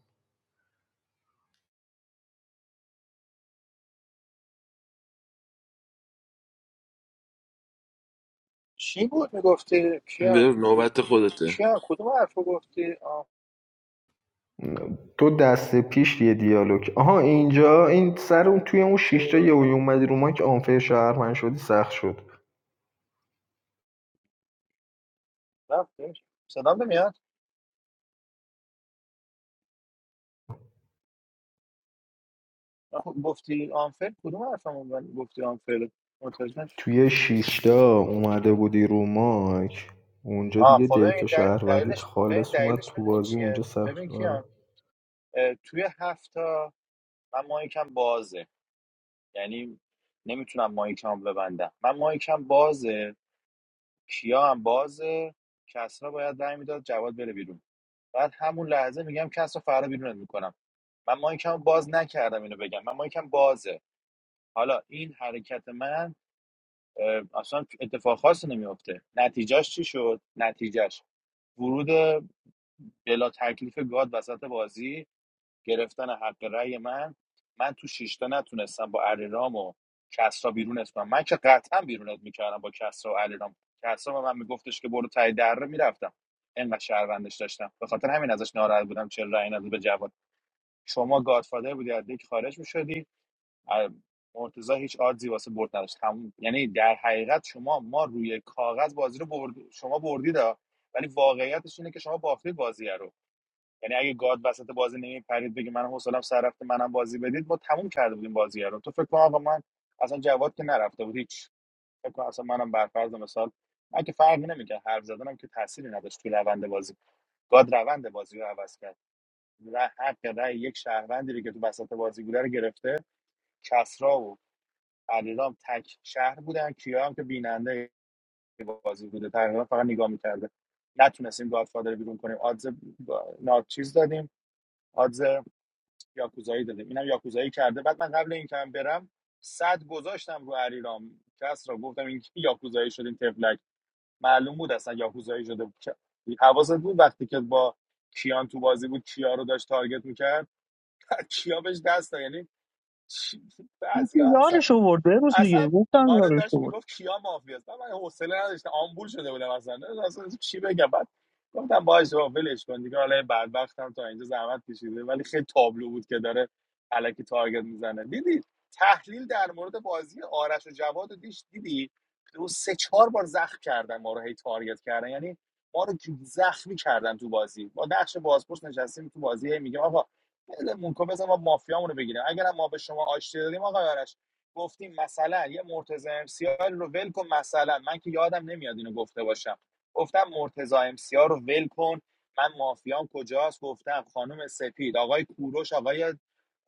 Speaker 13: چی بود میگفتی کیا
Speaker 9: برو، نوبت خودته
Speaker 13: کیا کدوم حرف رو گفتی
Speaker 10: دو دسته پیش یه دیالوگ آها اینجا این سر اون توی اون
Speaker 13: آنفیر
Speaker 10: شیشتا
Speaker 13: و
Speaker 10: یه
Speaker 13: اینا
Speaker 10: اومدی رو ما که آنفه شهر من شدی سخت شد
Speaker 13: رفتش صدام نمیاد آخه گفتی آنفیر کدوم حرفمون بود؟ گفتی آنفیر متوجه نشدم.
Speaker 10: توی شیشتا اومده بودی رو مایک اونجا
Speaker 13: آه
Speaker 10: دیگه
Speaker 13: خب ببین
Speaker 10: دیتا
Speaker 13: دل-
Speaker 10: شهروندیت
Speaker 13: دلیلش ببین
Speaker 10: خالص اومد
Speaker 13: دلیلش
Speaker 10: تو
Speaker 13: میدونی
Speaker 10: بازی اونجا
Speaker 13: چیه ببین
Speaker 10: سخت آره
Speaker 13: کیان اه، توی هفت من مایکم بازه یعنی نمیتونم مایکم ببندم من مایکم بازه کیا هم بازه کسرا باید رای میداد جواد بره بیرون بعد همون لحظه میگم کسرا فردا بیرونت میکنم من مایکم باز نکردم اینو بگم من مایکم بازه حالا این حرکت من اه، اصلا اتفاق خاصی نمیفته نتیجهش چی شد نتیجهش ورود بلا تکلیف گاد وسط بازی گرفتن حق رأی من من تو شش تا نتونستم با علیرام و کسرا بیرونت کنم من که قطعا بیرونت میکردم با کسرا و علیرام کسرا به من میگفتش که برو تای دره میرفتم انقدر شهروندش داشتم به خاطر همین ازش ناراحت بودم چرا رأی نداد به جواد شما گادفادر بودی از دیگه خارج میشدی مرتضی هیچ آدزی واسه برد نداشت تموم. یعنی در حقیقت شما ما روی کاغذ بازی رو برد شما بردید ها. ولی واقعیتش اینه که شما باختید بازی رو یعنی اگه گاد وسط بازی نمیپرید بگه من حوصلم سر رفته منم بازی بدید ما تموم کرده بودیم بازی رو تو فکر کن آقا من اصلا جواد که نرفته بود هیچ فکر کن اصلا منم برفرض مثال من که فرقی نمیکرد حرف زدنم که تأثیری نداشت تو روند بازی گاد روند بازی رو عوض کرد و حق رأی یک شهروندی رو که تو وسط بازی بوده رو گرفته کسرا و علیرام تک شهر بودن کیا هم که بیننده بازی بوده تقریبا فقط نگاه میکرده نتونستیم گادفادر رو بیرون کنیم آدز با- ناچیز دادیم آدز یاکوزایی داده اینم یاکوزایی کرده بعد من قبل اینکه هم برم صد گذاشتم رو علیرام کس را گفتم این کی یاکوزایی شد این تفلک معلوم بود اصلا یاکوزایی شده بود که- حواست بود وقتی که با کیان تو بازی بود کیا رو داشت تارگت میکرد <laughs> کیا بهش دست داد یعنی بعضی
Speaker 11: یارش آورد به روز
Speaker 13: اصلا
Speaker 11: دیگه گفتم
Speaker 13: آره
Speaker 11: یارش
Speaker 13: داشت
Speaker 11: آورد
Speaker 13: میگفت کیا مافیاست من من حوصله نداشتم آمبول شده بودم اصلا اصلا چی بگم بعد گفتم باش بابا ولش کن دیگه حالا این بدبختم تا اینجا زحمت کشیده ولی خیلی تابلو بود که داره الکی تارگت میزنه دیدی تحلیل در مورد بازی آرش و جواد رو دیش دیدی دو سه چهار بار زخم کردن ما رو هی تارگت کردن یعنی ما رو زخمی کردن تو بازی با نقش بازپرس نشستیم تو بازی هی میگم آقا ولمون کن بذار ما مافیامونو بگیریم اگرم ما به شما آشتی دادیم آقا آرش گفتیم مثلا یه مرتضی امسیار رو ول کن مثلا من که یادم نمیاد اینو گفته باشم گفتم مرتضی امسیار رو ول کن من مافیام کجاست گفتم خانم سپید آقای کوروش آقای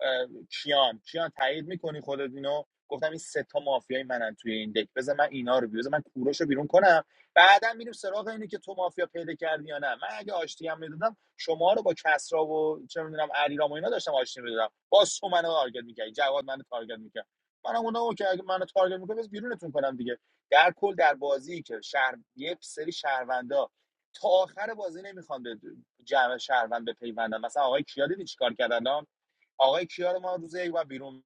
Speaker 13: اه، کیان کیان تایید میکنی خودت اینو گفتم این سه تا مافیای منن توی این دک بذار من اینا رو بی- من کوروش رو بیرون کنم بعدا میریم سراغ اینه که تو مافیا پیدا کردی یا نه من اگه آشتی هم میدادم شما رو با کسرا و چه میدونم علیرام و اینا داشتم آشتی میدادم باز تو منو تارگت میکردی جواد منو تارگت میکرد منم اونا که اگه منو تارگت میکنه بس بیرونتون کنم دیگه در کل در بازی که شهر یک سری شهروندا تا آخر بازی نمیخوان به جمع شهروند بپیوندن مثلا آقای کیا دیدی چیکار کردن آقای کیا رو ما روز یک بار بیرون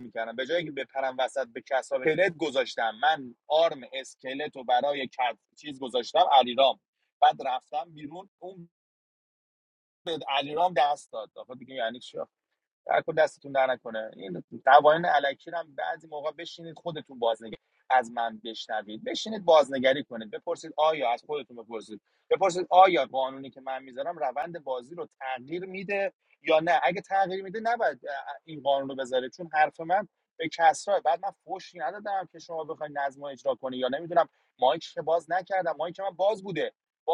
Speaker 13: میکردم به جایی که بپرم وسط به کسا اسکلت گذاشتم من آرم اسکلت رو برای کس چیز گذاشتم علیرام بعد رفتم بیرون اون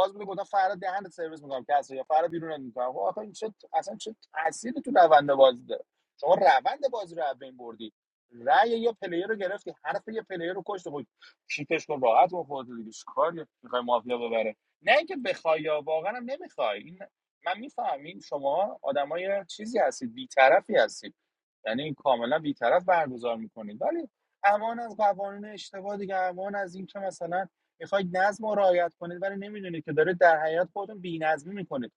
Speaker 13: باز میگفتم فردا دهنت سرویس میکنم کسی یا فردا بیرون میکنم خب آخه این چه اصلا چه تأثیری تو روند بازی داره شما روند بازی رو از بین بردی رأی یه پلیر رو گرفتی حرف یه پلیر رو کشت خود کیپش کن راحت با خودت دیگه چیکار میخوای مافیا ببره نه اینکه بخوای یا واقعا هم نمیخوای این من میفهمین شما آدمای چیزی هستید بیطرفی هستید یعنی این کاملا بیطرف برگزار میکنید ولی امان از قوانین اشتباه دیگه امان از اینکه مثلا میخواید نظم رو رعایت کنید ولی نمیدونید که داره در حیات خودتون بی‌نظمی میکنید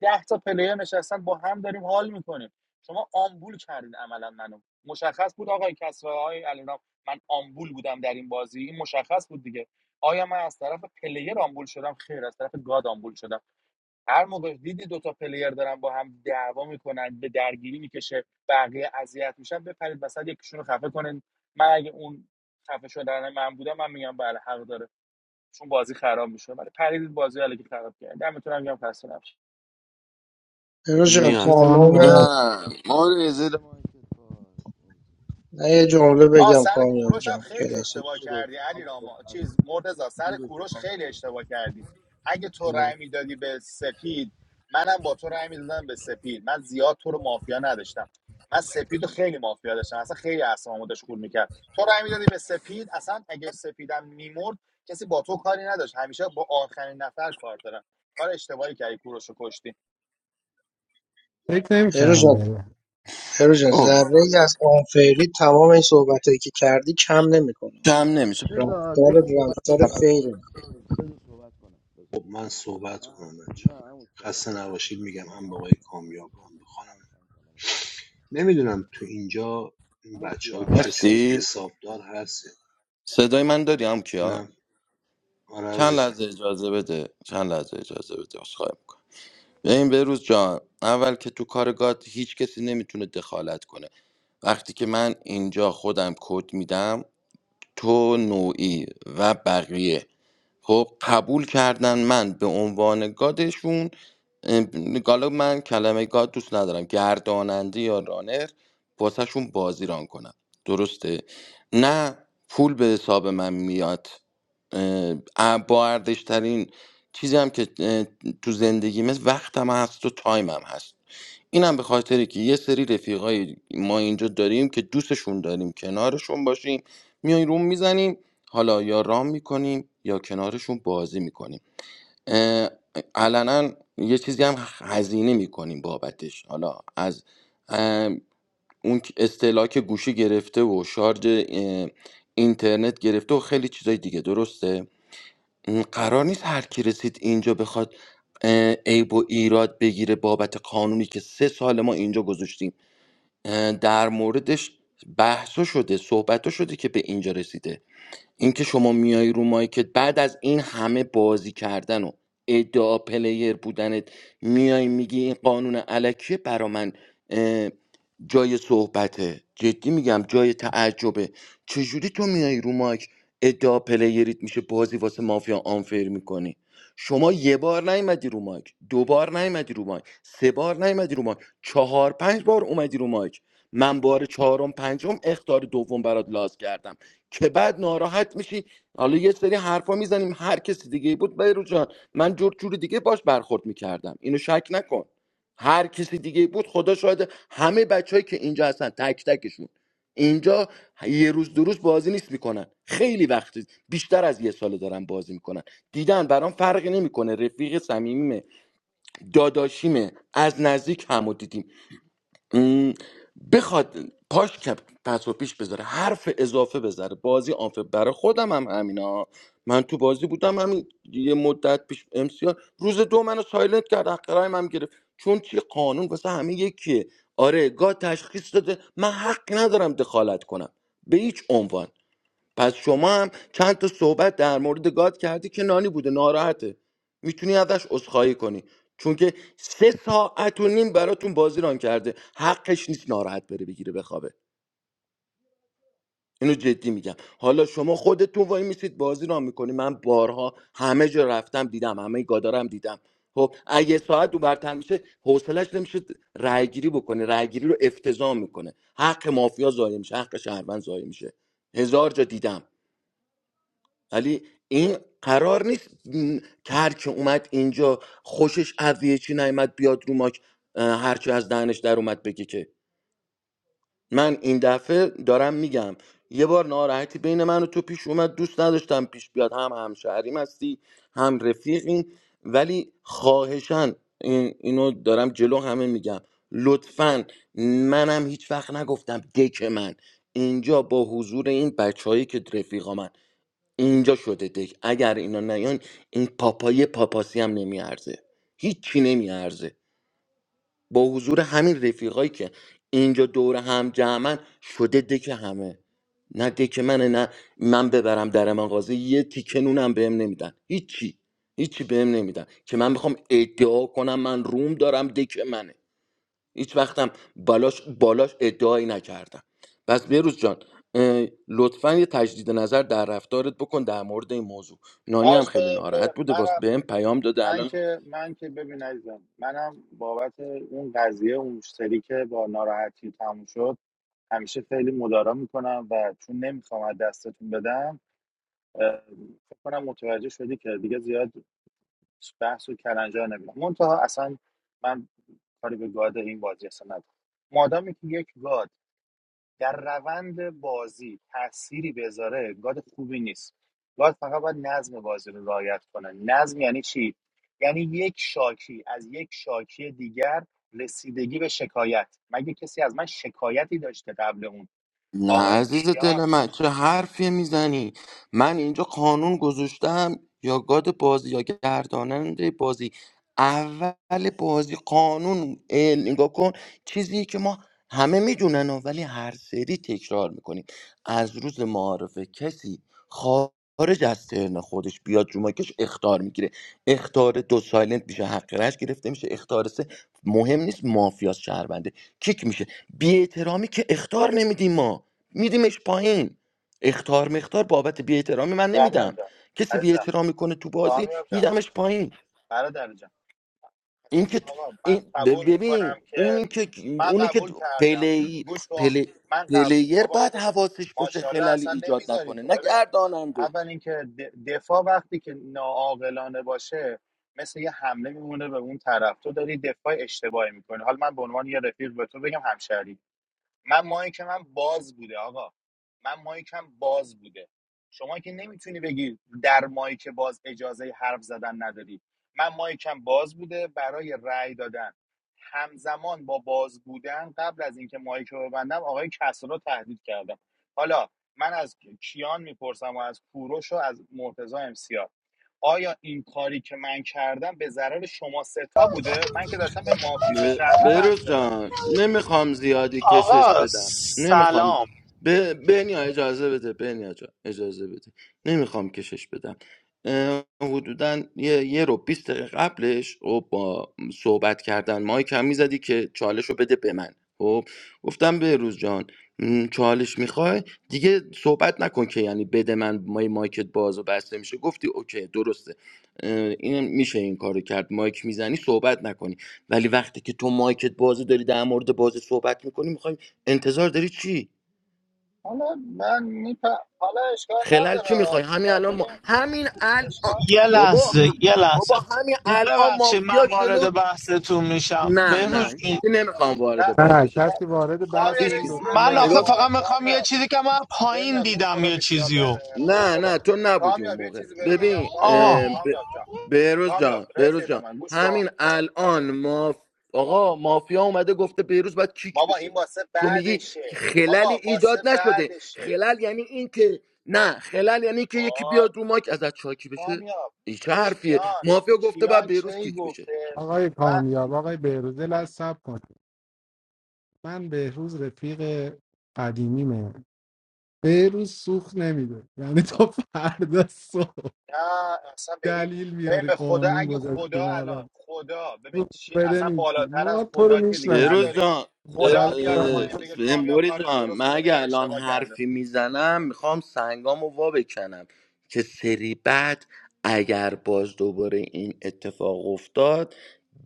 Speaker 13: ده تا پلیر نشستن با هم داریم حال میکنیم شما آمبول کردید عملا منو مشخص بود آقای کسرا آقای علیرام من آمبول بودم در این بازی این مشخص بود دیگه آیا من از طرف پلیر آمبول شدم خیر از طرف گاد آمبول شدم هر موقع دیدی دوتا پلیر دارن با هم دعوا میکنن به درگیری میکشه بقیه اذیت میشن بپرید وسط یکیشون رو خفه کنن من اگه اون خفه شدن من بودم من میگم بله حق داره چون بازی خراب میشه برای پرید بازی علیکی خراب کرد دمتون هم گرم خسته نباشید
Speaker 4: هرو جان
Speaker 9: میاد
Speaker 14: این قانون
Speaker 4: تمام
Speaker 9: نه
Speaker 14: قانون
Speaker 9: ما رو یه زیر مایک
Speaker 4: من یه جمله
Speaker 13: آ
Speaker 4: بگم
Speaker 13: سر
Speaker 4: کامیاب
Speaker 13: کوروش هم
Speaker 4: جان
Speaker 13: خیلی
Speaker 4: کلاس
Speaker 13: اشتباه
Speaker 9: رو
Speaker 13: کردی
Speaker 9: لطفاً
Speaker 13: علی
Speaker 9: کن.
Speaker 13: راما چیز مرتضی سر کوروش خیلی اشتباه کردی اگه تو رأی میدادی به سپید منم با تو رأی میدادم به سپید من زیاد تو رو مافیا نداشتم من سپیدو خیلی مافیا داشتم اصلا خیلی اعصابمو داشت خورد میکرد تو رأی میدادی به سپید اصلا اگه سپیدم میمرد کسی با تو کاری نداشت همیشه با آخرین نفر کار دارم کار اشتباهی کردی کوروش رو کشتی
Speaker 14: فکر
Speaker 4: هرو
Speaker 14: نمیکردم
Speaker 4: جان
Speaker 14: بره
Speaker 4: هرو جان
Speaker 9: اوه
Speaker 4: ذره ای از آنفری تمام این صحبتایی که کردی کم نمیکنه
Speaker 9: کم نمیشه
Speaker 4: رفتار رفتار فیره
Speaker 3: خب من صحبت کنم بچه خسته نباشید میگم هم به آقای کامیاب هم به خانم نمیدونم تو اینجا این بچه ها کسی
Speaker 9: هستی
Speaker 3: حسابدار هست
Speaker 9: صدای من داری هم کیا
Speaker 3: جونم آره
Speaker 9: چند
Speaker 3: عزیزم
Speaker 9: لحظه اجازه بده چند لحظه اجازه بده خواهی میکنم ببین بروز جان اول که تو کار گاد هیچ کسی نمیتونه دخالت کنه وقتی که من اینجا خودم کد میدم تو نوعی و بقیه خب قبول کردن من به عنوان گادشون ام، حالا من کلمه گاد دوست ندارم گرداننده یا رانر واسهشون بازی ران کنم درسته نه پول به حساب من میاد اه، ا- با ارزشترین چیزی هم که اه، تو زندگیمه وقتم هست و تایمم هست اینم به خاطری که یه سری رفیقای ما اینجا داریم که دوستشون داریم کنارشون باشیم میای روم میزنیم حالا یا رام میکنیم یا کنارشون بازی میکنیم علنا یه چیزی هم هزینه میکنیم بابتش حالا از اون که که گوشی گرفته و شارژ اینترنت گرفته و خیلی چیزای دیگه درسته قرار نیست هر کی رسید اینجا بخواد اه، عیب و ایراد بگیره بابت قانونی که سه سال ما اینجا گذاشتیم در موردش بحث شده صحبت شده که به اینجا رسیده اینکه شما میای رو مایکت بعد از این همه بازی کردن و ادعا پلیر بودنت میای میگی این قانون علکیه برا من اه، جای صحبته جدی میگم جای تعجبه چجوری تو میای رو مایک ادعا پلیریت میشه بازی واسه مافیا آنفر میکنی شما یه بار نیومدی رو مایک دو بار نیومدی رو مایک سه بار نیومدی رو مایک چهار پنج بار اومدی رو مایک من بار چهارم پنجم اختار دوم برات لاز کردم که بعد ناراحت میشی حالا یه سری حرفا میزنیم هر کسی دیگه بود بیرو جان من جور جور دیگه باش برخورد میکردم اینو شک نکن هر کسی دیگه بود خدا شاید همه بچههایی که اینجا هستن تک تکشون اینجا یه روز دو روز بازی نیست میکنن خیلی وقتی بیشتر از یه سال دارن بازی میکنن دیدن برام فرقی نمیکنه رفیق صمیمیمه داداشیمه از نزدیک همو دیدیم م، بخواد پاش کپ پس و پیش بذاره حرف اضافه بذاره بازی آنفه برای خودم هم همینا من تو بازی بودم همین یه مدت پیش امسیار روز دو منو سایلنت کرد حق رایم هم گرفت چون چی قانون واسه همه یکیه آره گاه تشخیص داده من حق ندارم دخالت کنم به هیچ عنوان پس شما هم چند تا صحبت در مورد گاد کردی که نانی بوده ناراحته میتونی ازش عذرخواهی کنی چون که سه ساعت و نیم براتون بازی ران کرده حقش نیست ناراحت بره بگیره بخوابه اینو جدی میگم حالا شما خودتون وای میسید بازی ران میکنی من بارها همه جا رفتم دیدم همه گادارم دیدم خب اگه ساعت دو برتر میشه حوصلش نمیشه رای گیری بکنه رای گیری رو افتضاح میکنه حق مافیا ضایع میشه حق شهروند ضایع میشه هزار جا دیدم ولی این قرار نیست م، که هر که اومد اینجا خوشش از یه چی نیومد بیاد رو ماک اه، هر چی از دهنش در اومد بگه که من این دفعه دارم میگم یه بار ناراحتی بین من و تو پیش اومد دوست نداشتم پیش بیاد هم همشهریم هستی هم رفیقیم ولی خواهشن این اینو دارم جلو همه میگم لطفا منم هیچ وقت نگفتم دک من اینجا با حضور این بچههایی که رفیقا من اینجا شده دک اگر اینا نیان این پاپای پاپاسی هم نمیارزه هیچی نمیارزه با حضور همین رفیقایی که اینجا دور هم جمعن شده دک همه نه دک منه نه من ببرم در من قاضی یه تیکه نونم بهم نمیدن هیچی هیچی بهم نمیدن که من بخوام ادعا کنم من روم دارم دک منه هیچ وقتم بالاش بالاش ادعایی نکردم پس بروز جان لطفا یه تجدید نظر در رفتارت بکن در مورد این موضوع نانی هم
Speaker 13: عرض کنم
Speaker 9: خیلی ناراحت
Speaker 13: که
Speaker 9: بوده
Speaker 13: منم
Speaker 9: واسه بهم پیام داده
Speaker 13: من
Speaker 9: الان
Speaker 13: که من که ببین عزیزم منم بابت اون قضیه اون مشتری که با ناراحتی تموم شد همیشه خیلی مدارا میکنم و چون نمیخوام از دستتون بدم اه، فکر کنم متوجه شدی که دیگه زیاد بحث و کلنجار نمیدم منتها اصلا من کاری به گاد این بازی اصلا ندارم مادامی که یک گاد در روند بازی تأثیری بذاره گاد خوبی نیست گاد فقط باید نظم بازی رو رعایت کنه نظم یعنی چی یعنی یک شاکی از یک شاکی دیگر رسیدگی به شکایت مگه کسی از من شکایتی داشته قبل اون
Speaker 9: نه
Speaker 13: آقای
Speaker 9: عزیز
Speaker 13: کیان
Speaker 9: دل من چه حرفی میزنی من اینجا قانون گذاشتم یا گاد بازی یا گرداننده بازی اول بازی قانون اه، نگاه کن چیزی که ما همه میدونن ولی هر سری تکرار میکنیم از روز معارفه کسی خارج از ترن خودش بیاد رو مایکش اختار میگیره اختار دو سایلنت میشه حق رش گرفته میشه اختار سه مهم نیست مافیاس شهربنده کیک میشه بی احترامی که اختار نمیدیم ما میدیمش پایین اختار مختار بابت بیاحترامی من نمیدم
Speaker 13: کامیاب جان
Speaker 9: کسی
Speaker 13: عزیزم
Speaker 9: بیاحترامی کنه تو بازی
Speaker 13: کامیاب جان
Speaker 9: میدمش پایین
Speaker 13: برادر جان
Speaker 9: این
Speaker 13: حسن
Speaker 9: که تو-
Speaker 13: آقا من
Speaker 9: این
Speaker 13: قبول
Speaker 9: ب-
Speaker 13: میکنم
Speaker 9: ببین
Speaker 13: که
Speaker 9: اونی که
Speaker 13: من
Speaker 9: اونی که
Speaker 13: قبول کردم <clears throat>
Speaker 9: پلی
Speaker 13: گوش کن
Speaker 9: پلی
Speaker 13: من قبول
Speaker 9: پلیر
Speaker 13: بابا یه
Speaker 9: باید
Speaker 13: دقیقه
Speaker 9: حواسش باشه
Speaker 13: ماشاءالله
Speaker 9: خلالی
Speaker 13: اصلا
Speaker 9: ایجاد
Speaker 13: نمیذاری
Speaker 9: نکنه
Speaker 13: تو
Speaker 9: نه
Speaker 13: ببین
Speaker 9: گرداننده
Speaker 13: اول اینکه دفاع وقتی که ناعاقلانه باشه مثل یه حمله میمونه به اون طرف تو داری دفاع اشتباهی میکنی حالا من به عنوان یه رفیق به تو بگم همشهری من مایک من باز بوده آقا من مایکم باز بوده شما که نمیتونی بگی در مایک باز اجازه حرف زدن نداری من مایکم باز بوده برای رأی دادن همزمان با باز بودن قبل از اینکه مایک رو ببندم آقای کسرا رو تهدید کردم حالا من از کیان میپرسم و از کوروش و از مرتضی امسیار آیا این کاری که من کردم به ضرر شما سه تا بوده من که داشتم به مافی به
Speaker 9: ب-
Speaker 13: شهروند رأی
Speaker 9: بروز
Speaker 13: میدادم
Speaker 9: جان نمیخوام زیادی کشش
Speaker 20: آقا
Speaker 9: بدم نمیخوام
Speaker 20: سلام
Speaker 9: ب... بنیا اجازه بده بنیا جان اجازه بده نمیخوام کشش بدم اه، حدودا یه, یه رو 20 دقیقه قبلش و با صحبت کردن مایک هم میزدی که چالش رو بده به من خب گفتم بهروز جان م، چالش میخوای دیگه صحبت نکن که یعنی بده من مای مایکت باز و بسته میشه گفتی اوکی درسته اه، این میشه این کارو کرد مایک میزنی صحبت نکنی ولی وقتی که تو مایکت بازی داری در مورد بازی صحبت میکنی میخوای انتظار داری چی
Speaker 13: حالا من میپ... حالا اشکال
Speaker 9: خلال چی میخوای
Speaker 13: نداره
Speaker 9: همین الان ما
Speaker 13: ببین
Speaker 9: همین الان
Speaker 13: اشکال
Speaker 20: یه
Speaker 9: بابا
Speaker 20: لحظه یه لحظه
Speaker 9: بابا همین الان
Speaker 20: ببخشید من
Speaker 9: مافیا جلو
Speaker 20: وارد بحثتون میشم
Speaker 9: نه نه
Speaker 20: بهروز جون
Speaker 9: هیچکی نمیخوام
Speaker 13: ک-
Speaker 9: وارد بس
Speaker 14: نه
Speaker 9: بشه
Speaker 13: ک-
Speaker 14: کسی
Speaker 9: دنیا جان.
Speaker 14: وارد بحث
Speaker 13: کامیاب یه
Speaker 14: این
Speaker 9: هیچکی
Speaker 13: چیزی
Speaker 14: دوتا
Speaker 13: بهت
Speaker 20: من
Speaker 9: نگاه
Speaker 13: بگم
Speaker 20: آخه
Speaker 14: نشده
Speaker 13: آه.
Speaker 20: فقط میخوام یه
Speaker 13: کامیاب
Speaker 20: چیزی که من پایین
Speaker 13: بنیا تو رو
Speaker 20: دیدم
Speaker 13: خدا
Speaker 20: یه
Speaker 13: بی خیال
Speaker 20: چیزیو
Speaker 13: بن- تو رو
Speaker 9: نه
Speaker 13: خدا
Speaker 9: نه تو نبودی اون
Speaker 13: کامیاب یه
Speaker 9: موقع
Speaker 13: چیزی بهت بگم
Speaker 9: ببین
Speaker 13: کامیاب
Speaker 20: آها
Speaker 9: اه، ب-
Speaker 13: کامیاب جان
Speaker 9: بهروز
Speaker 13: کامیاب
Speaker 9: جان بهروز
Speaker 13: رفیق
Speaker 9: جان
Speaker 13: من گوش کن
Speaker 9: همین الان ماف...
Speaker 13: با-
Speaker 9: آقا مافیا اومده گفته بهروز باید کیک
Speaker 13: بابا
Speaker 9: بشه
Speaker 13: این واسه
Speaker 9: تو میگی
Speaker 13: بعدشه
Speaker 9: خلالی
Speaker 13: بابا واسه
Speaker 9: ایجاد نشده
Speaker 13: بعدشه
Speaker 9: خلال یعنی این که نه خلال یعنی که یکی
Speaker 13: وای
Speaker 9: بیاد رو ماک ازت چاکی بشه
Speaker 13: کامیاب
Speaker 9: این چه حرفیه
Speaker 13: کیان
Speaker 9: مافیا گفته باید
Speaker 13: کیان
Speaker 9: بهروز
Speaker 13: کی
Speaker 9: کیک بشه
Speaker 13: گفته
Speaker 14: آقای
Speaker 13: وقتی
Speaker 14: کامیاب آقای بهروز لازم کن من بهروز رفیق قدیمیمه به روز سوخت نمیده یعنی تا فردا صبح
Speaker 13: نه اصلا به هیچ
Speaker 14: دلیل
Speaker 13: ببین
Speaker 14: میاری
Speaker 13: به خدا
Speaker 14: قانون
Speaker 13: اگه
Speaker 14: گذاشتیم
Speaker 13: خدا
Speaker 14: اول
Speaker 13: الان خدا ببین
Speaker 14: سوخت
Speaker 13: چی
Speaker 14: بده
Speaker 13: اصلا
Speaker 14: میگی
Speaker 13: بالاتر از
Speaker 14: ما تو رو
Speaker 13: خدا که دیگه
Speaker 9: بروز
Speaker 14: میشناسیم
Speaker 13: نداریم
Speaker 9: جان
Speaker 13: خدا
Speaker 9: بر...
Speaker 13: بیاد پایین بگه
Speaker 9: اه،
Speaker 13: کامیاب
Speaker 9: موری
Speaker 13: کارش
Speaker 9: جان
Speaker 13: درست
Speaker 9: من
Speaker 13: بوده
Speaker 9: اگه
Speaker 13: میگم
Speaker 9: الان
Speaker 13: اشتباه کرده
Speaker 9: حرفی میزنم میخوام سنگامو وا بکنم که سری بعد اگر باز دوباره این اتفاق افتاد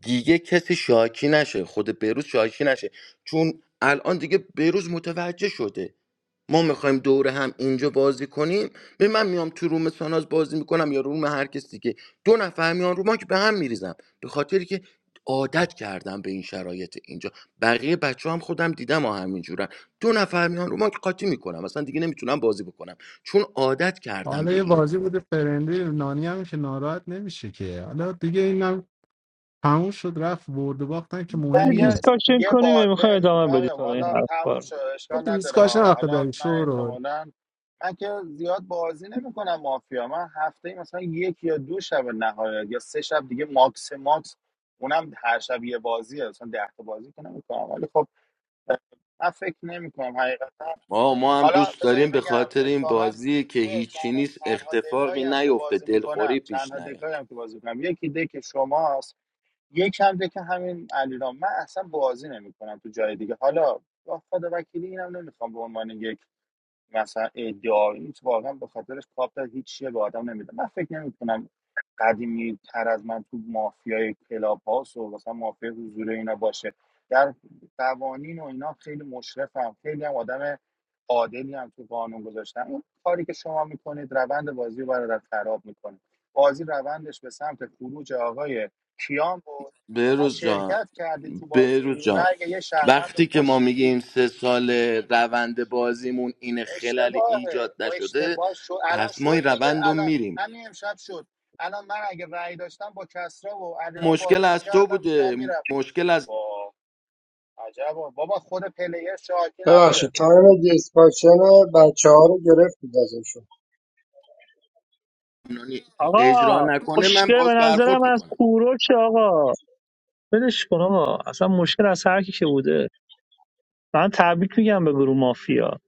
Speaker 9: دیگه کسی شاکی نشه خود بروز شاکی نشه چون الان دیگه بروز متوجه شده ما میخوایم دوره هم اینجا بازی کنیم به من میام تو روم ساناز بازی میکنم یا روم هر کسی که دو نفر میان رو ما که به هم میریزم به خاطر که عادت کردم به این شرایط اینجا بقیه بچه هم خودم دیدم ها همینجورن دو نفر میان رو ما که قاطی میکنم اصلا دیگه نمیتونم بازی بکنم چون عادت کردم
Speaker 14: حالا
Speaker 9: به
Speaker 14: یه
Speaker 9: این
Speaker 14: بازی بوده فرندی نانی هم که ناراحت نمیشه که حالا دیگه اینم تموم شد رفت برد و باختن که
Speaker 13: نه
Speaker 14: مهم
Speaker 11: یه
Speaker 13: یه
Speaker 14: نیست
Speaker 11: دیسکاشن
Speaker 13: یه
Speaker 11: کنیم
Speaker 13: بار
Speaker 11: میخوای
Speaker 13: ببین
Speaker 11: ادامه بدید
Speaker 13: کامیاب
Speaker 11: حالا این
Speaker 13: حالا
Speaker 11: حرفا
Speaker 13: تموم
Speaker 11: رو
Speaker 13: شد
Speaker 14: تو
Speaker 13: اشکال نداره
Speaker 14: دیسکاشن آخه
Speaker 13: حالا
Speaker 14: داری
Speaker 13: من
Speaker 14: شورو
Speaker 13: احتمالا من که زیاد بازی نمیکنم مافیا من هفته مثلا یک یا دو شب نهایت یا سه شب دیگه ماکس ماکس اونم هر شب یه بازیه مثلا ده تا بازی که نمیکنم ولی خب من فکر نمی کنم حقیقتا
Speaker 9: ما ما هم
Speaker 13: حالا
Speaker 9: دوست
Speaker 13: بذارید
Speaker 9: داریم به خاطر
Speaker 13: بگم
Speaker 9: این
Speaker 13: اتفاقا
Speaker 9: بازی که
Speaker 13: توی
Speaker 9: هیچی
Speaker 13: چند
Speaker 9: نیست
Speaker 13: تنها دکایی
Speaker 9: اختفاقی
Speaker 13: هم که
Speaker 9: نیفته
Speaker 13: بازی
Speaker 9: دلخوری
Speaker 13: میکنم
Speaker 9: پیش
Speaker 13: چندها
Speaker 9: نیاد
Speaker 13: دکایی هم که بازی میکنم یکی دک شماست یک هم دک همین علیرام من اصلا بازی نمیکنم تو جای دیگه حالا با خدا وکیلی اینم نمیخوام به عنوان یک مثلا ادعایی نیست واقعا به خاطرش کاپ داد هیچ چیه به آدم نمیده من فکر نمیکنم قدیمی تر از من تو مافیای کلاب هاوس و مثلا مافیای حضور اینا باشه در قوانین و اینا خیلی مشرفم خیلی هم آدم عادلی هم تو قانون گذاشتن اون کاری که شما میکنید روند بازی رو برادر خراب میکنه بازی روندش به سمت خروج آقای کیان بود شما
Speaker 9: بهروز جان
Speaker 13: شرکت کردی تو
Speaker 9: بهروز
Speaker 13: بازی
Speaker 9: جان
Speaker 13: رأی یه شهروند رو
Speaker 9: وقتی که ما
Speaker 13: کشتی
Speaker 9: میگیم سه سال روند بازیمون این خلل ایجاد
Speaker 13: اشتباهه او
Speaker 9: نشده
Speaker 13: اشتباه شد الان
Speaker 9: پس ما این
Speaker 13: شد دیگه
Speaker 9: روند رو
Speaker 13: الان
Speaker 9: میریم
Speaker 13: همین امشب شد الان من اگه رأی داشتم با کسرا و علیرام
Speaker 9: مشکل
Speaker 13: بازی
Speaker 9: از تو
Speaker 13: میکردم کیا
Speaker 9: بوده
Speaker 13: میرفت
Speaker 9: مشکل از
Speaker 13: با عجبا بابا خود پلیر شاکی نبوده
Speaker 4: ببخشید تایم دیسکاشن بچه ها رو گرفتید ازشون
Speaker 9: یعنی اجرا
Speaker 11: آقا
Speaker 9: نکنه من
Speaker 11: مشکل به
Speaker 9: باز
Speaker 11: نظرم
Speaker 9: برخورد
Speaker 11: از
Speaker 9: میکنم
Speaker 11: کوروش آقا ولش کن آقا اصلا مشکل از هر کی که بوده من تبریک میگم به گروه مافیا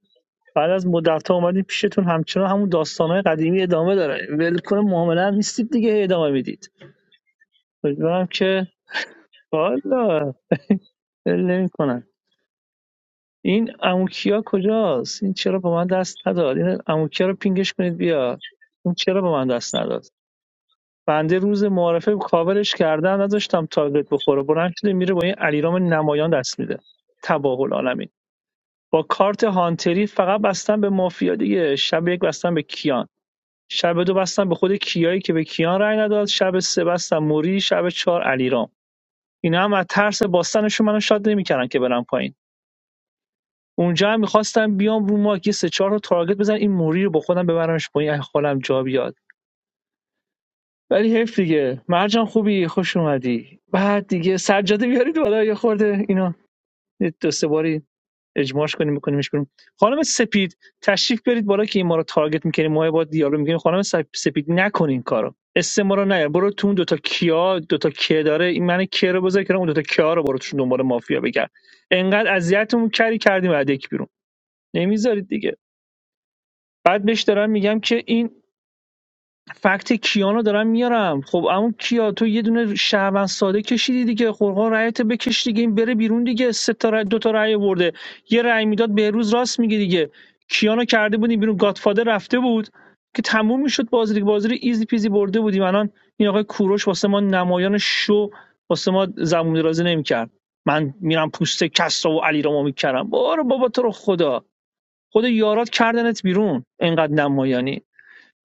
Speaker 11: بعد از مدت ها اومدی پیشتون همچنان همون داستانهای قدیمی ادامه داره ول کن معامله هم نیستید دیگه هی ادامه میدید امیدوارم که والا نمی کنن این اموکیا کجاست این چرا با من دست نداد این اموکیا رو پینگش کنید بیا این چرا با من دست نداد بنده روز معارفه کاورش کردم نذاشتم تارگت بخوره بلند شده میره با این علیرام نمایان دست میده تباه العالمین با کارت هانتری فقط بستن به مافیا دیگه شب یک بستن به کیان شب دو بستن به خود کیایی که به کیان رأی نداد شب سه بستن موری شب چهار علیرام اینا هم از ترس باستنشون منو شاد نمیکردن که برم پایین اونجا هم میخواستم بیام رو ماک یه سه چهار رو تارگت بزن این موری رو با خودم ببرمش پایین اگه حالم جا بیاد ولی حیف دیگه مرجان خوبی خوش اومدی بعد دیگه سجاده بیارید بالا یه خورده اینا یه دو سه باری اجماعش کنیم بکنیمش کنیم خانم سپید تشریف برید بالا که این ما رو تارگت میکنیم ما با دیالوگ میکنیم خانم سپ- سپید نکن این کارو استعما رو نیار برو تو اون دوتا کیا دوتا که داره این من که رو بذار کنار اون دوتا کیا رو برو توشون دنبال مافیا بگرد انقدر اذیتمون کردی کردیم بعد یک بیرون نمیذارید دیگه بعد بهش دارم میگم که این فکت کیانو دارم میارم خب اما کیا تو یه دونه شهروند ساده کشیدی دیگه خورقا رأیت بکش دیگه این بره بیرون دیگه سه تا رأی- دو تا رأی برده یه رأی میداد بهروز راست میگه دیگه کیانو کرده بودیم بیرون گاتفاده رفته بود که تموم میشد بازی دیگه بازی رو ایزی پیزی برده بودیم الان این آقای کوروش واسه ما نمایان شو واسه ما زبون درازی نمیکرد من میرم پوست کسرا و علیرامو میکردم برو بابا تو رو خدا خود یارات کردنت بیرون اینقدر نمایانی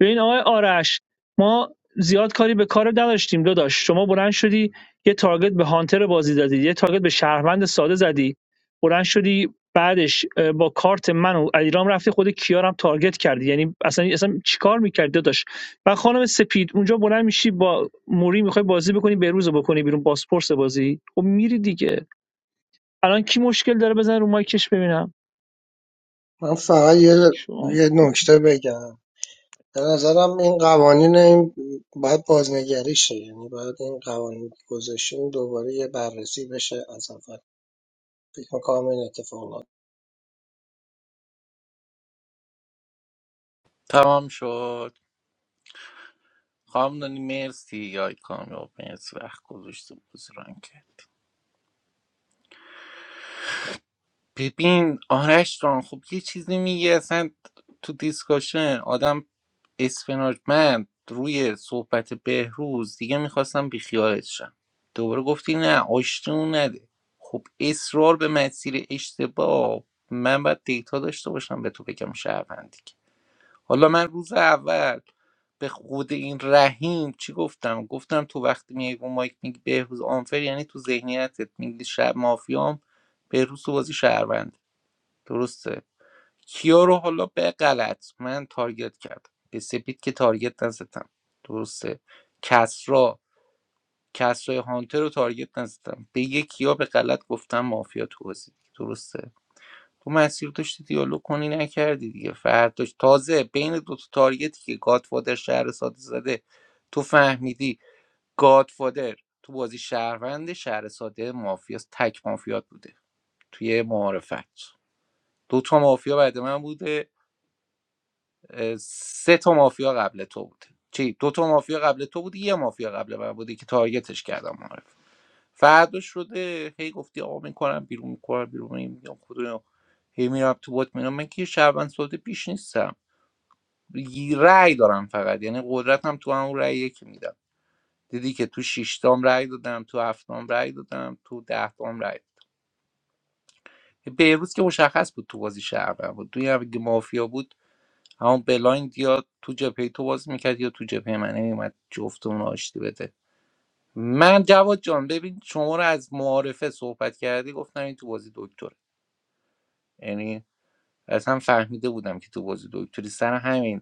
Speaker 11: ببین آقای آرش ما زیاد کاری به کار نداشتیم داداش شما بلند شدی یه تارگت به هانتر بازی زدی یه تارگت به شهروند ساده زدی بلند شدی بعدش با کارت من و علیرام رفتی خود کیارم تارگت کردی یعنی اصلا اصلا چیکار میکردی داداش و خانم سپید اونجا بلند میشی با موری میخوای بازی بکنی به روز بکنی بیرون باسپورس بازی خب میری دیگه الان کی مشکل داره بزن رو مایکش ببینم
Speaker 4: من فقط یه
Speaker 11: شما
Speaker 4: یه نکته بگم به نظرم این قوانین این باید بازنگری شه یعنی باید این قوانین که گذاشتیم دوباره یه بررسی بشه از اول فکر میکنم این اتفاق نمیفته.
Speaker 7: تمام شد خواهم دانی مرسی یای کامیاب مرسی وقت گذاشته بزران که ببین آرش جان خب یه چیزی میگه اصلا تو دیسکاشن آدم اسفناج من روی صحبت بهروز دیگه میخواستم بیخیالت شم دوباره گفتی نه آشتیمون نده خب اصرار به مسیر اشتباه من باید دیتا داشته باشم به تو بگم شهروندی حالا من روز اول به خود این رحیم چی گفتم گفتم تو وقتی میای با مایک میگی بهروز آنفر یعنی تو ذهنیتت میگی شب مافیام بهروز تو بازی شهروند درسته کیا رو حالا به غلط من تارگت کردم به سپید که تارگت نزدم درسته کسرا کسرای هانتر رو تارگت نزدم به یه کیا به غلط گفتم مافیا تو بازی درسته تو مسیر داشتی دیالوگ کنی نکردی دیگه فرداش تازه بین دو تا تارگتی که گادفادر شهر ساده زده تو فهمیدی گادفادر تو بازی شهروند شهر ساده مافیاست تک مافیات بوده توی معارفت دو تا مافیا بعد من بوده سه تا مافیا قبل تو بود چی دو تا مافیا قبل تو بود یه مافیا قبل من بودی که تارگتش کردم معرف فردا شده هی گفتی آقا میکنم بیرون میکنم بیرون میگم خدا هی میرم تو بات میرم من که یه شهروند ساده پیش نیستم یه رأی دارم فقط یعنی قدرتم تو همون رأیه که میدم دیدی که تو شیشتام رأی دادم تو هفتم رأی دادم تو دهتام رأی بهروز که مشخص بود تو بازی شهروند بود توی هم اگه مافیا بود همون بلایند یا تو جبهه تو باز میکرد یا تو جبهه من نمیومد جفتمون رو آشتی بده من جواد جان ببین شما رو از معارفه صحبت کردی گفتم این تو بازی دکتره یعنی اصلا فهمیده بودم که تو بازی دکتری سر همین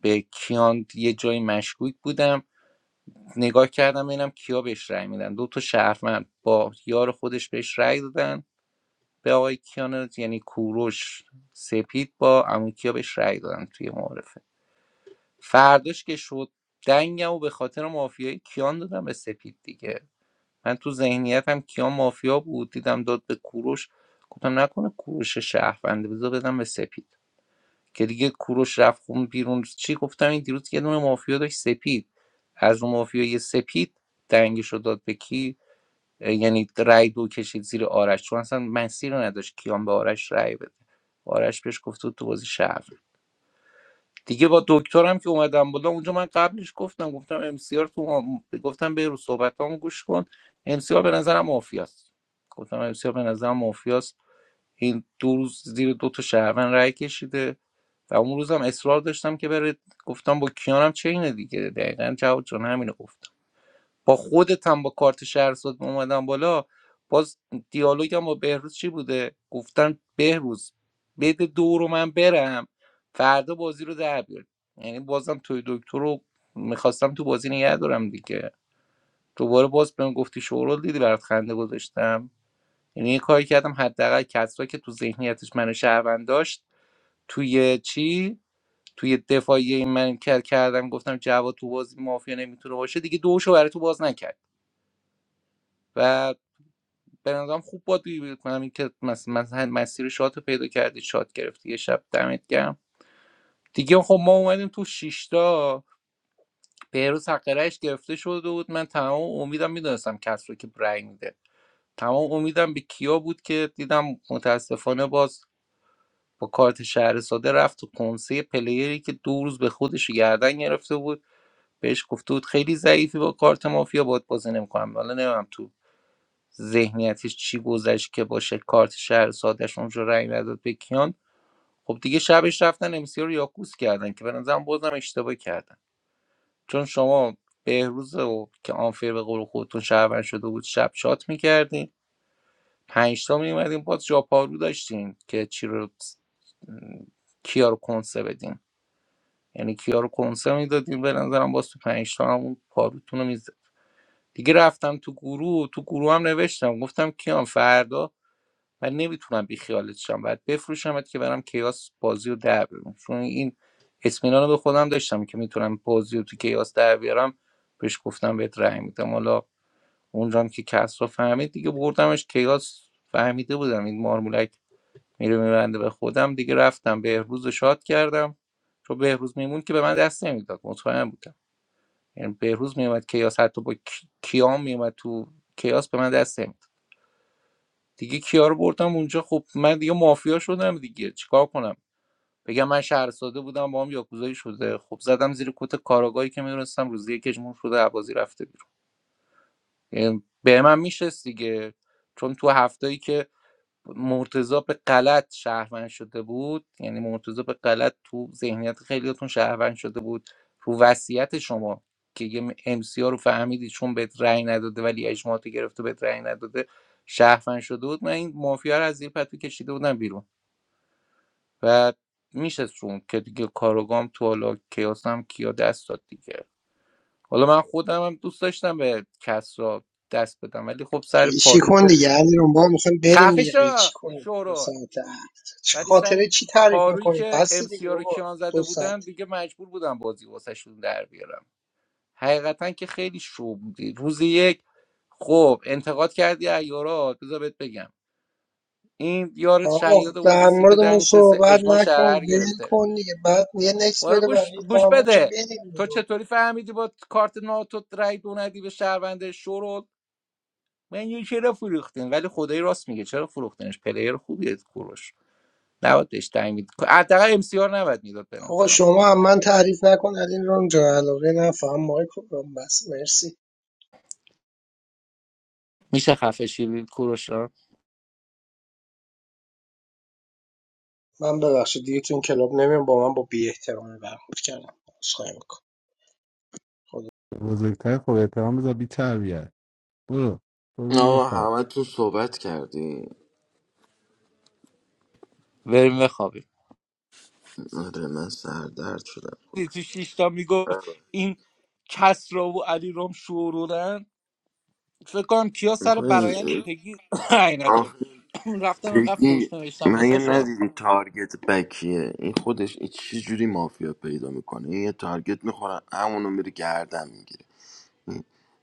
Speaker 7: به کیان یه جایی مشکوک بودم نگاه کردم ببینم کیا بهش رأی میدن دو تا شهروند با یار خودش بهش رأی دادن به آقای کیان یعنی کوروش سپید با عمو کیا بهش رأی دادن توی معارفه فرداش که شد دنگم و به خاطر مافیای کیان دادم به سپید دیگه من تو ذهنیتم کیان مافیا بود دیدم داد به کوروش گفتم نکنه کوروش شهرونده بذار بدم به سپید که دیگه کوروش رفت خون بیرون چی گفتم این دیروز یه دونه مافیا داشت سپید از اون مافیای سپید دنگش رو داد به کی اه، یعنی رای دو کشید زیر آرش چون اصلا مسیر رو نداشت کیان به آرش رای بده آرش بهش گفت تو تو بازی شهروند. دیگه با دکترم که اومدم بالا اونجا من قبلش گفتم گفتم ام سی آر تو هم- گفتم به رو صحبتامو گوش کن ام سی آر به نظرم مافیاست گفتم ام سی آر به نظرم مافیاست این دو روز زیر دو تا شهروند رای کشیده و اون روزم اصرار داشتم که بره گفتم با کیانم چه اینه دیگه دقیقا جواد جان همینو گفت با خودت هم با کارت شهرساد اومدم بالا باز دیالوگم با بهروز چی بوده گفتن بهروز بده دو رو من برم فردا بازی رو در بیار یعنی بازم توی دکتر رو میخواستم تو بازی نگه دارم دیگه دوباره باز بهم گفتی شورول دیدی برات خنده گذاشتم یعنی یه کاری کردم حداقل کسرا که تو ذهنیتش منو شهروند داشت توی چی توی دفاعی من کر کردم گفتم جواد تو بازی مافیا نمیتونه باشه دیگه دوشو برای تو باز نکرد و به نظرم خوب بازی میکنم این که مس- مثلا مسیر شات رو پیدا کردی شات گرفتی یه شب دمت گرم دیگه خب ما اومدیم تو شیشتا بهروز حق رأیش گرفته شده بود من تمام امیدم میدونستم کس رو که رأی میده تمام امیدم به کیا بود که دیدم متاسفانه باز با کارت شهر ساده رفت تو کنسه پلیری که دو روز به خودش گردن گرفته بود بهش گفته بود خیلی ضعیفی با کارت مافیا باید بازی نمیکنم حالا نمیدونم تو ذهنیتش چی گذشت که باشه کارت شهر سادش اونجا رأی نداد به کیان خب دیگه شبش رفتن امسی رو یاکوس کردن که به نظرم بازم اشتباه کردن چون شما بهروز و که آنفیر به قول خودتون شهروند شده بود شب شات میکردین پنجتا میومدین باز جاپارو داشتین که چی رو کیا رو کنسه بدین یعنی کیا رو کنسه میدادین به نظرم باز تو پنجتا همون پاروتون رو میزد دیگه رفتم تو گروه تو گروه هم نوشتم گفتم کیان فردا و نمیتونم بیخیالت شم باید بفروشمت که برم کیاس بازی رو در بیارم چون این اطمینان رو به خودم داشتم که میتونم بازی رو تو کیاس در بیارم بهش گفتم بهت رأی میدم حالا اونجا که کس رو فهمید دیگه بردمش کیاس فهمیده بودم این مارمولک میره میبنده به خودم دیگه رفتم بهروز رو شاد کردم چون بهروز میمون که به من دست نمیداد مطمئن بودم یعنی بهروز میومد کیاس حتی با کی- کیام میومد تو کیاس به من دست دیگه کیا رو بردم اونجا خب من دیگه مافیا شدم دیگه چیکار کنم بگم من شهرساده بودم با هم یاکوزایی شده خب زدم زیر کت کاراگاهی که میدونستم روزی یکیشون شده عبازی رفته بیرون یعنی به من میشست دیگه چون تو هفتایی که مرتضی به غلط شهروند شده بود یعنی مرتضی به غلط تو ذهنیت خیلیاتون شهروند شده بود رو وصیت شما که یه امسی ها رو فهمیدی چون بهت رأی نداده ولی اجماعاتو گرفته بهت رأی نداده شهروند شده بود من این مافیا رو از زیر پتو کشیده بودم بیرون و میشستون که دیگه کاروگام تو حالا کیاسم کیا دست داد دیگه حالا من خودم هم دوست داشتم به کس را دست بدم ولی خب سر
Speaker 4: قیچی
Speaker 7: پاروی که
Speaker 4: کن دیگه علی رو ما میخوایم بریم
Speaker 7: خفه
Speaker 4: دیگه
Speaker 7: شو
Speaker 4: قیچی کنیم دو
Speaker 7: شورو
Speaker 4: ساعت هفت چه
Speaker 7: ولی سر
Speaker 4: خاطره چی تعریف
Speaker 7: پارویی
Speaker 4: میکنی
Speaker 7: که
Speaker 4: بس
Speaker 7: ام سی
Speaker 4: دیگه
Speaker 7: رو
Speaker 4: بابا
Speaker 7: کیان زده
Speaker 4: دو ساعت
Speaker 7: بودن دیگه مجبور بودم بازی واسهشون در بیارم حقیقتا که خیلی شو بودی روز یک خب انتقاد کردی ایارات بذار بهت بگم این یارت
Speaker 4: آقا
Speaker 7: شیاد بازی
Speaker 4: در
Speaker 7: سیت
Speaker 4: مورد
Speaker 7: در
Speaker 4: ما
Speaker 7: نشسته
Speaker 4: صحبت
Speaker 7: اجماع
Speaker 4: نکن
Speaker 7: شهرر
Speaker 4: ول
Speaker 7: گرفته
Speaker 4: کن دیگه بعد یه نکس
Speaker 7: بارا
Speaker 4: بده
Speaker 7: گوش,
Speaker 4: بقیه
Speaker 7: گوش
Speaker 4: تموم شه
Speaker 7: بده
Speaker 4: بریم
Speaker 7: تو
Speaker 4: دیگه
Speaker 7: چطوری فهمیدی با کارت ناتو رای دو ندی به شهرونده شورت من یه چرا فروختین ولی خدای راست میگه چرا فروختنش پلیر خوبیه کوروش نباید بهش تعیین میداد حداقل ام سی آر نباید میداد به
Speaker 4: آقا
Speaker 7: نظرم
Speaker 4: شما هم من تعریف نکن علی رام جا علاقه نفهم مایکو رام بس مرسی
Speaker 7: میشه خفه شیرین کوروشا
Speaker 4: من ببخشید دیگه تو این کلاب نمیم با من با بی احترامی برخورد کردم عذرخواهی میکنم خدا
Speaker 14: بزرگتر خب احترام بذار بی تربیت برو برو بی
Speaker 9: آقا
Speaker 14: بخواب
Speaker 9: همه تو صحبت کردی
Speaker 7: بریم بخوابیم
Speaker 9: آره من سردرد شدم
Speaker 7: دیدی تو شیشتا میگفت این کسرا و علی رام شورولن فکر کنم کیا سر برایند
Speaker 9: میخواین
Speaker 7: پگی <coughs> عین نداره. رفتم اینقدر
Speaker 9: پگی
Speaker 7: فوش نوشتم
Speaker 9: من
Speaker 7: واسه شا
Speaker 9: ندیدی تارگت بکیه این خودش این چه جوری مافیا پیدا میکنه این یه تارگت میخوره همونو میره گردن میگیره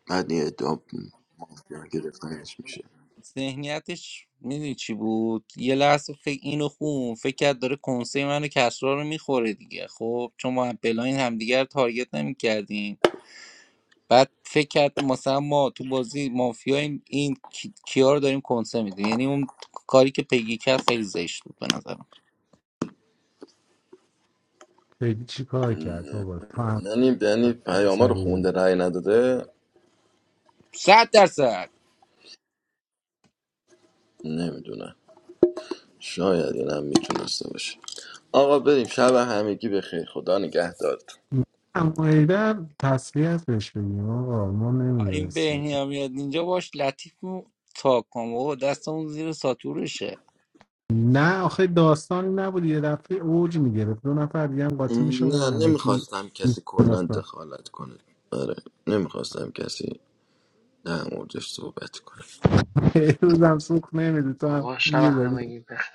Speaker 9: بعد این ادعا مافیا گرفتنش میشه
Speaker 7: ذهنیتش میدونی چی بود یه لحظه فکر اینو خون فکر کرد داره کنسه منو کسرا رو میخوره دیگه خب چون ما بلاین همدیگه رو تارگت نمیکردیم بعد فکر کرد مثلا ما تو بازی مافیا این, این کی- کیا رو داریم کنسه میدیم یعنی اون کاری که پیگی کرد خیلی زشت بود به نظرم
Speaker 14: بگی چی کار کرد بابا تو هم
Speaker 9: یعنی یعنی پیاما رو
Speaker 14: سریع
Speaker 9: خونده رأی نداده
Speaker 7: صد درصد
Speaker 9: نمیدونم شاید این هم میتونسته باشه آقا بریم شب همگی به خیر خدا نگهدارت
Speaker 14: معایده تسلیت بهش بگیم آقا ما
Speaker 7: این
Speaker 14: نمیدونستیم
Speaker 7: بهنیا میاد اینجا باش لطیف و تا کن و دستمون زیر ساتورشه
Speaker 14: نه آخه داستانی نبود یه دفعه اوج میگرفت دو نفر دیگه هم قاطی
Speaker 9: نه
Speaker 14: میشدن علکی
Speaker 9: نمیخواستم کسی کلا
Speaker 14: داستان
Speaker 9: دخالت کنه آره نمیخواستم کسی در موردش صحبت کنه
Speaker 14: <laughs> بهروزم سوخ نمیدی تو هم
Speaker 12: آقا شب
Speaker 14: یه داری
Speaker 12: همگی بخیر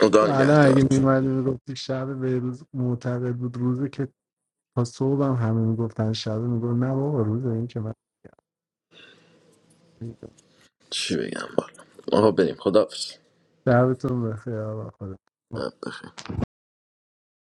Speaker 9: خدا
Speaker 14: الان اگه
Speaker 9: نگهدارت
Speaker 14: میمردی میگفتی شب بهروز معتقد بود روزه که تا صبح هم همه میگفتن شب میگفت نه بابا روزه این که من
Speaker 9: چی بگم والا آقا بریم خدافز
Speaker 14: شبتون بخیر آقا خدا